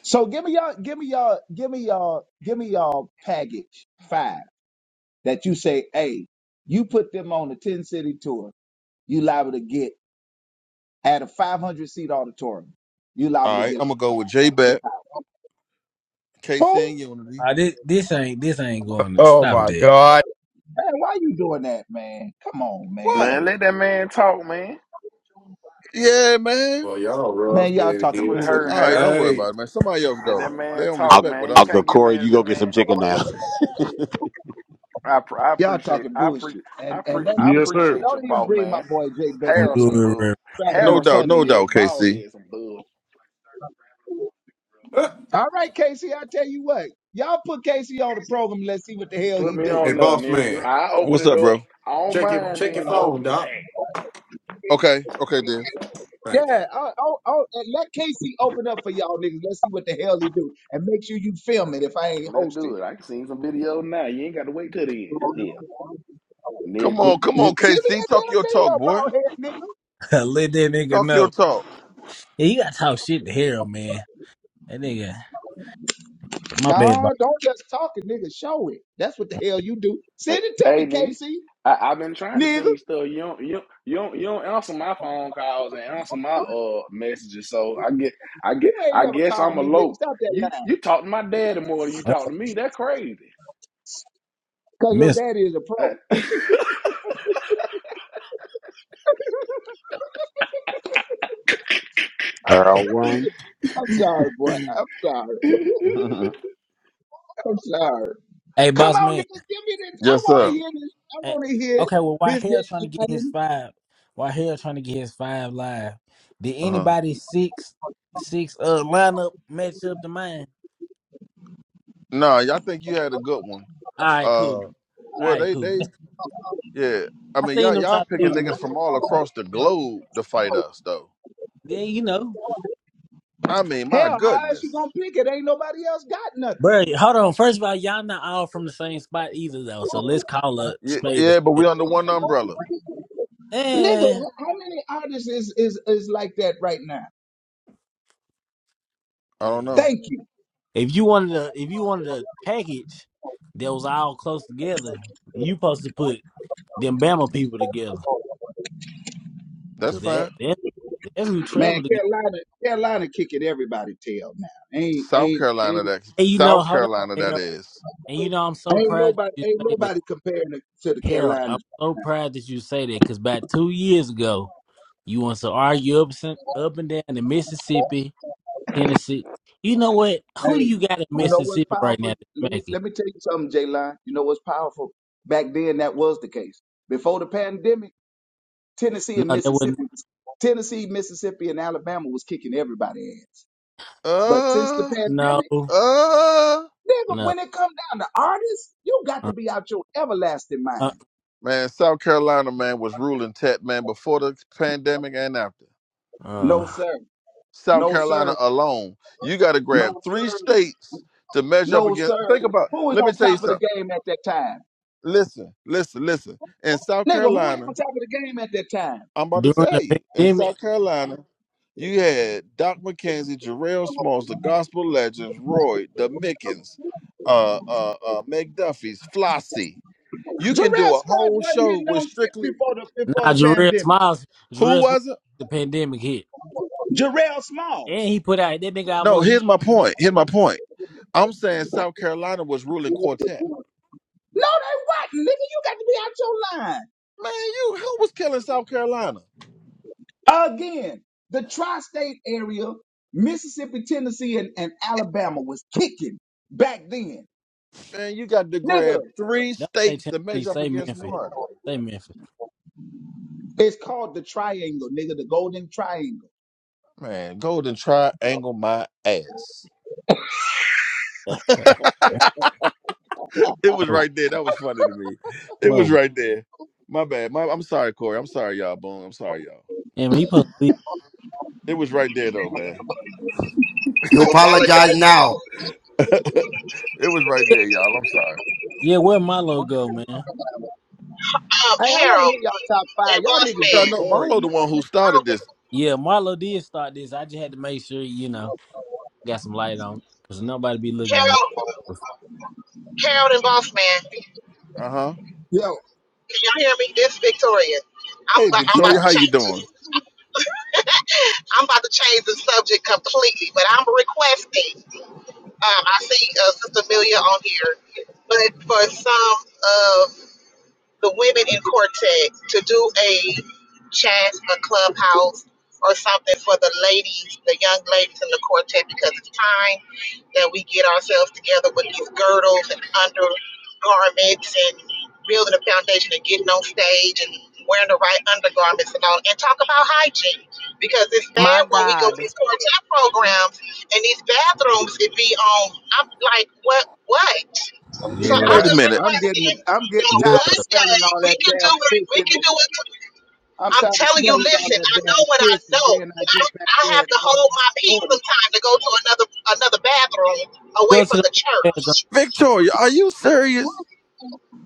Speaker 21: So give me y'all, give me y'all, give me y'all, give me y'all package five. that you say, hey, you put them on a 10 city tour, you liable to get at a 500 seat auditorium, you liable
Speaker 2: All
Speaker 21: to
Speaker 2: right,
Speaker 21: get
Speaker 2: I'm gonna go with J Bet, KC,
Speaker 21: who?
Speaker 2: and Unity.
Speaker 23: Uh, this this ain't this ain't going to
Speaker 1: Oh
Speaker 23: stop
Speaker 1: my
Speaker 23: that.
Speaker 1: God!
Speaker 21: Man, why you doing that, man? Come on,
Speaker 2: What?
Speaker 21: man.
Speaker 9: Man, let that man talk, man.
Speaker 2: Yeah, man.
Speaker 26: Well, y'all
Speaker 21: Man,
Speaker 26: rough
Speaker 21: y'all
Speaker 26: in
Speaker 21: talking
Speaker 26: here
Speaker 9: Quit
Speaker 21: bullshit.
Speaker 9: hurting
Speaker 2: All right,
Speaker 9: Harold.
Speaker 2: don't worry
Speaker 26: tonight.
Speaker 2: about it, man. Somebody else
Speaker 9: Let that
Speaker 2: go. They
Speaker 9: man
Speaker 2: don't
Speaker 9: talk,
Speaker 12: I'll,
Speaker 2: respect what
Speaker 9: man.
Speaker 2: I'm
Speaker 9: You
Speaker 12: I'll go,
Speaker 2: saying.
Speaker 9: can't get
Speaker 12: Corey.
Speaker 9: mad at
Speaker 12: You
Speaker 9: that
Speaker 12: go get some
Speaker 9: man.
Speaker 12: chicken now.
Speaker 9: I pr- I
Speaker 21: Y'all
Speaker 9: appreciate
Speaker 21: talking
Speaker 9: I pre
Speaker 21: bullshit. And
Speaker 9: I
Speaker 21: and
Speaker 9: pre
Speaker 21: don't
Speaker 9: I
Speaker 21: even
Speaker 19: Yes, sir.
Speaker 9: appreciate your
Speaker 21: don't even
Speaker 9: boss,
Speaker 21: bring my
Speaker 9: man.
Speaker 21: boy Jay Beck
Speaker 23: Don't
Speaker 9: Harold
Speaker 21: into
Speaker 23: do it.
Speaker 21: that.
Speaker 9: some bug.
Speaker 23: Reverend.
Speaker 21: Try to be
Speaker 2: No
Speaker 9: Harold
Speaker 2: doubt,
Speaker 9: some
Speaker 21: funny,
Speaker 2: no
Speaker 9: bug.
Speaker 21: Nick.
Speaker 9: His
Speaker 2: doubt,
Speaker 9: bald
Speaker 2: KC.
Speaker 9: head some bug.
Speaker 26: Uh,
Speaker 21: All right, Casey, I tell you what. Y'all put Casey on the program. and Let's see what the hell
Speaker 9: Put
Speaker 21: he
Speaker 9: me
Speaker 21: do.
Speaker 26: Hey,
Speaker 9: on there,
Speaker 26: boss
Speaker 9: nigga.
Speaker 26: man,
Speaker 9: I open
Speaker 2: What's
Speaker 9: it
Speaker 2: up,
Speaker 9: up.
Speaker 2: bro?
Speaker 9: I don't
Speaker 26: check your
Speaker 9: mind
Speaker 26: check your
Speaker 9: being
Speaker 26: phone,
Speaker 9: open.
Speaker 26: doc.
Speaker 9: Hey,
Speaker 2: Okay, okay, Div.
Speaker 26: Thank you.
Speaker 21: Yeah, I'll, I'll, I'll, and let Casey open up for y'all niggas. Let's see what the hell he do, and make sure you film it if I ain't
Speaker 9: let's do
Speaker 21: hosting.
Speaker 9: it. I can see some video now. You ain't got to wait till the end. Yeah,
Speaker 21: Send
Speaker 2: Come
Speaker 9: nigga.
Speaker 2: on, come
Speaker 21: me
Speaker 2: on, KC.
Speaker 21: that
Speaker 2: Talk
Speaker 21: damn
Speaker 2: your talk,
Speaker 21: video,
Speaker 2: boy.
Speaker 21: bald head nigga.
Speaker 23: let that nigga
Speaker 2: Talk your
Speaker 23: know.
Speaker 2: talk.
Speaker 23: Yeah, you gotta talk shit to Harold, man. That nigga, my bad,
Speaker 21: No,
Speaker 23: boss.
Speaker 21: don't just talk it, nigga. Show it. That's what the hell you do.
Speaker 9: Hey,
Speaker 21: Send it to me,
Speaker 9: hey, nigga,
Speaker 21: Casey,
Speaker 9: I, I've been trying to
Speaker 21: nigga.
Speaker 9: send you stuff. You don't, you don't, you don't, you don't answer my phone calls and answer my uh messages. So I get, I
Speaker 21: You
Speaker 9: get,
Speaker 21: ain't
Speaker 9: I
Speaker 21: never
Speaker 9: guess
Speaker 21: called
Speaker 9: I'm
Speaker 21: me, nigga.
Speaker 9: alone.
Speaker 21: Stop that
Speaker 9: You,
Speaker 21: line.
Speaker 9: you talk to my daddy more than you
Speaker 23: Oh,
Speaker 9: talk to me. That's crazy.
Speaker 21: Cause your
Speaker 23: miss.
Speaker 21: daddy is a
Speaker 9: Uh,
Speaker 21: pro.
Speaker 12: Pearl one.
Speaker 21: I'm sorry, boy. I'm sorry. I'm sorry.
Speaker 23: Hey,
Speaker 21: Come
Speaker 23: boss
Speaker 21: on,
Speaker 23: man.
Speaker 21: niggas. Give me this. I
Speaker 2: yes,
Speaker 21: want to
Speaker 23: Hey,
Speaker 2: sir.
Speaker 21: hear this. I
Speaker 23: hey.
Speaker 21: want to hear
Speaker 23: Okay, well, why Harold trying to get his
Speaker 21: this.
Speaker 23: five? Why Harold trying to get his five live? Did
Speaker 2: Uh huh.
Speaker 23: anybody six six uh lineup match up to mine?
Speaker 2: Nah, y'all think you had a good one.
Speaker 23: All right, cool.
Speaker 2: Uh,
Speaker 23: All
Speaker 2: well,
Speaker 23: right,
Speaker 2: they
Speaker 23: cool.
Speaker 2: they Yeah, I
Speaker 23: I
Speaker 2: mean y'all
Speaker 23: seen them
Speaker 2: y'all
Speaker 23: try to
Speaker 2: picking
Speaker 23: do it,
Speaker 2: niggas
Speaker 23: but
Speaker 2: from all across the globe to fight us though.
Speaker 23: then you know,
Speaker 2: I mean, my
Speaker 21: Hell, how is she
Speaker 2: goodness.
Speaker 21: gonna pick it? Ain't nobody else got nothing.
Speaker 23: bro. Hold on. First of all, y'all not all from the same spot either, though. So let's call a
Speaker 2: Yeah,
Speaker 23: spade a
Speaker 2: yeah, but
Speaker 23: spade.
Speaker 2: we under one umbrella.
Speaker 21: Nigga,
Speaker 2: We-
Speaker 23: Eh,
Speaker 21: how many artists is is, is like that right now?
Speaker 2: I don't
Speaker 23: eh.
Speaker 2: know.
Speaker 21: Thank you.
Speaker 23: if you wanted a, if you wanted a package that was all close together, you supposed to put them Bama people together,
Speaker 2: That's
Speaker 23: cause that,
Speaker 2: fine.
Speaker 23: that that's who
Speaker 21: Man,
Speaker 23: traveled together.
Speaker 21: Carolina, Carolina kicking everybody tail now. Ain't
Speaker 2: South
Speaker 21: ain't
Speaker 2: Carolina,
Speaker 21: ain't
Speaker 2: that
Speaker 23: And you know,
Speaker 2: South
Speaker 23: hold on,
Speaker 2: Carolina, that
Speaker 23: Harold.
Speaker 2: is.
Speaker 23: And you know, I'm so
Speaker 21: ain't
Speaker 23: proud that
Speaker 21: nobody
Speaker 23: you
Speaker 21: ain't
Speaker 23: say that,
Speaker 21: nobody comparing it to the
Speaker 23: Harold. I'm
Speaker 21: Carolinas.
Speaker 23: so proud that you say that, cause about two years ago, you want to argue up, up and down the Mississippi Tennessee. You know what? Who
Speaker 21: Hey,
Speaker 23: do
Speaker 21: you
Speaker 23: you got in
Speaker 21: know what's
Speaker 23: Mississippi right
Speaker 21: powerful?
Speaker 23: now that's
Speaker 21: Let me
Speaker 23: making?
Speaker 21: let me tell you something, J Line. You know what's powerful? Back then that was the case. Before the pandemic, Tennessee
Speaker 23: No,
Speaker 21: and
Speaker 23: that wouldn't.
Speaker 21: Mississippi Tennessee, Mississippi, and Alabama was kicking everybody ass. But since the
Speaker 2: Uh,
Speaker 23: No,
Speaker 21: pandemic,
Speaker 2: uh.
Speaker 21: nigga,
Speaker 23: no.
Speaker 21: when it come down to artists, you got to
Speaker 23: Uh,
Speaker 21: be out your everlasting
Speaker 23: uh,
Speaker 21: mind.
Speaker 2: Man, South Carolina, man, was ruling tech, man, before the pandemic and after.
Speaker 21: No
Speaker 23: uh.
Speaker 21: sir,
Speaker 2: South
Speaker 21: no
Speaker 2: Carolina
Speaker 21: sir,
Speaker 2: alone, you got to grab
Speaker 21: no
Speaker 2: three
Speaker 21: sir,
Speaker 2: states to measure up
Speaker 21: no
Speaker 2: against.
Speaker 21: sir.
Speaker 2: Think about.
Speaker 21: Who was
Speaker 2: Let me
Speaker 21: on
Speaker 2: tell you
Speaker 21: top of the
Speaker 2: something.
Speaker 21: game at that time?
Speaker 2: Listen, listen, listen. In South
Speaker 21: Nigga, who was
Speaker 2: Carolina,
Speaker 21: on top of the game at that time?
Speaker 2: I'm about to
Speaker 23: During the
Speaker 2: tell you. In
Speaker 23: pandemic,
Speaker 2: South Carolina, you had Doc McKenzie, Jarrell Smalls, the Gospel Legends, Roy, the Mickens, uh, uh, uh, McDuffie's, Flossie. You can do
Speaker 21: Jarrell
Speaker 2: a
Speaker 21: Smalls
Speaker 2: whole
Speaker 21: wasn't
Speaker 2: show
Speaker 21: hitting
Speaker 2: with
Speaker 21: on shit
Speaker 2: strictly
Speaker 21: before the before
Speaker 23: nah,
Speaker 21: the
Speaker 23: Jarrell
Speaker 21: pandemic.
Speaker 23: Smiles,
Speaker 2: who
Speaker 23: Jarrell Smiles,
Speaker 2: was it?
Speaker 23: the pandemic hit,
Speaker 21: Jarrell
Speaker 23: and
Speaker 21: Smalls.
Speaker 23: he put out that nigga
Speaker 2: No,
Speaker 23: almost.
Speaker 2: here's
Speaker 23: He
Speaker 2: my point. Here's my point. I'm saying South Carolina was ruling quartet.
Speaker 21: No, they wasn't, nigga. You got to
Speaker 2: Man, you who was killing South Carolina?
Speaker 21: be out your line. Again, the tri-state area, Mississippi, Tennessee, and, and Alabama was kicking back then.
Speaker 2: Man, you got to
Speaker 21: Nigga,
Speaker 2: grab three
Speaker 23: don't say
Speaker 2: states to match
Speaker 23: Tennessee,
Speaker 2: up
Speaker 23: say
Speaker 2: against
Speaker 23: Memphis,
Speaker 2: one.
Speaker 23: say Memphis.
Speaker 21: it's called the triangle, nigga, the golden triangle.
Speaker 2: Man, Golden Triangle my ass. It was
Speaker 23: oh,
Speaker 2: right there. That was funny to me. It was
Speaker 23: whoa,
Speaker 2: right there. My bad. My, I'm sorry, Corey. I'm sorry, y'all. Boom. I'm sorry, y'all.
Speaker 23: and he supposed to be.
Speaker 2: It was right there, though, man.
Speaker 1: You apologize
Speaker 20: apologize
Speaker 1: now.
Speaker 20: now.
Speaker 2: It was right
Speaker 23: Yeah,
Speaker 2: there, y'all. I'm sorry.
Speaker 23: yeah, where Marlo go, man?
Speaker 20: Um,
Speaker 21: Hey, I want to
Speaker 20: Harold
Speaker 21: hear y'all top
Speaker 20: and
Speaker 21: five. Y'all
Speaker 20: Boss
Speaker 21: niggas
Speaker 2: Yeah, I
Speaker 21: getting
Speaker 20: Man.
Speaker 2: know.
Speaker 21: boring
Speaker 2: Marlo, the
Speaker 21: now,
Speaker 2: one who
Speaker 21: man.
Speaker 2: started this.
Speaker 23: Yeah, Marlo did start this. I just had to make sure you know got some light on because nobody be looking at
Speaker 20: Harold,
Speaker 23: Marlo.
Speaker 20: Harold and Boss Man.
Speaker 2: Uh huh.
Speaker 21: Yo,
Speaker 20: Can y'all hear me? This is Victoria. I'm
Speaker 2: Hey,
Speaker 20: about, I'm about
Speaker 21: Yeah.
Speaker 2: Victoria,
Speaker 20: to
Speaker 2: how you
Speaker 20: change. This.
Speaker 2: doing?
Speaker 20: I'm about to change the subject completely, but I'm requesting. Um, I see uh, Sister Amelia on here, but for some of the women in quartet to do a chat, a clubhouse, or something for the ladies, the young ladies in the quartet, because it's time that we get ourselves together with these girdles and undergarments and building a foundation and getting on stage and wearing the right undergarments and all, and talk about hygiene. Because it's
Speaker 4: my
Speaker 20: bad when we go to
Speaker 4: God,
Speaker 20: these quartet programs and these bathrooms, it be on, I'm like, what, what?
Speaker 23: Good
Speaker 20: So
Speaker 23: luck.
Speaker 21: yeah,
Speaker 20: I'm
Speaker 2: Wait a
Speaker 20: just
Speaker 2: minute,
Speaker 21: I- am getting
Speaker 20: requesting
Speaker 21: I'm getting
Speaker 20: that
Speaker 23: Yeah, let
Speaker 21: tired of
Speaker 20: one day
Speaker 21: smelling all
Speaker 20: we
Speaker 21: that
Speaker 20: can
Speaker 21: damn
Speaker 20: do it. We
Speaker 21: fish
Speaker 20: can
Speaker 21: and
Speaker 20: do it.
Speaker 21: I'm
Speaker 20: I'm
Speaker 21: tired of
Speaker 20: telling you,
Speaker 21: smelling all
Speaker 20: listen. I
Speaker 21: that
Speaker 20: know
Speaker 21: damn
Speaker 20: what I
Speaker 21: fish and
Speaker 20: know.
Speaker 21: then I
Speaker 20: I,
Speaker 21: get back
Speaker 20: I
Speaker 21: there
Speaker 20: have to
Speaker 21: and go
Speaker 20: hold my peace
Speaker 21: order.
Speaker 20: sometimes to go to another another bathroom away
Speaker 23: go to
Speaker 20: from
Speaker 23: the
Speaker 20: the
Speaker 23: marathon.
Speaker 20: church.
Speaker 2: Victoria. Are you serious?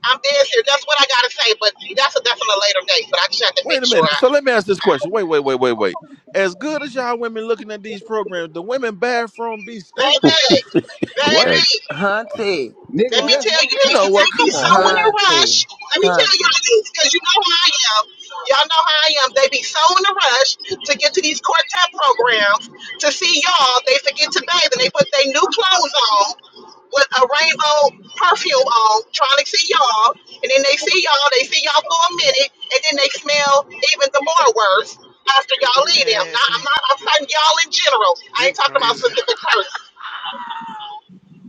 Speaker 20: I'm dead serious. That's what I gotta say. But that's a definite later date. But I just have to
Speaker 2: Wait
Speaker 20: make
Speaker 2: a
Speaker 20: sure.
Speaker 2: minute.
Speaker 20: I,
Speaker 2: So let me ask this question. Wait, wait, wait, wait, wait. As good as y'all women looking at these programs, the women bathroom be stinking,
Speaker 20: baby,
Speaker 21: What?
Speaker 12: Uh,
Speaker 20: baby.
Speaker 4: Hunty,
Speaker 20: Let
Speaker 21: Nigga
Speaker 20: me
Speaker 2: man.
Speaker 21: just
Speaker 20: tell
Speaker 21: walk
Speaker 20: you,
Speaker 2: You
Speaker 20: they,
Speaker 2: know
Speaker 21: past it,
Speaker 20: they
Speaker 2: what?
Speaker 21: you'll
Speaker 20: be
Speaker 2: Come
Speaker 20: so
Speaker 2: on,
Speaker 21: smell
Speaker 20: in
Speaker 21: it.
Speaker 20: a
Speaker 2: man.
Speaker 4: Hunty,
Speaker 20: rush. Let me tell
Speaker 4: Hunty.
Speaker 20: y'all this, because you know how I am. Y'all know how I am. They be so in a rush to get to these quartet programs to see y'all. They forget to bathe and they put their new clothes on with a rainbow perfume on, trying to see y'all. And then they see y'all, they see y'all for a minute, and then they smell even the more worse after y'all
Speaker 16: well,
Speaker 20: leave them.
Speaker 16: man
Speaker 20: Now, I'm not, I'm talking y'all in general. I
Speaker 16: Vic
Speaker 20: ain't talking about
Speaker 16: crazy.
Speaker 20: specific person.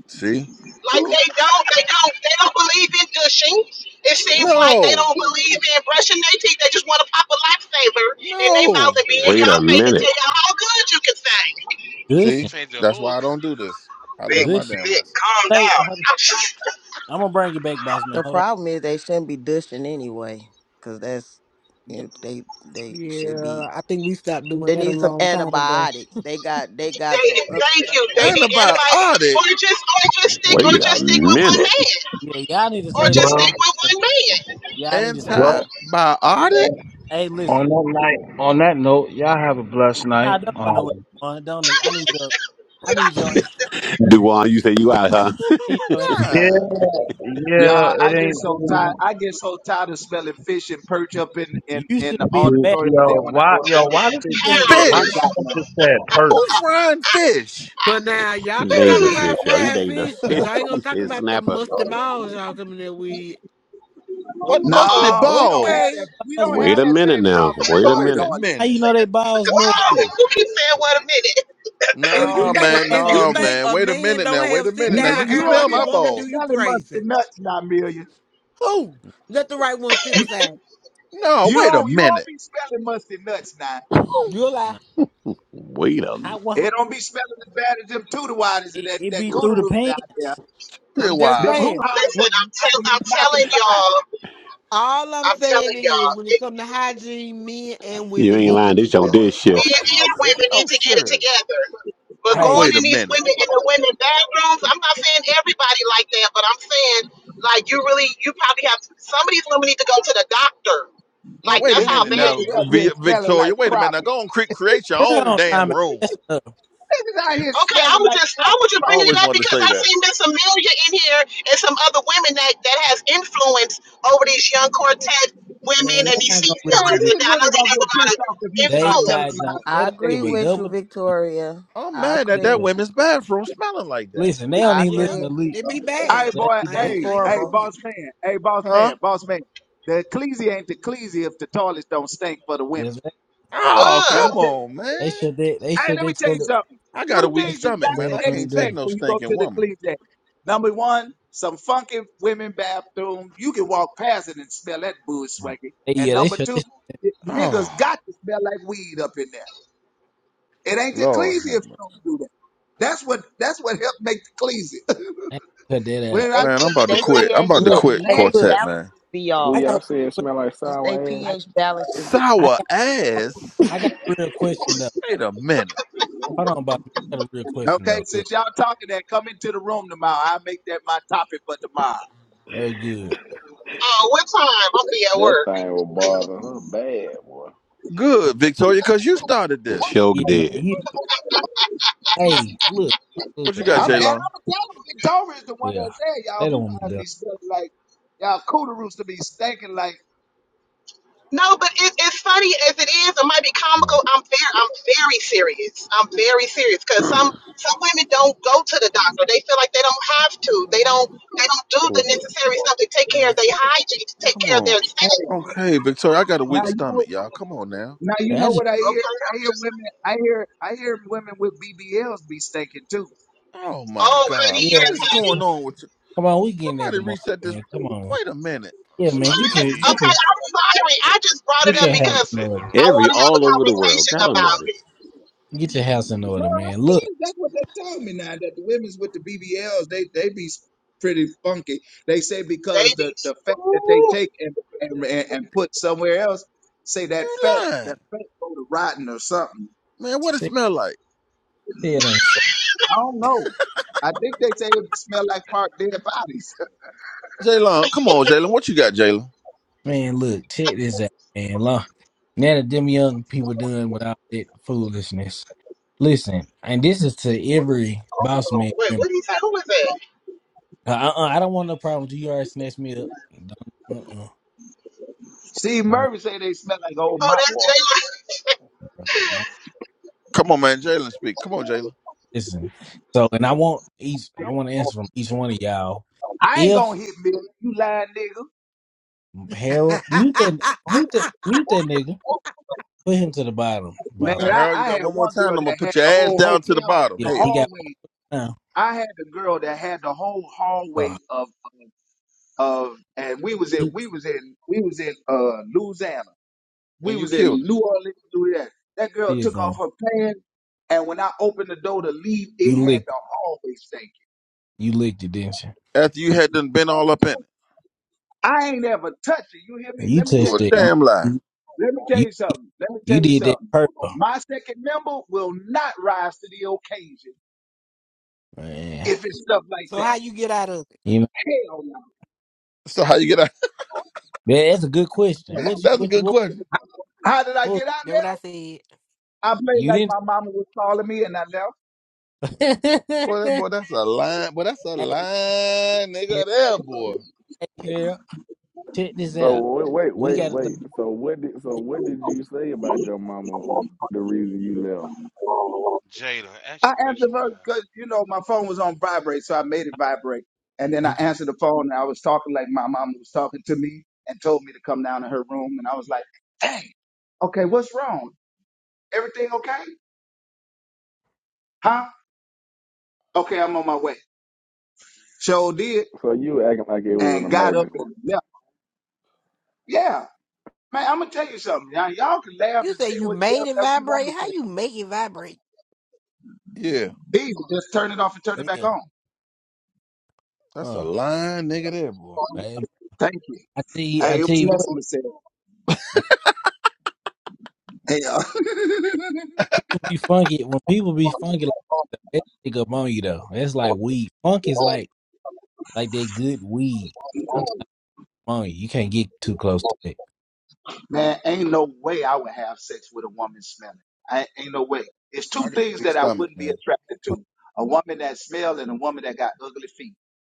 Speaker 2: See?
Speaker 20: Like they don't, they don't, they don't believe in gushing. It seems like they
Speaker 2: No,
Speaker 20: don't believe in brushing their teeth. They just want to pop a lifesaver in their
Speaker 2: no.
Speaker 20: mouth and be in
Speaker 12: wait a
Speaker 20: y'all face and tell
Speaker 12: minute.
Speaker 20: y'all how good you can sing.
Speaker 16: Vic
Speaker 2: See,
Speaker 23: Gushing,
Speaker 16: changed the
Speaker 2: that's
Speaker 16: whole.
Speaker 2: why I
Speaker 16: c-
Speaker 2: don't do this. I learned my
Speaker 23: gushing.
Speaker 2: damn lesson.
Speaker 23: Say, I'm
Speaker 20: I'm just-
Speaker 23: gonna bring you back, boss man.
Speaker 4: The
Speaker 23: Hold on.
Speaker 4: problem is they shouldn't be dishing anyway, because that's you
Speaker 23: Yeah,
Speaker 4: know, they they should
Speaker 11: Yeah,
Speaker 4: be
Speaker 11: I think we stopped doing
Speaker 4: They
Speaker 11: that a
Speaker 4: need some
Speaker 11: long time ago.
Speaker 4: antibiotics. They got they got
Speaker 20: they,
Speaker 4: some up
Speaker 20: thank
Speaker 4: stuff
Speaker 20: you. They
Speaker 4: going
Speaker 20: need
Speaker 4: on down.
Speaker 20: anybody,
Speaker 2: Antibiotic,
Speaker 20: or just, or just stick, or
Speaker 12: Wait a
Speaker 20: just stick with one
Speaker 12: minute.
Speaker 20: man,
Speaker 23: yeah, y'all need to
Speaker 20: or
Speaker 23: say
Speaker 20: just
Speaker 23: that for
Speaker 24: Well,
Speaker 20: stick with
Speaker 23: you.
Speaker 20: one man.
Speaker 23: Y'all need to.
Speaker 24: well,
Speaker 2: antibiotic.
Speaker 23: Hey,
Speaker 24: on
Speaker 23: listen.
Speaker 24: that night, on that note, y'all have a blessed
Speaker 23: Nah,
Speaker 24: night.
Speaker 23: don't go
Speaker 24: Um,
Speaker 23: nowhere. One, don't. Know. I need your. I
Speaker 20: Did I?
Speaker 23: need your. I
Speaker 12: Duane, you said you out, huh?
Speaker 23: need your answer.
Speaker 24: yeah,
Speaker 2: Yeah,
Speaker 24: yeah,
Speaker 21: Y'all,
Speaker 24: it
Speaker 21: I get
Speaker 24: ain't.
Speaker 21: so tired I get so tired of smelling fish and perch up in, in,
Speaker 23: You
Speaker 21: in
Speaker 23: should
Speaker 21: the
Speaker 23: be in the
Speaker 21: auditorium
Speaker 24: Yo,
Speaker 21: and
Speaker 23: bathroom.
Speaker 21: then when I
Speaker 24: why,
Speaker 21: go to
Speaker 24: yo,
Speaker 21: order
Speaker 24: why
Speaker 21: some
Speaker 24: this
Speaker 21: fish they
Speaker 24: man?
Speaker 21: say
Speaker 20: Harold.
Speaker 21: they
Speaker 24: Why
Speaker 21: ain't
Speaker 24: this
Speaker 2: fish.
Speaker 21: got
Speaker 24: man
Speaker 21: none.
Speaker 24: just said perk?
Speaker 2: Who frying fish?
Speaker 11: But now
Speaker 12: he
Speaker 11: y'all can
Speaker 12: named
Speaker 11: talk
Speaker 12: the
Speaker 11: about
Speaker 12: fish, yo. He
Speaker 11: fried
Speaker 12: named the
Speaker 11: fish, but
Speaker 12: fish.
Speaker 11: y'all ain't gonna
Speaker 12: He
Speaker 11: talk
Speaker 12: said
Speaker 11: about the
Speaker 12: snapper.
Speaker 11: musty balls y'all coming there with.
Speaker 2: What
Speaker 11: O-
Speaker 23: Well,
Speaker 20: Uh
Speaker 2: musty
Speaker 20: oh.
Speaker 21: No, we don't have
Speaker 11: Okay.
Speaker 21: that.
Speaker 2: balls?
Speaker 21: We
Speaker 23: balls
Speaker 21: don't
Speaker 12: Wait
Speaker 21: have
Speaker 12: a
Speaker 21: that
Speaker 23: musty.
Speaker 12: minute
Speaker 21: same
Speaker 12: now.
Speaker 21: problem in
Speaker 12: Wait a
Speaker 21: our
Speaker 2: Wait
Speaker 20: Whoa.
Speaker 2: a
Speaker 12: minute.
Speaker 23: How
Speaker 21: toilets.
Speaker 2: minute.
Speaker 23: you know they balls musty?
Speaker 20: Who keeps saying what a minute?
Speaker 11: If
Speaker 23: How
Speaker 11: you
Speaker 23: you
Speaker 2: No
Speaker 23: know
Speaker 11: think
Speaker 23: they
Speaker 11: a-
Speaker 2: man,
Speaker 11: if
Speaker 23: balls
Speaker 11: you
Speaker 2: no
Speaker 23: musty?
Speaker 11: think
Speaker 2: man.
Speaker 11: a
Speaker 2: Wait a
Speaker 11: man
Speaker 2: minute
Speaker 11: don't
Speaker 2: now. Wait
Speaker 11: have
Speaker 2: a
Speaker 11: sit
Speaker 21: You
Speaker 2: minute now.
Speaker 21: know,
Speaker 11: down
Speaker 2: You can
Speaker 21: you
Speaker 11: air
Speaker 21: don't
Speaker 2: smell
Speaker 11: like
Speaker 21: be
Speaker 11: a
Speaker 2: my
Speaker 21: up there
Speaker 11: woman, do
Speaker 2: balls.
Speaker 11: you
Speaker 21: smelling
Speaker 11: crazy?
Speaker 21: musty nuts now, Amelia.
Speaker 11: Ooh, let the right one sit
Speaker 21: You,
Speaker 11: beside me.
Speaker 2: No,
Speaker 21: you
Speaker 2: wait a
Speaker 21: don't you don't
Speaker 2: minute.
Speaker 21: be smelling musty nuts now.
Speaker 11: You'll lie.
Speaker 23: Nah.
Speaker 12: Wait a
Speaker 23: How?
Speaker 12: minute.
Speaker 23: Well, hold
Speaker 21: It
Speaker 23: on.
Speaker 21: don't be smelling as bad as them tutor waters and
Speaker 23: It,
Speaker 21: that
Speaker 23: it
Speaker 21: that
Speaker 23: be through
Speaker 21: cooter
Speaker 23: the
Speaker 21: roots
Speaker 23: pain?
Speaker 21: out there.
Speaker 2: Wait a
Speaker 11: I'm just
Speaker 21: Them
Speaker 2: while.
Speaker 21: hoo
Speaker 11: saying.
Speaker 21: ha's
Speaker 11: Wh-
Speaker 20: Listen,
Speaker 21: be,
Speaker 20: I'm, tell, I'm
Speaker 21: be knocking
Speaker 20: telling
Speaker 21: five.
Speaker 20: y'all.
Speaker 11: All I'm
Speaker 20: I'm
Speaker 11: saying
Speaker 20: telling
Speaker 11: is,
Speaker 20: y'all.
Speaker 11: when it
Speaker 20: it
Speaker 11: comes to hygiene, men and
Speaker 12: You
Speaker 11: women
Speaker 12: ain't
Speaker 11: need to
Speaker 12: lying.
Speaker 11: do
Speaker 12: This your
Speaker 11: better.
Speaker 12: dead shift.
Speaker 20: men and women need
Speaker 2: Oh
Speaker 20: to get it
Speaker 2: sir.
Speaker 20: together. But
Speaker 2: Now
Speaker 20: going
Speaker 2: wait
Speaker 23: Hey,
Speaker 20: in
Speaker 2: a
Speaker 20: these
Speaker 2: minute.
Speaker 20: women in the women bathrooms, I'm not saying everybody like that, but I'm saying like you really you probably have some of these women need to go to the doctor.
Speaker 2: Now
Speaker 20: Like
Speaker 2: wait a
Speaker 21: These
Speaker 20: that's how
Speaker 2: minute
Speaker 20: bad
Speaker 2: now,
Speaker 20: it
Speaker 21: niggas up
Speaker 20: is.
Speaker 21: here
Speaker 2: Vi-
Speaker 21: smelling
Speaker 2: Victoria.
Speaker 21: like
Speaker 2: Wait a minute. Now
Speaker 21: property.
Speaker 2: go and cre- create your
Speaker 23: we're
Speaker 2: own
Speaker 23: on
Speaker 2: damn
Speaker 23: time.
Speaker 2: room.
Speaker 23: and
Speaker 21: Niggas out here
Speaker 20: Okay, I
Speaker 21: smelling
Speaker 20: was
Speaker 21: like
Speaker 20: just I
Speaker 21: property.
Speaker 20: was just
Speaker 2: I
Speaker 20: bringing it
Speaker 2: always
Speaker 20: up
Speaker 2: wanted to
Speaker 20: because
Speaker 2: say
Speaker 20: I
Speaker 2: that.
Speaker 20: seen Miss Amelia in here and some other women that that has influence over these young quartet women
Speaker 23: Man,
Speaker 20: and
Speaker 23: they
Speaker 20: these
Speaker 23: not
Speaker 20: seat
Speaker 23: gonna
Speaker 21: Man,
Speaker 23: listen to this.
Speaker 20: fillers, and
Speaker 21: these
Speaker 20: I know
Speaker 21: women
Speaker 20: they
Speaker 21: gonna
Speaker 20: have a
Speaker 21: get
Speaker 20: lot of
Speaker 21: pissed off if you
Speaker 23: They
Speaker 21: start telling
Speaker 20: influence.
Speaker 23: not
Speaker 21: them how
Speaker 23: going they
Speaker 4: I
Speaker 21: safe
Speaker 23: don't
Speaker 21: they
Speaker 4: agree
Speaker 23: give a
Speaker 21: be.
Speaker 4: with you,
Speaker 23: double damn.
Speaker 4: Victoria.
Speaker 2: I'm
Speaker 4: I
Speaker 23: They
Speaker 2: mad at
Speaker 23: don't
Speaker 4: agree.
Speaker 2: that
Speaker 23: give a
Speaker 2: women's bathroom smelling like that.
Speaker 23: listen, they don't
Speaker 4: I
Speaker 23: even
Speaker 11: Yeah,
Speaker 23: listen
Speaker 4: agree.
Speaker 23: to leak.
Speaker 11: it be
Speaker 21: Hey
Speaker 11: bad.
Speaker 23: They
Speaker 21: boy,
Speaker 11: I
Speaker 23: don't
Speaker 4: It's
Speaker 11: ain't,
Speaker 21: hey,
Speaker 11: I ain't gonna
Speaker 21: hey,
Speaker 4: horrible.
Speaker 11: hold you.
Speaker 21: boss man, hey, boss
Speaker 2: Huh?
Speaker 21: man, boss man. The ecclesia ain't the ecclesia if the toilets don't stink for the women.
Speaker 23: That's right.
Speaker 2: Oh,
Speaker 20: Ugh.
Speaker 21: Let me
Speaker 2: come
Speaker 21: tell you.
Speaker 2: on,
Speaker 23: they
Speaker 2: man.
Speaker 23: shut their they
Speaker 21: Hey,
Speaker 23: shut
Speaker 21: let
Speaker 23: their
Speaker 21: me tell you
Speaker 23: toilet
Speaker 21: something.
Speaker 2: I got a
Speaker 21: Two
Speaker 2: weak
Speaker 23: they
Speaker 21: things
Speaker 23: shut
Speaker 21: you
Speaker 2: stomach,
Speaker 21: got
Speaker 2: man.
Speaker 23: their
Speaker 2: I
Speaker 21: to
Speaker 23: bathroom
Speaker 2: can't take
Speaker 21: expect
Speaker 23: down.
Speaker 2: no
Speaker 21: when you go
Speaker 2: stinking
Speaker 21: to the
Speaker 2: woman.
Speaker 21: ecclesia. Number one, some funky women bathroom. You can walk past it and smell that booze swanky.
Speaker 23: They,
Speaker 21: And
Speaker 23: yeah, they
Speaker 21: number
Speaker 23: shut
Speaker 21: two,
Speaker 23: this
Speaker 21: the niggas
Speaker 2: Oh,
Speaker 21: got to smell like weed up in there. It ain't the
Speaker 2: Lord.
Speaker 21: ecclesia
Speaker 2: have
Speaker 21: if
Speaker 2: mer-
Speaker 21: you don't do that. That's what that's what helped make the ecclesia.
Speaker 23: they cut that out.
Speaker 21: When I
Speaker 4: They
Speaker 2: Man,
Speaker 21: check
Speaker 2: I'm
Speaker 4: P
Speaker 2: about
Speaker 21: the
Speaker 2: to
Speaker 4: they
Speaker 21: women
Speaker 2: quit. I'm
Speaker 4: pH
Speaker 21: be
Speaker 2: about to
Speaker 4: they
Speaker 23: Look,
Speaker 21: something
Speaker 2: quit
Speaker 23: hey
Speaker 21: nasty.
Speaker 4: pH
Speaker 23: look,
Speaker 2: quartet,
Speaker 23: I,
Speaker 2: man.
Speaker 4: balances be
Speaker 9: Who
Speaker 23: I
Speaker 4: off.
Speaker 23: got
Speaker 9: y'all
Speaker 23: a
Speaker 9: said
Speaker 23: quick-
Speaker 9: smell like
Speaker 4: It's they
Speaker 9: sour ass?
Speaker 23: I,
Speaker 4: pH balances be
Speaker 23: I
Speaker 4: off.
Speaker 2: Sour
Speaker 23: got
Speaker 2: ass?
Speaker 23: I got a real question though.
Speaker 2: Wait a minute.
Speaker 23: Hold on Bobby. I got a real question
Speaker 21: Okay,
Speaker 23: though. Look,
Speaker 21: since y'all talking that, come into the room tomorrow. I'll make that my topic for tomorrow.
Speaker 23: very good.
Speaker 20: Oh, what time? I'll be at
Speaker 9: That
Speaker 20: work.
Speaker 9: thing was bothering her bad, boy.
Speaker 23: Uh,
Speaker 2: Good, Victoria, because you started this.
Speaker 23: yeah,
Speaker 12: Choke
Speaker 23: man.
Speaker 12: dead.
Speaker 23: You, hey, look, look,
Speaker 2: What you
Speaker 23: look, I
Speaker 2: got,
Speaker 21: I'm and I'm
Speaker 23: wanna
Speaker 2: J-Lo?
Speaker 21: gonna tell them Victoria is the one
Speaker 23: Yeah.
Speaker 21: that said y'all
Speaker 23: They don't
Speaker 21: who
Speaker 23: want me
Speaker 21: guys
Speaker 23: done.
Speaker 21: be stinking like y'all cooteroos to be stinking like
Speaker 20: No, but it, it's funny as it is. It might be
Speaker 23: No.
Speaker 20: comical. I'm very, I'm very serious. I'm very serious because some some women don't go to the doctor. They feel like they don't have to. They don't. They don't do the necessary stuff to take care of their hygiene, to take
Speaker 2: Come
Speaker 20: care of
Speaker 2: on.
Speaker 20: their
Speaker 21: hey
Speaker 20: self.
Speaker 2: Okay, Victoria, I got a
Speaker 21: now
Speaker 2: weak
Speaker 21: you know
Speaker 2: stomach, y'all. Come on now.
Speaker 21: now you
Speaker 23: Man, I
Speaker 21: know
Speaker 23: just
Speaker 21: what I hear
Speaker 20: Okay,
Speaker 21: I
Speaker 20: I'm
Speaker 21: hear
Speaker 20: just.
Speaker 21: women I hear I hear women with BBLs be stinking too.
Speaker 2: Oh, my
Speaker 20: Oh, honey,
Speaker 2: God. What
Speaker 23: yeah,
Speaker 20: yes,
Speaker 2: is
Speaker 20: honey.
Speaker 2: going on with you?
Speaker 23: come on, we getting that
Speaker 2: Somebody
Speaker 23: tomorrow,
Speaker 2: reset this.
Speaker 23: man. Come on.
Speaker 2: Wait a minute.
Speaker 23: Yeah, man,
Speaker 16: Somebody
Speaker 23: get your get
Speaker 16: please
Speaker 20: Okay,
Speaker 23: your
Speaker 20: I'm sorry. I just brought it
Speaker 23: get
Speaker 20: up
Speaker 23: your
Speaker 16: please
Speaker 23: house
Speaker 20: because
Speaker 23: in
Speaker 16: reset the
Speaker 23: order.
Speaker 16: room,
Speaker 20: I want
Speaker 12: Every
Speaker 20: to
Speaker 16: man.
Speaker 20: have
Speaker 12: all
Speaker 20: a
Speaker 12: over the world.
Speaker 20: conversation
Speaker 12: God
Speaker 20: about
Speaker 12: almighty.
Speaker 20: it.
Speaker 23: Get your house in
Speaker 21: No,
Speaker 23: order,
Speaker 21: I
Speaker 23: man. Look,
Speaker 21: think that's what they told me now that the women's with the BBLs, they they be s- pretty funky. They say
Speaker 20: They
Speaker 21: because
Speaker 20: be.
Speaker 21: the the fat that they
Speaker 20: Ooh,
Speaker 21: take and and, and, and put somewhere else, say that
Speaker 2: You
Speaker 21: fat that
Speaker 2: lying.
Speaker 21: fat go to rotten or something.
Speaker 2: Man, what it
Speaker 23: see,
Speaker 2: smell like?
Speaker 23: it ain't so.
Speaker 21: I don't know. I think they say it smell like part dead bodies.
Speaker 2: Jalen, come on, Jalen. What you got, Jalen?
Speaker 23: Man, look, check this out, man. Look, none of them young people doing without that foolishness. Listen, and this is to every boss man
Speaker 20: wait,
Speaker 23: member.
Speaker 20: what did he say? Who was that?
Speaker 23: Uh, uh, uh, I don't want no problem. You already snatched me up. Don't, uh-uh.
Speaker 21: Steve
Speaker 23: I don't,
Speaker 21: Murphy say they smell like old
Speaker 20: Oh,
Speaker 21: mop
Speaker 20: that's
Speaker 21: water.
Speaker 20: Jayla.
Speaker 23: I don't,
Speaker 2: Come on, man. Jalen, speak. Come on, Jalen.
Speaker 23: listen. So, and I want each. I want to answer from each one of y'all.
Speaker 21: I ain't
Speaker 23: If
Speaker 21: gonna hit me, you lying nigga.
Speaker 23: Harold mute that, mute that, mute that nigga. Put him to the bottom,
Speaker 21: Man,
Speaker 23: boss
Speaker 2: Now,
Speaker 23: man.
Speaker 21: I,
Speaker 2: Harold, you
Speaker 21: I had
Speaker 2: got one more
Speaker 21: one girl
Speaker 2: time. I'm gonna
Speaker 21: that had
Speaker 2: put your
Speaker 21: the
Speaker 2: ass
Speaker 21: whole
Speaker 2: down to the
Speaker 21: hotel,
Speaker 2: bottom.
Speaker 21: the
Speaker 23: Yeah, he
Speaker 2: Hell,
Speaker 23: got one
Speaker 21: hallway.
Speaker 23: now.
Speaker 21: I had the girl that had the whole hallway
Speaker 23: Oh,
Speaker 21: of of and we was in
Speaker 23: he
Speaker 21: we was in we was in uh Louisiana. We
Speaker 2: and you
Speaker 21: was
Speaker 2: killed
Speaker 21: in New Orleans, Louisiana. That girl
Speaker 23: still
Speaker 21: took
Speaker 23: going.
Speaker 21: off her pants and when I opened the door to leave, it
Speaker 23: You
Speaker 21: had
Speaker 23: licked,
Speaker 21: the hallway stinking.
Speaker 23: you licked it, didn't you?
Speaker 2: it after you had done been all up in it.
Speaker 21: I ain't ever touched it. You hear me?
Speaker 23: You
Speaker 21: Let me
Speaker 2: You
Speaker 21: tell
Speaker 2: a
Speaker 23: touched
Speaker 21: you
Speaker 23: it. You,
Speaker 21: something.
Speaker 2: damn liar.
Speaker 21: Let me tell
Speaker 23: you,
Speaker 21: you something. Let me
Speaker 23: you
Speaker 21: tell you
Speaker 23: did that
Speaker 21: something.
Speaker 23: purple.
Speaker 21: My second member will not rise to the occasion
Speaker 23: Man,
Speaker 21: if it's stuff like
Speaker 11: so how
Speaker 21: that.
Speaker 11: you get out of it?
Speaker 23: you know
Speaker 21: Hell
Speaker 2: So how you get out?
Speaker 23: that- that's a good question. What
Speaker 21: no.
Speaker 23: you,
Speaker 2: That's a
Speaker 23: what you,
Speaker 2: good
Speaker 23: what,
Speaker 2: question.
Speaker 21: How did I
Speaker 23: what
Speaker 21: get out
Speaker 11: That
Speaker 21: there?
Speaker 11: what I said.
Speaker 21: I played
Speaker 23: you
Speaker 21: like
Speaker 23: didn't?
Speaker 21: my mama was calling me and I left.
Speaker 23: hey,
Speaker 2: Boy, that boy, that's a line. Boy, that's a line,
Speaker 23: Carol,
Speaker 2: nigga. There, boy.
Speaker 23: hey, Carol, check this
Speaker 9: So
Speaker 23: out.
Speaker 9: wait, wait,
Speaker 23: We
Speaker 9: wait,
Speaker 23: got to think.
Speaker 9: wait. So what did, so what did you say about your mama? The reason you left?
Speaker 16: Jada,
Speaker 21: I
Speaker 16: ask your
Speaker 21: answered
Speaker 16: question,
Speaker 21: her
Speaker 16: man.
Speaker 21: because, you know, my phone was on vibrate, so I made it vibrate. And then I
Speaker 23: He can,
Speaker 21: answered the phone and I was talking like my mama was talking to me and told me to come down to her room. And I was like, dang, okay, what's wrong? Everything okay? Huh? Okay, I'm on my way. So did
Speaker 9: So you acting like it was an
Speaker 21: and got up
Speaker 9: emergency.
Speaker 21: and left. Yeah. Man, I'm gonna tell you something. Y'all, y'all can laugh
Speaker 11: You
Speaker 21: and
Speaker 11: say
Speaker 21: say
Speaker 11: you
Speaker 21: what you
Speaker 11: made it
Speaker 21: ever you want
Speaker 11: vibrate.
Speaker 21: to
Speaker 11: How you make it vibrate?
Speaker 2: Yeah,
Speaker 21: say. Either just turn it off and turn it back
Speaker 23: yeah,
Speaker 21: on.
Speaker 2: that's a
Speaker 23: huh?
Speaker 2: line, nigga. There, boy.
Speaker 23: I,
Speaker 21: Thank you.
Speaker 23: I tell you, I
Speaker 21: Hey, it
Speaker 23: tell
Speaker 21: was
Speaker 23: you what.
Speaker 21: nothing to say.
Speaker 23: I,
Speaker 21: Hell,
Speaker 23: people be funky when people be funky. Like, that, they stick up on you though. That's like weed. Funk is like like they good weed. on you. You can't get too close to it.
Speaker 21: man, ain't no way I would have sex with a woman smelling. I ain't no way. It's
Speaker 2: I
Speaker 21: two
Speaker 2: got a
Speaker 21: things
Speaker 2: big
Speaker 21: that I
Speaker 2: stomach,
Speaker 21: wouldn't be
Speaker 2: man.
Speaker 21: attracted to: a woman that smells and a woman that got ugly feet.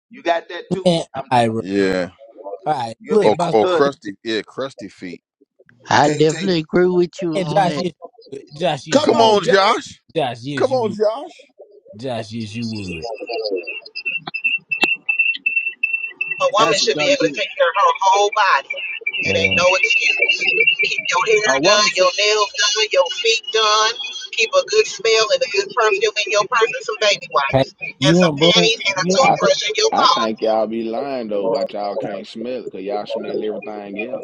Speaker 21: You got that too?
Speaker 23: Man,
Speaker 21: I'm
Speaker 23: I
Speaker 21: done.
Speaker 23: all
Speaker 2: Yeah.
Speaker 23: right.
Speaker 21: You'll be
Speaker 23: Look,
Speaker 2: Or
Speaker 21: my
Speaker 23: boss.
Speaker 2: or
Speaker 21: cousin.
Speaker 2: crusty. Yeah, crusty feet.
Speaker 25: I
Speaker 21: Can't take. it.
Speaker 25: definitely agree with you
Speaker 23: And
Speaker 25: on
Speaker 23: Josh,
Speaker 25: that.
Speaker 23: yes, you would. Josh, yes,
Speaker 21: Come
Speaker 23: you
Speaker 2: Come
Speaker 23: would.
Speaker 21: on,
Speaker 2: on,
Speaker 21: Josh.
Speaker 2: Josh.
Speaker 23: Josh, yes,
Speaker 2: Come
Speaker 23: you
Speaker 2: on,
Speaker 23: would.
Speaker 2: Josh.
Speaker 23: Josh, yes, you would.
Speaker 20: A woman
Speaker 21: That's a
Speaker 20: should be
Speaker 21: done
Speaker 20: able to
Speaker 21: deal.
Speaker 20: take care of her whole body. It ain't
Speaker 23: Man,
Speaker 20: no excuse. Keep your hair
Speaker 21: A woman
Speaker 20: done,
Speaker 21: should.
Speaker 20: your nails done, your feet done. Keep a good smell and a good perfume in your purse and some baby
Speaker 23: hey,
Speaker 20: wipes and
Speaker 23: you
Speaker 20: some
Speaker 23: and Boom,
Speaker 20: panties and a
Speaker 23: you
Speaker 9: I
Speaker 23: and Boom,
Speaker 20: toothbrush in your
Speaker 9: I
Speaker 20: car.
Speaker 9: think y'all be lying though about y'all can't smell it, cause y'all smell everything else.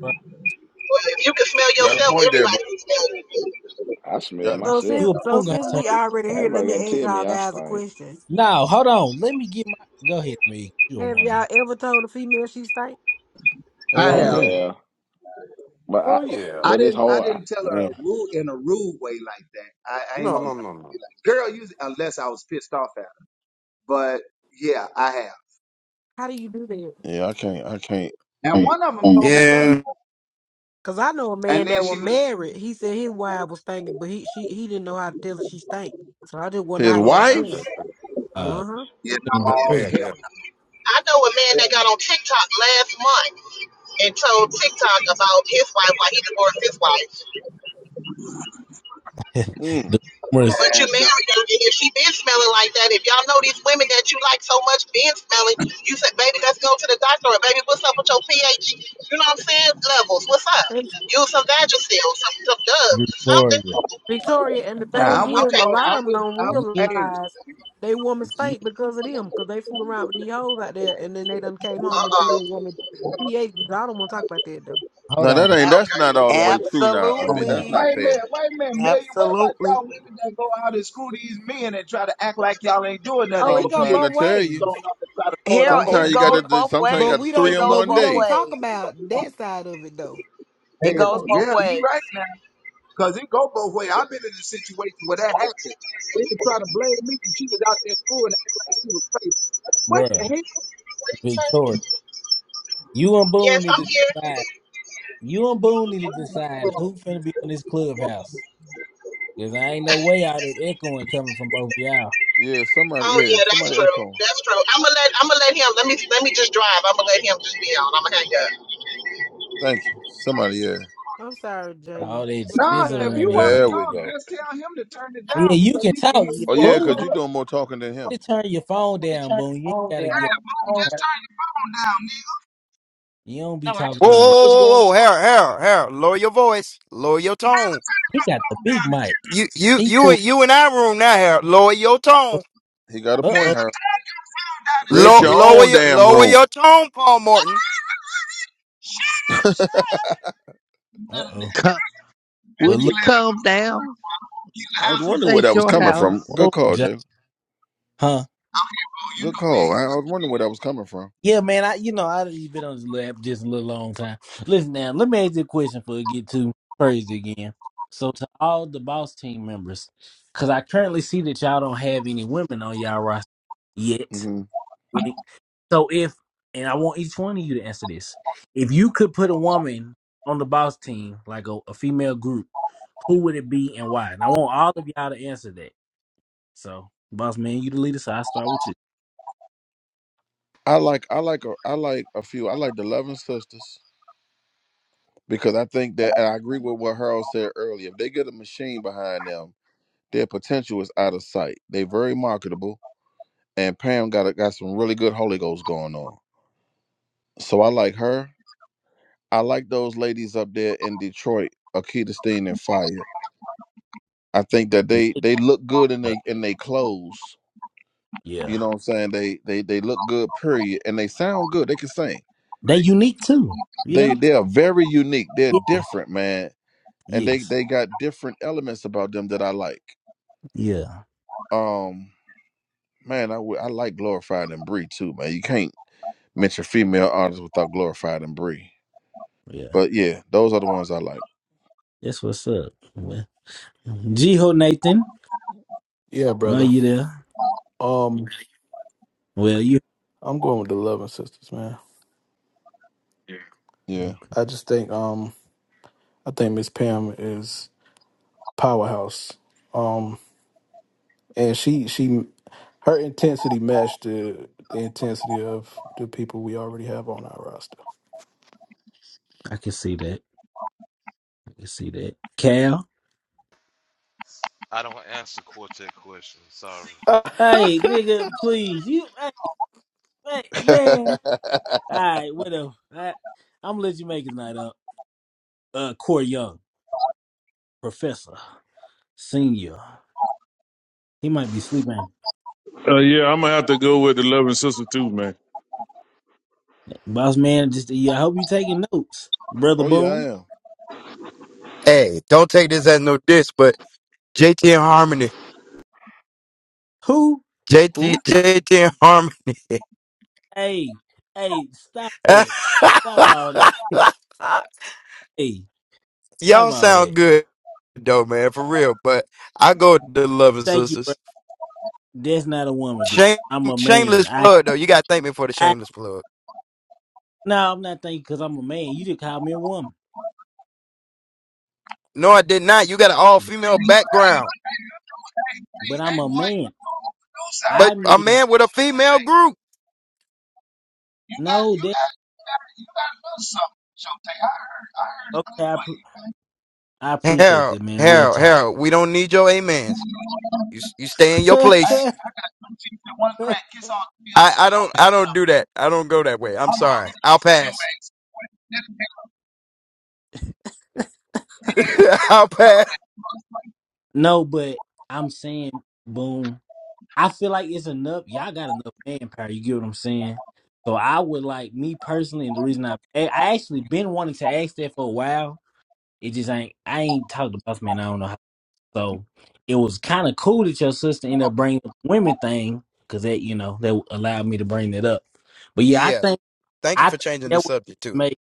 Speaker 23: bro.
Speaker 20: Well, if you can smell
Speaker 2: Got a
Speaker 20: yourself,
Speaker 2: point there, bro.
Speaker 20: everybody can smell you.
Speaker 9: I smell
Speaker 2: Got a
Speaker 11: So
Speaker 9: myself.
Speaker 11: since
Speaker 23: you and
Speaker 11: so
Speaker 23: Boom gonna
Speaker 11: since
Speaker 23: turn.
Speaker 11: we already here, let
Speaker 9: Anybody gotta
Speaker 11: me ask
Speaker 9: tell
Speaker 11: y'all
Speaker 9: me I
Speaker 11: guys a
Speaker 9: stink.
Speaker 11: question.
Speaker 23: Now, hold on. Let me get my. Go ahead, me. You a
Speaker 11: Have
Speaker 23: woman?
Speaker 11: y'all ever told a female she stank?
Speaker 21: I
Speaker 2: Yeah,
Speaker 23: Oh,
Speaker 9: I
Speaker 23: you,
Speaker 21: have.
Speaker 2: yeah,
Speaker 9: have, but
Speaker 26: Oh
Speaker 9: I
Speaker 26: yeah.
Speaker 21: I
Speaker 9: but it's
Speaker 21: didn't. I
Speaker 9: hard.
Speaker 21: didn't tell her a
Speaker 2: yeah,
Speaker 21: rude in a rude way like that. I, I ain't
Speaker 26: No,
Speaker 21: gonna.
Speaker 26: no,
Speaker 21: Lie.
Speaker 26: no, no.
Speaker 21: Girl, you unless I was pissed off at her. But yeah, I have.
Speaker 11: How do you do that?
Speaker 2: yeah. I can't, I can't.
Speaker 21: And one of them told me thank. you.
Speaker 11: Cause I know a
Speaker 21: And
Speaker 11: man
Speaker 21: then
Speaker 11: that was
Speaker 21: she was.
Speaker 11: married. He said his wife was stinking, but he she he didn't know how to tell her she stank. So I just wonder
Speaker 2: His
Speaker 11: how y'all
Speaker 26: Lord have
Speaker 2: wife?
Speaker 11: feel.
Speaker 26: mercy.
Speaker 23: uh,
Speaker 11: Uh
Speaker 21: You
Speaker 23: shouldn't
Speaker 26: Well,
Speaker 23: have
Speaker 26: that's
Speaker 21: know,
Speaker 26: bad,
Speaker 23: been
Speaker 26: yeah.
Speaker 21: help.
Speaker 20: I know a man that got on TikTok last month and told TikTok about his wife while he divorced his wife.
Speaker 23: married.
Speaker 2: Mm.
Speaker 23: the rumors,
Speaker 20: But you
Speaker 21: And uh,
Speaker 20: married her, and if she been smelling like that, if y'all know these women that you like so much been smelling, you said, baby, let's go to the doctor, or baby, what's up with your pH? You know what I'm saying? Levels, what's up?
Speaker 11: huh.
Speaker 20: Use some Vagisil, some some Dove, something.
Speaker 23: Victoria.
Speaker 11: Victoria, and the thing
Speaker 21: now I'm
Speaker 2: Oh,
Speaker 21: with
Speaker 11: is,
Speaker 21: you.
Speaker 20: Okay,
Speaker 11: a
Speaker 21: on-
Speaker 20: uh
Speaker 11: lot
Speaker 21: I'm
Speaker 11: of them
Speaker 21: with.
Speaker 11: don't
Speaker 21: I'm,
Speaker 23: Get,
Speaker 21: hey,
Speaker 11: realize they woman
Speaker 23: get.
Speaker 11: stink because of them, cause they fool around with these hoes out there, and then they done came home and threw
Speaker 20: oh,
Speaker 11: their woman. Yeah, I don't want to talk about that though.
Speaker 23: Hold
Speaker 2: now that
Speaker 23: on.
Speaker 2: ain't. That's
Speaker 20: okay.
Speaker 2: not
Speaker 4: Ab-
Speaker 2: all the way true. Now, Amit,
Speaker 23: Time out,
Speaker 2: that's
Speaker 4: absolutely.
Speaker 2: not
Speaker 21: wait a
Speaker 2: fair.
Speaker 21: minute, wait a minute, Millie. What about y'all
Speaker 4: Absolutely.
Speaker 21: women that go out and screw these men and try to act like y'all ain't doing nothing?
Speaker 11: Oh, it
Speaker 2: I'm
Speaker 21: Your
Speaker 11: go
Speaker 21: pH
Speaker 2: trying
Speaker 11: both
Speaker 2: to tell
Speaker 21: balance be
Speaker 2: you.
Speaker 11: ways,
Speaker 21: thrown off and try to throw it
Speaker 4: Here
Speaker 21: off on the
Speaker 4: it
Speaker 2: Sometimes you
Speaker 21: nigga.
Speaker 2: got
Speaker 4: goes
Speaker 2: to.
Speaker 11: but
Speaker 2: do
Speaker 4: both
Speaker 2: Sometimes you
Speaker 11: but
Speaker 2: got
Speaker 4: ways.
Speaker 11: we
Speaker 4: It
Speaker 2: three
Speaker 11: don't
Speaker 2: in
Speaker 4: goes
Speaker 11: but
Speaker 2: one
Speaker 11: we
Speaker 4: both
Speaker 11: don't
Speaker 2: day.
Speaker 11: talk
Speaker 4: ways.
Speaker 11: about that side of it though.
Speaker 4: It goes
Speaker 21: Hell,
Speaker 4: both
Speaker 21: yeah, you right
Speaker 4: ways.
Speaker 21: now. Cause it go both ways. I've been in a situation where that happened. They can try to blame me and she was out there screwing and act like she was
Speaker 23: bruh.
Speaker 20: What did you say?
Speaker 23: Victoria. You and
Speaker 20: Yes,
Speaker 23: Boone need
Speaker 20: I'm
Speaker 23: to
Speaker 20: here.
Speaker 23: decide. You and Boone need to decide who finna be on this
Speaker 21: crazy.
Speaker 23: clubhouse. Cause I ain't no way all that echoing coming from both y'all.
Speaker 2: Yeah, somebody.
Speaker 20: Oh
Speaker 2: Yeah,
Speaker 20: yeah, that's
Speaker 2: somebody
Speaker 20: true.
Speaker 2: echo.
Speaker 20: That's true. I'm gonna let I'm gonna let him. Let me let me just drive. I'm gonna let him just be on. I'm gonna hang up.
Speaker 2: Thank you. Somebody. Yeah.
Speaker 11: I'm sorry, Jayla.
Speaker 23: All that
Speaker 11: What you
Speaker 21: Nah,
Speaker 11: trying
Speaker 21: if
Speaker 11: to
Speaker 21: you
Speaker 23: scissoring
Speaker 11: say?
Speaker 21: want
Speaker 23: and
Speaker 21: to
Speaker 2: There we
Speaker 21: talk,
Speaker 2: go.
Speaker 21: just tell him to turn it
Speaker 23: yeah,
Speaker 21: down
Speaker 23: you
Speaker 21: because
Speaker 23: can
Speaker 21: he can
Speaker 23: talk.
Speaker 21: hear
Speaker 23: Yeah,
Speaker 21: you
Speaker 2: Oh yeah,
Speaker 21: all
Speaker 23: Boone,
Speaker 2: because you
Speaker 21: yours.
Speaker 2: doing more talking than him.
Speaker 23: you turn your phone down, Boone. You ain't
Speaker 1: Whoa, whoa,
Speaker 23: gotta get.
Speaker 1: whoa,
Speaker 23: You don't be
Speaker 2: Or
Speaker 23: talking
Speaker 2: just,
Speaker 23: anyway.
Speaker 2: or just going.
Speaker 1: whoa, whoa. Harold, Harold, Harold. Lower your voice. Lower your tone.
Speaker 23: He got the big mic.
Speaker 1: You, you, you, in-
Speaker 23: People.
Speaker 1: you in our room now, Harold. Lower your
Speaker 23: Uh
Speaker 1: tone.
Speaker 2: He got a point,
Speaker 23: oh.
Speaker 2: her.
Speaker 23: Uh
Speaker 2: Create
Speaker 1: Low,
Speaker 2: your
Speaker 23: oh.
Speaker 1: lower
Speaker 2: own
Speaker 1: your,
Speaker 2: damn
Speaker 1: lower
Speaker 2: room.
Speaker 1: your tone, Paul Morton.
Speaker 2: I
Speaker 23: Uh oh.
Speaker 25: Come,
Speaker 23: Well,
Speaker 25: would you
Speaker 23: look.
Speaker 25: calm down?
Speaker 2: was
Speaker 25: This
Speaker 2: wondering where that
Speaker 25: ain't
Speaker 2: was
Speaker 25: your
Speaker 2: coming from.
Speaker 25: house,
Speaker 2: Good
Speaker 23: Whoa,
Speaker 2: call, Jay.
Speaker 23: Josh.
Speaker 2: Good call. I I was wondering where that was coming from.
Speaker 23: Yeah, man. I you know I've been on this lap just a little long time. Listen now, let me ask you a question before it get too crazy again. So to all the boss team members, because I currently see that y'all don't have any women on y'all roster yet.
Speaker 2: Mm-hmm.
Speaker 23: Wink. So if and I want each one of you to answer this, if you could put a woman on the boss team, like a, a female group, who would it be and why? And I want all of y'all to answer that. So boss man, you the leader, so I start with you.
Speaker 2: I like I like a I like a few. I like the Loving Sisters because I think that and I agree with what Harold said earlier. If they get a machine behind them, their potential is out of sight. They very marketable, and Pam got a, got some really good Holy Ghost going on. So I like her. I like those ladies up there in Detroit, Akita Steen and Fire. I think that they they look good in they in they clothes.
Speaker 23: Yeah.
Speaker 2: You know what I'm saying? They they they look good. Period, and they sound good. They can sing.
Speaker 23: They unique too, you
Speaker 2: They
Speaker 23: know?
Speaker 2: they are very unique. They're
Speaker 23: Yes.
Speaker 2: different, man and they
Speaker 23: Yes.
Speaker 2: they got different elements about them that I like.
Speaker 23: Yeah.
Speaker 2: Um, man, I would- I like glorified and Brie too, man. You can't mention female artists without glorified and Brie.
Speaker 23: Yeah.
Speaker 2: But yeah, those are the ones I like.
Speaker 23: That's what's up. Well, Jiho Nathan,
Speaker 10: yeah,
Speaker 23: are
Speaker 10: brother.
Speaker 23: you there?
Speaker 10: Um,
Speaker 23: Well, you.
Speaker 10: I'm going with the Loving Sisters, man.
Speaker 2: Yeah.
Speaker 23: Okay.
Speaker 10: I just think um, I think Miss Pam is powerhouse. Um, and she she her intensity matched the the intensity of the people we already have on our roster.
Speaker 23: I can see that. I can see that. Cal.
Speaker 16: I don't answer quartet questions. Sorry,
Speaker 23: Hey, nigga, please. You, hey, hey, man. All right, whatever. I, I'm gonna let you make his night up. Uh, Corey Young, Professor, Senior. He might be sleeping.
Speaker 19: Uh, yeah, I'm gonna have to go with the loving sister too, man.
Speaker 23: Boss man, just yeah. I hope you taking notes, brother.
Speaker 2: oh yeah, I
Speaker 23: Boom.
Speaker 2: am.
Speaker 1: Hey, don't take this as no diss, but. JT and Harmony.
Speaker 23: Who?
Speaker 1: JT,
Speaker 2: Who?
Speaker 1: JT and
Speaker 23: Hey, hey, stop
Speaker 1: Harmony.
Speaker 23: that. Stop all that. Hey, stop
Speaker 1: Y'all
Speaker 23: all that.
Speaker 1: sound good though, man, for real. But I go to the Loving
Speaker 23: Thank you, bro.
Speaker 1: Sisters.
Speaker 23: That's not a woman group.
Speaker 1: Shame,
Speaker 23: I'm a man.
Speaker 1: shameless
Speaker 23: I,
Speaker 1: plug though. You gotta thank me for the
Speaker 23: I
Speaker 1: shameless plug.
Speaker 23: no, I'm not thank because I'm a man. You just call me a woman,
Speaker 1: No, I did not. You got an all
Speaker 23: but,
Speaker 1: female
Speaker 21: Hey,
Speaker 1: background,
Speaker 21: hey, you know, hey, hey,
Speaker 23: but I'm
Speaker 21: hey,
Speaker 23: a
Speaker 21: boy, you
Speaker 23: man.
Speaker 21: know, you do sound
Speaker 1: but
Speaker 23: I
Speaker 21: pretty
Speaker 1: a
Speaker 23: mean,
Speaker 21: good,
Speaker 1: man with a
Speaker 21: though,
Speaker 1: female
Speaker 21: Showtay.
Speaker 1: group.
Speaker 21: You got,
Speaker 23: no,
Speaker 21: you
Speaker 23: that
Speaker 21: got, you got, you got a little something, Showtay. I heard, I heard a
Speaker 23: okay.
Speaker 21: clip
Speaker 23: I,
Speaker 21: for
Speaker 23: appre-
Speaker 21: you. man.
Speaker 23: I appreciate
Speaker 1: Hell,
Speaker 23: that, man. Real
Speaker 1: hell,
Speaker 23: talk.
Speaker 1: hell. We don't need your amens. You s- you stay in your
Speaker 21: Hey,
Speaker 1: place.
Speaker 21: I got two teeth and one crack. Kiss all three of them
Speaker 1: I
Speaker 21: so
Speaker 1: I
Speaker 21: you
Speaker 1: don't
Speaker 21: don't mess
Speaker 1: I
Speaker 21: that
Speaker 1: don't
Speaker 21: up,
Speaker 1: do
Speaker 21: nigga.
Speaker 1: that. I don't go that way. I'm
Speaker 21: I'm
Speaker 1: sorry.
Speaker 21: already
Speaker 1: I'll
Speaker 21: off of you,
Speaker 1: pass.
Speaker 21: ass. This nigga, man, I'm
Speaker 1: I'll pass.
Speaker 21: talking that.
Speaker 23: no, but I'm saying, boom. I feel like it's enough. Y'all got enough manpower. You get what I'm saying? So I would like me personally, and the reason I I I actually been wanting to ask that for a while It just ain't. I ain't talked to both men. I don't know how. So it was kind of cool that your sister ended up bringing up the women thing because that you know that allowed me to bring that up. But yeah, I
Speaker 1: Yeah.
Speaker 23: think
Speaker 1: Thank you
Speaker 23: I
Speaker 1: for
Speaker 23: think
Speaker 1: changing the
Speaker 23: that would
Speaker 1: subject too.
Speaker 23: make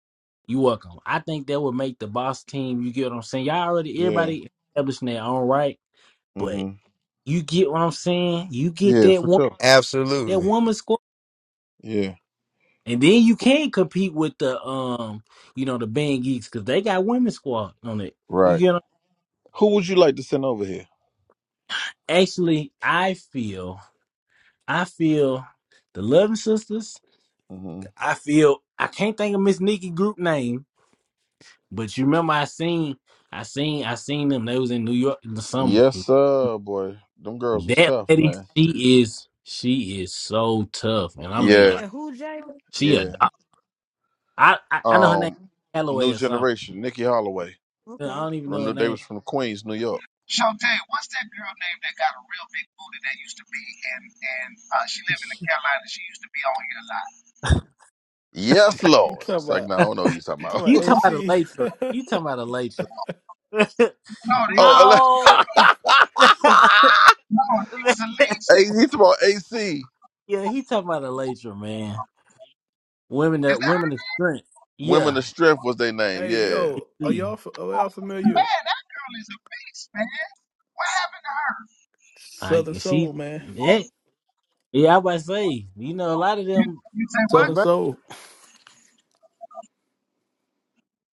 Speaker 23: you welcome. I think that would make the boss team. You get what I'm saying? Y'all already
Speaker 2: Yeah.
Speaker 23: everybody established in their own right, but
Speaker 2: Mm-hmm.
Speaker 23: you get what I'm saying. You get
Speaker 2: Yeah,
Speaker 23: that
Speaker 2: for
Speaker 23: one
Speaker 2: sure.
Speaker 23: that
Speaker 1: Absolutely.
Speaker 23: woman squad,
Speaker 2: Yeah.
Speaker 23: and then you can compete with the um you know the band geeks because they got women squad on it. You
Speaker 2: Right.
Speaker 23: get what I'm-
Speaker 2: Who would you like to send over here?
Speaker 23: actually I feel. I feel the Loving Sisters.
Speaker 2: Mm-hmm.
Speaker 23: I feel I can't think of Miss Nikki group name, but you remember I seen I seen I seen them. They was in New York or something.
Speaker 2: Yes, sir, boy. Them girls was
Speaker 23: That
Speaker 2: tough,
Speaker 23: lady,
Speaker 2: man.
Speaker 23: she is she is so tough, and I
Speaker 11: You
Speaker 23: mean
Speaker 2: Yeah.
Speaker 23: like
Speaker 11: said who, Jay?
Speaker 23: she a
Speaker 2: Yeah.
Speaker 23: doc- I I, I know her name
Speaker 2: Um,
Speaker 23: Calloway
Speaker 2: new
Speaker 23: or something.
Speaker 2: generation, Nikki Holloway.
Speaker 23: I
Speaker 11: Okay,
Speaker 23: don't even
Speaker 2: From
Speaker 23: know her
Speaker 2: New,
Speaker 11: okay.
Speaker 2: they
Speaker 23: name.
Speaker 2: was from Queens, New York.
Speaker 21: Shantae, what's that girl name that got a real big booty that used to be in and uh, she lived in the Carolinas. She used to be on here a lot.
Speaker 2: Yes,
Speaker 10: Ah, You
Speaker 2: Lord. It's
Speaker 10: talking
Speaker 2: like,
Speaker 10: about
Speaker 2: no, I don't know what you're talking
Speaker 10: you
Speaker 2: about.
Speaker 10: talking about
Speaker 23: you talking about a
Speaker 10: AC?
Speaker 23: later? You talking about a later?
Speaker 21: No, they
Speaker 2: Oh, Ale-
Speaker 21: called her.
Speaker 23: no.
Speaker 21: No, she was a lead
Speaker 2: hey,
Speaker 21: singer.
Speaker 2: you talking about AC?
Speaker 23: yeah, he talking about a later man. Women
Speaker 21: Is
Speaker 23: that
Speaker 21: that
Speaker 23: women of strength.
Speaker 2: Women
Speaker 23: Yeah,
Speaker 2: of Strength was their name.
Speaker 10: hey
Speaker 2: Yeah,
Speaker 10: yo, are
Speaker 23: See,
Speaker 10: y'all f- are y'all familiar?
Speaker 21: man? That girl is a beast, man. What happened to her?
Speaker 23: I
Speaker 10: Southern
Speaker 23: you see.
Speaker 10: Soul, man.
Speaker 23: yeah, yeah. I was about to say, you know, a lot of
Speaker 21: You,
Speaker 23: them
Speaker 21: you say what?
Speaker 10: Southern
Speaker 23: convert.
Speaker 10: Soul.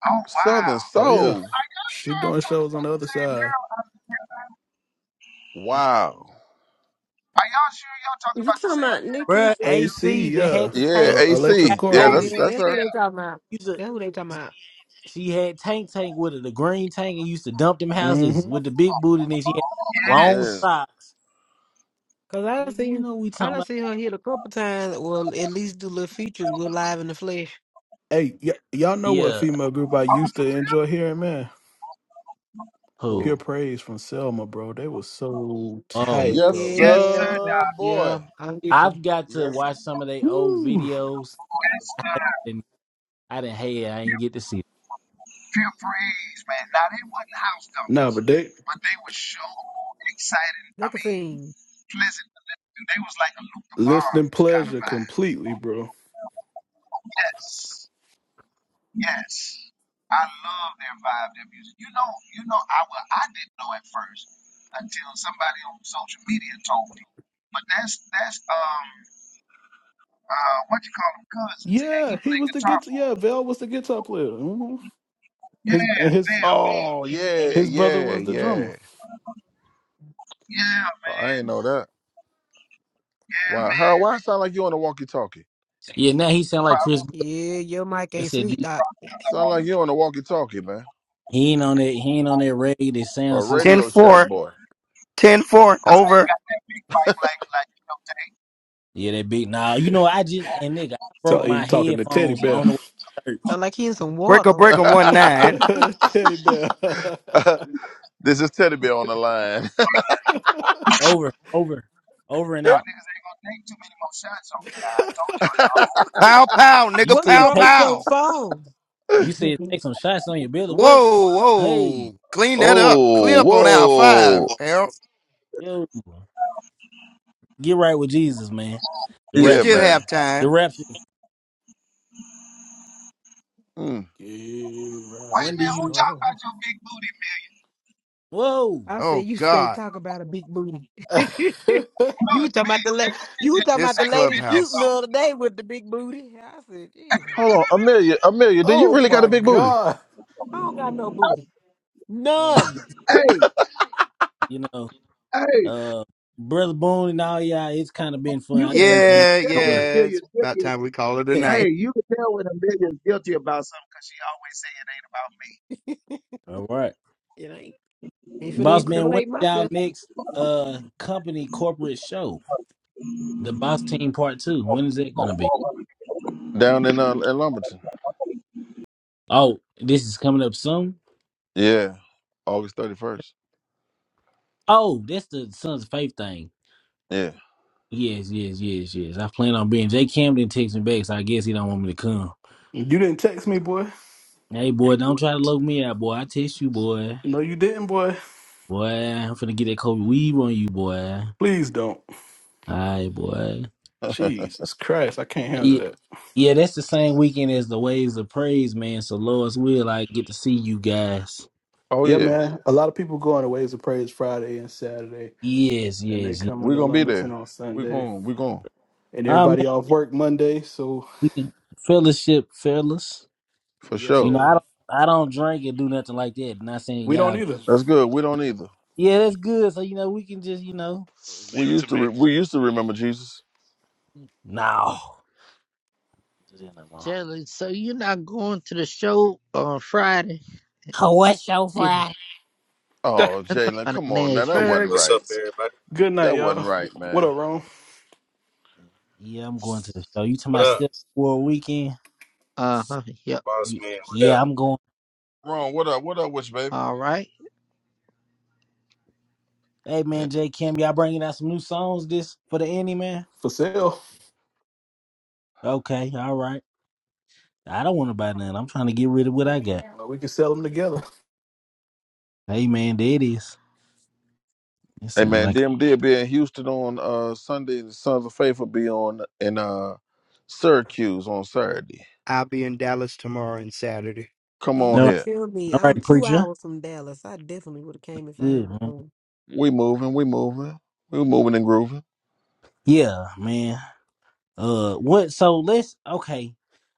Speaker 21: Oh wow.
Speaker 2: Southern
Speaker 10: Oh yeah,
Speaker 2: Soul.
Speaker 21: Are y'all
Speaker 10: she
Speaker 21: sure I'm
Speaker 10: doing
Speaker 21: talking
Speaker 10: shows on
Speaker 21: about
Speaker 10: the
Speaker 21: the
Speaker 10: other
Speaker 21: same
Speaker 10: side.
Speaker 21: girl?
Speaker 10: hmm
Speaker 2: Wow.
Speaker 21: Are y'all sure y'all talking
Speaker 14: You
Speaker 21: about the
Speaker 14: talking
Speaker 21: same
Speaker 14: about
Speaker 21: girl?
Speaker 14: Nikki?
Speaker 23: Bruh,
Speaker 10: AC,
Speaker 23: AC that
Speaker 10: yeah.
Speaker 23: had the
Speaker 2: Yeah,
Speaker 23: tank
Speaker 10: Uh, Electra
Speaker 23: got
Speaker 2: AC. Yeah,
Speaker 10: Corley.
Speaker 23: COVID.
Speaker 2: that's
Speaker 11: Yeah,
Speaker 2: that's
Speaker 11: that's who
Speaker 2: her.
Speaker 11: they
Speaker 21: ACL.
Speaker 11: talking about.
Speaker 23: Used to,
Speaker 11: That's who they talking about.
Speaker 23: she had tank tank with her, the green tank, and used to dump them houses
Speaker 10: hmm
Speaker 23: with the big booty. And then she had long
Speaker 2: Yeah.
Speaker 21: Yes.
Speaker 23: socks.
Speaker 11: Cause I done
Speaker 23: Nigga, we
Speaker 11: seen,
Speaker 23: know what we
Speaker 11: I
Speaker 23: talking
Speaker 11: done
Speaker 23: about.
Speaker 11: seen her hit a couple times. Well, at least do little features. We're live in the flesh.
Speaker 10: Hey, y- y'all know what
Speaker 23: Yeah,
Speaker 10: female group I used
Speaker 21: Oh,
Speaker 10: to enjoy hearing, man?
Speaker 23: who?
Speaker 10: Pure
Speaker 2: Cool.
Speaker 10: Praise from Selma, bro. They was so
Speaker 23: Oh,
Speaker 10: tight,
Speaker 2: Yes,
Speaker 10: bro.
Speaker 21: yes, sir,
Speaker 11: Yeah,
Speaker 2: sir,
Speaker 21: Doc.
Speaker 11: yeah,
Speaker 2: boy.
Speaker 11: I get you.
Speaker 23: I've got to
Speaker 2: Yes.
Speaker 23: watch some of their old
Speaker 10: Woo.
Speaker 23: videos,
Speaker 21: Yes, sir.
Speaker 23: and I didn't hate. it. I didn't get to see. It.
Speaker 21: pure praise, man. Now they wasn't house
Speaker 10: Nah,
Speaker 21: numbers,
Speaker 10: but they
Speaker 21: but they were sure exciting.
Speaker 11: They
Speaker 21: I
Speaker 11: can
Speaker 21: mean,
Speaker 11: sing.
Speaker 21: pleasant to listen. They was like a Luther
Speaker 10: listening
Speaker 21: Barnes kind of
Speaker 10: pleasure
Speaker 21: vibe.
Speaker 10: completely, bro.
Speaker 21: Yes, yes. I love their vibe, their music. You know, you know. I well, I didn't know at first until somebody on social media told me. But that's that's um uh what you call them cousins, and
Speaker 10: Yeah,
Speaker 21: he
Speaker 10: he
Speaker 21: played
Speaker 10: was the
Speaker 21: guitar
Speaker 10: guitar.
Speaker 21: for
Speaker 10: Yeah,
Speaker 21: 'em.
Speaker 10: Val was the guitar player. hmm His
Speaker 21: Yeah,
Speaker 10: and his
Speaker 21: Bill.
Speaker 2: Oh, yeah,
Speaker 10: his brother
Speaker 2: yeah,
Speaker 10: was the drummer.
Speaker 2: yeah.
Speaker 21: Yeah,
Speaker 2: I
Speaker 21: man.
Speaker 2: ain't know that.
Speaker 21: Yeah,
Speaker 2: Wow, Harold,
Speaker 21: man.
Speaker 2: why it sound like you on the walkie-talkie?
Speaker 23: Yeah, now he sound like Chris.
Speaker 11: Yeah, your mic
Speaker 23: I
Speaker 11: ain't
Speaker 23: said
Speaker 11: sweet, doc.
Speaker 2: Sound like you on the walkie-talkie, man,
Speaker 23: he ain't on that. He ain't on that reggae. That sound
Speaker 2: or
Speaker 23: system.
Speaker 2: Radio Shack boy.
Speaker 21: Cause I ain't got that big bike like like you know Tank.
Speaker 23: Yeah, that big. Nah, you know, I just and nigga, I
Speaker 10: So
Speaker 23: broke
Speaker 10: he
Speaker 23: my
Speaker 10: talking to Teddy
Speaker 23: headphones
Speaker 10: Bear.
Speaker 23: on the way to church.
Speaker 11: Felt like he in some water. or something.
Speaker 10: Teddy bear.
Speaker 2: this is Teddy Bear on the line.
Speaker 23: Over, over, over and
Speaker 21: Y'all
Speaker 23: out.
Speaker 21: niggas ain't gonna take too many more shots on me now. I told y'all y'all open.
Speaker 1: Pow pow,
Speaker 23: You
Speaker 1: nigga,
Speaker 11: What's
Speaker 23: said
Speaker 1: pow
Speaker 11: wrong
Speaker 23: take.
Speaker 11: with your
Speaker 1: pow.
Speaker 11: phone?
Speaker 23: You said take some shots on your belly. What?
Speaker 1: Whoa,
Speaker 23: Hey,
Speaker 1: whoa. Clean that up. Clean
Speaker 2: oh,
Speaker 1: up on aisle five,
Speaker 2: whoa.
Speaker 1: Harold.
Speaker 23: yo, get right with Jesus, man. The
Speaker 1: You
Speaker 2: Yeah,
Speaker 1: still
Speaker 23: rapture.
Speaker 2: man.
Speaker 1: have time.
Speaker 23: The rapture.
Speaker 2: Mm.
Speaker 10: Get
Speaker 21: Wait
Speaker 10: right
Speaker 23: When do
Speaker 21: man,
Speaker 10: with
Speaker 21: who
Speaker 23: you?
Speaker 21: talking about
Speaker 10: God.
Speaker 21: your big booty man? You
Speaker 23: Whoa.
Speaker 11: I said
Speaker 1: Oh
Speaker 11: you stay
Speaker 1: God.
Speaker 11: talking about a big booty. you
Speaker 21: it's
Speaker 11: talking
Speaker 21: big.
Speaker 11: about the la-
Speaker 21: They can fit
Speaker 11: you
Speaker 21: that.
Speaker 11: talking about
Speaker 1: This
Speaker 11: the
Speaker 21: They can
Speaker 11: lady
Speaker 21: fit that
Speaker 11: shooting the
Speaker 1: clubhouse.
Speaker 21: boat.
Speaker 11: other day with the big booty. I said, Jesus,
Speaker 2: Hold on. Amelia, Amelia, do you
Speaker 10: oh
Speaker 2: really got a
Speaker 10: my
Speaker 2: big booty?
Speaker 10: God.
Speaker 11: I don't got no booty.
Speaker 23: No, this-
Speaker 11: None.
Speaker 21: Hey,
Speaker 23: you know,
Speaker 21: hey,
Speaker 23: uh, brother Boone and all y'all. It's kind of been fun.
Speaker 21: you
Speaker 23: I
Speaker 21: can
Speaker 23: think
Speaker 21: tell
Speaker 23: I'm
Speaker 21: you
Speaker 23: finna
Speaker 21: can
Speaker 1: Yeah,
Speaker 21: tell
Speaker 23: pull
Speaker 21: when
Speaker 23: up.
Speaker 21: a
Speaker 1: yeah. It's
Speaker 21: million's
Speaker 1: about
Speaker 21: guilty. is-
Speaker 1: time we call it a night.
Speaker 21: Hey, you can tell when a million's guilty about something because she always say it ain't about me.
Speaker 23: all right,
Speaker 11: It ain't Ain't finna
Speaker 23: boss man. When
Speaker 11: incriminate
Speaker 23: y'all
Speaker 11: myself.
Speaker 23: next uh company corporate show? The Boss Team Part Two. When is that gonna be?
Speaker 2: Down in uh, in Lumberton.
Speaker 23: Oh, this is coming up soon.
Speaker 2: Yeah. August 31st.
Speaker 23: Oh, that's the Sons of Faith thing.
Speaker 2: Yeah.
Speaker 23: Yes, yes, yes, yes. I plan on being Jay Camden texts me back, so I guess he don't want me to come.
Speaker 10: You didn't text me, boy.
Speaker 23: Hey boy, don't try to look me out, boy. I text you, boy.
Speaker 10: No, you didn't, boy.
Speaker 23: Boy, I'm finna get that Kobe weave on you, boy.
Speaker 10: Please don't.
Speaker 23: Alright, boy.
Speaker 10: Jesus Christ, I can't handle
Speaker 23: Yeah,
Speaker 10: that.
Speaker 23: yeah, that's the same weekend as the Waves of Praise, man. So Lord's will, I get to see you guys.
Speaker 2: oh
Speaker 10: Yeah,
Speaker 2: yeah.
Speaker 10: man. A lot of people go on the Ways of Praise Friday and Saturday,
Speaker 23: Yes,
Speaker 10: and they
Speaker 23: yes, yes.
Speaker 10: come
Speaker 2: We're
Speaker 10: into
Speaker 2: gonna be
Speaker 10: Lumberton
Speaker 2: there.
Speaker 10: on
Speaker 2: We're
Speaker 10: Sunday,
Speaker 2: going, we're going.
Speaker 10: and
Speaker 23: Oh
Speaker 10: everybody off work Monday. So,
Speaker 23: man, fellowship, fellas.
Speaker 2: For
Speaker 10: yes,
Speaker 23: You
Speaker 2: sure.
Speaker 23: know,
Speaker 10: sir.
Speaker 23: I don't I don't drink and do nothing like that. Not saying
Speaker 10: We don't
Speaker 23: y'all
Speaker 10: either.
Speaker 2: That's good. We don't either.
Speaker 23: Yeah, that's good. So, you know, we can just, you know
Speaker 2: We
Speaker 16: leave it to
Speaker 2: used to
Speaker 16: me.
Speaker 2: re- we used to remember Jesus.
Speaker 23: No. Just in the mall.
Speaker 25: Jalen. So you're not going to the show on Friday,
Speaker 23: Oh, what show
Speaker 25: either.
Speaker 23: Friday?
Speaker 2: Oh,
Speaker 25: I'm talking
Speaker 2: Jalen,
Speaker 25: about
Speaker 2: come
Speaker 25: in
Speaker 2: on now. That
Speaker 25: Nashville.
Speaker 10: man,
Speaker 2: wasn't
Speaker 30: What's
Speaker 2: right.
Speaker 30: up, everybody?
Speaker 10: good night,
Speaker 2: That wasn't
Speaker 10: y'all.
Speaker 2: right,
Speaker 10: What
Speaker 2: man.
Speaker 10: up, Rome?
Speaker 23: Yeah, I'm going to the show. You to
Speaker 30: What
Speaker 23: my
Speaker 30: up,
Speaker 23: step for a weekend?
Speaker 25: Uh huh. Yep.
Speaker 30: boss
Speaker 23: Ye-
Speaker 30: man? What
Speaker 23: Yeah,
Speaker 30: up?
Speaker 23: I'm going.
Speaker 2: Wrong. What up? What up with you,
Speaker 25: All right.
Speaker 23: Hey
Speaker 2: baby?
Speaker 23: man, J Kim, y'all bringing out some new songs this for the ending, man?
Speaker 10: For sale.
Speaker 23: Okay, all right. I don't want to buy none. I'm trying to get rid of what I got.
Speaker 10: Well, we can sell them together.
Speaker 23: Hey man, there it is. It
Speaker 2: Hey
Speaker 23: sound
Speaker 2: man,
Speaker 23: like
Speaker 2: DMD will be in Houston on uh Sunday, and the Sons of Faith will be on in uh Syracuse on Saturday.
Speaker 1: I'll be in Dallas tomorrow and Saturday.
Speaker 2: Come
Speaker 11: And you
Speaker 2: on
Speaker 23: all right,
Speaker 11: didn't
Speaker 2: here.
Speaker 11: tell me
Speaker 23: all
Speaker 11: I'm
Speaker 23: right
Speaker 11: two
Speaker 23: preacher.
Speaker 11: hours from Dallas. I definitely would have came if I had
Speaker 23: Good man.
Speaker 11: known.
Speaker 2: We moving, we moving, we moving and grooving.
Speaker 23: Yeah, man. Uh, what? So let's okay.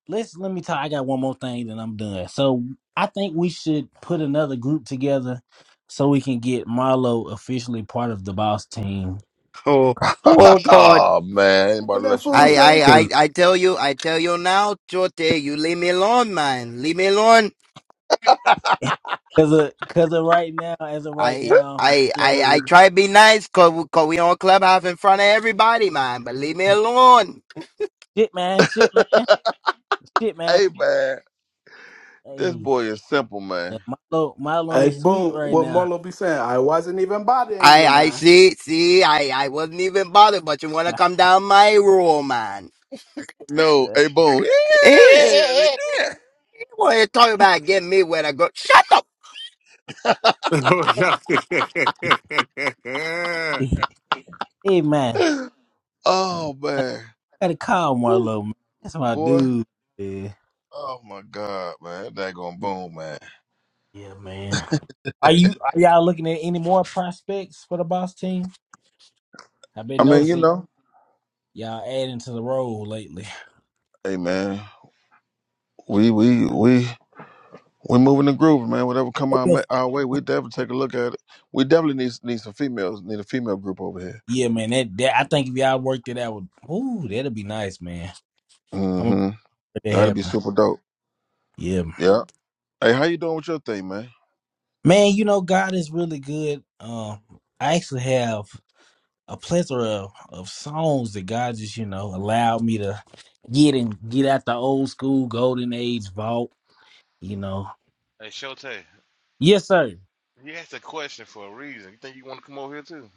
Speaker 23: Let's let me talk. I got one more thing, then I'm done. So I think we should put another group together so we can get Marlo officially part of the boss team.
Speaker 1: Oh,
Speaker 23: Um,
Speaker 1: oh God.
Speaker 2: oh man, ain't about
Speaker 10: What
Speaker 2: to
Speaker 10: that
Speaker 2: let you do
Speaker 10: fool
Speaker 1: I,
Speaker 2: this
Speaker 10: say?
Speaker 1: I, I,
Speaker 2: tomorrow.
Speaker 23: cause,
Speaker 1: I tell you, I tell you now, Chote, you leave me alone, man. Leave me alone.
Speaker 23: cause, of, cause of right now, as of right
Speaker 1: I
Speaker 23: now,
Speaker 1: I I
Speaker 23: Marlo
Speaker 1: I
Speaker 23: is
Speaker 1: try to be nice cause we, cause we on clubhouse in front of everybody, man. But leave me alone.
Speaker 23: shit, man, shit, man, shit, man.
Speaker 2: Hey man, this
Speaker 23: Hey,
Speaker 2: boy is simple,
Speaker 23: uh,
Speaker 2: man.
Speaker 23: Marlo, Marlo
Speaker 10: Hey,
Speaker 23: ain't sweet
Speaker 10: boom.
Speaker 23: right
Speaker 10: What
Speaker 23: now.
Speaker 10: Marlo be saying? I wasn't even bothering
Speaker 1: I
Speaker 10: you,
Speaker 1: I
Speaker 10: man.
Speaker 1: see see I I wasn't even bothered, but you wanna come down my road, man.
Speaker 2: No, hey boom. Yeah, yeah, yeah, yeah,
Speaker 1: You wanna talk about getting me where I go? Shut up.
Speaker 26: Oh yeah.
Speaker 23: hey, man,
Speaker 2: yeah. Oh man.
Speaker 23: gotta call
Speaker 2: Woo.
Speaker 23: Marlo. Man. That's my
Speaker 2: Boy.
Speaker 23: dude.
Speaker 2: Oh my God, man. That gonna boom, man.
Speaker 23: Yeah, man. Are you are y'all looking at any more prospects for the boss team? I've been
Speaker 2: I mean, you
Speaker 23: noticing
Speaker 2: know.
Speaker 23: y'all adding to the role lately.
Speaker 2: Hey man, we we we We're moving and grooving, man. Whatever come our, ma-
Speaker 23: Okay.
Speaker 2: our way, we definitely take a look at it. We definitely need need some females. Need a female group over here.
Speaker 23: Yeah, man. That, that I think if y'all worked it out, with, ooh, that'd be nice, man. I'm gonna
Speaker 2: Mm-hmm.
Speaker 23: make that
Speaker 2: That'd be
Speaker 23: happen.
Speaker 2: super dope.
Speaker 23: Yeah,
Speaker 2: Yeah. Hey, how you doing with your thing, man?
Speaker 23: man. You know, God is really good. Um, I actually have a plethora of, of songs that God just you know allowed me to get and get out the old school golden age vault. You know.
Speaker 16: Hey, Shotay,
Speaker 23: Yes, sir.
Speaker 16: you asked a question for a reason. You think you want to come over here too?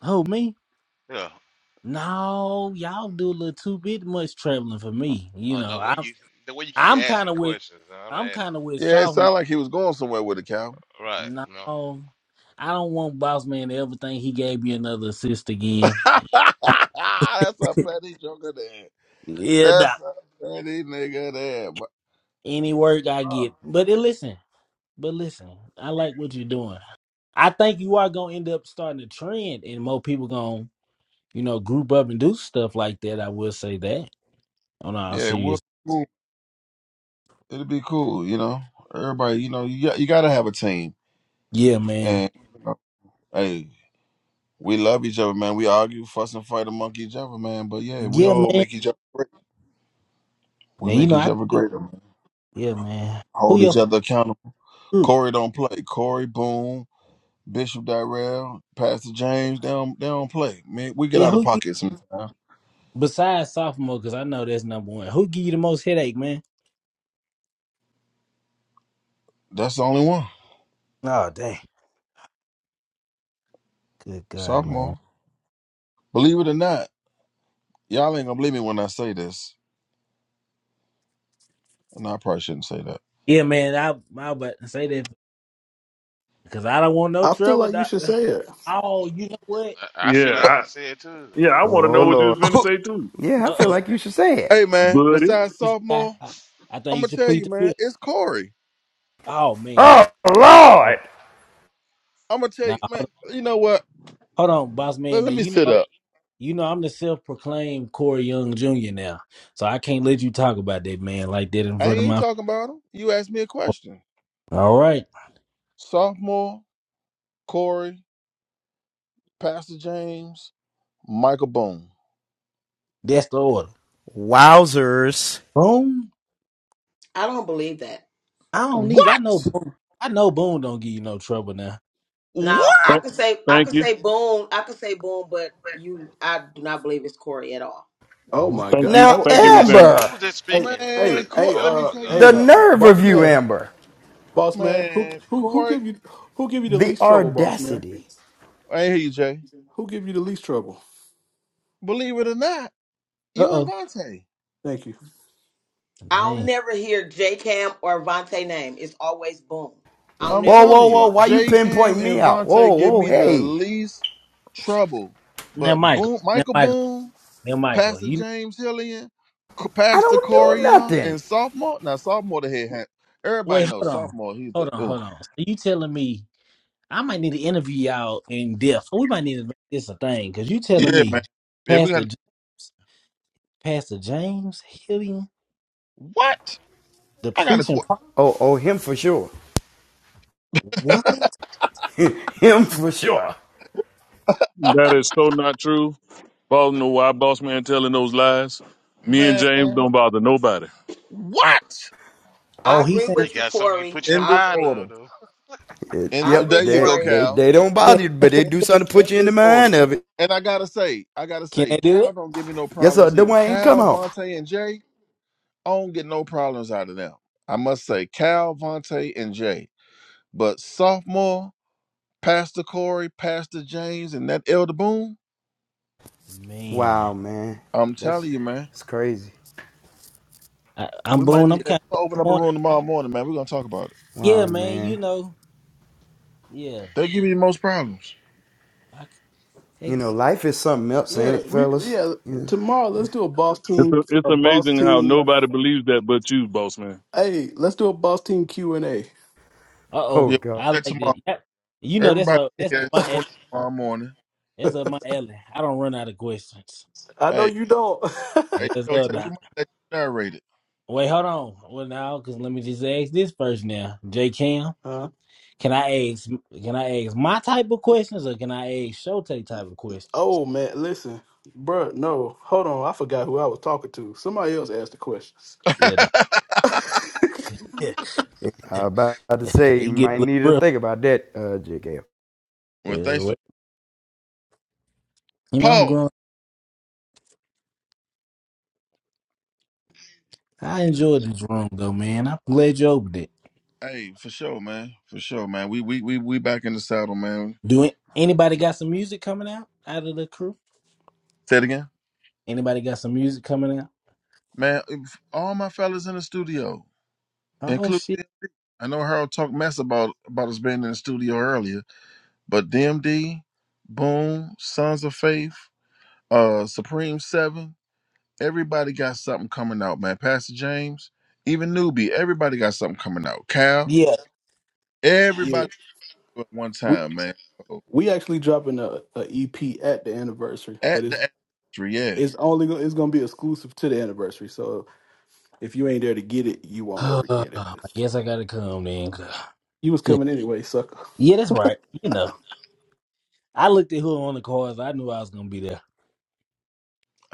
Speaker 23: Oh, me.
Speaker 16: Yeah.
Speaker 23: No, y'all do a little too bit much traveling for me. You
Speaker 16: Uh, the
Speaker 23: know,
Speaker 16: way
Speaker 23: I'm
Speaker 16: you the way you keep
Speaker 23: I'm kind
Speaker 16: asking
Speaker 23: of with
Speaker 16: questions, man, I'm not
Speaker 23: I'm kind
Speaker 16: asking.
Speaker 23: of with
Speaker 2: Yeah, it
Speaker 23: sophomore.
Speaker 2: sounded like he was going somewhere with it, Cal.
Speaker 16: Right.
Speaker 23: No,
Speaker 16: No.
Speaker 23: I don't want boss man to ever think he gave me another assist
Speaker 2: That's
Speaker 23: again.
Speaker 2: a petty joker there.
Speaker 23: yeah, nah.
Speaker 2: That's a petty nigga there. But
Speaker 23: Any work I
Speaker 2: uh,
Speaker 23: get, but then listen, but listen, I like what you're doing. I think you are gonna end up starting a trend, and more people gonna you know group up and do stuff like that. I will say that on all
Speaker 2: yeah, it would
Speaker 23: serious.
Speaker 2: be cool. It'd be cool, you know. Everybody, you know, you got, you gotta have a team,
Speaker 23: Yeah, man.
Speaker 2: and you know, hey, We love each other, man. We argue, fuss, and fight among each other, man. But yeah, we
Speaker 23: Yeah,
Speaker 2: all
Speaker 23: man.
Speaker 2: make each other great. We
Speaker 23: Now you
Speaker 2: make
Speaker 23: know
Speaker 2: each other
Speaker 23: I.
Speaker 2: greater, man.
Speaker 23: Yeah, man. Who
Speaker 2: Hold
Speaker 23: your
Speaker 2: each
Speaker 23: favorite
Speaker 2: other accountable.
Speaker 23: group?
Speaker 2: Corey don't play. Corey Boone, Bishop Darrell, Pastor James, they don't, they don't play. Man, we get
Speaker 23: Yeah,
Speaker 2: out of
Speaker 23: who gi-
Speaker 2: pocket sometimes.
Speaker 23: besides sophomore? Because I know that's number one. Who give you the most headache, man?
Speaker 2: That's the only one.
Speaker 23: Oh, dang. Good God,
Speaker 2: Sophomore.
Speaker 23: man.
Speaker 2: Believe it or not, y'all ain't gonna believe me when I say this. And I probably shouldn't say that.
Speaker 23: Yeah, man. I I about to say that because I don't want no
Speaker 10: I feel
Speaker 23: trouble,
Speaker 10: like you should
Speaker 23: doctor.
Speaker 10: say it.
Speaker 23: Oh, you know what?
Speaker 16: I I
Speaker 19: Yeah,
Speaker 16: feel like
Speaker 19: I
Speaker 16: he said too.
Speaker 19: yeah, I want to
Speaker 1: Oh
Speaker 19: know what you was
Speaker 1: Lord.
Speaker 19: finna say too,
Speaker 1: Yeah, I
Speaker 23: Uh
Speaker 1: feel
Speaker 23: oh.
Speaker 1: like you should say it.
Speaker 2: hey man,
Speaker 19: buddy.
Speaker 2: besides
Speaker 23: You should, I,
Speaker 2: sophomore,
Speaker 23: I, I think
Speaker 2: I'm
Speaker 23: you
Speaker 2: gonna
Speaker 23: should
Speaker 2: tell
Speaker 23: plead
Speaker 2: you,
Speaker 23: the
Speaker 2: man,
Speaker 23: fifth.
Speaker 2: it's Corey.
Speaker 23: Oh man.
Speaker 1: Oh
Speaker 23: Uh
Speaker 1: Lord.
Speaker 23: oh.
Speaker 2: I'm gonna tell
Speaker 23: Now
Speaker 2: you,
Speaker 23: hold
Speaker 2: man. You know what?
Speaker 23: on, hold on, boss man.
Speaker 2: Let,
Speaker 23: Now
Speaker 2: let me
Speaker 23: you
Speaker 2: sit up.
Speaker 23: know you know I'm the self-proclaimed Corey Young Jr. now, so I can't let you talk about that man like that in
Speaker 2: I
Speaker 23: front of
Speaker 2: ain't
Speaker 23: my.
Speaker 2: talking about them. You asked me a question.
Speaker 23: All right,
Speaker 2: Sophomore, Corey, Pastor James, Michael Boone.
Speaker 23: that's the order.
Speaker 1: Wowzers.
Speaker 23: Boom.
Speaker 4: I don't believe that.
Speaker 23: I don't need. I know.
Speaker 2: What?
Speaker 23: Boone- I know. Boone don't give you no trouble now.
Speaker 4: Now
Speaker 2: What?
Speaker 4: I
Speaker 19: Thank,
Speaker 4: could say I
Speaker 19: thank
Speaker 4: could
Speaker 19: you,
Speaker 4: say boom, I could say boom, but you I do not believe it's Corey at all.
Speaker 10: Oh
Speaker 23: What?
Speaker 10: my
Speaker 19: thank
Speaker 10: god.
Speaker 19: you,
Speaker 10: Hey,
Speaker 19: thank
Speaker 16: Who
Speaker 19: you,
Speaker 10: hey,
Speaker 19: Miss
Speaker 16: this?
Speaker 19: Amber.
Speaker 16: Who this
Speaker 10: hey,
Speaker 16: speaking? Who? The,
Speaker 2: Man,
Speaker 10: hey,
Speaker 2: Corey,
Speaker 10: hey,
Speaker 2: let
Speaker 16: oh
Speaker 2: me
Speaker 10: uh,
Speaker 16: my
Speaker 2: tell you
Speaker 16: God!
Speaker 10: hey,
Speaker 2: something.
Speaker 10: boss man, boss man. Who
Speaker 2: Man,
Speaker 10: who who give
Speaker 2: Corey,
Speaker 10: you who give you the least trouble, boss
Speaker 1: That's
Speaker 10: man?
Speaker 2: I hear you, Jay.
Speaker 10: Who give you the least trouble?
Speaker 2: Believe it or not,
Speaker 23: Uh
Speaker 2: you and
Speaker 23: oh.
Speaker 2: Vontae.
Speaker 10: Thank you.
Speaker 4: I'll
Speaker 23: Dang.
Speaker 4: never hear J Cam or Vontae name. It's always boom. I'll
Speaker 2: I'm
Speaker 4: never hear
Speaker 2: telling you,
Speaker 4: Corey.
Speaker 2: J Cam and Vontae give me the least trouble.
Speaker 23: Now,
Speaker 2: But
Speaker 23: Michael.
Speaker 2: Boone,
Speaker 23: Now,
Speaker 2: Michael
Speaker 23: Michael.
Speaker 2: Boone,
Speaker 23: Now, Michael.
Speaker 2: Pastor
Speaker 23: You
Speaker 2: James Hillian, Co- Pastor Corey Young, and sophomore. Now sophomore the head hand. Everybody
Speaker 23: wait.
Speaker 2: knows
Speaker 23: Hold on.
Speaker 2: sophomore. He's the
Speaker 23: Hold on.
Speaker 2: oh
Speaker 23: Hold on. So you telling me I might need to interview y'all in depth? We might need to make this a thing because you telling
Speaker 2: yeah
Speaker 23: me
Speaker 2: man. Yeah, we
Speaker 23: Pastor
Speaker 2: got
Speaker 23: James, Pastor James Hillian,
Speaker 2: what?
Speaker 23: the
Speaker 2: I got a
Speaker 23: preaching.
Speaker 2: question,
Speaker 23: pro-
Speaker 1: sure.
Speaker 23: What?
Speaker 1: Him for sure.
Speaker 19: That is so not true. Boss know why boss man telling those lies. Me and James don't
Speaker 2: man.
Speaker 19: bother nobody.
Speaker 2: What?
Speaker 23: Oh,
Speaker 4: I
Speaker 23: he
Speaker 4: agree
Speaker 16: He
Speaker 23: saying,
Speaker 4: with you,
Speaker 16: got something he
Speaker 4: Corey.
Speaker 16: put you in
Speaker 2: In
Speaker 4: I
Speaker 2: this
Speaker 16: mind
Speaker 4: agree.
Speaker 16: of.
Speaker 2: order.
Speaker 16: though.
Speaker 1: It-
Speaker 2: And
Speaker 4: I
Speaker 1: yep,
Speaker 4: agree,
Speaker 2: there you
Speaker 1: they,
Speaker 2: go,
Speaker 4: Corey.
Speaker 1: they
Speaker 2: Cal.
Speaker 1: they don't bother you, but they do
Speaker 2: In
Speaker 1: something
Speaker 2: this
Speaker 1: to
Speaker 2: in
Speaker 1: put you in the
Speaker 2: this order.
Speaker 1: mind of it.
Speaker 2: And I gotta say, I gotta
Speaker 23: "Can
Speaker 2: say,
Speaker 23: they do
Speaker 2: Cal
Speaker 23: it?"
Speaker 2: don't give me no
Speaker 1: Yes, sir,
Speaker 2: problems either.
Speaker 1: Dwayne, come
Speaker 2: Cal,
Speaker 1: on.
Speaker 2: Vontae, and Jay, I don't get no problems out of them. I must say, Cal, Vontae, and Jay. But sophomore. Pastor Corey, Pastor James, and that Elder Boone,
Speaker 1: Wow,
Speaker 23: Man,
Speaker 1: man.
Speaker 2: I'm
Speaker 1: That's
Speaker 2: telling you, man,
Speaker 1: it's crazy.
Speaker 23: I, I'm
Speaker 2: we might
Speaker 23: Boone. I'm
Speaker 2: need. Hey,
Speaker 23: kind
Speaker 2: we're
Speaker 23: of
Speaker 2: gonna open up a
Speaker 23: disappointed.
Speaker 2: room tomorrow morning, man. We're gonna talk about it.
Speaker 23: Yeah,
Speaker 1: Wow,
Speaker 23: man. You
Speaker 1: man.
Speaker 23: know. Yeah.
Speaker 2: They give you the most problems.
Speaker 1: You
Speaker 23: I,
Speaker 1: know, life is something else, ain't
Speaker 10: Yeah,
Speaker 1: it,
Speaker 10: we
Speaker 1: fellas?
Speaker 10: yeah.
Speaker 1: You-
Speaker 10: Tomorrow, let's do a boss
Speaker 19: It's a,
Speaker 10: team,
Speaker 19: it's
Speaker 10: a boss
Speaker 19: amazing how
Speaker 10: team.
Speaker 19: nobody believes that but you, boss man.
Speaker 10: Hey, let's do a boss team Q and A.
Speaker 23: Uh
Speaker 1: Oh
Speaker 23: oh,
Speaker 2: Yeah, we do
Speaker 1: God.
Speaker 23: I
Speaker 2: that
Speaker 23: like that.
Speaker 2: tomorrow.
Speaker 23: Yeah, You know that's
Speaker 2: Everybody
Speaker 23: what
Speaker 2: in
Speaker 23: that's
Speaker 2: here
Speaker 23: my alley.
Speaker 2: soon tomorrow morning.
Speaker 23: that's up my alley. I don't run out of questions.
Speaker 10: I know
Speaker 2: Hey,
Speaker 10: you don't.
Speaker 2: hey,
Speaker 23: Yes,
Speaker 2: Shote,
Speaker 23: uh,
Speaker 2: we
Speaker 23: doc.
Speaker 2: might let you narrate it.
Speaker 23: Wait, hold on. Well, now, cause let me just ask this first. Now, J Cam,
Speaker 10: huh?
Speaker 23: can I ask? Can I ask my type of questions, or can I ask Shote type of questions?
Speaker 10: Oh man, listen, bruh, No, hold on. I forgot who I was talking to. Somebody else asked the questions.
Speaker 23: Yeah, doc.
Speaker 1: I was about to
Speaker 23: Yeah,
Speaker 1: say you
Speaker 23: it get
Speaker 1: might
Speaker 23: a little
Speaker 1: need to
Speaker 23: rough.
Speaker 1: think about that, uh, JKF.
Speaker 2: well,
Speaker 23: Yeah,
Speaker 2: thanks for
Speaker 23: what? You know, I'm
Speaker 2: Paul.
Speaker 23: growing. I enjoyed this room though, man. I'm glad you opened it.
Speaker 2: Hey, for sure, man. For sure, man. We we we we back in the saddle, man.
Speaker 23: Do it- anybody got some music coming out out of the crew?
Speaker 2: Say it again,
Speaker 23: Anybody got some music coming out?
Speaker 2: man. All my fellas in the studio.
Speaker 23: Oh
Speaker 2: including
Speaker 23: shit.
Speaker 2: DMD. I know Harold talked mess about about us being in the studio earlier, but DMD, Boom, Sons of Faith, uh, Supreme Seven, everybody got something coming out, man. Pastor James, even newbie, everybody got something coming out. Cal,
Speaker 23: Yeah.
Speaker 10: yeah,
Speaker 2: everybody at one
Speaker 10: we
Speaker 2: time, man. So,
Speaker 10: we actually dropping a, a EP at the anniversary,
Speaker 2: at
Speaker 10: but it's
Speaker 2: the anniversary, yeah,
Speaker 10: it's only go- it's gonna be exclusive to the anniversary. So if you ain't there to get it, you won't
Speaker 23: I
Speaker 10: ever get it.
Speaker 23: guess I gotta come then. Good.
Speaker 10: You was coming anyway, sucker.
Speaker 23: Yeah, that's right. You know, I looked at who were on the cards. I knew I was gonna be there.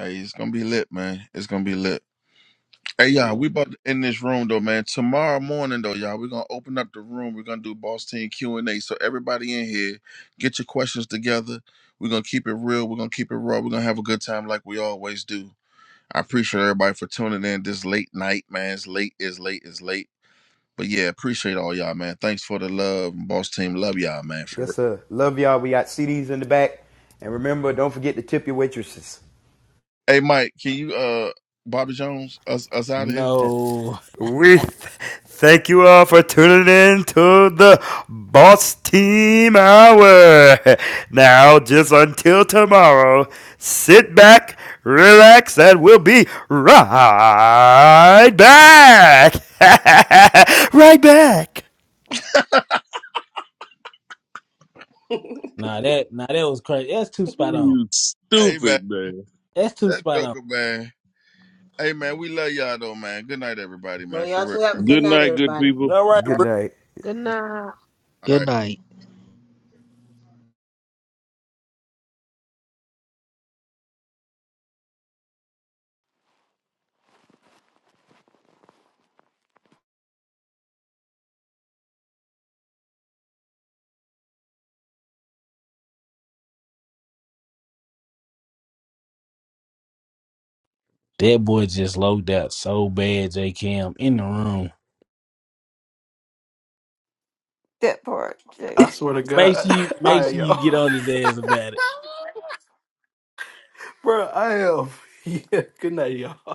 Speaker 2: hey, it's gonna be lit, man. It's gonna be lit. Hey y'all,
Speaker 23: Yeah.
Speaker 2: we about to end this room though, man. Tomorrow morning though, y'all, we're gonna open up the room. We're gonna do boss team Q and A. So everybody in here, get your questions together. We're gonna keep it real. We're gonna keep it raw. We're gonna have a good time like we always do. I appreciate everybody for tuning in this late night, man. It's late, it's late, it's late. But yeah, appreciate all y'all, man. Thanks for the love, boss team. Love y'all, man. For
Speaker 1: Yes,
Speaker 2: real.
Speaker 1: sir. Love y'all. We got CDs in the back. And remember, don't forget to tip your waitresses.
Speaker 2: Hey Mike, can you uh Bobby Jones us us out of here?
Speaker 23: No.
Speaker 1: We th- thank you all for tuning in to the Boss Team Hour. Now, just until tomorrow, sit back, relax, and we'll be right back. right back.
Speaker 23: nah, that nah, that was crazy. That's too spot on.
Speaker 19: You
Speaker 2: Hey man,
Speaker 19: stupid man.
Speaker 23: That's too
Speaker 2: that
Speaker 23: spot on.
Speaker 2: joker, man. Hey man, we love y'all though, man. Good night, everybody,
Speaker 4: Well,
Speaker 2: man. For
Speaker 4: y'all
Speaker 2: real.
Speaker 4: two have a good
Speaker 19: Good
Speaker 4: night,
Speaker 19: night, good
Speaker 4: everybody.
Speaker 19: people.
Speaker 23: You All right,
Speaker 2: All right.
Speaker 23: bro.
Speaker 11: Good
Speaker 2: for sure.
Speaker 11: night.
Speaker 2: All
Speaker 25: Good
Speaker 2: right.
Speaker 25: night.
Speaker 23: That boy just loaded out so bad, J Cam, in the room.
Speaker 14: That part,
Speaker 10: I
Speaker 14: Jalen.
Speaker 10: swear
Speaker 14: I
Speaker 10: to
Speaker 14: was
Speaker 23: Make
Speaker 14: like,
Speaker 10: God.
Speaker 23: sure you
Speaker 10: All
Speaker 23: make
Speaker 10: right,
Speaker 23: sure you get
Speaker 10: y'all.
Speaker 23: on his ass about it.
Speaker 10: Bro, I am. Yeah. Good night, y'all.